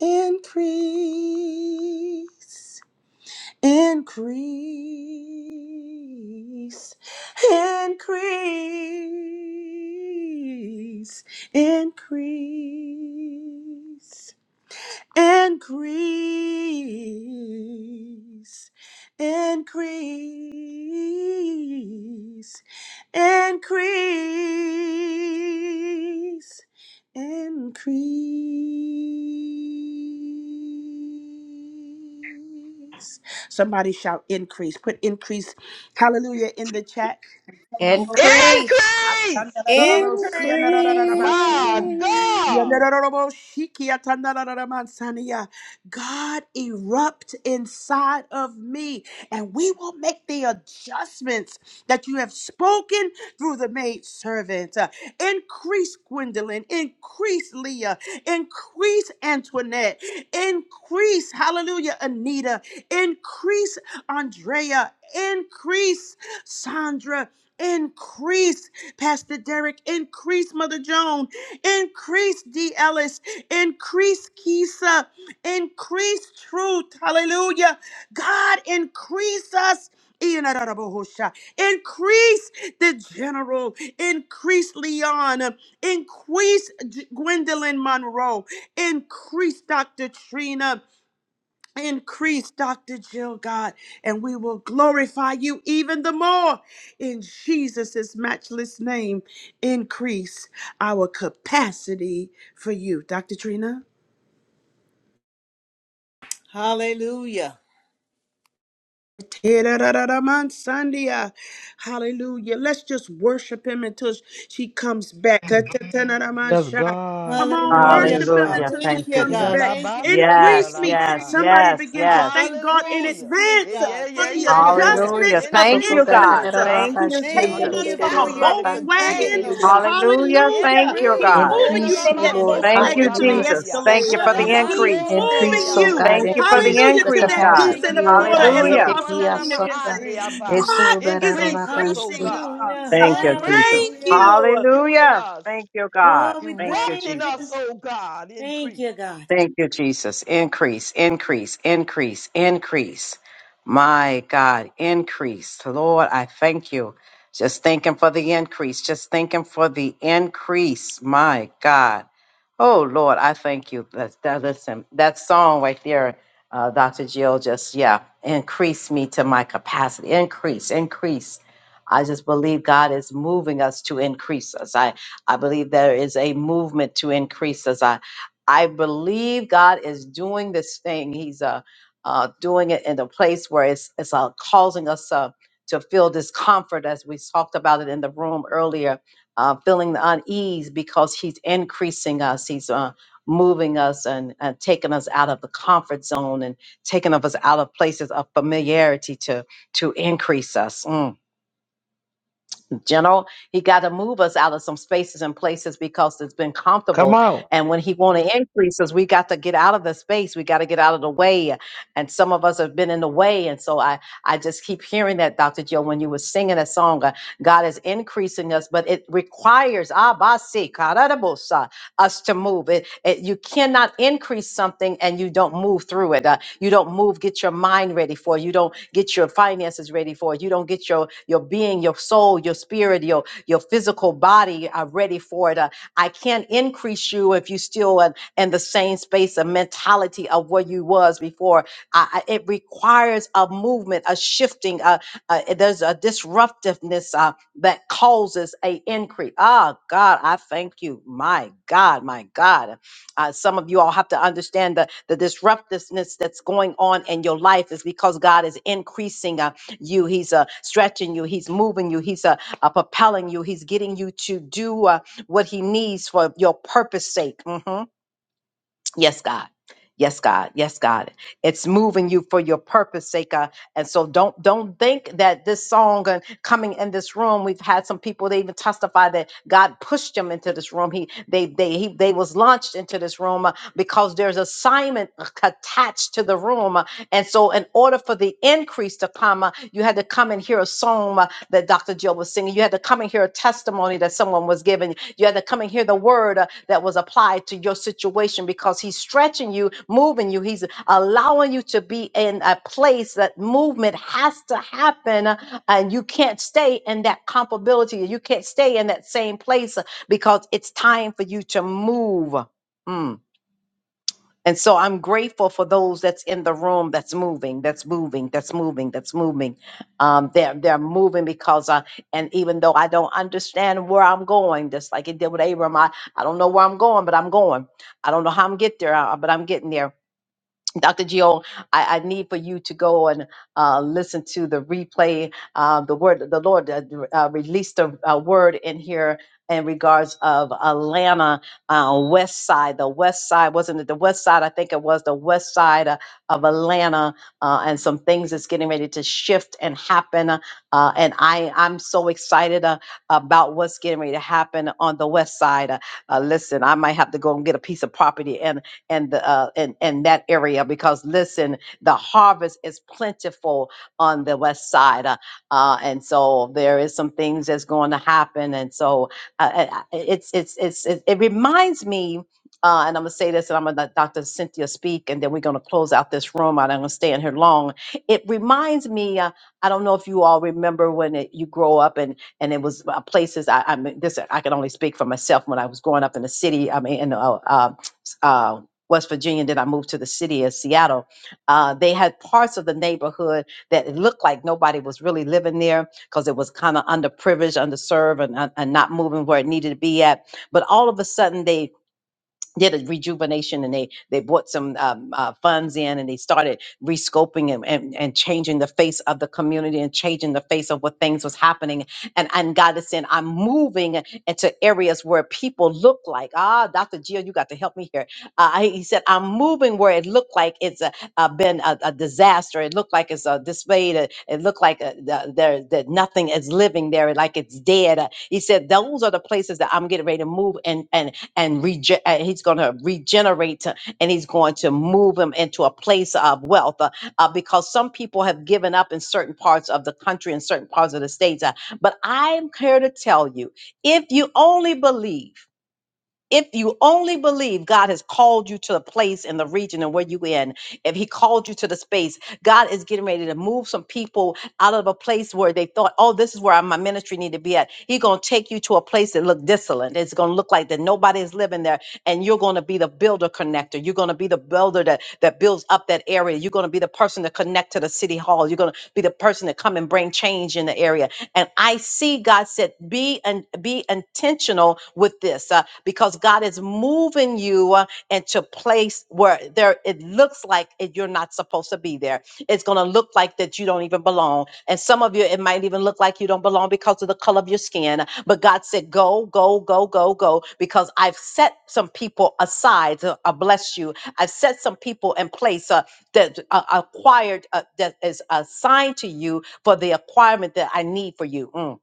S13: Increase. Increase, increase, increase. Increase, increase, increase, increase. Somebody shout increase. Put increase, hallelujah, in the chat.
S12: Increase.
S11: increase.
S9: Increase.
S11: My
S8: Increase.
S11: God.
S13: God erupt inside of me, and we will make the adjustments that you have spoken through the maid servant. Increase Gwendolyn, increase Leah, increase Antoinette, increase, hallelujah, Anita, increase Andrea, increase Sandra, increase Pastor Derek, increase Mother Joan, Increase D. Ellis. Increase Kisa. Increase truth. Hallelujah. God, increase us. Iyanarabahosha. Increase the general. Increase Leon. Increase G- Gwendolyn Monroe. Increase Dr. Trina. Increase, Dr. Jill, God, and we will glorify you even the more in Jesus' matchless name. Increase our capacity for you, Dr. Trina.
S9: Hallelujah.
S13: Te-ra-ra-ra-ra-man-sandia. Hallelujah. Let's just worship him until she comes back.
S11: Yes, God,
S13: Come on,
S9: Hallelujah.
S11: mighty
S13: worship him
S11: God.
S1: Hallelujah.
S13: until she
S9: Thank
S1: Thank
S9: you,
S1: you,
S13: comes
S9: God.
S13: back.
S1: Jesus.
S9: Thank you for your
S13: Increase
S1: Yes,
S13: me.
S1: yes,
S9: increase.
S11: Irarabasukurarabahai.
S13: Somebody
S1: yes,
S13: begin
S1: yes.
S13: to thank God in
S9: Increase
S11: Hallelujah.
S9: me,
S13: advance
S11: It- Yeah,
S9: God.
S13: for
S11: yeah,
S13: the
S9: Thank
S11: yeah,
S9: you
S11: yeah,
S9: for
S11: yeah.
S9: your
S1: Hallelujah.
S13: adjustments of
S1: Thank
S9: increase.
S1: you,
S11: Increase us,
S1: God.
S11: oh
S13: increase.
S11: God,
S1: Thank
S13: He's
S1: you,
S12: Increase
S11: our
S13: taken
S9: Thank
S1: Jesus.
S13: us
S9: you
S13: from
S9: for
S13: a
S11: capacity
S9: your
S11: to
S9: increase,
S13: Volkswagen.
S11: contain you,
S9: oh God.
S11: God.
S1: Hallelujah.
S13: Hallelujah.
S1: Thank you,
S13: He's
S9: Woo,
S11: Increase.
S1: God.
S13: moving you
S9: glory
S13: from
S12: me,
S9: to
S13: that
S9: your name.
S12: Lord.
S1: Thank you,
S13: Volkswagen to
S12: Hallelujah.
S13: the
S1: Jesus.
S11: Enanamasukorabandia.
S1: Thank
S12: Increase
S13: Escalade.
S1: you for the
S12: me.
S9: Hallelujah,
S13: He's
S11: Rabando
S1: increase.
S13: moving
S12: Increase,
S11: seya,
S12: oh
S9: Lord.
S13: you.
S12: God.
S1: Thank you
S11: rolobo
S1: for the
S12: Increase
S13: Hallelujah
S12: the
S13: to
S11: sekeya.
S1: increase,
S9: I
S13: that
S1: God.
S13: deuce
S9: thank
S13: and a
S9: you
S12: capacity, oh
S13: quarter,
S12: God.
S13: as
S9: for
S1: Hallelujah.
S13: Apostle
S12: Yetekia
S9: your
S13: Trina can
S12: sata.
S13: say.
S11: Inanananasokonanamaandia ba.
S9: increase.
S13: God is
S11: Increase us, oh
S12: Esodarararabashi.
S13: increasing
S11: God.
S9: Hallelujah,
S13: us.
S1: Thank you, Jesus.
S13: Thank
S11: Increase
S9: hallelujah.
S13: you.
S11: you in
S1: Hallelujah.
S11: us.
S1: Thank you, God.
S9: Oh, we
S1: Thank you,
S11: Erupt
S9: thank
S11: in
S9: you.
S1: Jesus.
S11: us, oh God,
S9: Thank
S11: increase.
S9: you, God.
S1: Thank you, Jesus. Increase, increase, increase, increase. My God, increase. Lord, I thank you. Just thanking for the increase. Just thanking for the increase. My God. Oh, Lord, I thank you. That's, that, listen, that song right there, uh, Dr. Jill, just, yeah, increase me to my capacity. Increase, increase. I just believe God is moving us to increase us. I, I believe there is a movement to increase us. I believe God is doing this thing. He's uh, uh, doing it in a place where it's, it's uh, causing us uh, to feel discomfort, as we talked about it in the room earlier, uh, feeling the unease because He's increasing us. He's uh, moving us and, and taking us out of the comfort zone and taking of us out of places of familiarity to to increase us. Mm you know he got to move us out of some spaces and places because it's been
S11: Come
S1: comfortable
S11: on.
S1: and when he want to increase us we got to get out of the space we got to get out of the way and some of us have been in the way and so i i just keep hearing that dr joe when you were singing that song uh, god is increasing us but it requires abasi us to move. It, it- you cannot increase something and you don't move through it. Uh, you don't move, get your mind ready for. it. You don't get your finances ready for. it. You don't get your your being, your soul, your spirit, your your physical body uh, ready for it. Uh, I can't increase you if you still in, in the same space of mentality of where you was before. I, I- it requires a movement, a shifting, uh, and there's a disruptiveness uh, that causes a increase. Ah, God, I thank you. My God, my God. Uh, some of you all have to understand the, the disruptiveness that's going on in your life is because God is increasing uh, you. He's uh, stretching you. He's moving you. He's uh, uh, propelling you. He's getting you to do uh, what he needs for your purpose sake. Mhm. Yes, God. Yes, God. Yes, God. It's moving you for your purpose, sake, God. And so don't don't think that this song and coming in this room, we've had some people they even testify that God pushed them into this room. He they they he, they was launched into this room uh, because there's assignment uh, attached to the room. uh, And so in order for the increase to come, uh, you had to come and hear a song that Dr. Jill was singing. You had to come and hear a testimony that someone was giving. You had to come and hear the word uh, that was applied to your situation because he's stretching you, moving you. He's allowing you to be in a place that movement has to happen uh, and you can't stay in that comfortability. You can't stay in that same place uh, because it's time for you to move. Mm. And so I'm grateful for those that's in the room that's moving, that's moving, that's moving, that's moving. Um, they're they're moving because I and even though I don't understand where I'm going, just like it did with Abram, I, I don't know where I'm going, but I'm going. I don't know how I'm get there, uh, but I'm getting there. Dr. Gio, I, I need for you to go and uh, listen to the replay. Uh, the word, the Lord uh, uh, released a, a word in here in regards of Atlanta uh, West Side. The West Side wasn't it the West Side? I think it was the West Side uh, of Atlanta, uh, and some things that's getting ready to shift and happen. Uh, and I, I'm so excited uh, about what's getting ready to happen on the West Side. Uh, uh, listen, I might have to go and get a piece of property and the uh, and and that area because listen, the harvest is plentiful on the west side, uh, uh, and so there is some things that's going to happen, and so uh, uh, uh, it's it's it's it, it reminds me. Uh, and I'm gonna say this, and I'm gonna let Dr. Cynthia speak, and then we're gonna close out this room. I don't gonna stay in here long. It reminds me. Uh, I don't know if you all remember when it, you grow up, and and it was uh, places. I, I mean, this I can only speak for myself. When I was growing up in the city, I mean, in uh, uh, uh, West Virginia, then I moved to the city of Seattle. Uh, they had parts of the neighborhood that it looked like nobody was really living there because it was kind of underprivileged, underserved, and, and and not moving where it needed to be at. But all of a sudden, they did a rejuvenation and they they brought some um, uh, funds in and they started rescoping and, and and changing the face of the community and changing the face of what things was happening and and God is saying I'm moving into areas where people look like ah Dr. Jill you got to help me here uh, I- he said I'm moving where it looked like it's a, uh been a, a disaster it looked like it's a display it, it looked like uh the, there that nothing is living there like it's dead Uh, he said those are the places that I'm getting ready to move and and and rege- and he's going to regenerate uh, and he's going to move him into a place of wealth uh, uh, because some people have given up in certain parts of the country and certain parts of the states. uh, but I'm here to tell you if you only believe, if you only believe God has called you to a place in the region and where you in, if He called you to the space, God is getting ready to move some people out of a place where they thought, "Oh, this is where my ministry need to be at." He's gonna take you to a place that look desolate. It's gonna look like that nobody is living there, and you're gonna be the builder connector. You're gonna be the builder that that builds up that area. You're gonna be the person to connect to the city hall. You're gonna be the person to come and bring change in the area and I see God said, be and be intentional with this uh, because God is moving you uh, into place where there it looks like it, you're not supposed to be there. It's going to look like that you don't even belong. And some of you, it might even look like you don't belong because of the color of your skin. But God said, go, go, go, go, go, because I've set some people aside. to uh, bless you. I've set some people in place uh, that uh, acquired uh, that is assigned to you for the acquirement that I need for you. Mm.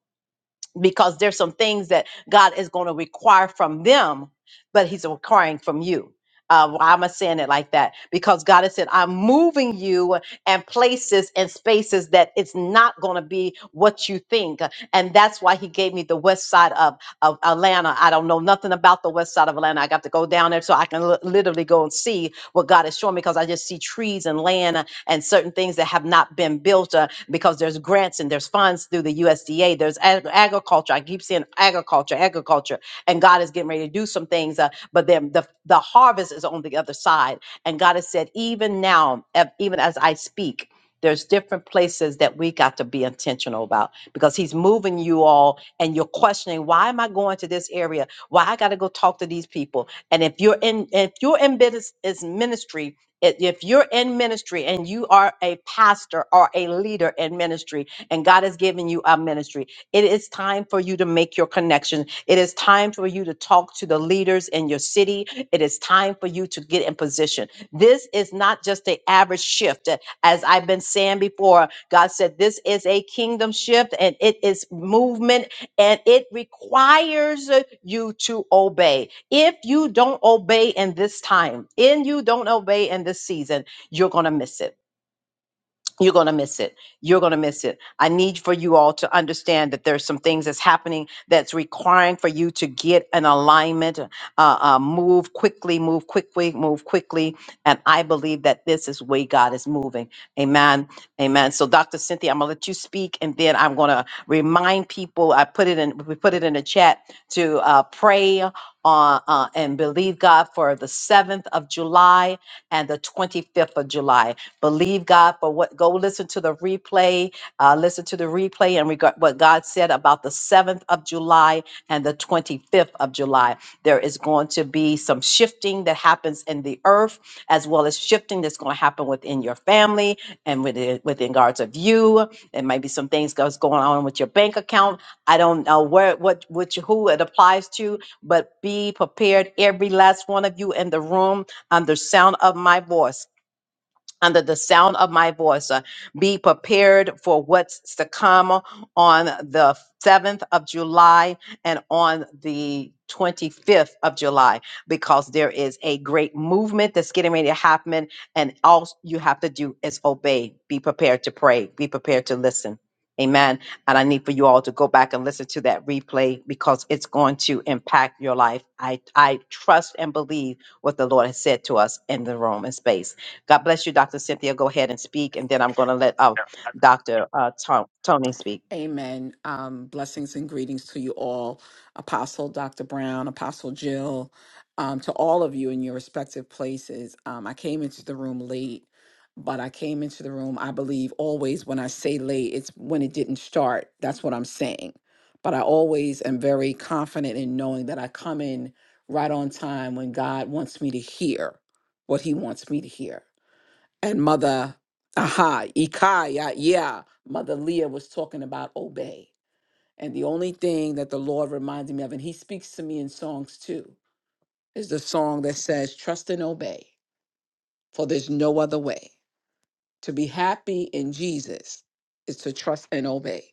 S1: Because there's some things that God is going to require from them, but He's requiring from you. Uh, why am I saying it like that? Because God has said, I'm moving you and places and spaces that it's not going to be what you think. And that's why He gave me the west side of, of Atlanta. I don't know nothing about the west side of Atlanta. I got to go down there so I can li- literally go and see what God is showing me because I just see trees and land and certain things that have not been built uh, because there's grants and there's funds through the USDA. There's ag- agriculture. I keep saying agriculture, agriculture, and God is getting ready to do some things. Uh, but then the the harvest is on the other side, and God has said, even now, ev- even as I speak. There's different places that we got to be intentional about because he's moving you all and you're questioning why am I going to this area? Why I got to go talk to these people? And if you're in if you're in business is ministry, if if you're in ministry and you are a pastor or a leader in ministry and God has given you a ministry, it is time for you to make your connection. It is time for you to talk to the leaders in your city. It is time for you to get in position. This is not just an average shift. As I've been saying before, God said this is a kingdom shift and it is movement and it requires uh, you to obey. If you don't obey in this time, and you don't obey in this season, you're going to miss it you're going to miss it. You're going to miss it. I need for you all to understand that there's some things that's happening that's requiring for you to get an alignment, uh, uh, move quickly, move quickly, move quickly. And I believe that this is the way God is moving. Amen. Amen. So, Dr. Cynthia, I'm going to let you speak, and then I'm going to remind people. I put it in. We put it in the chat to uh, pray on uh, and believe God for the 7th of July and the 25th of July. Believe God for what. Go listen to the replay. Uh, listen to the replay and regard what God said about the 7th of July and the 25th of July. There is going to be some shifting that happens in the earth, as well as shifting that's going to happen within your family and within, within regards of you. There might be some things that's going on with your bank account. I don't know where, what, which, who it applies to, but be prepared, every last one of you in the room, under sound of my voice under the sound of my voice. Uh, be prepared for what's to come on the 7th of July and on the 25th of July because there is a great movement that's getting ready to happen. And all you have to do is obey. Be prepared to pray. Be prepared to listen. Amen. And I need for you all to go back and listen to that replay because it's going to impact your life. I, I trust and believe what the Lord has said to us in the Roman space. God bless you, Dr. Cynthia. Go ahead and speak, and then I'm going to let uh, Dr. Uh, Ton- Tony speak.
S14: Amen. Um, blessings and greetings to you all, Apostle Dr. Brown, Apostle Jill, um, to all of you in your respective places. Um, I came into the room late, but I came into the room, I believe, always when I say late, it's when it didn't start. That's what I'm saying. But I always am very confident in knowing that I come in right on time when God wants me to hear what He wants me to hear and mother aha ikaya yeah yeah, mother leah was talking about obey and the only thing that the lord reminds me of and he speaks to me in songs too is the song that says trust and obey for there's no other way to be happy in jesus is to trust and obey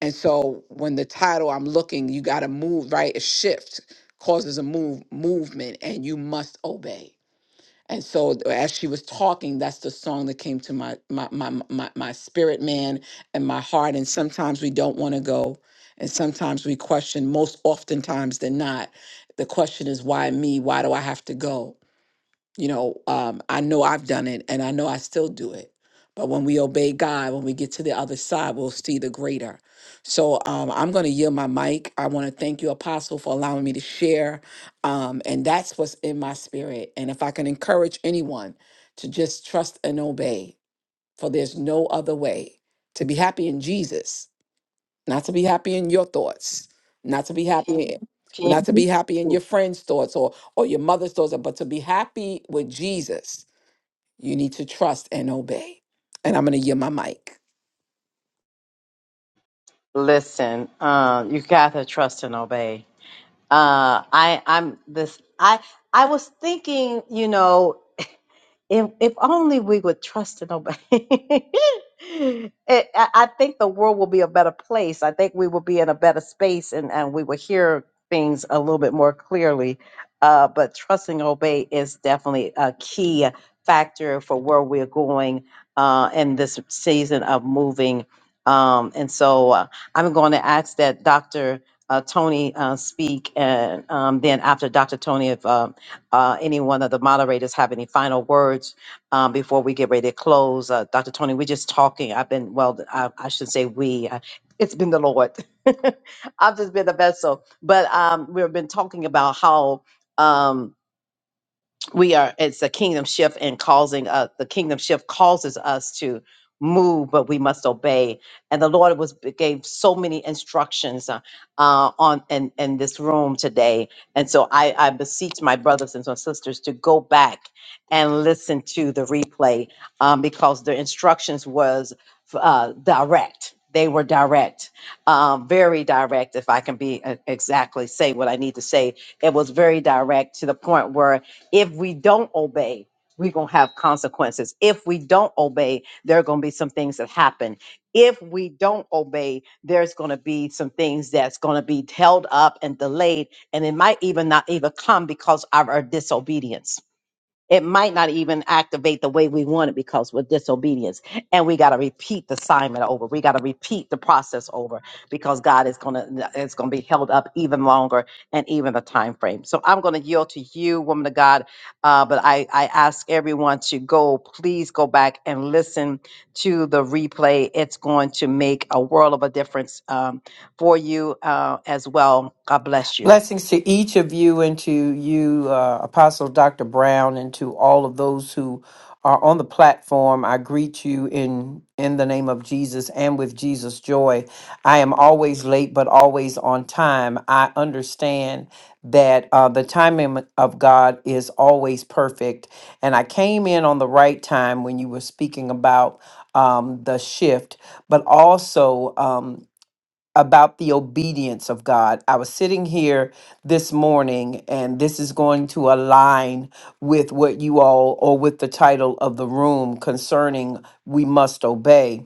S14: and so when the title i'm looking you got to move right a shift causes a move movement and you must obey And so th- as she was talking, that's the song that came to my my my my, my spirit man and my heart. And sometimes we don't want to go. And sometimes we question, most oftentimes than not, the question is why me? Why do I have to go? You know, um, I know I've done it and I know I still do it. But when we obey God, when we get to the other side, we'll see the greater. So um, I'm going to yield my mic. I want to thank you, Apostle, for allowing me to share. Um, and that's what's in my spirit. And if I can encourage anyone to just trust and obey, for there's no other way to be happy in Jesus not to be happy in your thoughts, not to be happy, in-
S1: Can
S14: not to be happy in
S1: you
S14: your friend's thoughts or or your mother's thoughts, uh, but to be happy with Jesus, you need to trust and obey. And I'm going to yield my mic.
S1: listen? Uh, you got to trust and obey. Uh, I, I'm this. I I was thinking, you know. If if only we would trust and obey. [LAUGHS] it, I I think the world will be a better place. I think we will be in a better space, and and we will hear things a little bit more clearly. Uh, but trust and obey is definitely a key factor for where we're going uh, in this season of moving. Um, and so uh, I'm going to ask that Dr. Uh, Tony uh, speak, and um, then after Dr. Tony, if uh, uh, any one of the moderators have any final words um, before we get ready to close? Uh, Dr. Tony, we're just talking. I've been, well, I, I should say we. I, it's been the Lord. [LAUGHS] I've just been the vessel. But um, we've been talking about how. Um, we are it's a kingdom shift and causing uh the kingdom shift causes us to move but we must obey and the lord was gave so many instructions uh, uh on in in this room today and so i i beseech my brothers and my sisters to go back and listen to the replay um because the instructions was uh direct they were direct um very direct if i can be uh, exactly say what i need to say it was very direct to the point where if we don't obey, we're going to have consequences. If we don't obey, there are going to be some things that happen. If we don't obey, there's going to be some things that's going to be held up and delayed, and it might even not even come because of our disobedience it might not even activate the way we want it because we're disobedience and we got to repeat the assignment over we got to repeat the process over because god is going to it's going to be held up even longer and even the time frame so i'm going to yield to you woman of god uh, but I, I ask everyone to go please go back and listen to the replay it's going to make a world of a difference um, for you uh, as well god bless you
S15: Blessings to each of you and to you, uh, Apostle Dr. Brown, and to all of those who are on the platform. I greet you in in the name of Jesus and with Jesus' joy. I am always late, but always on time. I understand that uh, the timing of God is always perfect, and I came in on the right time when you were speaking about um, the shift, but also. Um, about the obedience of God. I was sitting here this morning, and this is going to align with what you all, or with the title of the room concerning we must obey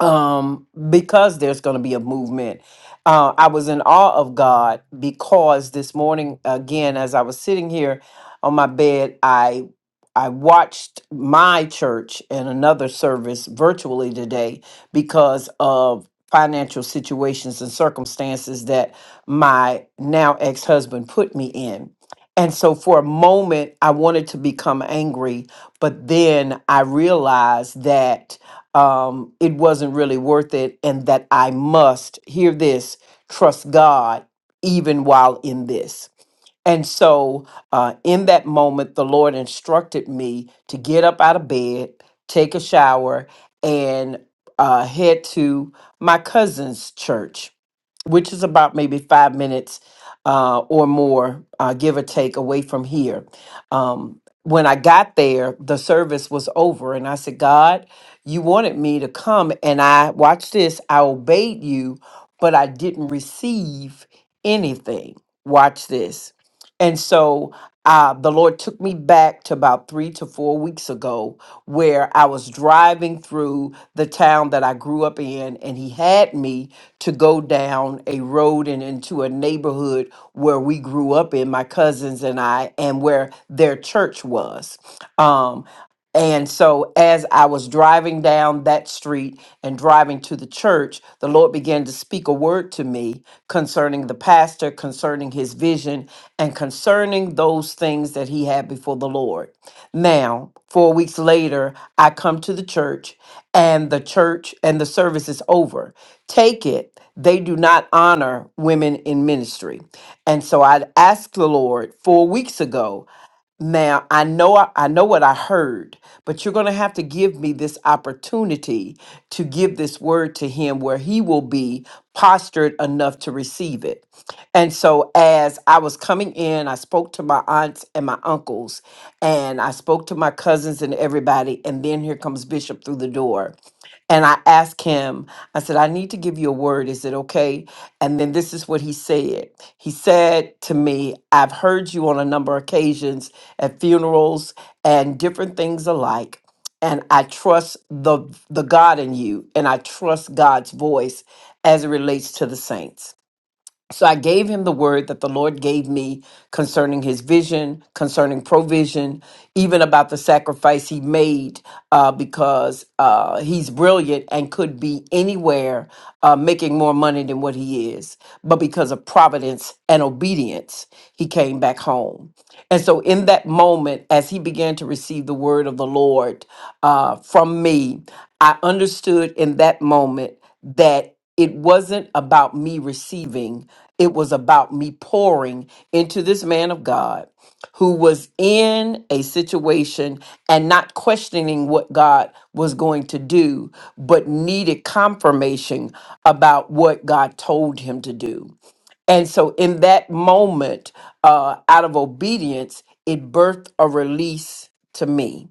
S15: um, because there's going to be a movement. Uh, I was in awe of God because this morning, again, as I was sitting here on my bed, I I watched my church and another service virtually today because of financial situations and circumstances that my now ex-husband put me in. And so for a moment I wanted to become angry, but then I realized that um, it wasn't really worth it, and that I must hear this, trust God even while in this. And so, uh, in that moment, the Lord instructed me to get up out of bed, take a shower, and uh, head to my cousin's church, which is about maybe five minutes uh, or more, uh, give or take, away from here. Um, when I got there, the service was over, and I said, God, you wanted me to come, and I, watch this, I obeyed you, but I didn't receive anything. Watch this and so uh, the Lord took me back to about three to four weeks ago, where I was driving through the town that I grew up in, and He had me to go down a road and into a neighborhood where we grew up in, my cousins and I, and where their church was. Um, and so, as I was driving down that street and driving to the church, the Lord began to speak a word to me concerning the pastor, concerning his vision, and concerning those things that he had before the Lord. Now, four weeks later, I come to the church, and the church and the service is over. Take it, they do not honor women in ministry. And so, I asked the Lord four weeks ago now, I know I, I know what I heard, but you're going to have to give me this opportunity to give this word to him where he will be postured enough to receive it. And so as I was coming in, I spoke to my aunts and my uncles and I spoke to my cousins and everybody and then here comes Bishop through the door. And I asked him, I said, I need to give you a word. Is it okay? And then this is what he said. He said to me, I've heard you on a number of occasions at funerals and different things alike. And I trust the the God in you, and I trust God's voice as it relates to the saints. So I gave him the word that the Lord gave me concerning his vision, concerning provision, even about the sacrifice he made, uh, because uh, he's brilliant and could be anywhere uh, making more money than what he is. But because of providence and obedience, he came back home. And so, in that moment, as he began to receive the word of the Lord uh, from me, I understood in that moment that it wasn't about me receiving, it was about me pouring into this man of God who was in a situation and not questioning what God was going to do, but needed confirmation about what God told him to do. And so, in that moment, uh, out of obedience, it birthed a release to me.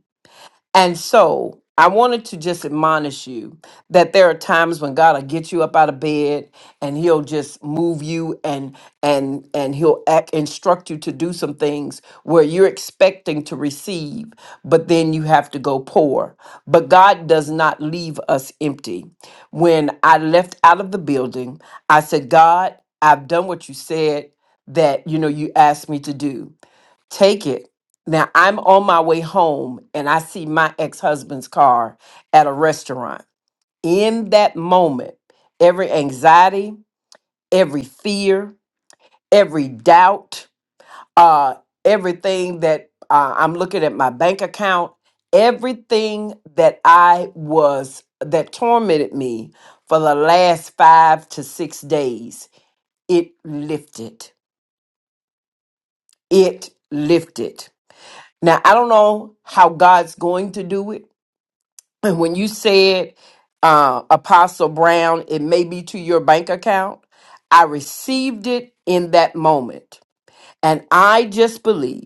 S15: And so I wanted to just admonish you that there are times when God will get you up out of bed and he'll just move you and and and he'll act, instruct you to do some things where you're expecting to receive, but then you have to go pour. But God does not leave us empty. When I left out of the building, I said, God, I've done what you said that you know you asked me to do Take it. Now I'm on my way home and I see my ex husband's car at a restaurant. In that moment, every anxiety, every fear, every doubt, uh, everything that uh, I'm looking at my bank account, everything that I was, that tormented me for the last five to six days, it lifted. It lifted. Now, I don't know how God's going to do it. And when you said, uh, Apostle Brown, it may be to your bank account, I received it in that moment. And I just believe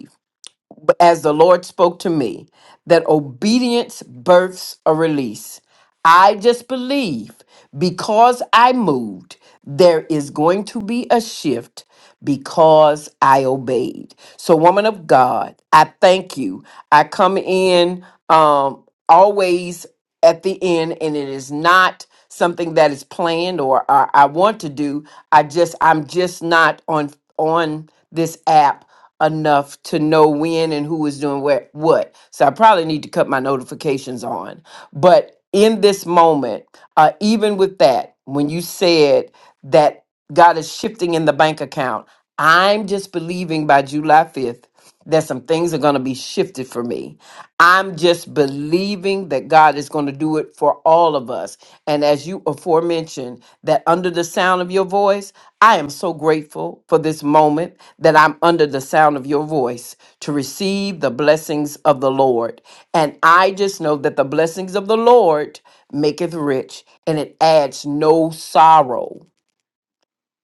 S15: as the Lord spoke to me, that obedience births a release. I just believe because I moved, there is going to be a shift because I obeyed. So, woman of God, I thank you. I come in um, always at the end and it is not something that is planned or I, I want to do i just i'm just not on on this app enough to know when and who is doing where, what so i probably need to cut my notifications on but in this moment uh, even with that when you said that god is shifting in the bank account i'm just believing by july 5th that some things are going to be shifted for me. I'm just believing that God is going to do it for all of us. And as you aforementioned, that under the sound of your voice, I am so grateful for this moment that I'm under the sound of your voice to receive the blessings of the Lord. And I just know that the blessings of the Lord maketh rich and it adds no sorrow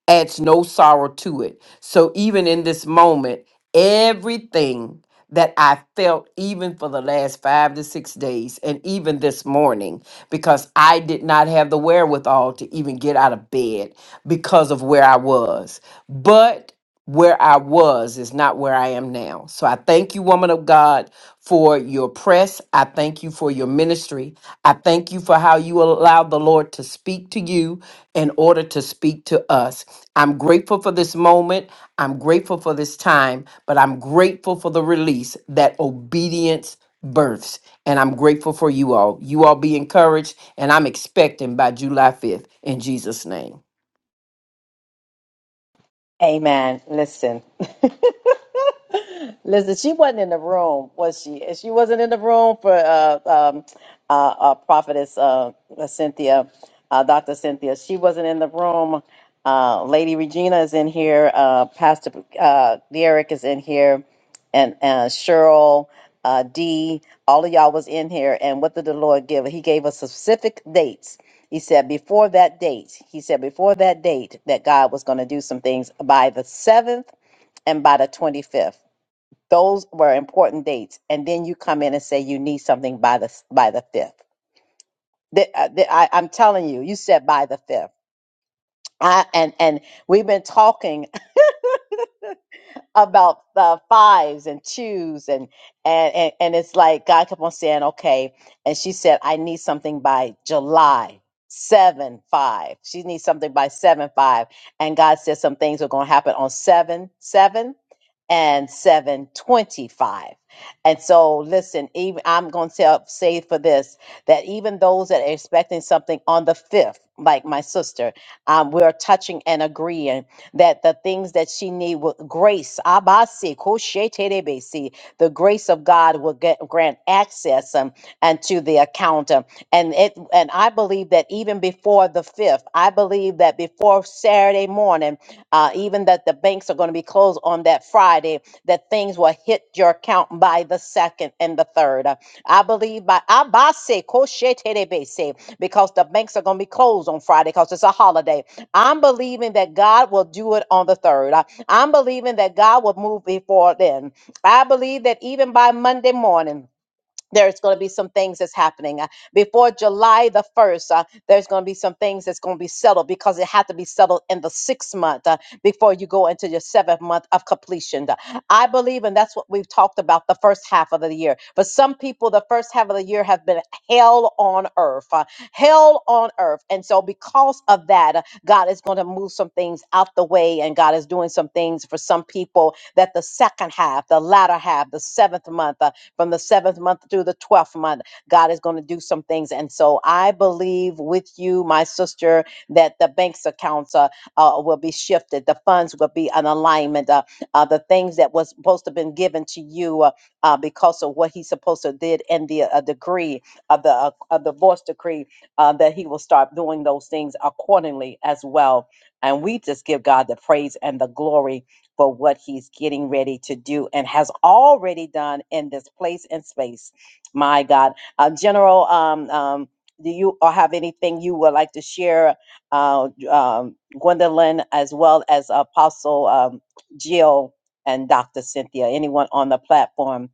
S15: adds no sorrow to it. So even in this moment, everything that I felt, even for the last five to six days, and even this morning, because I did not have the wherewithal to even get out of bed because of where I was. But where I was is not where I am now. So I thank you, woman of God, for your press. I thank you for your ministry. I thank you for how you allowed the Lord to speak to you in order to speak to us. I'm grateful for this moment. I'm grateful for this time, but I'm grateful for the release that obedience births. And I'm grateful for you all. You all be encouraged, and I'm expecting by July 5th in Jesus' name.
S1: Amen. Listen. [LAUGHS] Listen, she wasn't in the room, was she? And She wasn't in the room for uh, um, uh, uh, Prophetess uh, Cynthia, uh, Dr. Cynthia. She wasn't in the room. Uh, Lady Regina is in here. Uh, Pastor uh, Derek is in here. And uh, Cheryl, uh, D, all of y'all was in here. And what did the Lord give? He gave us specific dates he said before that date, he said before that date that God was going to do some things by the 7th and by the 25th. Those were important dates. And then you come in and say you need something by the by the 5th. The- uh, the- I, I'm telling you, you said by the 5th. I, and and we've been talking. about uh, fives and twos and, and and and it's like God kept on saying, okay. And she said, I need something by July seven five. She needs something by seven five. And God said some things are going to happen on seven seven and seven twenty five. And so, listen. Even I'm going to tell say for this that even those that are expecting something on the fifth, like my sister, um, we're touching and agreeing that the things that she need will grace abasi kosheterebesi, the grace of god will get grant access um, and to the account um, and it and i believe that even before the fifth i believe that before saturday morning uh, even that the banks are going to be closed on that friday that things will hit your account by the second and the third Uh, i believe by abasi kosheterebesi because the banks are going to be closed on friday because it's a holiday I'm believing that God will do it on the third. I- I'm believing that God will move before then. I believe that even by Monday morning, there's going to be some things that's happening Uh, before July the 1st. Uh, there's going to be some things that's going to be settled because it had to be settled in the sixth month uh, before you go into your seventh month of completion. Uh, I believe, and that's what we've talked about the first half of the year. But some people, the first half of the year have been hell on earth, uh, hell on earth. And so, because of that, uh, God is going to move some things out the way, and God is doing some things for some people that the second half, the latter half, the seventh month, uh, from the seventh month through the 12th month. God is going to do some things. And so I believe with you, my sister, that the bank's accounts uh, uh, will be shifted. The funds will be an alignment. Uh, uh, the things that was supposed to have been given to you uh, uh, because of what he supposed to did in the uh, decree of the uh, of the divorce decree uh, that he will start doing those things accordingly as well. And we just give God the praise and the glory for what he's getting ready to do and has already done in this place and space. My God. Uh, General, um, um, do you or have anything you would like to share, uh, um, Gwendolyn, as well as Apostle um, Jill and Dr. Cynthia? Anyone on the platform?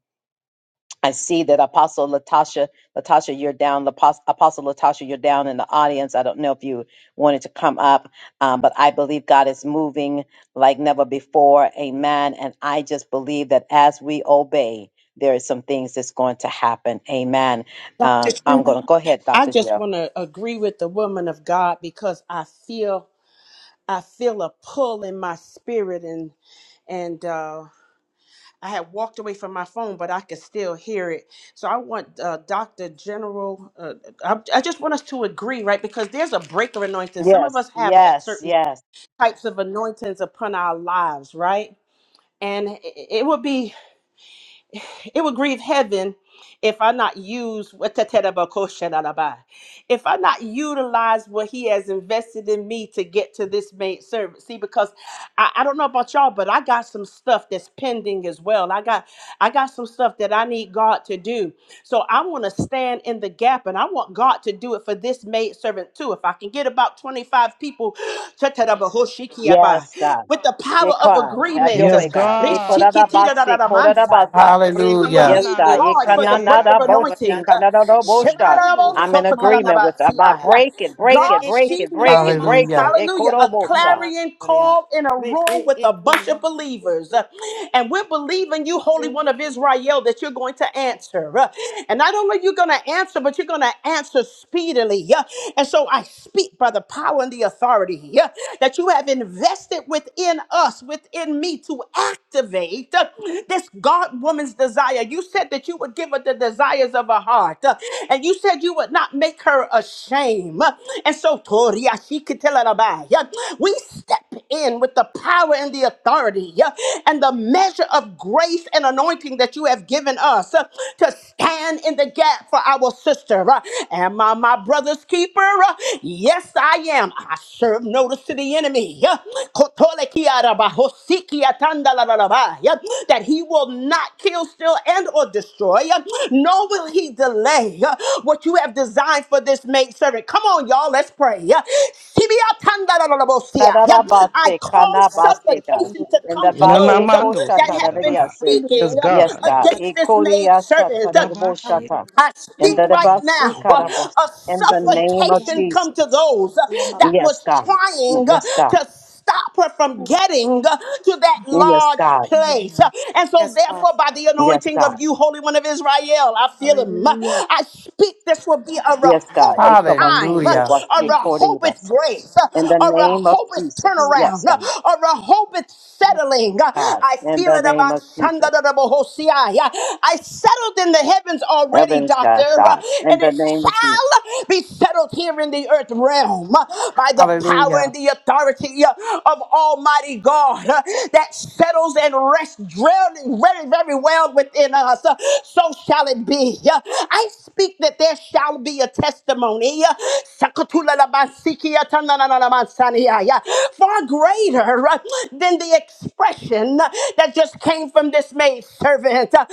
S1: I see that Apostle Latasha, Latasha, you're down. Lapos- Apostle Latasha, you're down in the audience. I don't know if you wanted to come up, um, but I believe God is moving like never before. Amen. And I just believe that as we obey, there is some things that's going to happen. Amen.
S13: Dr.
S1: Um, I'm
S13: Trina.
S1: going to go ahead,
S13: I
S1: Dr.
S13: just
S1: Jill.
S13: want to agree with the woman of God because I feel I feel a pull in my spirit and and uh, I had walked away from my phone, but I could still hear it. So I want uh, Doctor General. Uh, I, I just want us to agree, right? Because there's a breaker anointing. Some of
S1: Yes,
S13: us have a
S1: yes,
S13: certain
S1: yes,
S13: types of anointings upon our lives, right? And it it would be it would grieve heaven if I not use if I not utilize what he has invested in me to get to this maid servant. See, because I, I don't know about y'all, but I got some stuff that's pending as well. I got I got some stuff that I need God to do. So I want to stand in the gap and I want God to do it for this maid servant too. If I can get about 25 people [GASPS] Chatarabahoshikiaba,
S1: yes, God.
S13: with the
S1: Yeah,
S13: power of
S1: God. Have your
S13: agreement uh,
S11: Yes,
S1: way, God. Yeah,
S11: God.
S1: Kodadabasi,
S13: Reshikitidadadadamansa, yeah,
S1: Kodadabasa.
S13: to
S11: Na
S15: Hallelujah.
S1: Yes,
S9: Remiando
S13: believe
S11: na
S1: God.
S9: ko,
S11: na
S13: God for the
S9: remiando
S11: seke
S13: break
S9: sa
S13: of
S11: aba
S1: Yekananabosi,
S9: karabayan,
S13: anointing. Uh,
S9: loro
S1: kanadadobosha.
S11: abando
S1: I'm
S11: shi
S1: in
S11: aba.
S9: mamana
S1: agreement with that.
S13: Shemanarabosokotalarabasia.
S1: about
S13: Yeah.
S9: kaya.
S1: break it, break
S9: Re
S13: God,
S1: it, break
S9: eke
S13: she
S1: it,
S9: na
S1: break
S13: made,
S1: it,
S9: naman
S1: break it.
S15: Hallelujah.
S9: loro
S13: hallelujah, a
S9: kura
S1: Ekorobosa.
S9: mamana
S13: clarion
S9: kaya.
S13: call in a
S9: Re
S13: room
S9: be
S13: with a
S9: eke
S13: bunch of
S9: naman
S13: believers.
S9: loro
S13: Uh, And we're believing you, Holy One
S9: loro
S13: of
S9: ko
S13: Israel, that you're going to answer. Uh, And not only you're going to answer, but you're going to answer speedily. Yeah. And so I speak by the power and the authority yeah, that you have invested within us us within me to activate uh, this God woman's desire. You said that you would give her the desires of her heart, uh, and you said you would not make her ashamed. Uh, And so, Toria, she could tell her about yeah, We step in with the power and the authority yeah, and the measure of grace and anointing that you have given us uh, to stand in the gap for our sister. uh. Am I my brother's keeper? Uh, Yes, I am. I serve notice to the enemy yeah. Kotole kiaraba, hosiki atandalalalaba, yeah, that he will not kill, steal, and or destroy. yeah, Nor will he delay yeah, what you have designed for this maid servant. Come on, y'all, let's pray. yeah. Sibi atandalalabosia, yeah. Yeah. I
S1: Tadadabase,
S13: call
S9: kaya
S1: kanabase,
S9: tapos
S1: God.
S9: loro
S13: supplication to
S1: And
S13: come
S1: the
S13: to
S9: kura
S11: Ina Na
S9: kaya.
S1: base
S13: those uh,
S11: Inanamando
S1: kosha
S13: that have been
S11: siandabaha.
S1: tadadadiase.
S9: Ando sa
S11: Yes,
S13: speaking
S1: Yes,
S13: uh,
S11: God.
S1: God.
S13: against this
S9: karabayan,
S13: maid
S1: Ekoriacha
S13: servant. yeah.
S9: alo
S11: Itadabashi.
S1: tadegobosata.
S9: loro
S13: I
S1: And
S13: speak
S9: kura
S1: the
S13: right
S9: niya
S1: basi
S13: now uh,
S9: kaya.
S1: karabosa.
S13: a
S1: In the
S9: Ito di
S1: name of
S9: yan
S13: suffocation
S9: loro
S1: Jesus.
S13: come to those uh,
S9: kaya mapu.
S13: that
S1: Yes,
S13: was
S1: God.
S13: trying uh,
S1: Yes, God.
S13: to stop her from getting uh, to that
S1: Yes,
S13: large
S1: God.
S13: place. Uh, And so
S9: Yes, Father.
S13: therefore by the
S1: Yes,
S13: anointing
S1: God.
S13: of you Holy One of Israel, I feel him. Uh,
S9: Hallelujah.
S13: I speak this will be a
S1: Yes, God.
S13: Rehoboth
S1: Ekabasi,
S13: time, uh, a
S1: tobasi,
S9: Thank you.
S13: Rehoboth
S1: koribasa.
S13: grace,
S1: In the
S13: uh, a
S1: name of
S13: Rehoboth
S1: Jesus. Yes,
S13: turnaround, uh,
S1: God.
S13: a Rehoboth settling. Uh,
S1: God.
S13: I
S1: In
S13: feel
S1: the name
S13: it
S1: of Jesus.
S13: I settled in the heavens already,
S1: heavens,
S13: Doctor,
S1: God.
S13: uh,
S1: God. In
S13: and
S1: the
S13: it
S1: name of Jesus.
S13: shall be settled here in the earth realm uh, by the
S15: Hallelujah.
S13: power and the authority uh, of Almighty God uh, that settles and rests drilled very, very well within us. Uh, So shall it be. Uh, I speak that there shall be a testimony. uh, Sakatula la basikia tanana mansania, yeah. For far greater uh, than the expression uh, that just came from this maid servant. Make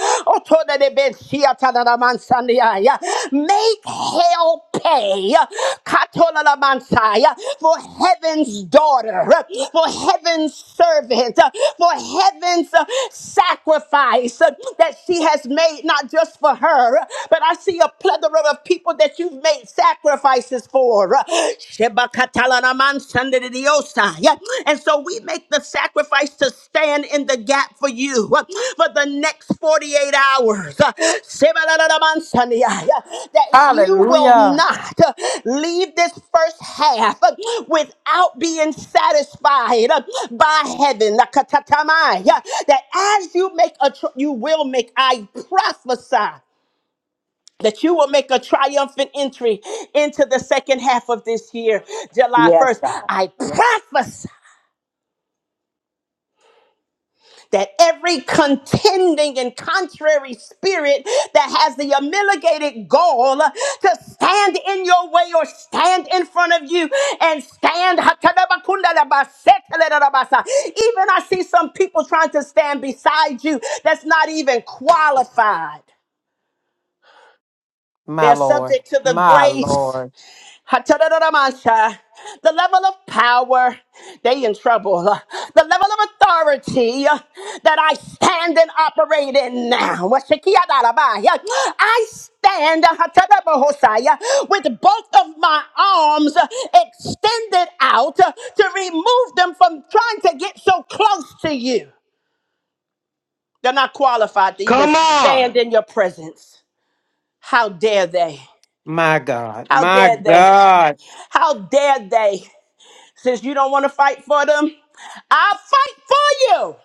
S13: hell pay uh, Katolalabansai, uh, for heaven's daughter, uh, for heaven's servant, uh, for heaven's uh, sacrifice uh, that she has made, not just for her, but I see a plethora of people that you've made sacrifices Christ is for. Uh, Shebakatalanamansandididiosai. Yeah. And so we make the sacrifice to stand in the gap for you uh, for the next 48 hours. Uh, Sebalalalamansandia. Yeah. That you will
S15: Hallelujah.
S13: not uh, leave this first half uh, without being satisfied uh, by heaven. Lakatatamai. Yeah. That as you make a, tr- you will make, I prophesy that you will make a triumphant entry into the second half of this year, July
S1: Yes,
S13: 1st.
S1: God.
S13: I
S1: Yes.
S13: prophesy that every contending and contrary spirit that has the humiliated goal to stand in your way or stand in front of you and stand. Even I see some people trying to stand beside you that's not even qualified.
S15: My
S13: They're
S15: Lord.
S13: subject to the
S15: My
S13: grace.
S15: Lord.
S13: ha The level of power, they in trouble. The level of authority that I stand and operate in now. wa shikia I stand ha hosaya with both of my arms extended out to remove them from trying to get so close to you. They're not qualified to even
S11: Come on.
S13: stand in your presence. How dare they?
S15: My God.
S13: How
S15: My
S13: dare they?
S15: God.
S13: How dare they? Since you don't want to fight for them, I'll fight for you.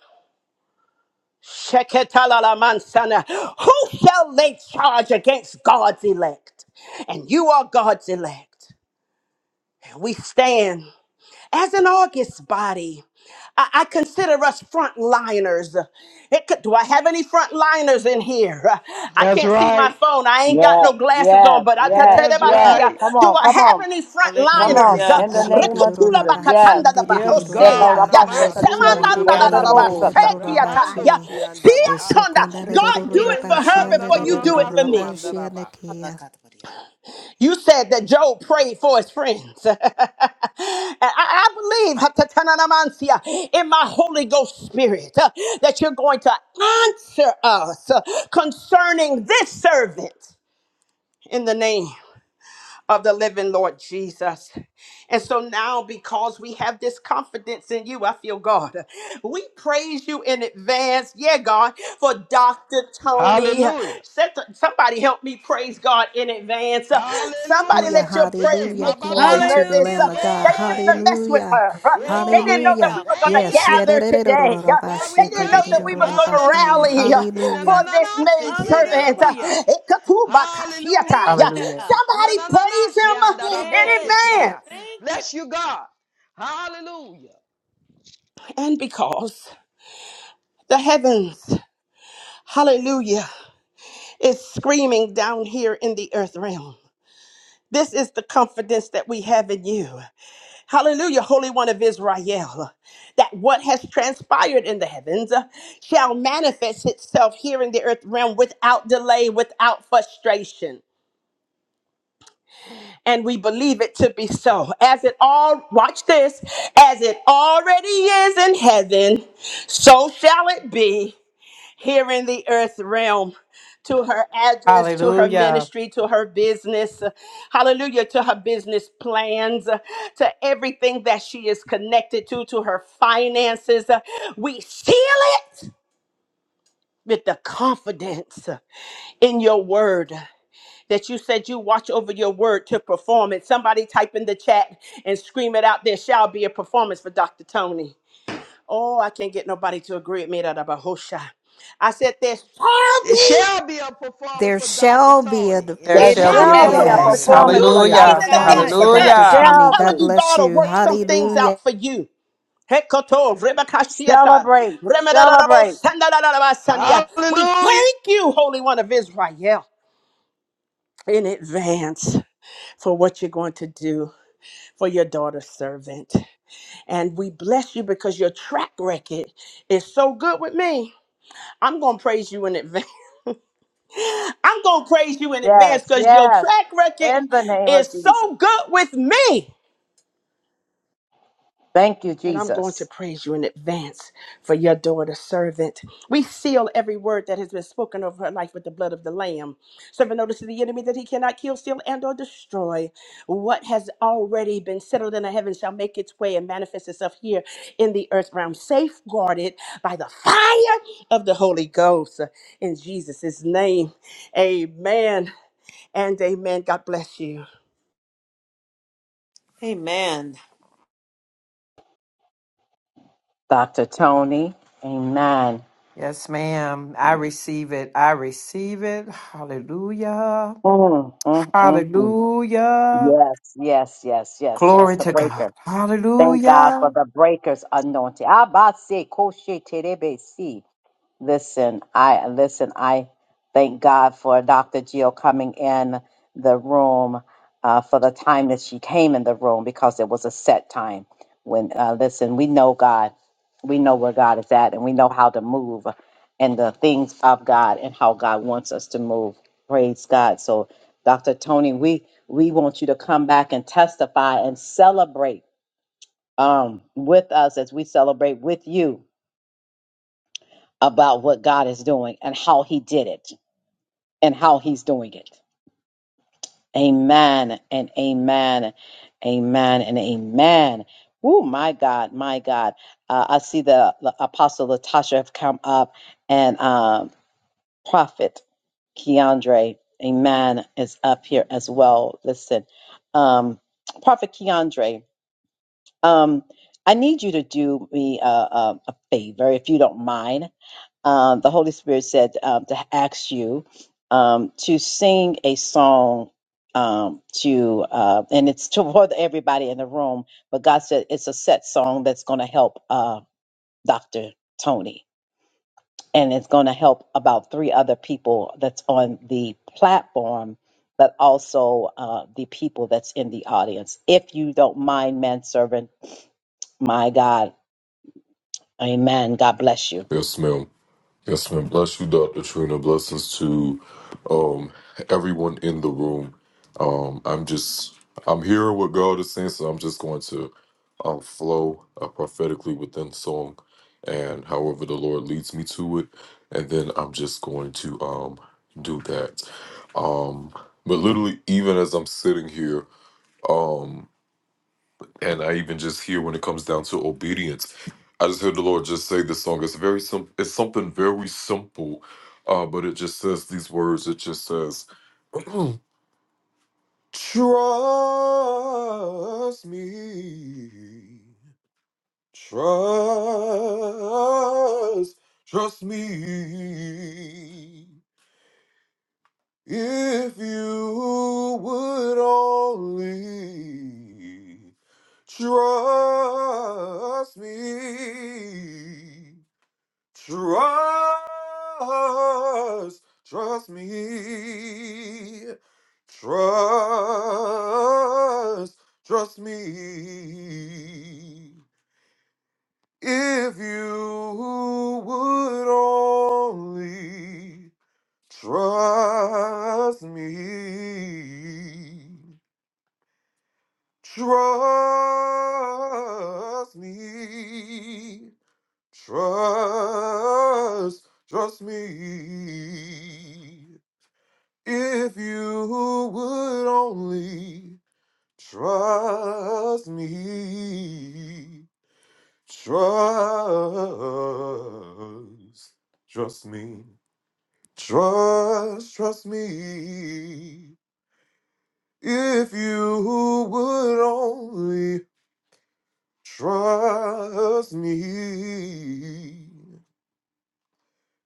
S13: Sheketalala Who shall lay charge against God's elect? And you are God's elect. We stand. As an August body, I, I consider us frontliners. It could- Do I have any frontliners in here? I
S11: That's
S13: can't see my
S11: right.
S13: phone. I ain't got no
S1: Yes.
S13: glasses on,
S1: Yes.
S13: but I tell
S1: Yes.
S13: tell them
S11: That's
S13: see.
S1: Yes.
S13: uh,
S11: right.
S1: Come
S13: Do
S1: on.
S13: I
S1: Come
S13: have
S1: on.
S13: any
S1: Come
S12: Rapa
S1: on.
S13: frontliners? Uh,
S9: Hallelujah.
S1: In the name of
S12: shekeriririro
S13: Rekutula
S1: Jesus.
S12: rapa
S1: Yes.
S13: bakatanda da
S11: Yes,
S12: shandiririro
S1: There
S11: God.
S13: bahoseya,
S1: shall
S12: rapa
S13: yeah.
S12: haya
S11: Nama
S12: de
S11: soko
S12: ki ando
S13: Semandanda da da
S12: kole
S13: da
S12: le
S11: namandia.
S12: de
S9: Hallelujah.
S12: rapa
S13: basekiata, yeah.
S11: Rabando
S12: she
S11: si andabaha.
S12: eso
S13: Siatonda.
S12: konda
S13: God, do
S11: Seke
S13: it
S12: rapa
S13: for
S12: she
S13: her
S11: nakanda
S12: anda
S13: before
S11: na
S13: you
S11: na
S13: do it
S11: na
S13: for
S11: so
S12: rapa
S13: me.
S12: she
S11: andaraba.
S12: anda
S13: You said that Job prayed for his friends. [LAUGHS] and I, I believe [LAUGHS] Hatatananamansia, in my Holy Ghost spirit uh, that you're going to answer us uh, concerning this servant in the name of the living Lord Jesus. And so now, because we have this confidence in you, I feel God. We praise you in advance, yeah, God, for Dr. Tony.
S11: Hallelujah.
S13: Set- Somebody help me praise God in advance. Uh, Somebody
S12: Hallelujah,
S11: Hallelujah.
S13: let your
S11: Hey,
S13: praise
S12: hallelujah.
S11: ba
S13: make
S11: ba
S13: hell
S12: Glory
S11: ba.
S12: to the
S13: nervous.
S12: Lamb
S9: Hallelujah,
S13: Uh,
S12: of God.
S13: They shouldn't
S9: Lord.
S13: have
S11: Glory.
S13: messed with
S12: Hallelujah,
S13: her. Uh,
S11: Yeah,
S13: They
S11: God.
S13: didn't
S9: Glory,
S13: know that
S12: hallelujah.
S13: we
S9: God.
S13: were going
S11: Thank
S13: to
S9: Thank
S11: you.
S12: Yes.
S9: you.
S13: gather
S12: Hallelujah.
S13: today. Uh,
S11: God, we
S13: They didn't know
S11: bless
S13: that
S11: you.
S9: Thank
S13: we
S9: you,
S13: was going to
S9: God.
S11: Hallelujah.
S13: rally uh,
S11: Ina
S13: for
S11: na na
S13: this
S11: na
S13: maid
S11: seke da baha.
S13: servant. Uh,
S9: Hallelujah.
S11: Hallelujah.
S13: Ikatubakashiata.
S9: Thank
S13: Yeah.
S9: you,
S15: Hallelujah.
S9: God.
S11: Ina
S13: Somebody
S11: na na na
S13: praise
S11: she
S13: him
S11: anda
S13: uh,
S11: da
S13: in
S11: bo
S9: Yes,
S11: sekeya.
S9: God.
S13: advance.
S9: Thank you.
S11: Bless you, God. Hallelujah.
S13: and because the heavens, hallelujah, is screaming down here in the earth realm. This is the confidence that we have in you. Hallelujah, Holy One of Israel, that what has transpired in the heavens uh, shall manifest itself here in the earth realm without delay, without frustration. And we believe it to be so. As it all, watch this, as it already is in heaven, so shall it be here in the earth realm to her address, to her
S15: Hallelujah.
S13: ministry, to her business. Hallelujah. To her business plans, to everything that she is connected to, to her finances. We seal it with the confidence in your word that you said you watch over your word to perform it. Somebody type in the chat and scream it out. There shall be a performance for Dr. Tony. Oh, I can't get nobody to agree with me that about Hosha. I said there shall
S11: There
S13: be.
S11: shall be a performance
S12: There
S11: for Dr.
S12: shall be
S11: Tony
S12: a,
S11: in
S15: There
S9: It
S13: This
S15: shall be
S13: shall
S15: a
S13: be a
S11: Jesus'
S1: be
S9: shall
S1: a
S13: performance.
S12: yes,
S15: performance.
S9: be.
S11: name.
S13: If
S1: performance
S13: you
S1: for
S12: hallelujah,
S9: Yes,
S13: stand
S1: Dr.
S13: in
S15: Hallelujah.
S13: the
S12: performance
S13: gap
S1: Tony.
S9: God.
S12: for
S13: for
S1: There
S13: her,
S12: Dr.
S15: Hallelujah.
S13: I'm
S12: Tony.
S1: shall
S13: telling
S12: God
S1: be.
S13: you,
S12: bless
S13: God will
S12: you.
S13: work
S9: Thank
S13: some
S9: you,
S13: things
S9: God.
S12: Hallelujah.
S13: out for you. Hekoto, rebakashiata,
S1: Celebrate.
S13: remedadadabo,
S1: Celebrate.
S13: sandadadadabasandia. We
S11: Hallelujah.
S13: thank you, Holy One of Israel, in advance for what you're going to do for your daughter servant. And we bless you because your track record is so good with me. I'm going to praise you in advance. [LAUGHS] I'm going to praise you in advance
S1: Yes.
S13: because your
S1: Yes.
S13: track record
S1: In the name
S13: is
S1: of Jesus.
S13: so good with me.
S1: Thank you,
S13: And I'm going
S1: Jesus.
S13: to praise you in advance for your daughter servant. We seal every word that has been spoken over her life with the blood of the Lamb, serving notice to the enemy that he cannot kill, steal, and or destroy. What has already been settled in the heavens shall make its way and manifest itself here in the earth realm, safeguarded by the fire of the Holy Ghost. In Jesus' name, amen and amen. God bless you.
S9: Amen.
S1: Dr. Tony. Amen.
S15: Yes, ma'am. I receive it. I receive it. Hallelujah.
S1: Mm, mm, mm, mm.
S15: Hallelujah.
S1: Yes, yes, yes, yes. That's
S15: Glory
S1: the
S15: to God.
S1: breaker. Thank God for
S15: Hallelujah.
S1: the breaker's anointing. Abba, se, koshe, terebe, si. Listen, I listen, I thank God for Dr. Jill coming in the room uh, for the time that she came in the room because it was a set time. When uh, listen, we know God, we know where God is at, and we know how to move and the things of God and how God wants us to move. Praise God. So, Dr. Tony, we we want you to come back and testify and celebrate um, with us as we celebrate with you about what God is doing and how He did it and how He's doing it. Amen and amen, amen and amen. Oh my God, my God! Uh, I see the, the Apostle Latasha have come up and um, Prophet Keandre, Amen, is up here as well. Listen, um, Prophet Keandre, um, I need you to do me a, a, a favor if you don't mind. uh, the Holy Spirit said um, to ask you um, to sing a song um, to, uh, and it's [LAUGHS] toward everybody in the room, but God said it's a set song that's going to help uh, Dr. Tony. And it's going to help about three other people that's on the platform, but also uh, the people that's in the audience. If you don't mind, manservant, my God, Amen. God bless you.
S16: Yes, ma'am. Yes, ma'am. Bless you, Dr. Trina. Blessings to um, everyone in the room. Um, I'm just, I'm hearing what God is saying, so I'm just going to um, flow uh, prophetically within song and however the Lord leads me to it. And then I'm just going to um, do that. Um, but literally, even as I'm sitting here, um, and I even just hear when it comes down to obedience. I just heard the Lord just say this song. It's very simple. It's something very simple, uh, but it just says these words. It just says, [CLEARS THROAT] "Trust me, trust, trust me. If you would only." Trust me. Trust. Trust me. Trust. Trust me. If you would only trust me. Trust me. Trust, trust me. If you would only trust me, trust, trust me, trust, trust me. If you would only trust me,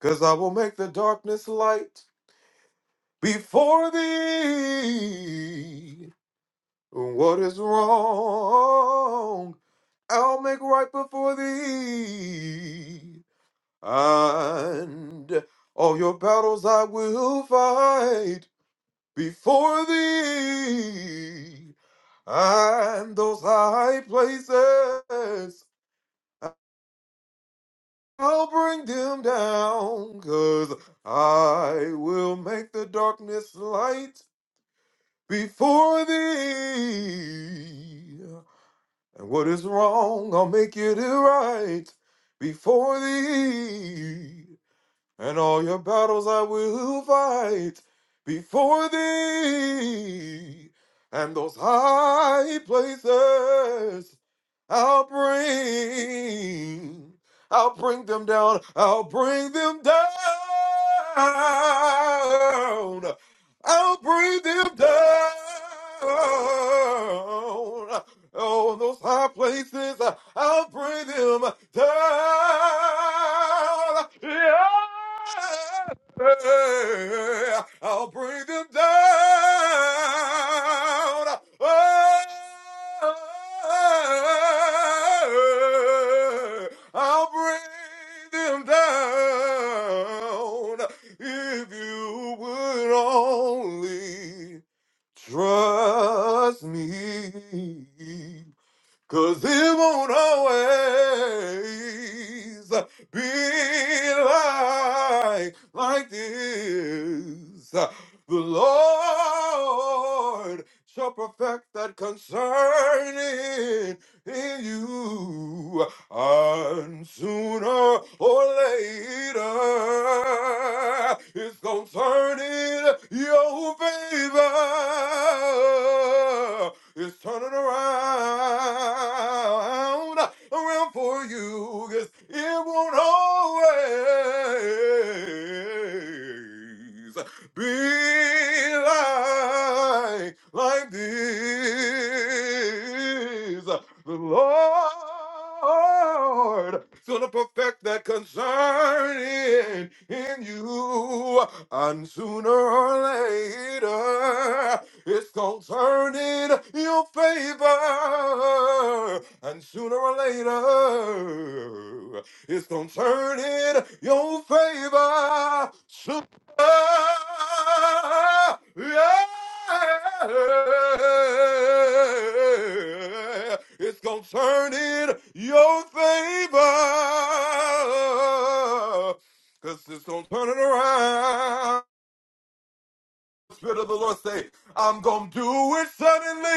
S16: cause I will make the darkness light. before thee. What is wrong, I'll make right before thee. And all your battles I will fight before thee. And those high places, I'll bring them down, 'cause I will make the darkness light before thee. And what is wrong, I'll make it right before thee and all your battles I will fight before thee, and those high places I'll bring, I'll bring them down, I'll bring them down, I'll bring them down. Oh, in those high places, uh, I'll bring them down. Yeah. I'll bring them down. Oh, I'll bring them down if you would only. Trust me. Cause it won't always be like, like this. The Lord shall perfect that concerning in you. And sooner or later, it's gonna turn in your favor. It's turning around, around for you. 'cause it won't always be like, like this. The Lord gonna perfect that concern in, in you, and sooner or later. It's gonna turn in your favor, and sooner or later, it's gonna turn in your favor. Sooner, yeah. It's gonna turn in your favor. Cause it's gonna turn it around. Spirit of the Lord say, I'm gonna do it suddenly.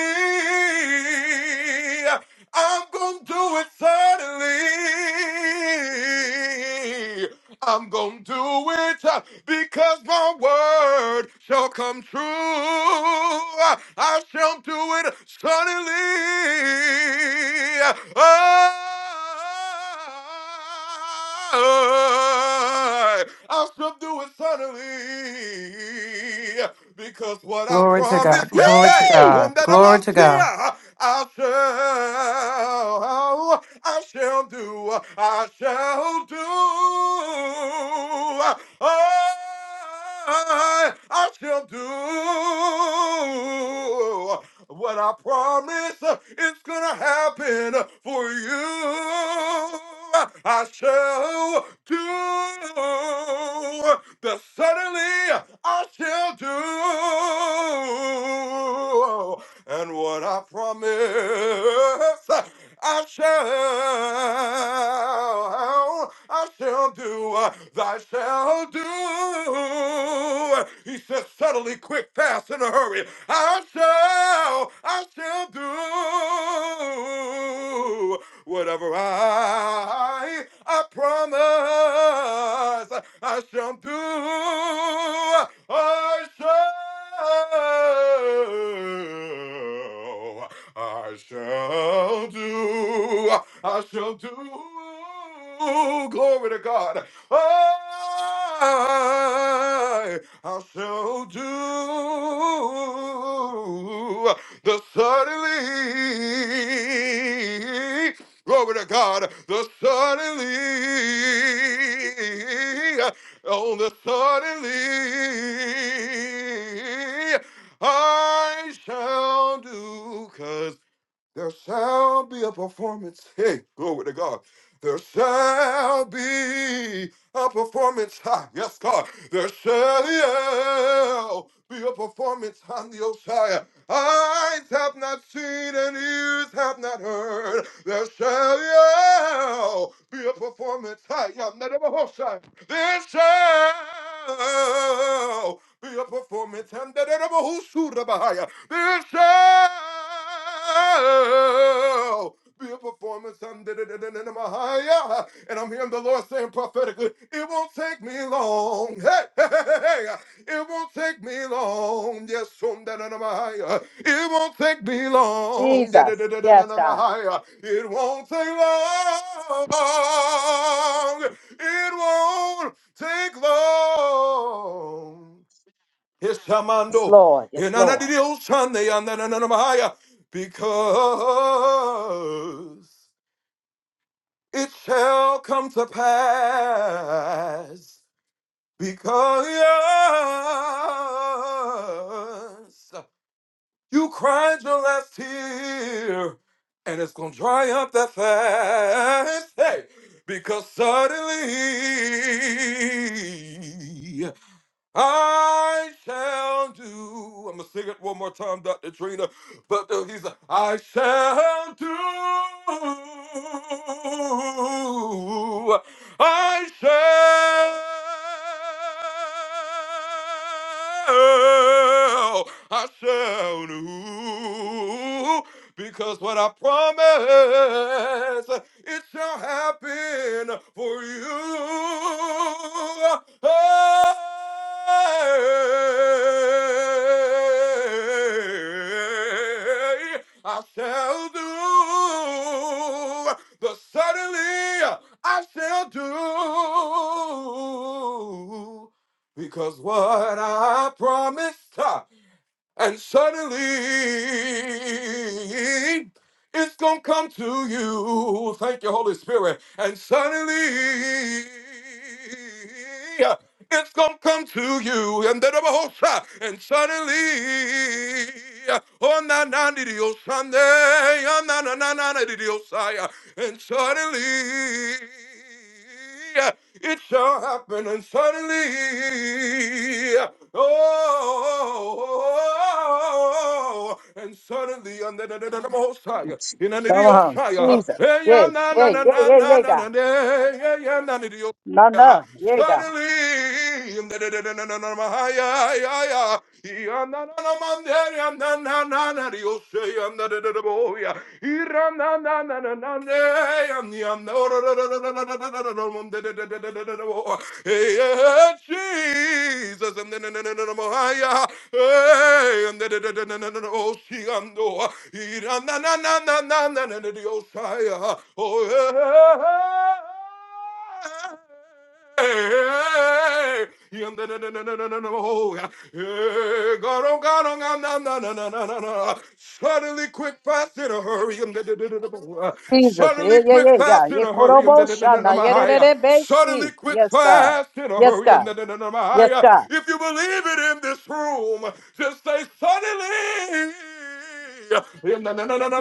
S16: I'm gonna do it suddenly. I'm gonna do it uh, because my word shall come true. I shall do it suddenly. Oh, I shall do it suddenly. Because what I
S15: Glory to God.
S16: promised,
S15: Glory to
S16: hey,
S15: God.
S11: Yee!
S16: on that I'm
S15: Glory
S16: a
S15: to God.
S16: seer, I shall, I shall do, I shall do. I, I shall do. What I promise uh, is gonna happen uh, for you. I shall do the suddenly I shall do. And what I promise I shall, I shall do, uh, I shall do. He says, suddenly, quick, fast, in a hurry. I shall, I shall do whatever I, I promise I shall do. I shall. Oh, I shall do. I shall do. Glory to God. I, I shall do the suddenly. Glory to God, the suddenly on the suddenly I shall do, 'cause. There shall be a performance. Hey, glory to God. There shall be a performance. Ha, yes, God. There shall be a performance on the Osiah. Eyes have not seen and ears have not heard. There shall be a performance. Hi, yeah, not of a Hosea. There shall be a performance. And that of a Hosea. There shall be a performance. And I'm hearing the Lord saying prophetically, it won't take me long. [LAUGHS] Hey, hey, hey, hey, hey. It won't take me long. Yes, um, it won't take me long. Yeah,
S1: Jesus. Yes, God.
S16: It won't take long. It won't take long.
S1: Yes,
S16: Ishamando.
S1: Lord. Yes, Lord.
S16: Inanadidioshande yandananamahaya. Because it shall come to pass. Because yes, you cried your last tear and it's going to dry up that fast. Hey, because suddenly. I shall do. I'm gonna sing it one more time, Dr. Trina. But the, he's like, I shall do. I shall. I shall do. Because what I promise it shall happen for you. Hey, I shall do the suddenly I shall do because what I promised. uh, and suddenly it's going to come to you. Thank you, Holy Spirit. And suddenly it's going to come to you. And then I'm a whole shot. And suddenly. Oh, na na di di, oh, Sunday. Oh, na na na na na di di, oh, Saya. And suddenly. Yeah, It shall happen and suddenly. Oh, and suddenly under the, the, the, the most high, in an
S1: Come
S16: idiot
S1: on.
S16: fire.
S1: Jesus. Yes. Yeah, yeah, yeah, yeah, God. No,
S16: Yeah.
S1: no. Yeah, God.
S16: Suddenly, oh, oh, Hey, yeah, Jesus. Na- na- Hey, oh, no. oh, Oh, yeah. God, oh God, oh God, no, no, no, no, no, no, no. Suddenly quick fast in a hurry.
S1: Jesus.
S16: Suddenly
S1: Yeah, yeah,
S16: quick
S1: yeah, God.
S16: fast in
S1: Yeah,
S16: a hurry.
S1: Korobo Shana. Yeah, yeah, yeah, yeah,
S16: Suddenly
S1: Basi.
S16: quick
S1: Yes, God.
S16: fast in a
S1: Yes,
S16: hurry.
S1: God. Yes, God.
S16: If you believe it in this room, just say suddenly.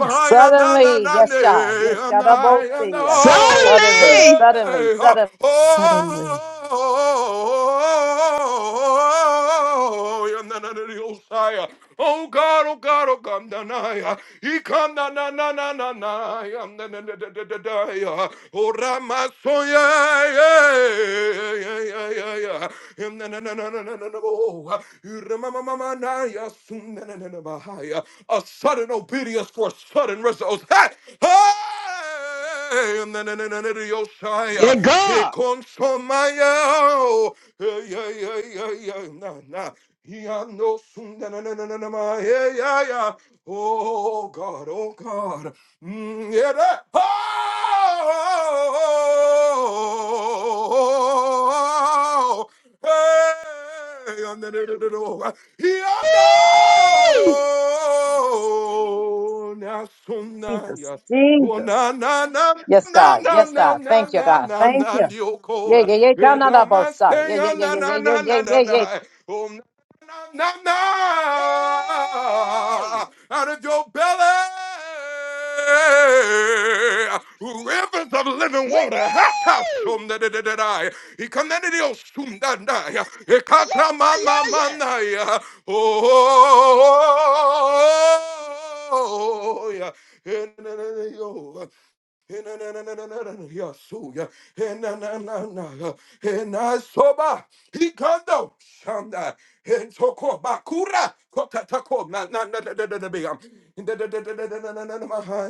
S1: Suddenly, yes, Jah, yes, God, I both see you. Suddenly,
S11: Suddenly,
S1: suddenly, suddenly,
S12: Suddenly.
S16: Oh God, oh God, oh God, na na ya. He come na na na na na na I'm na na na na na na ya. Oh Rama a sudden obedience for sudden results. Hey! Hey!
S11: yeah,
S16: Yosaya. He
S11: God.
S16: consomaya. Hey, yeah, yeah, yeah, yeah. Nah, nah. Yeah, no, soon, na, na, na, na, na, na, ma. Yeah, yeah, yeah. Oh God, oh God. Mm, yeah, that. Oh, hey, under the the- the- the- Yonder,
S11: Hey!
S16: na, suna,
S1: Jesus,
S16: ya. Oh,
S1: Jesus.
S16: na, na, na,
S1: Yes,
S16: na,
S1: God,
S16: na,
S1: yes,
S16: na,
S1: God.
S16: na,
S1: Thank you,
S16: na,
S1: God.
S16: na,
S1: Thank
S16: na,
S1: you. Yeah,
S16: yoko.
S1: yeah, yeah,
S16: Eh,
S1: God, not I both
S16: rama,
S1: saw.
S16: se,
S1: Yeah, yeah,
S16: ya,
S1: yeah,
S16: na,
S1: yeah,
S16: na,
S1: yeah, yeah,
S16: na, na,
S1: yeah,
S16: na,
S1: yeah,
S16: na.
S1: yeah.
S16: yeah. Oh, now,
S11: Hey!
S16: now, out of your belly, rivers of living
S11: Yeah!
S16: water. Hata shum da da da da da. He commanded you shum da da. He
S11: Yeah,
S16: kata ma
S11: yeah,
S16: ma ma na
S11: yeah,
S16: ya. Oh. yeah. Hinanananananananayasu, hinananana, hinasoba, hikando, shanda, hintoko, bakura, kotatako, na-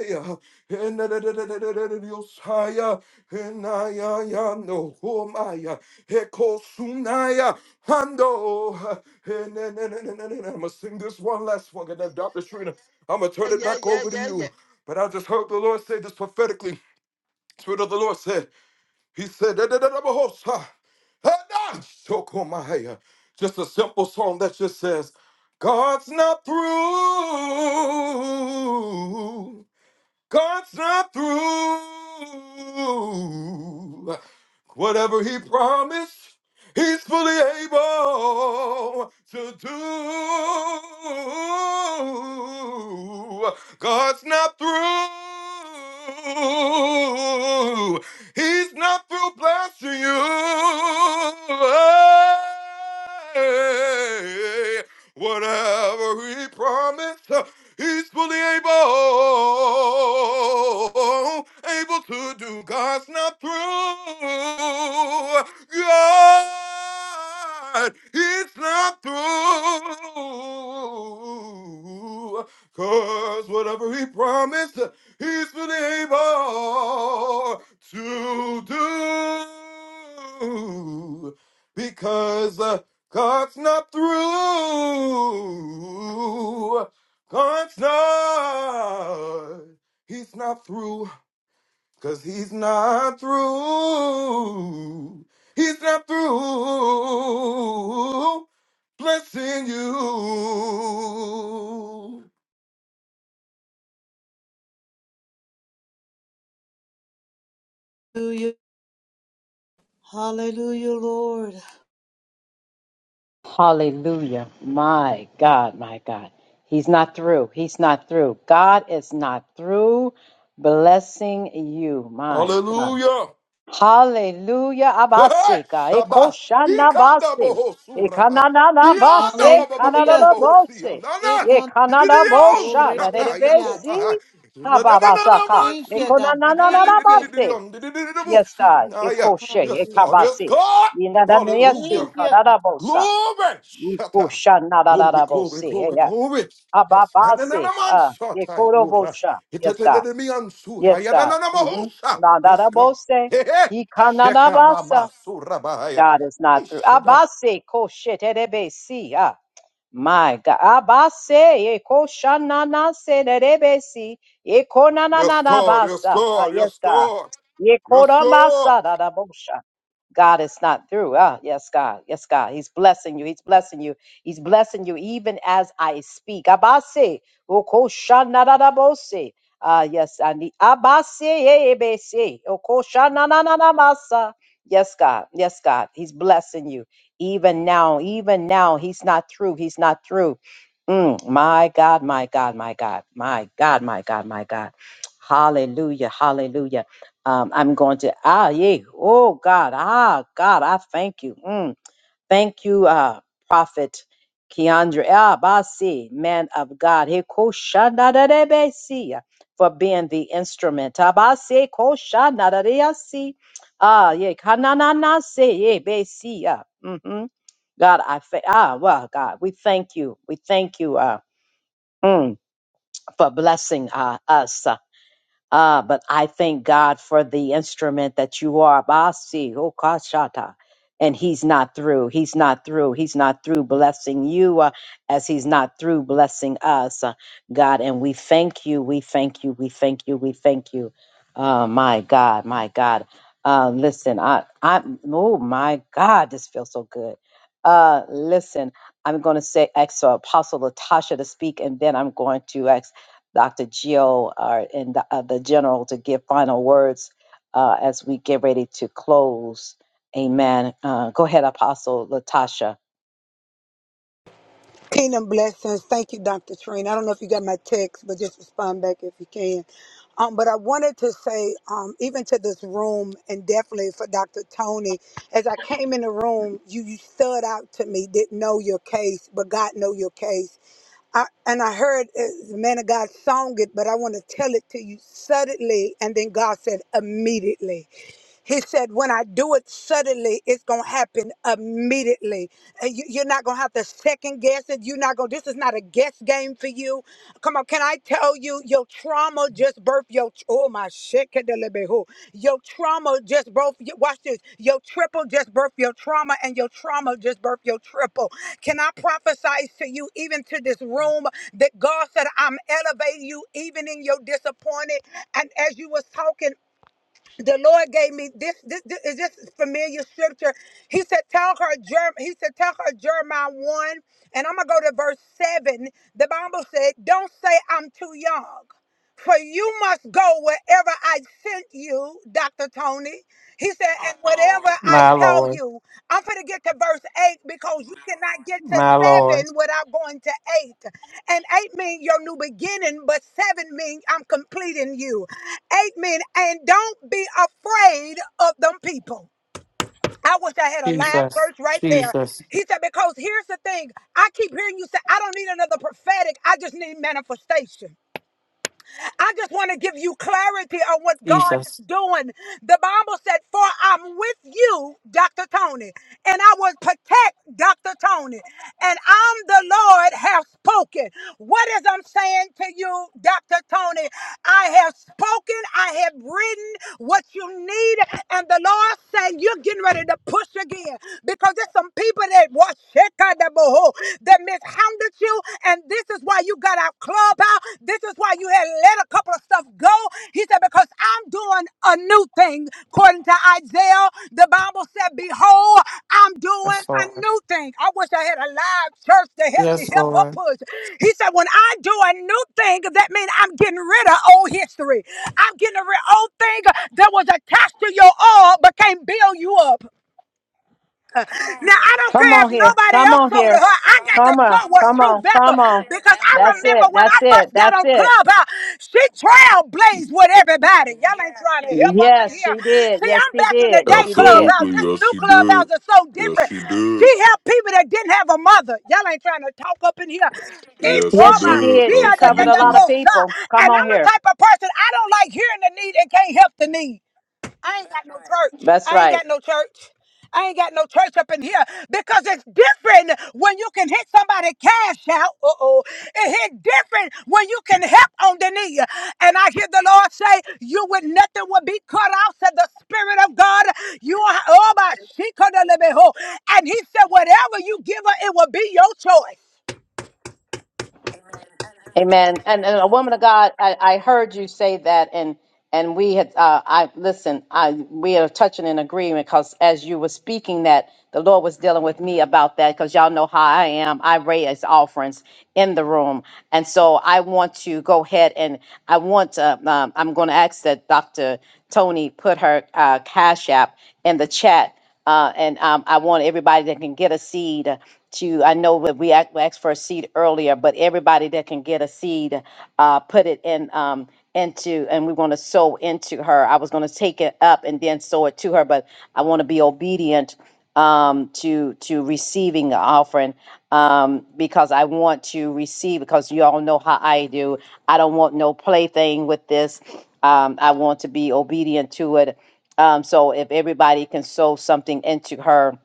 S16: yeah, so, yeah. Hey, na- na- na- na- yeah. Hey, na- na- beyam. Hindadadadadadadadadadamahaya, hindadadadadadadadadadiyosaya, hinayayano, homaya, hekosunaya, hando, hinanananananana. I'm gonna sing this one last one, and then Dr. Shrina, I'm gonna turn it
S11: yeah,
S16: back
S11: yeah,
S16: over to
S11: yeah, yeah.
S16: you. But I just heard the Lord say this prophetically. Spirit of the Lord said, He said, "Da, da, da, da, bahosa, my hair. just a simple song that just says, God's not through. God's not through. Whatever He promised, He's fully able to do. God's not through. He's not through blessing you. Hey, Whatever He promised. He's fully able, able to do God's not through. God, it's not through. Cause whatever he promised, he's fully able to do. Because uh, God's not through. God's not, he's not through, cause he's not through. He's not through blessing you.
S9: Hallelujah. Hallelujah, Lord.
S1: Hallelujah. My God, my God. He's not through. He's not through. God is not through blessing you, my God.
S16: Hallelujah.
S1: Hallelujah.
S16: [LAUGHS] Hey,
S1: Abaseka.
S16: Shabbat. He
S1: Ekoshana
S16: can't double
S1: base.
S16: ho suraba. He
S1: Ekanana
S16: on
S1: base.
S16: double bo- bo- bo- bo-
S9: Hallelujah.
S1: Kanada
S16: bo- ho see him.
S1: bose.
S16: No, no.
S1: Ye
S9: Ekan
S16: He did
S1: kanada
S16: it all.
S1: bosha.
S16: Shaka yako
S9: korebeshiata.
S1: Nadebesi.
S16: my. No, no, no, no, no,
S1: Kababasaka.
S16: man.
S9: Thank you,
S16: Suku.
S9: God.
S16: He did it,
S1: Ekonanana
S16: did
S9: Thank
S16: it,
S9: you,
S16: did
S9: God.
S16: it, did it,
S1: base.
S16: um, did it, did it, did it, oh,
S1: Yes,
S16: see,
S1: God.
S16: nah, yeah.
S1: Ekoshe.
S16: Yes, God.
S9: Hallelujah.
S16: Yes,
S1: Ekabase.
S16: God. Hallelujah.
S1: Inadanesi.
S9: Thank you, God.
S1: Kanada bosa.
S16: Glory! Shatta.
S1: Ekoshana
S16: Glory,
S1: da
S16: glory,
S1: bose.
S16: glory,
S1: Yeah.
S16: glory. Yes.
S1: Ababase.
S16: Hanananaman
S1: Ah.
S16: shatta.
S1: Ekoro
S16: Ora.
S1: bosha. Yes, God.
S16: Itatananamian
S1: Yes,
S16: suha.
S1: God. Mm-hmm.
S16: Yadananamahosa. Yes,
S1: Nadada
S16: God.
S1: bose.
S16: Hey, hey. Sheka
S1: Ikanana
S16: mama surabaya.
S1: God is not through.
S16: Ishada.
S1: Abase kosheterebe si. Ah, my God. Abase ekoshanana senerebe si.
S16: Yes,
S1: Ekonanana
S16: God. Yes,
S1: basa. Ah,
S16: God.
S1: yes,
S16: Yes,
S1: God.
S16: God. Yes, God.
S1: Yekorabasa dadabosha. God is not through. Ah, yes, God. Yes, God. He's blessing you. He's blessing you. He's blessing you even as I speak. Abase okoshanadadabose. Ah, yes, I need. Abase ebese okoshananana basa. Yes, God. Yes, God. He's blessing you. Even now, even now, he's not through. He's not through. Mm, my God, my God, my God, my God, my God, my God. Hallelujah. Hallelujah. Um, I'm going to, ah, yeah. Oh, God. Ah, God, I thank you. Mm. Thank you, uh, Prophet Keandre Abasi, man of God, He koshanadadebesi, for being the instrument. Abasi koshanadadeyasi. Ah, yeah, kanananase, yeah, besi, yeah. Mm-hmm. God, I fa- ah, well, God, we thank you. We thank you uh, mm, for blessing uh, us. uh, uh, but I thank God for the instrument that you are, Basi Okashata. And he's not through. He's not through. He's not through blessing you uh, as he's not through blessing us, uh, God. And we thank you. We thank you. We thank you. We thank you. Uh, my God. My God. Uh, listen, I, I, oh my God, this feels so good. Uh, listen, I'm going to say, ask uh, Apostle Latasha to speak, and then I'm going to ask. Dr. Gio uh, and the, uh, the general to give final words uh, as we get ready to close. Amen. Uh, go ahead, Apostle Latasha.
S17: Kingdom blessings. Thank you, Dr. Trina. I don't know if you got my text, but just respond back if you can. Um, but I wanted to say, um, even to this room, and definitely for Dr. Tony, as I came in the room, you, you stood out to me, didn't know your case, but God know your case. I, and I heard uh, the man of God song it, but I want to tell it to you suddenly. And then God said, immediately. He said, when I do it suddenly, it's going to happen immediately. And you, you're not going to have to second guess it. You're not going to, this is not a guess game for you. Come on, can I tell you, your your trauma just birthed your oh my shit. Your trauma just birthed. your- Watch this. Your triple just birthed your trauma, and your trauma just birthed your triple. Can I prophesy to you, even to this room, that God said, "I'm elevating you, even in your disappointed." And as you was talking, the Lord gave me this, this, this is this familiar scripture. He said, tell her Jerem, he said, tell her Jeremiah 1, and I'm gonna go to verse 7. The Bible said, Don't say I'm too young. For you must go wherever I sent you, Dr. Tony. He said, and whatever I
S15: My
S17: tell
S15: Lord.
S17: you, I'm going to get to verse 8 because you cannot get to
S15: My Lord.
S17: 7 without going to 8. And eight mean your new beginning, but seven mean I'm completing you. Eight mean, and don't be afraid of them people. I wish I had a live
S15: Jesus.
S17: verse right there.
S15: Jesus.
S17: He said, because here's the thing. I keep hearing you say, I don't need another prophetic. I just need manifestation. I just want to give you clarity on what God is
S15: Jesus.
S17: doing. The Bible said, For I'm with you, Dr. Tony, and I will protect Dr. Tony. And I'm the Lord have spoken. What is I'm saying to you, Dr. Tony? I have spoken, I have written what you need, and the Lord saying you're getting ready to push again because there's some people that watch that mishandled you. And this is why you got out club out. This is why you had let a couple of stuff go. He said, Because I'm doing a new thing. According to Isaiah, the Bible said, Behold, I'm doing
S15: Yes,
S17: a
S15: Lord.
S17: new thing. I wish I had a live church to help me
S15: Yes,
S17: help her
S15: Lord.
S17: push. He said, When I do a new thing, that means I'm getting rid of old history. I'm getting rid of old thing that was attached to your all but can't build you up. Now I don't
S1: Come
S17: care
S1: on
S17: if
S1: here.
S17: nobody
S1: Come
S17: else
S1: on
S17: sold to
S1: here.
S17: her. I got to
S1: Come on.
S17: sow what's
S1: Come
S17: true
S1: on. Come
S17: Bethel
S1: on.
S17: because I
S1: That's
S17: remember
S1: it.
S17: when
S1: That's
S17: I
S1: it.
S17: first got
S1: That's
S17: on
S1: it.
S17: Clubhouse, she trailblazed with everybody. Y'all ain't trying to help up in
S1: Yes,
S17: here.
S1: she did.
S17: See,
S1: Yes,
S17: I'm
S1: she
S17: back in the
S1: did.
S17: day
S1: She did.
S17: Clubhouse.
S16: Absolutely.
S17: This
S16: Yes,
S17: new
S16: she did.
S17: Clubhouse is so
S16: Yes,
S17: different.
S16: she
S17: She
S16: did.
S17: helped people that didn't have a mother. Y'all ain't trying to talk up in here. If
S16: Yes, she
S17: all
S1: Yes, she
S17: my
S16: did.
S1: did.
S17: fear
S1: She
S17: that
S1: covered
S17: that
S1: a
S17: that
S1: lot
S16: Absolutely.
S1: of
S17: both side.
S1: people. Come
S17: And I'm
S1: on
S17: the
S1: here.
S17: type of person I don't like hearing the need and can't help the need. I ain't got no church.
S1: That's
S17: I ain't
S1: right.
S17: got no church. I ain't got no church up in here because it's different when you can hit somebody cash out. Uh oh. It hit different when you can help on the knee. And I hear the Lord say, You with nothing will be cut out, said the Spirit of God. You are, oh my, she could have lived. And He said, Whatever you give her, it will be your choice.
S1: Amen. And, and a woman of God, I, I heard you say that, and and we had, uh, I listen, I we are touching in agreement because as you were speaking that, the Lord was dealing with me about that because y'all know how I am. I raise offerings in the room, and so I want to go ahead and I want to. Um, I'm going to ask that Dr. Tony put her uh, cash app in the chat uh, and um, I want everybody that can get a seed to, I know that we ac- we asked for a seed earlier, but everybody that can get a seed, uh, put it in, um, into, and we want to sow into her. I was going to take it up and then sow it to her, but I want to be obedient um to to receiving the offering um because i want to receive because you all know how i do i don't want no plaything with this um i want to be obedient to it um, so if everybody can sow something into her,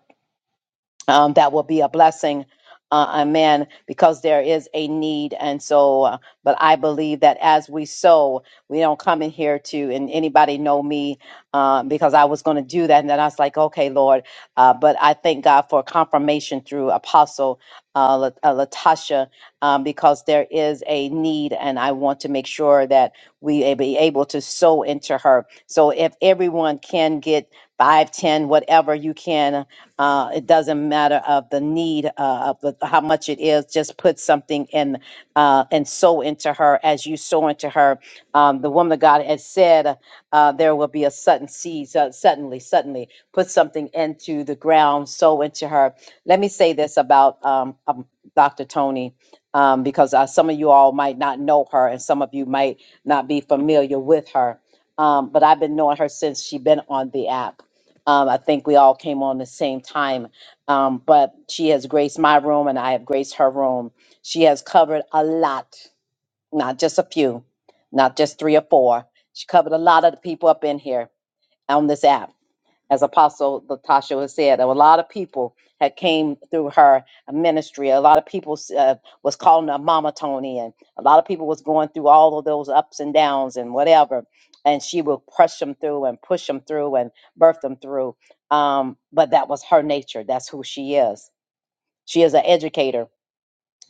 S1: um, that will be a blessing. Uh, amen. Because there is a need, and so, uh, but I believe that as we sow, we don't come in here to. And anybody know me uh, because I was going to do that, and then I was like, okay, Lord. Uh, but I thank God for confirmation through Apostle uh, La- uh, Latasha um, because there is a need, and I want to make sure that we be able to sow into her. So if everyone can get five, ten, whatever you can, uh, it doesn't matter of the need uh, of the, how much it is. Just put something in uh, and sow into her as you sow into her. Um, the woman of God has said uh, there will be a sudden seed. So suddenly, suddenly, put something into the ground, sow into her. Let me say this about um, um, Dr. Tony um, because uh, some of you all might not know her and some of you might not be familiar with her. Um, but I've been knowing her since she's been on the app. Um, I think we all came on the same time. Um, but she has graced my room and I have graced her room. She has covered a lot, not just a few, not just three or four. She covered a lot of the people up in here on this app as Apostle Latasha has said, a lot of people had came through her ministry. A lot of people uh, was calling her Mama Tony, and a lot of people was going through all of those ups and downs and whatever. And she would push them through and push them through and birth them through. Um, but that was her nature. That's who she is. She is an educator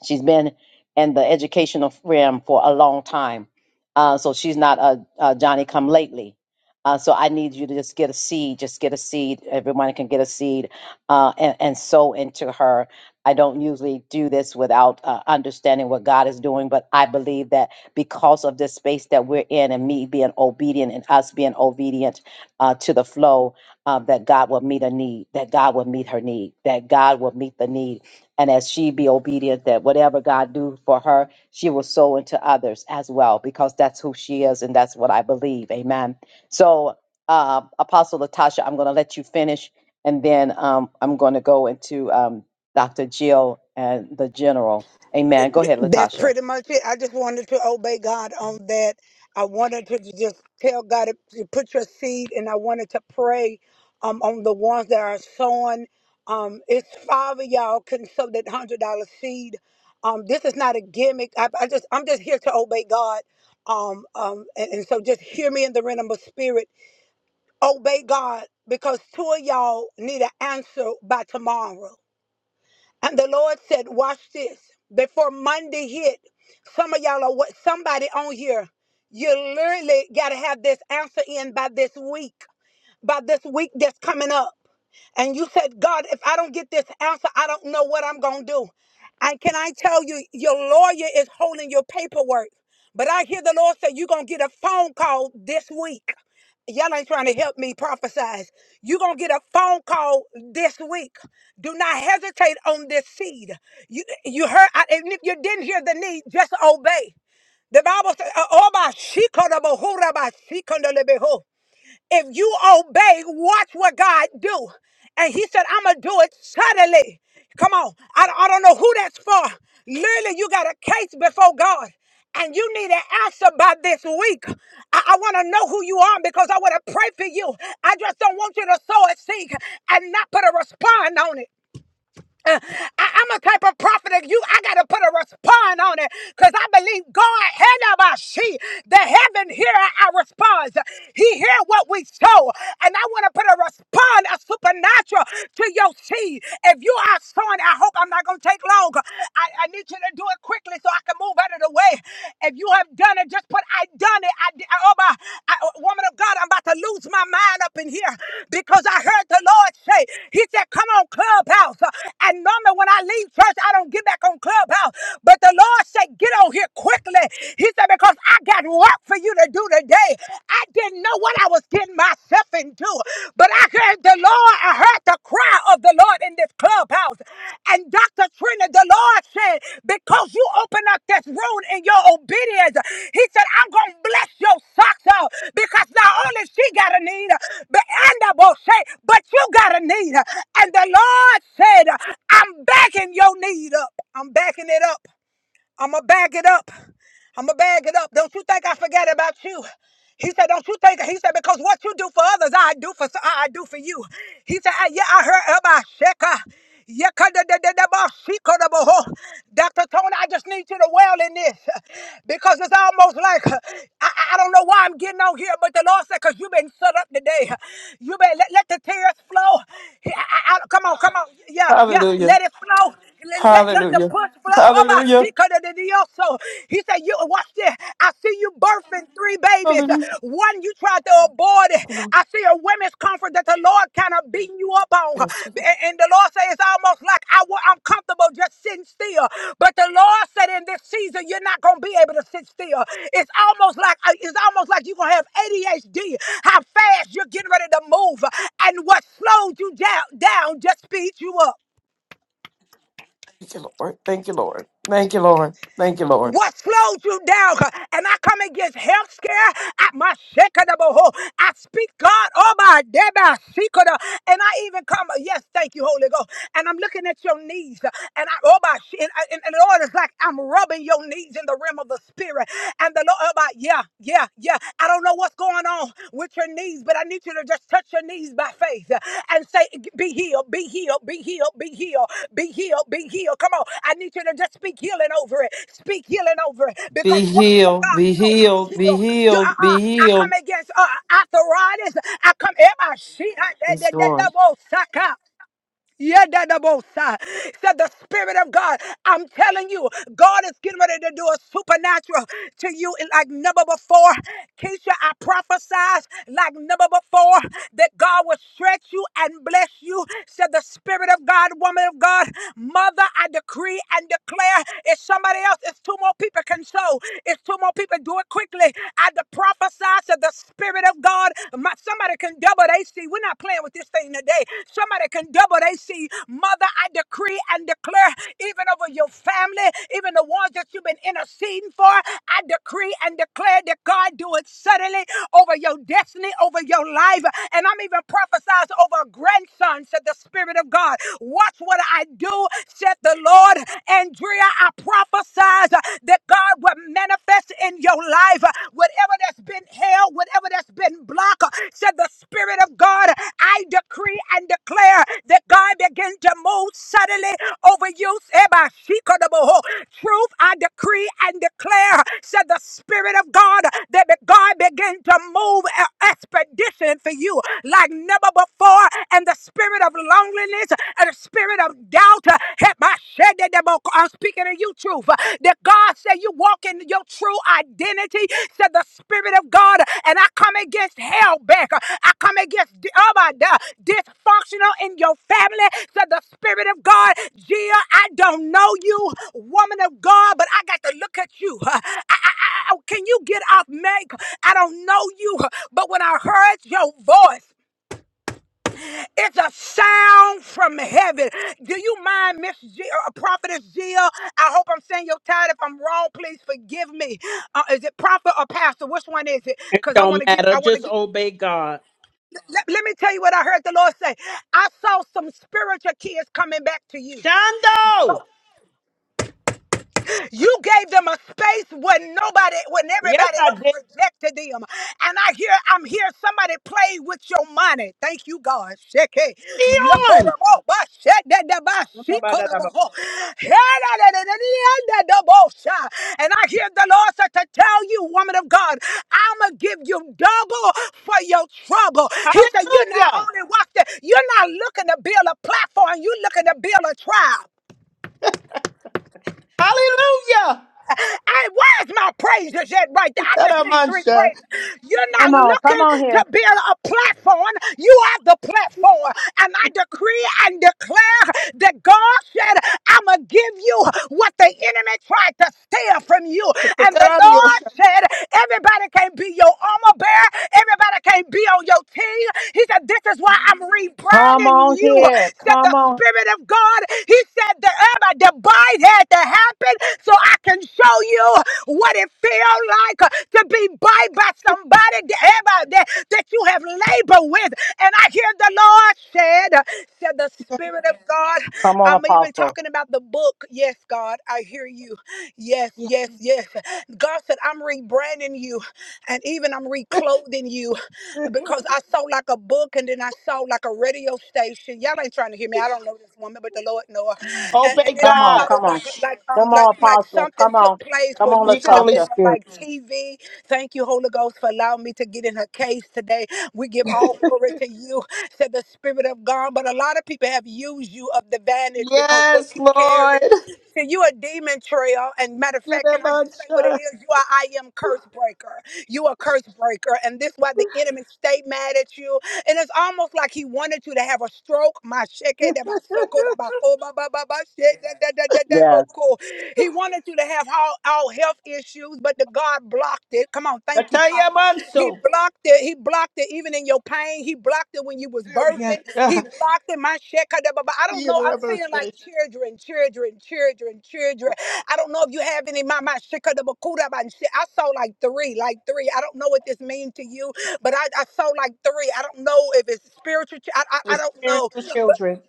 S1: She's been in the educational realm for a long time. Uh, so she's not a, a Johnny come lately. Uh, so I need you to just get a seed, just get a seed. Everyone can get a seed uh, and, and sow into her. I don't usually do this without uh, understanding what God is doing, but I believe that because of this space that we're in and me being obedient and us being obedient uh, to the flow, uh, that God will meet a need, that God will meet her need, that God will meet the need and as she be obedient that whatever god do for her she will sow into others as well because that's who she is and that's what i believe amen so uh, apostle latasha i'm going to let you finish and then um, i'm going to go into um, dr jill and the general amen go ahead
S17: That's
S1: latasha
S17: pretty much it. I just wanted to obey God on that. I wanted to just tell God to put your seed, and I wanted to pray um, on the ones that are sowing. Um, it's five of y'all can sow that hundred dollar seed. Um, this is not a gimmick. I, I just I'm just here to obey God. Um, um, and, and so just hear me in the realm of spirit. Obey God because two of y'all need an answer by tomorrow. And the Lord said, Watch this. Before Monday hit, some of y'all are what somebody on here. You literally gotta have this answer in by this week by this week that's coming up. And you said, God, if I don't get this answer, I don't know what I'm going to do. And can I tell you, your lawyer is holding your paperwork. But I hear the Lord say, you're going to get a phone call this week. Y'all ain't trying to help me prophesize. You're going to get a phone call this week. Do not hesitate on this seed. You, you heard, I- and if you didn't hear the need, just obey. The Bible says, "Oh, oh, my she could have been who, my if you obey, watch what God do. And he said, I'm going to do it suddenly. Come on. I, I don't know who that's for. Literally, you got a case before God. And you need an answer by this week. I, I want to know who you are because I want to pray for you. I just don't want you to sow a seed and not put a response on it. Uh, I, I'm a type of prophet that you, I got to put a respond on it because I believe God, she, the heaven hear our response. He hear what we sow. And I want to put a respond, a supernatural to your seed. If you are sowing, I hope I'm not going to take long. I, I need you to do it quickly so I can move out of the way. If you have done it, just put, I done it. I, did- oh my, I, woman of God. God, I'm about to lose my mind up in here because I heard the Lord say, He said, Come on, Clubhouse. And normally when I leave church, I don't get back on Clubhouse. But the Lord said, Get on here quickly. He said, Because I got work for you to do today. I didn't know what I was getting myself into, but I heard the Lord, I heard the cry of the Lord in this clubhouse. And Dr. Trina, the Lord said, because you open up this room in your obedience, He said, I'm going to bless your socks out because not only she got a need, but, and I will say, but you got a need. And the Lord said, I'm backing your need up. I'm backing it up. I'ma bag it up. I'ma bag it up. Don't you think I forget about you? He said, "Don't you think?" He said, "Because what you do for others, I do for I I do for you." He said, I, "Yeah, I heard about Sheka." Yekadadadadabasikadabaho. Dr. Tony, I just need you to well in this because it's almost like I, I I don't know why I'm getting on here, but the Lord said, because you've been set up today. You've been let, let the tears flow. He- I- I- I- come on, come on. Yeah, yeah,
S15: Hallelujah.
S17: let it flow let, let, let the
S15: Hallelujah.
S17: push flow. Oh, my
S15: Hallelujah.
S17: shit, cut it in the also. He said, You watch this. I see you birthing three babies.
S15: Hallelujah.
S17: One you tried to abort it.
S15: Hallelujah.
S17: I see a women's conference that the Lord kind of beating you up on.
S15: Yes, Lord.
S17: And, and the Lord said it's almost like I wa- I'm comfortable just sitting still. But the Lord said in this season, you're not gonna be able to sit still. It's almost like uh, it's almost like you're gonna have ADHD. How fast you're getting ready to move, and what slowed you down down just speeds you up.
S15: Thank you, Lord. Thank you, Lord. Thank you, Lord. Thank you, Lord.
S17: What slowed you down? And I come against health scare at my shekadaboho. I speak God, oh my deba shikada. And I even come, yes, thank you, Holy Ghost. And I'm looking at your knees. And I oh my shi- and, and, and the Lord is like, I'm rubbing your knees in the realm of the spirit. And the Lord, oh my, yeah, yeah, yeah. I don't know what's going on going on with your knees, but I need you to just touch your knees by faith and say, Be healed, be healed, be healed, be healed, be healed, be healed. Come on. I need you to just speak healing over it. Speak healing over it because
S15: Be
S17: what will
S15: healed.
S17: God
S15: Be
S17: do? Be
S15: healed. Be
S17: healed. You,
S15: healed.
S17: uh-uh.
S15: Be
S17: I come
S15: healed.
S17: against uh, arthritis. I come. Am I she? I, the,
S15: Yes,
S17: the,
S15: Lord.
S17: the, the, yeah, that the Yedadabosa. Said the Spirit of God. I'm telling you, God is getting ready to do a supernatural to you in like never before. Keisha, I prophesied like never before that God will stretch you and bless you. Said the Spirit of God, woman of God, mother, I decree and declare if somebody else, it's two more people can sow. It's two more people do it quickly. I de- prophesy to the Spirit of God. God. My somebody can double they see. We're not playing with this thing today. Somebody can double they see. Mother, I decree and declare, even over your family, even the ones that you've been interceding for, I decree and declare that God do it suddenly over your destiny, over your life. And I'm even prophesizing over a grandson, said the Spirit of God. Watch what I do, said the Lord. Andrea, I prophesize that God will will manifest in your life. Whatever that's been held, whatever that's been blocked, said the Spirit of God, I decree and declare that God begin to move suddenly over you. Ebashikodoboho. Truth, I decree and declare, said the Spirit of God, that God begin to move a- expedition for you like never before. And the spirit of loneliness and the spirit of doubt out. uh, Help my shed that devil. I'm speaking to you, truth. uh, That God said you walk in your true identity, said the Spirit of God. And I come against hell back. I come against di- oh my God, dysfunctional in your family, said the Spirit of God. Gia, I don't know you, woman of God, but I got to look at you. I, I, I, I- oh, can you get off make? I don't know you, but when I heard your voice, it's a sound from heaven. Do you mind, Miss G- uh, Prophetess Jill? I hope I'm saying your title. If I'm wrong, please forgive me. Uh, is it prophet or pastor? Which one is it?
S13: It
S17: Because I want
S13: don't
S17: to give.
S13: matter.
S17: I want to
S13: Just
S17: give.
S13: obey God.
S17: Let, let me tell you what I heard the Lord say. I saw some spiritual kids coming back to you.
S13: Shando!
S17: You gave them a space when nobody, when
S13: Yes,
S17: everybody
S13: I
S17: else
S13: did.
S17: rejected them. And I hear, I'm here, somebody play with your money. Thank you, God. Sheke.
S13: Be on.
S17: Yokorobo, ba, shedede, ba, shikorobo. Hedadadadadadadabosha. And I hear the Lord said to tell you, woman of God, I'ma give you double for your trouble. He said, You're not
S13: Hallelujah.
S17: only walking, you're not looking to build a platform, you're looking to build a tribe.
S13: Hallelujah.
S17: Hey, where's my praises at right there? I just need three
S13: Tadamansha.
S17: praises. You're not
S1: Come on, come
S17: looking
S1: on
S17: to
S1: here.
S17: build a platform. You are the platform. And I decree and declare that God said, I'm going to give you what the enemy tried to steal from you. And the Lord
S13: Tadadadiyosha.
S17: said, everybody can't be your armor bearer. Everybody can't be on your team. He said, this is why I'm
S1: Come
S17: rebranding
S1: on
S17: you,
S1: here.
S17: said
S1: Come
S17: the
S1: on.
S17: Spirit of God. He said, the everybody, the bite had had to happen so I can show you what it feels like to be bought by somebody that, that that you have labored with. And I hear the Lord said, said the Spirit of God.
S1: Come on,
S17: I'm even
S1: Apostle.
S17: talking about the book. Yes, God, I hear you. Yes, yes, yes. God said, I'm rebranding you and even I'm reclothing you because I saw like a book and then I saw like a radio station. Y'all ain't trying to hear me. I don't know this woman, but the Lord know her and, and
S13: Obey
S17: then
S1: Come
S17: I
S1: on,
S17: saw
S13: God.
S1: come on.
S17: like like
S1: Come
S17: um like
S1: on,
S17: like
S1: Apostle.
S17: something
S1: Come
S17: took
S1: on.
S17: place
S1: Come
S17: where
S1: on,
S17: you
S13: Speak,
S17: should have
S13: Holy
S17: been
S1: Latasha.
S17: on
S13: Spirit.
S17: like TV. Thank you, Holy Ghost, for allowing me to get in her case today. We give all glory to you, said the Spirit of God. But a lot of people have used you of the vantage because what
S13: Yes,
S17: you carry.
S13: Lord.
S17: See, you a demon trail, and matter of fact, can I just say what it
S13: Tadamansha.
S17: is? You are I am curse breaker. You a curse breaker, and this why the enemy stay mad at you and it's almost like he wanted you to have a stroke. My shake da ba soko da ba ko ba ba ba ba shake da da da da da bo
S1: Yes,
S17: ko. He wanted you to have all, all health issues, but the God blocked it. Come on, thank you, Father. He
S13: Tadayamanso.
S17: blocked it. He blocked it even in your pain. He blocked it when you was
S13: Yes,
S17: birthing. He
S13: God.
S17: blocked it. My shit. I don't know. I'm saying like
S13: Tadamasha.
S17: children, children, children, children. I don't know if you have any my my sheka da ba ku da ba and shit. I saw like three, like three. I don't know what this means to you but I, I saw like three. I don't know if it's spiritual. ch- I, I, I
S13: With
S17: don't know.
S13: spiritual children.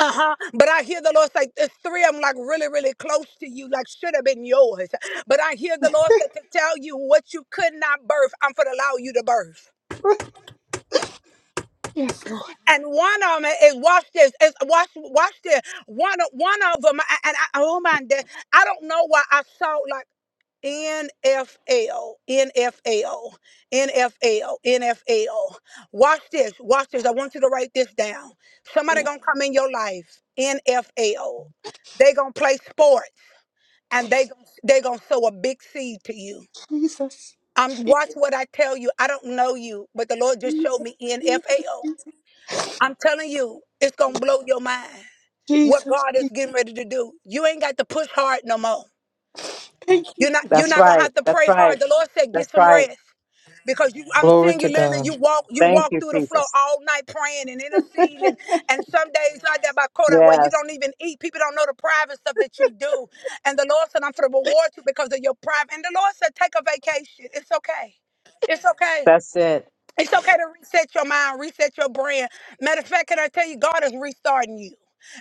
S17: Uh huh. But I hear the Lord say, there's three of them like really, really close to you, like should have been yours. But I hear the Lord say to tell you what you could not birth, I'm going to allow you to birth.
S13: Yes, Lord.
S17: And one of them is watch this. Is watch watch this. One of- one of them. And I, oh my, God, I don't know why I saw like. NFL, NFL, NFL, NFL. Watch this, watch this. I want you to write this down. Somebody
S13: Yes,
S17: gonna come in your life, NFL. They gonna play sports and they gon- they gonna sow a big seed to you.
S13: Jesus.
S17: I'm watch what I tell you. I don't know you, but the Lord just showed
S13: Jesus.
S17: me
S13: Jesus.
S17: NFL.
S13: Jesus.
S17: I'm telling you, it's gonna blow your mind. What
S13: Jesus.
S17: God is getting ready to do. You ain't got to push hard no more.
S13: Thank you.
S17: You're not you're
S1: that's
S17: not gonna
S1: right.
S17: have to
S1: That's
S17: pray
S1: right.
S17: hard. The Lord said, get
S1: That's
S17: some
S1: right.
S17: rest. because you I'm
S15: Glory
S17: seeing you
S15: to
S17: literally you
S15: God.
S17: walk you
S1: Thank
S17: walk
S1: you,
S17: through the floor
S1: Jesus.
S17: all night praying and
S13: [LAUGHS]
S17: interceding and, and some days like that by quota where you
S1: Yes,
S17: don't even eat. People don't know the private stuff that you do. And the Lord said, I'm for the reward you because of your private and the Lord said, Take a vacation. It's okay. It's okay.
S1: that's it.
S17: It's okay to reset your mind, reset your brand. Matter of fact, can I tell you, God is restarting you.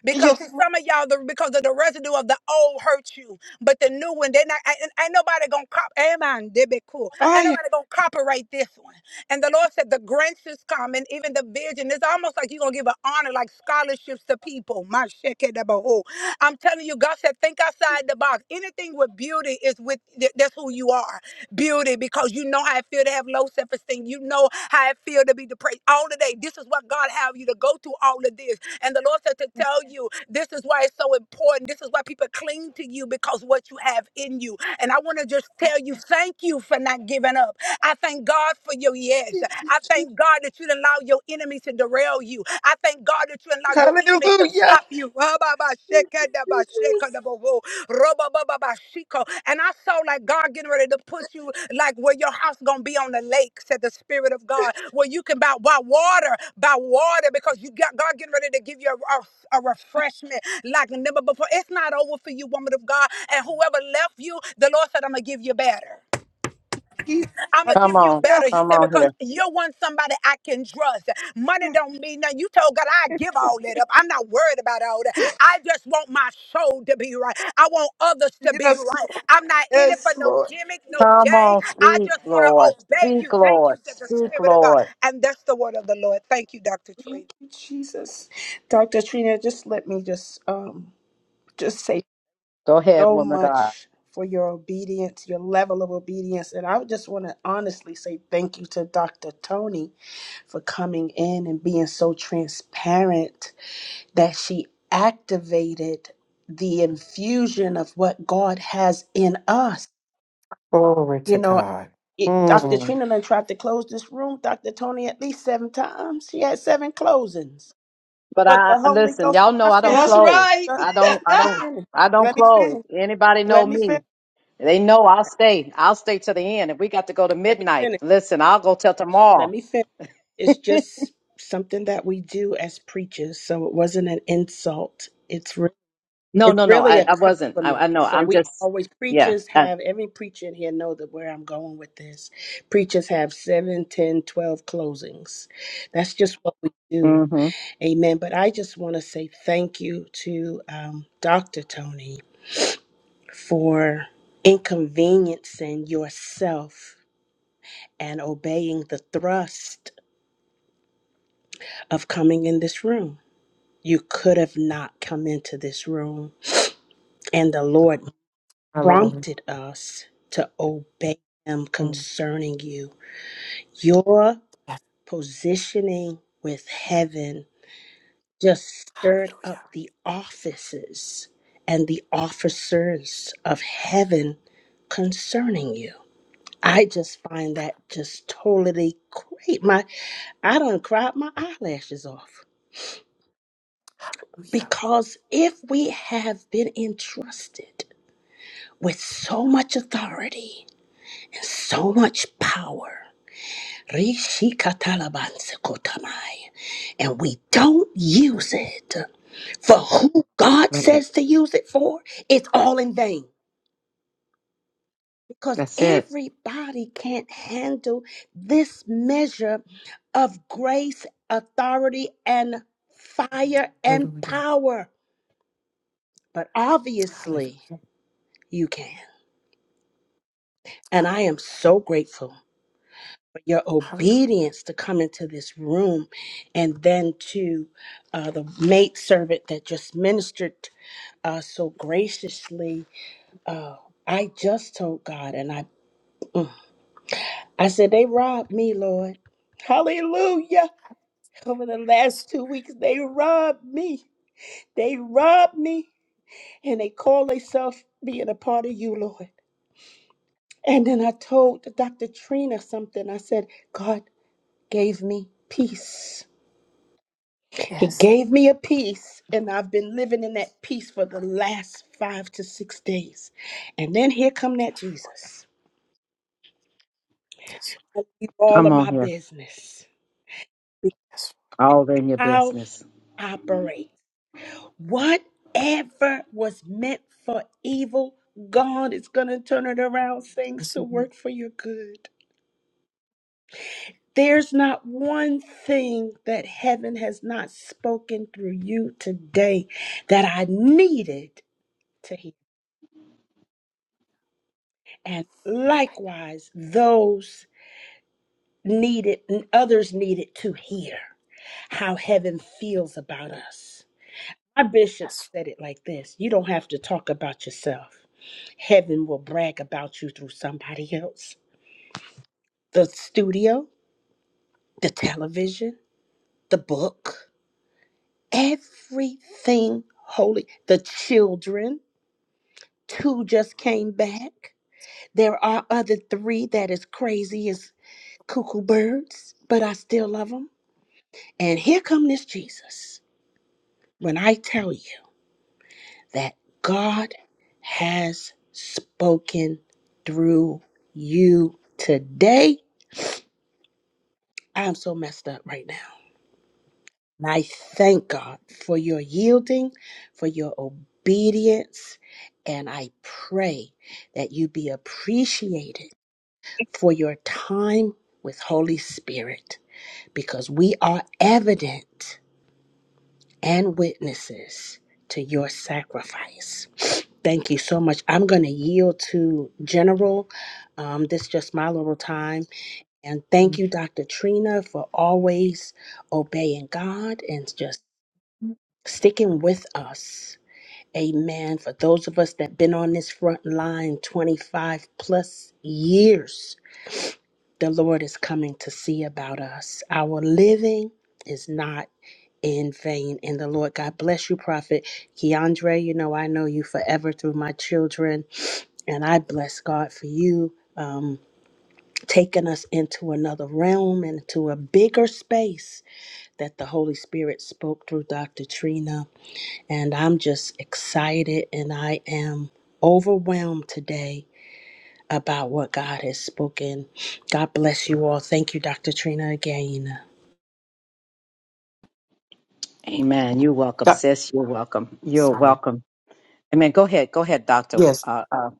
S17: Because see,
S13: yes, Lord.
S17: some of y'all, the, because of the residue of the old hurt you, but the new one, they're not. Ain't, ain't nobody gonna cop. Amen. They be cool.
S13: Ah,
S17: Ain't
S13: yeah.
S17: nobody gonna copyright this one. And the Lord said, The grants is coming, even the vision. It's almost like you're going to give an honor, like scholarships to people. My shekedabahu. I'm telling you, God said, Think outside the box. Anything with beauty is with, th- that's who you are. Beauty, because you know how it feel to have low self esteem. You know how it feel to be depressed. All the day. This is what God have you to go through all of this. And the Lord said to tell you, this is why it's so important. This is why people cling to you because what you have in you. And I want to just tell you, thank you for not giving up. I thank God for your yes. I thank God that you didn't allow your enemies to derail you. I thank God that you didn't allow your enemies to
S13: Hallelujah.
S17: stop you.
S13: Jesus.
S17: Ra-ba-ba-sheka-da-ba-sheka-da-ba-wo. Ra-ba-ba-ba-ba-shiko. And I saw like God getting ready to put you like where your house gonna be on the lake, said the Spirit of God, where you can buy, buy water, buy water because you got God getting ready to give you a, a, a refreshment like never before. It's not over for you, woman of God. And whoever left you, the Lord said, I'm gonna give you better.
S13: Jesus.
S17: I'm gonna
S1: Come
S17: give you
S1: on.
S17: better.
S13: Hallelujah.
S17: He
S1: Come
S17: said,
S1: on
S17: because
S1: here.
S17: you're one somebody I can trust. Money
S13: Yes,
S17: don't mean nothing. You told God I give all that up. I'm not worried about all that. I just want my soul to be right. I want others to be
S13: yes,
S17: right.
S13: Lord.
S17: I'm not in it for
S13: Yes,
S17: no
S13: Lord.
S17: gimmick, no
S1: Come
S17: game.
S1: on.
S17: I
S1: Speak,
S17: just want
S1: Lord.
S17: to obey
S1: Speak,
S17: you. Thank you,
S1: Lord.
S17: said the
S1: Speak,
S17: Spirit of God.
S1: Lord.
S17: And that's the word of the Lord. Thank you, Dr. Tree.
S13: Thank you, Jesus. Dr. Trina, just let me just um just say
S1: Go ahead,
S13: so
S1: woman of God.
S13: much for your obedience, your level of obedience. And I just want to honestly say thank you to Dr. Tony for coming in and being so transparent that she activated the infusion of what God has in us.
S15: Glory to
S13: You know.
S15: God.
S13: it, Dr.
S15: Mm.
S13: Trina done tried to close this room, Dr. Tony, at least seven times. She had seven closings.
S1: But
S13: But
S1: I
S13: the Holy
S1: listen,
S13: Ghost,
S1: y'all
S13: I'm
S1: know
S13: not
S1: I don't
S13: finished
S11: That's
S13: yet.
S1: close.
S11: right.
S13: But
S1: I don't
S13: Just
S1: I
S13: let me
S1: don't
S13: finish.
S1: I don't
S13: Let me
S1: close.
S13: finish.
S1: Anybody know
S13: Let me finish.
S1: me? They know I'll stay. I'll stay to the end. If we got to go to
S13: Let me
S1: midnight,
S13: finish.
S1: listen, I'll go till
S13: Let
S1: tomorrow.
S13: me finish. It's just something that we do as preachers. So it wasn't an insult. It's real.
S1: No,
S13: It's
S1: no, no.
S13: really
S1: I,
S13: a
S1: I wasn't. I,
S13: compliment.
S1: I know.
S13: So
S1: I'm
S13: we
S1: just
S13: always
S1: yeah.
S13: preachers
S1: I,
S13: have every preacher in here know that where I'm going with this. Preachers have seven, ten, twelve closings. That's just what we do.
S1: mm-hmm.
S13: Amen. But I just want to say thank you to um, Dr. Tony for inconveniencing yourself and obeying the thrust of coming in this room. You could have not come into this room, and the Lord
S15: My Lord.
S13: prompted us to obey him
S15: Mm.
S13: concerning you. Your positioning with heaven just stirred up the offices and the officers of heaven concerning you. I just find that just totally great. My I done cried my eyelashes off.
S15: Hallelujah.
S13: Because if we have been entrusted with so much authority and so much power. Rishikatalabansakotamai. And we don't use it for who God says to use it for, it's all in vain. Because
S1: That's it.
S13: everybody can't handle this measure of grace, authority, and fire and
S15: Hallelujah.
S13: power. But obviously,
S15: Hallelujah.
S13: you can. And I am
S15: Hallelujah.
S13: so grateful. your
S15: Hallelujah.
S13: obedience to come into this room and then to uh, the maidservant that just ministered uh, so graciously. Uh, I just told God and I, mm, I said, they robbed me, Lord. Hallelujah. Over the last two weeks, they robbed me. They robbed me and they call themselves being a part of you, Lord. And then I told Dr. Trina something. I said, God gave me peace. He gave me a peace, and I've been living in that peace for the last five to six days. And then here come that Jesus.
S15: Yes.
S13: Tell you All
S1: Come
S13: of
S1: on
S13: my
S1: here.
S13: business,
S15: Yes.
S1: All in your
S13: how he
S1: business.
S13: operates, whatever was meant for evil, God is going to turn it around, things to work for your good. There's not one thing that heaven has not spoken through you today that I needed to hear. and likewise those needed and others needed to hear how heaven feels about us. My bishop
S15: Yes.
S13: said it like this You don't have to talk about yourself. Heaven will brag about you through somebody else. The studio, the television, the book, everything holy. The children, two just came back. There are other three that is crazy as cuckoo birds, but I still love 'em. And here come this Jesus. When I tell you that God has spoken through you today, I'm so messed up right now. And I thank God for your yielding, for your obedience, and I pray that you be appreciated for your time with Holy Spirit because we are evident and witnesses to your sacrifice. Thank you so much. I'm going to yield to General. Um, this is just my little time. And thank
S15: Mhm.
S13: you, Dr. Trina, for always obeying God and just sticking with us. Amen. For those of us that been on this front line 25 plus years, the Lord is coming to see about us. Our living is not in vain. And the Lord God bless you, Prophet Keandre. You know, I know you forever through my children. And I bless God for you um, taking us into another realm and to a bigger space that the Holy Spirit spoke through Dr. Trina. And I'm just excited and I am overwhelmed today about what God has spoken. God bless you all. Thank you, Dr. Trina, again.
S1: Amen. You're welcome,
S15: Yeah.
S1: sis. You're welcome. You're
S15: Sorry.
S1: welcome. Amen. Go ahead. Go ahead, Doctor.
S15: Yes.
S1: Uh, uh,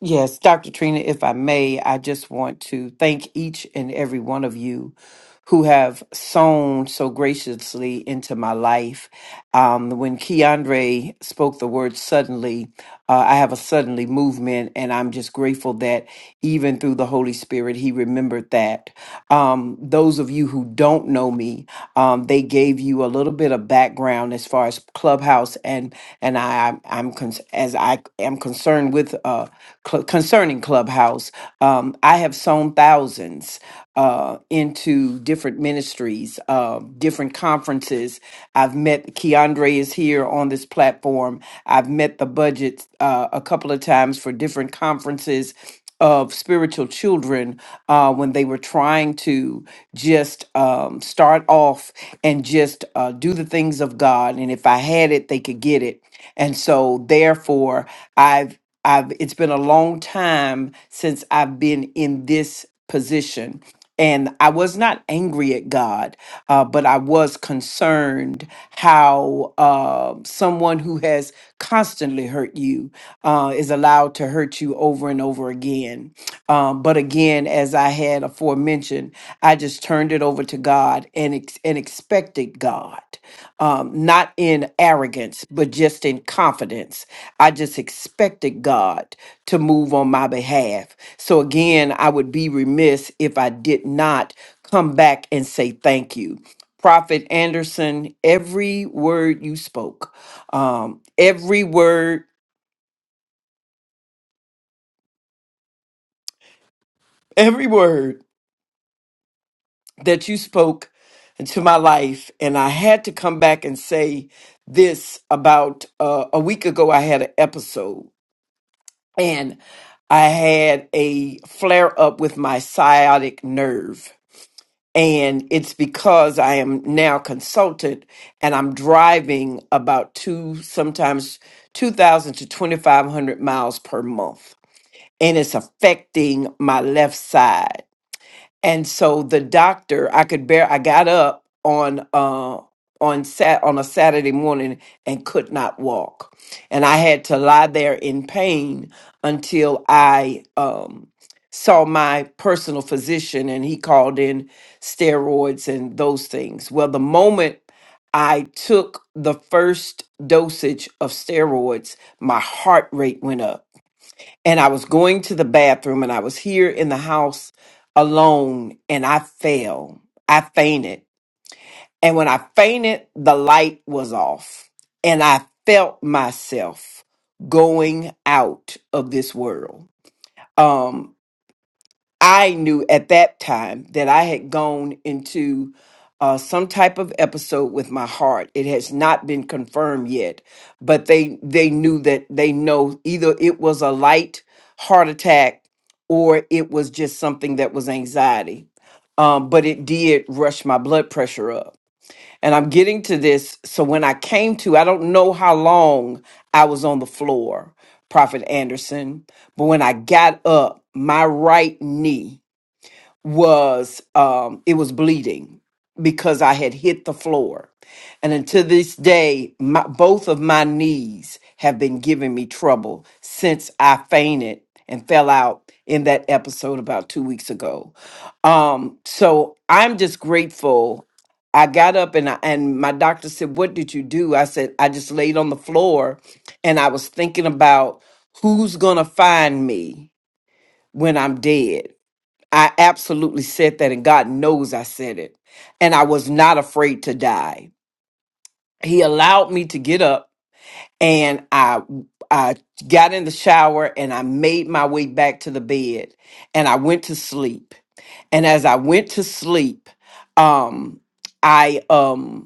S15: Yes, Dr. Trina, if I may, I just want to thank each and every one of you who have sown so graciously into my life. Um, when Keandre spoke the word suddenly, uh, I have a suddenly movement, and I'm just grateful that even through the Holy Spirit, he remembered that. Um, those of you who don't know me, um, they gave you a little bit of background as far as Clubhouse, and and I, I'm, I'm con- as I am concerned with. Uh, cl- concerning Clubhouse. Um, I have sown thousands uh, into different ministries, uh, different conferences. I've met Keandre is here on this platform. I've met the budget uh, a couple of times for different conferences of spiritual children uh, when they were trying to just um, start off and just uh, do the things of God. And if I had it, they could get it. And so, therefore, I've. I've it's been a long time since I've been in this position. And I was not angry at God, uh, but I was concerned how uh, someone who has constantly hurt you uh, is allowed to hurt you over and over again. Um, but again, as I had aforementioned, I just turned it over to God and ex- and expected God, um, not in arrogance, but just in confidence I just expected God to move on my behalf. So again, I would be remiss if I did not come back and say thank you. Prophet Anderson, every word you spoke, um, every word, [LAUGHS] every word that you spoke into my life, and I had to come back and say this about uh, a week ago. I had an episode, and I had a flare up with my sciatic nerve and it's because I am now consulted and I'm driving about two, sometimes 2,000 to 2,500 miles per month. And it's affecting my left side and so the doctor i could bear i got up on uh on sat on a saturday morning and could not walk and i had to lie there in pain until i um saw my personal physician and he called in steroids and those things well the moment i took the first dosage of steroids my heart rate went up and I was going to the bathroom and I was here in the house alone and I fell. I fainted. And when I fainted, the light was off and I felt myself going out of this world. Um, I knew at that time that I had gone into uh, some type of episode with my heart. It has not been confirmed yet, but they they knew that they know either it was a light heart attack or it was just something that was anxiety. Um, but it did rush my blood pressure up. And I'm getting to this. So when I came to, I don't know how long I was on the floor, Prophet Anderson, but when I got up, my right knee was um it was bleeding because I had hit the floor. And until this day, my, both of my knees have been giving me trouble since I fainted and fell out in that episode about 2 weeks ago. Um so I'm just grateful I got up and I, and my doctor said, "What did you do?" I said, "I just laid on the floor and I was thinking about who's going to find me when I'm dead." I absolutely said that, and God knows I said it. And I was not afraid to die. He allowed me to get up, and I I got in the shower and I made my way back to the bed, and I went to sleep. And as I went to sleep, um, I um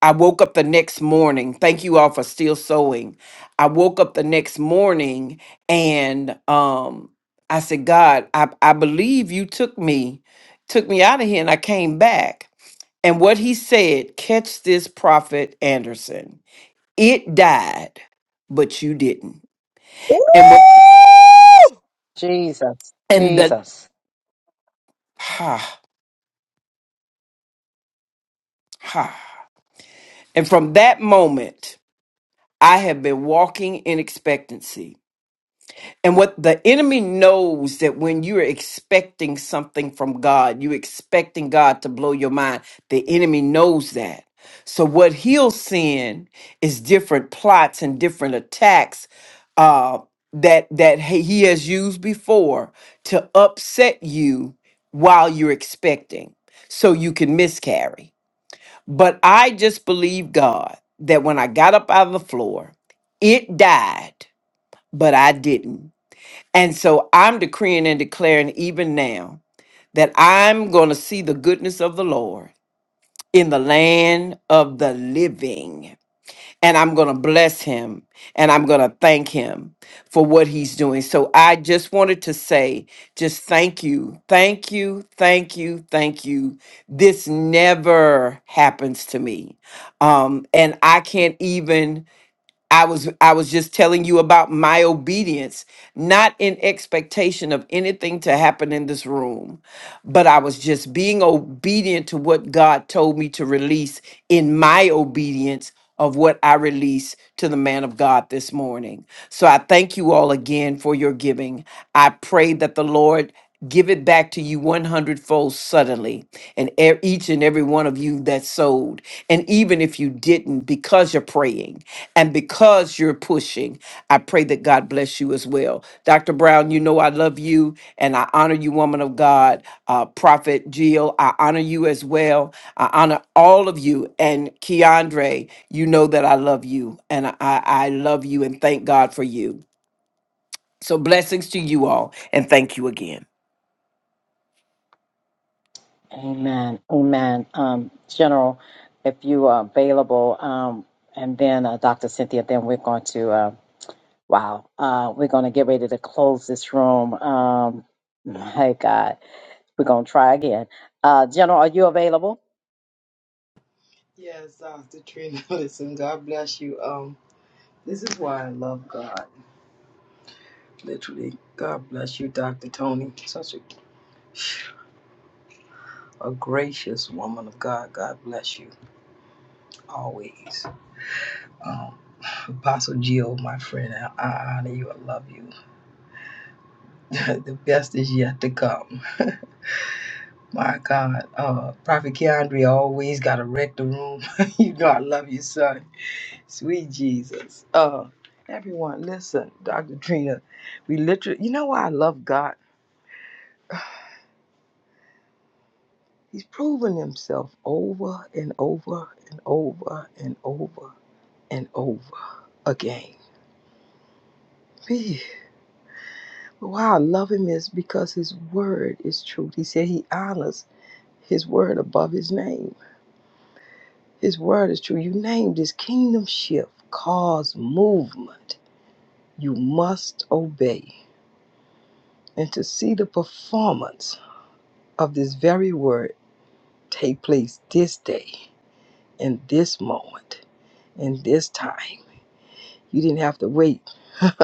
S15: I woke up the next morning. Thank you all for still sewing. I woke up the next morning and um I said, God, I, I believe you took me, took me out of here, and I came back. And what he said, catch this prophet Anderson. It died, but you didn't.
S17: Woo!
S15: And what
S1: Jesus.
S15: and the
S1: Jesus.
S15: ha ha. And from that moment, I have been walking in expectancy. And what the enemy knows that when you're expecting something from God, you're expecting God to blow your mind. The enemy knows that. So what he'll send is different plots and different attacks uh, that that he he has used before to upset you while you're expecting, so you can miscarry. But I just believe God that when I got up out of the floor, it died, but I didn't. And so I'm decreeing and declaring even now that I'm going to see the goodness of the Lord in the land of the living. And I'm going to bless him and I'm going to thank him for what he's doing. So I just wanted to say, just thank you, thank you, thank you, thank you. This never happens to me. Um, and I can't even I was I was just telling you about my obedience, not in expectation of anything to happen in this room, but I was just being obedient to what God told me to release in my obedience of what I released to the man of God this morning. So I thank you all again for your giving. I pray that the Lord give it back to you one hundredfold suddenly and e- each and every one of you that sold and even if you didn't because you're praying and because you're pushing, I pray that God bless you as well. Dr. Brown, you know I love you and I honor you, woman of God. Uh, Prophet Jill, I honor you as well. I honor all of you. And Keandre, you know that I love you and I, I love you and thank God for you. So blessings to you all and thank you again.
S1: Amen. Amen. Um, General, if you are available, um, and then uh, Doctor Cynthia, then we're going to. Uh, wow. Uh, we're going to get ready to close this room. Um, my God. We're going to try again. Uh, General, are you available?
S11: [LAUGHS] yes, Dr. Trina. [LAUGHS] Listen, God bless you. Um, this is why I love God. Literally, God bless you, Dr. Tony. Such a a gracious woman of God. God bless you always. Um, Apostle Jill, my friend, I, I honor you. I love you. [LAUGHS] the best is yet to come. [LAUGHS] My God, uh, Prophet Keandre always got to wreck the room. [LAUGHS] you know, I love you, son. Sweet Jesus. Uh, everyone, listen, Dr. Trina, we literally, you know why I love God? He's proven himself over and over and over and over and over again. Gee, Why I love him is because his word is truth. He said he honors his word above his name. His word is true. You name this kingdom shift, cause movement. You must obey. And to see the performance of this very word take place this day, in this moment, in this time, you didn't have to wait. [LAUGHS]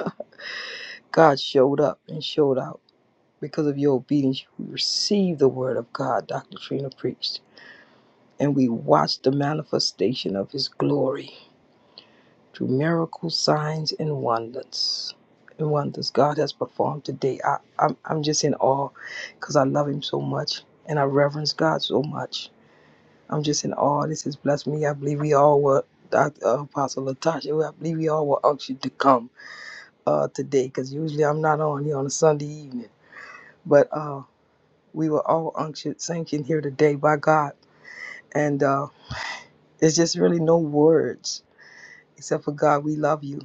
S11: God showed up and showed out. Because of your obedience, you received the word of God, Dr. Trina preached. And we watched the manifestation of his glory. through miracles, signs, and wonders. And wonders God has performed today. I, I'm, I'm just in awe because I love Him so much and I reverence God so much. I'm just in awe. This has blessed me. I believe we all were, Dr. Apostle Latasha, I believe we all were unctioned to come uh, today because usually I'm not on here on a Sunday evening. But uh, we were all unctioned, sanctioned here today by God. And uh, there's just really no words except for God, we love you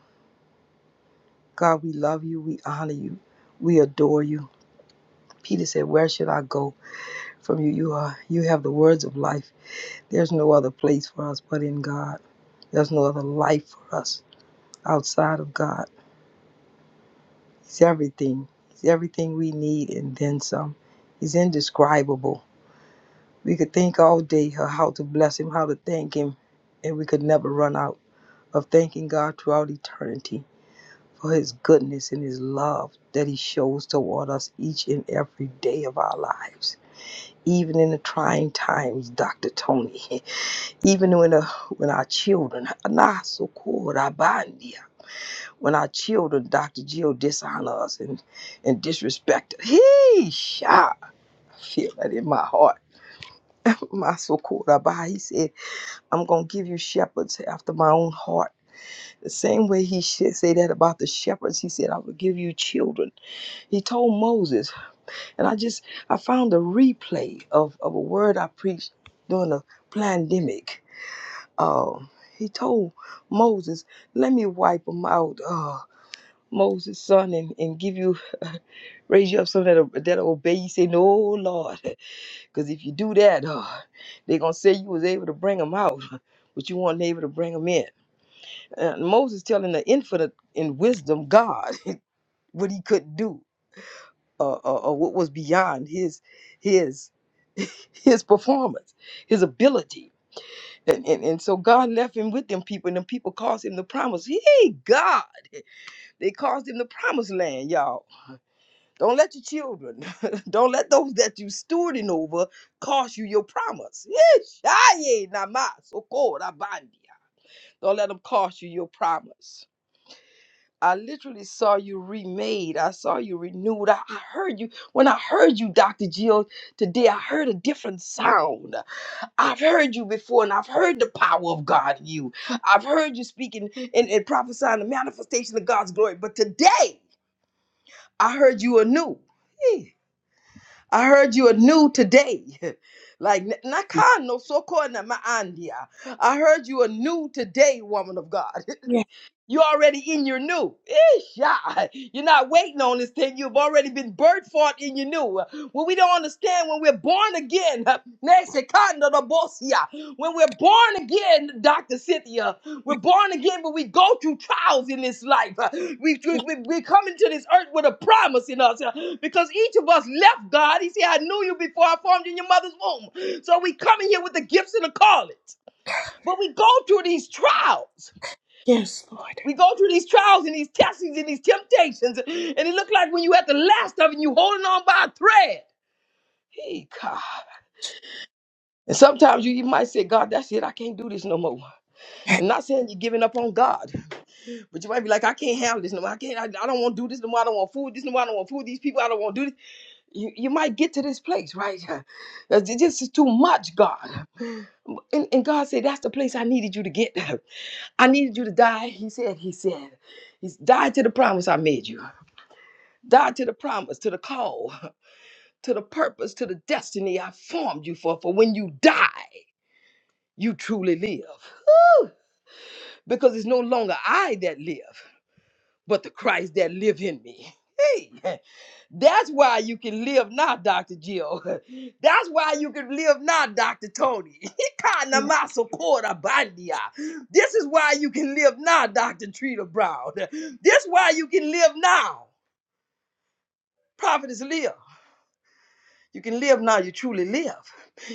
S11: God, we love you, we honor you, we adore you. Peter said, Where should I go from you? You are you have the words of life. There's no other place for us but in God. There's no other life for us outside of God. He's everything. He's everything we need and then some. He's indescribable. We could think all day of how to bless him, how to thank him, and we could never run out of thanking God throughout eternity. for his goodness and his love that he shows toward us each and every day of our lives. Even in the trying times, Dr. Tony, [LAUGHS] even when, uh, when our children, [LAUGHS] Anasokurabandia, when our children, Dr. Jill, dishonor us and, and disrespect us. He, I feel that in my heart. [LAUGHS] My Sokorabai, he said, I'm going to give you shepherds after my own heart. The same way he should say that about the shepherds, he said, I will give you children He told Moses, and I just I found a replay of, of a word I preached during the pandemic. Um, he told Moses, "Let me wipe them out, uh, Moses' son, and, and give you raise you up so that that obey you." Say, "No, Lord, [LAUGHS] because if you do that, uh, they're gonna say you was able to bring them out, [LAUGHS] but you weren't able to bring them in." And Moses telling the infinite in wisdom God [LAUGHS] what he could not do uh, uh, uh, what was beyond his his [LAUGHS] his performance, his ability. And, and, and so God left him with them people, and them people caused him the promise. Hey, God, they caused him the promised land, y'all. Don't let your children, [LAUGHS] don't let those that you stewarding over cost you your promise. Yes, aye, namas, okor, abandia. Don't let them cost you your promise. I literally saw you remade. I saw you renewed. I, I heard you. When I heard you, Dr. Jill, today, I heard a different sound. I've heard you before and I've heard the power of God in you. I've heard you speaking and, and prophesying the manifestation of God's glory. But today, I heard you anew. Eh, I heard you anew today. [LAUGHS] Like n- Nakano Sokona Maandia. I heard you anew today, woman of God. [LAUGHS]
S13: Yes,
S11: You're already in your new. Eesh, ah. You're not waiting on this thing. You've already been birthed for it in your new. When we don't understand when we're born again, [LAUGHS] Nexicanda da Bosia. when we're born again, Dr. Cynthia, we're born again, but we go through trials in this life. We, we, we we come into this earth with a promise in us uh, because each of us left God. He said, I knew you before I formed you in your mother's womb. So we come in here with the gifts and the callings, but we go through these trials.
S13: yes,
S11: We
S13: Lord.
S11: go through these trials and these testings and these temptations, and it looked like when you at the last of it, you holding on by a thread. Hey, God. And sometimes you even might say, God, that's it. I can't do this no more. And not saying you're giving up on God, but you might be like, I can't handle this no more. I can't. I, I don't want to do this no more. I don't want food this no more. I don't want food these people. I don't want to do this. You, you might get to this place, right? [LAUGHS] This this is too much, God. And, and God said, that's the place I needed you to get. [LAUGHS] I needed you to die. He said, He said, He's died to the promise I made you. Die to the promise, to the call, [LAUGHS] to the purpose, to the destiny I formed you for. For when you die, you truly live. Because it's no longer I that live, but the Christ that live in me. Hey, [LAUGHS] that's why you can live now, Dr. Jill. [LAUGHS] That's why you can live now, Dr. Tony. [LAUGHS] Ikanamasokorabandia. This is why you can live now, Dr. Trina Brown. [LAUGHS] This is why you can live now. Prophetess Leah. You can live now, you truly live.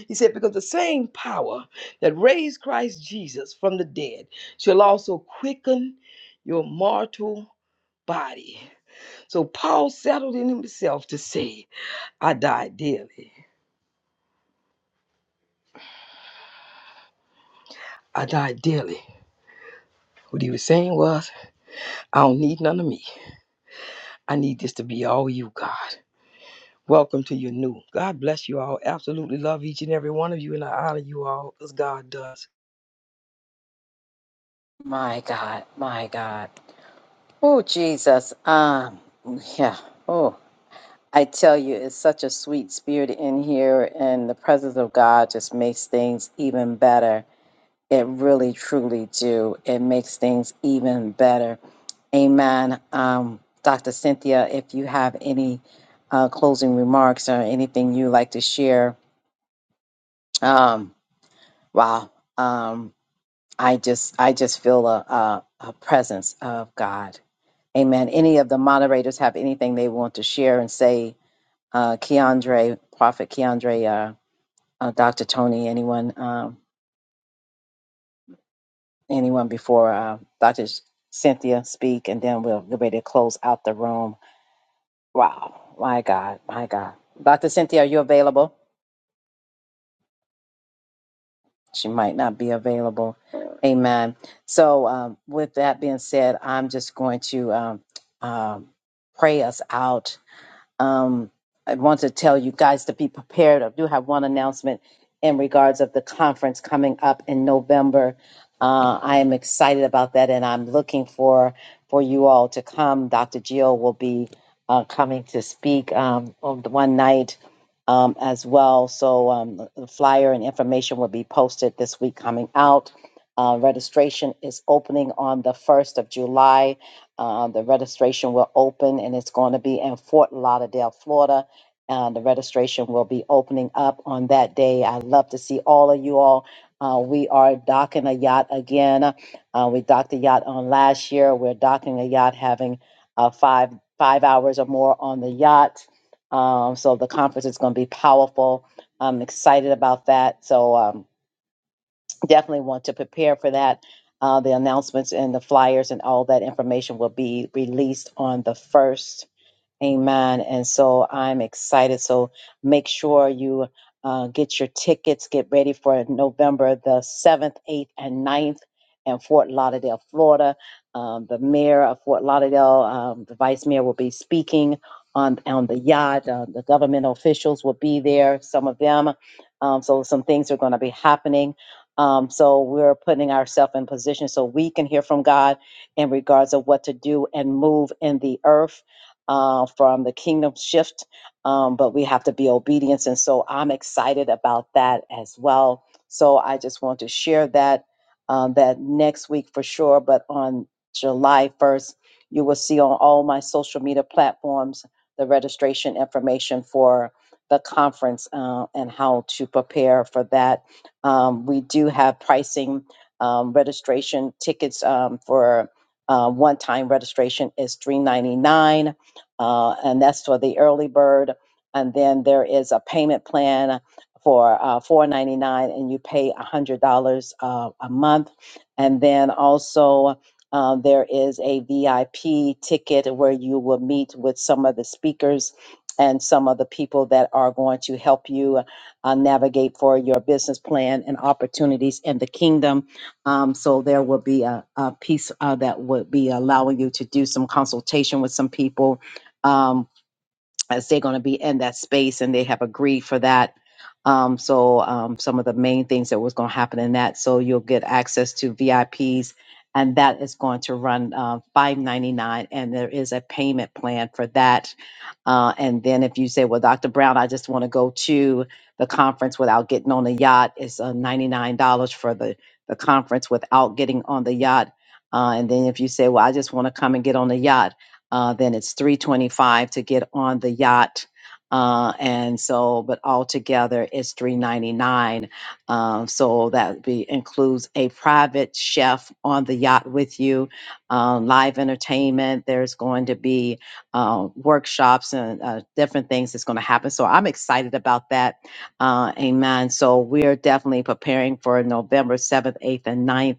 S11: He said, Because the same power that raised Christ Jesus from the dead shall also quicken your mortal body. So Paul settled in himself to say, I die daily. I die daily. What he was saying was, I don't need none of me. I need this to be all you, God. Welcome to your new. God bless you all. Absolutely love each and every one of you, and I honor you all as God does.
S1: My God. My God. Oh, Jesus. Um, yeah. Oh, I tell you, it's such a sweet spirit in here, and the presence of God just makes things even better. It really, truly do. It makes things even better. Amen. Um, Dr. Cynthia, if you have any uh, closing remarks or anything you like to share, um, wow, um, I just, I just feel a, a, a presence of God. Amen. Any of the moderators have anything they want to share and say? Uh, Keandre, Prophet Keandre. uh, uh, Dr. Tony, anyone, um, anyone before uh, Dr. Cynthia speak, and then we'll get ready to close out the room. Wow, my God, my God. Dr. Cynthia, are you available? She might not be available. Amen. So, um, with that being said, I'm just going to um, um, pray us out Um, I want to tell you guys to be prepared. I do have one announcement in regards of the conference coming up in November. Uh, I am excited about that, and I'm looking for for you all to come. Dr. Gio will be uh, coming to speak um, on the one night um, as well. So um, the the flyer and information will be posted this week coming out. Uh, registration is opening on the first of July. Uh, the registration will open and it's going to be in Fort Lauderdale, Florida. Uh, the registration will be opening up on that day. i love to see all of you all. Uh, we are docking a yacht again. Uh, we docked a yacht on last year. We're docking a yacht, having uh, five five hours or more on the yacht. Um, so the conference is going to be powerful. I'm excited about that. So um, definitely want to prepare for that. Uh, the announcements and the flyers and all that information will be released on the first. Amen. And so I'm excited. So make sure you uh, get your tickets, get ready for November the 7th, 8th, and ninth, in Fort Lauderdale, Florida. Um, the mayor of Fort Lauderdale, um, the vice mayor, will be speaking on, on the yacht. Uh, the government officials will be there, some of them. Um, so some things are going to be happening. Um, so we're putting ourselves in position so we can hear from God in regards of what to do and move in the earth uh, from the kingdom shift, um, but we have to be obedient. And so I'm excited about that as well. So I just want to share that um, that next week for sure. But on July 1st, you will see on all my social media platforms the registration information for the conference uh, and how to prepare for that. Um, we do have pricing um, registration tickets um, for uh, one-time registration is 3.99 uh, and that's for the early bird. And then there is a payment plan for uh, four ninety nine, and you pay one hundred dollars uh, a month. And then also uh, there is a VIP ticket where you will meet with some of the speakers and some of the people that are going to help you uh, navigate for your business plan and opportunities in the kingdom. Um, so there will be a, a piece uh, that would be allowing you to do some consultation with some people um, as they're going to be in that space and they have agreed for that. Um, so um, some of the main things that was going to happen in that, so you'll get access to VIPs, and that is going to run uh, five ninety nine, and there is a payment plan for that uh, and then if you say, well, Dr. Brown, I just want to go to the conference without getting on the yacht, it's uh, $99 for the, the conference without getting on the yacht. Uh, and then if you say, well, I just want to come and get on the yacht, uh, then it's 325 to get on the yacht. Uh, and so, but altogether it's 399. Um, so that be includes a private chef on the yacht with you, um, live entertainment. There's going to be, uh, workshops and uh, different things that's going to happen. So I'm excited about that. Uh, amen. So we're definitely preparing for November 7th, 8th, and 9th.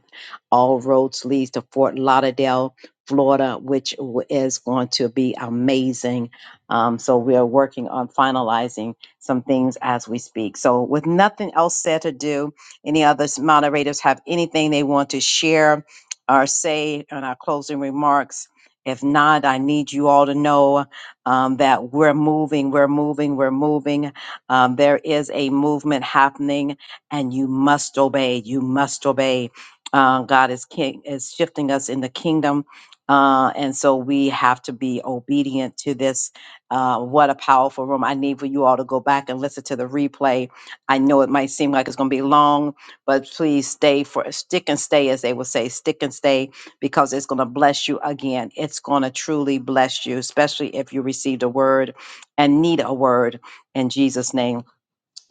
S1: All roads leads to Fort Lauderdale, Florida, which w- is going to be amazing. Um, so we are working on finalizing some things as we speak. So with nothing else said to do, any other s- moderators have anything they want to share or say on our closing remarks? If not, I need you all to know um, that we're moving, we're moving, we're moving. Um, there is a movement happening, and you must obey. You must obey. Uh, God is king, is shifting us in the kingdom, uh, and so we have to be obedient to this. Uh, what a powerful room! I need for you all to go back and listen to the replay. I know it might seem like it's going to be long, but please stay for stick and stay, as they will say, stick and stay because it's going to bless you again. It's going to truly bless you, especially if you received a word and need a word in Jesus' name.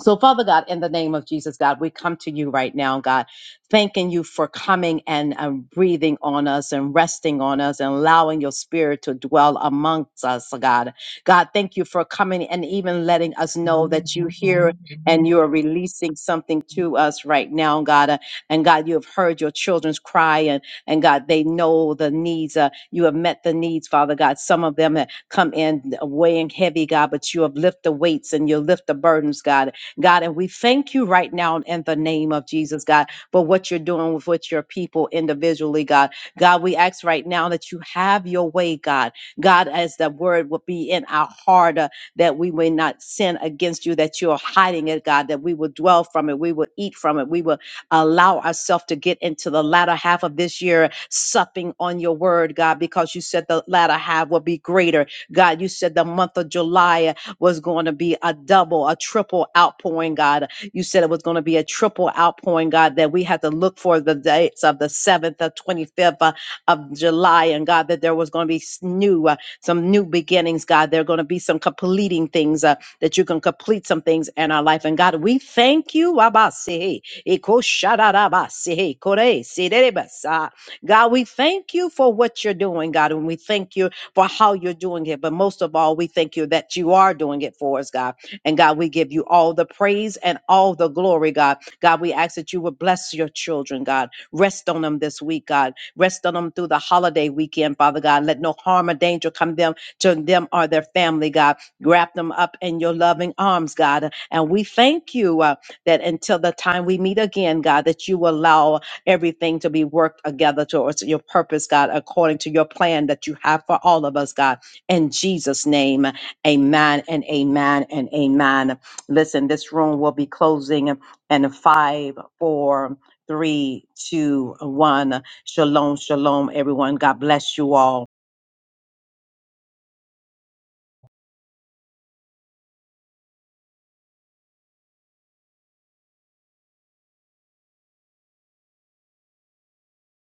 S1: So, Father God, in the name of Jesus, God, we come to you right now, God, thanking you for coming and um, breathing on us and resting on us and allowing your spirit to dwell amongst us, God. God, thank you for coming and even letting us know that you hear and you are releasing something to us right now, God. Uh, And God, you have heard your children's cry, and, and God, they know the needs. Uh, you have met the needs, Father God. Some of them have come in uh, weighing heavy, God, but you have lifted the weights and you lift the burdens, God. God. And we thank you right now in the name of Jesus, God, for what you're doing with, with your people individually, God. God, we ask right now that you have your way, God. God, as the word will be in our heart, uh, that we may not sin against you, that you're hiding it, God, that we will dwell from it, we will eat from it, we will allow ourselves to get into the latter half of this year, supping on your word, God, because you said the latter half will be greater. God, you said the month of July was going to be a double, a triple outpouring, God. You said it was going to be a triple outpouring, God, that we had to look for the dates of the 7th, the 25th uh, of July, and God, that there was going to be s- new, uh, some new beginnings, God. There are going to be some completing things, uh, that you can complete some things in our life. And God, we thank you. Abasihi, Ikoshadadabasihi, Kore, Siderebasa. God, we thank you for what you're doing, God, and we thank you for how you're doing it. But most of all, we thank you that you are doing it for us, God. And God, we give you all the praise and all the glory, God. God, we ask that you would bless your children, God. Rest on them this week, God. Rest on them through the holiday weekend, Father God. Let no harm or danger come them to them or their family, God. Wrap them up in your loving arms, God. And we thank you uh, that until the time we meet again, God, that you will allow everything to be worked together towards your purpose, God, according to your plan that you have for all of us, God. In Jesus' name, amen and amen and amen. Listen, this room will be closing in five, four, three, two, one. Shalom, shalom, everyone. God bless you all.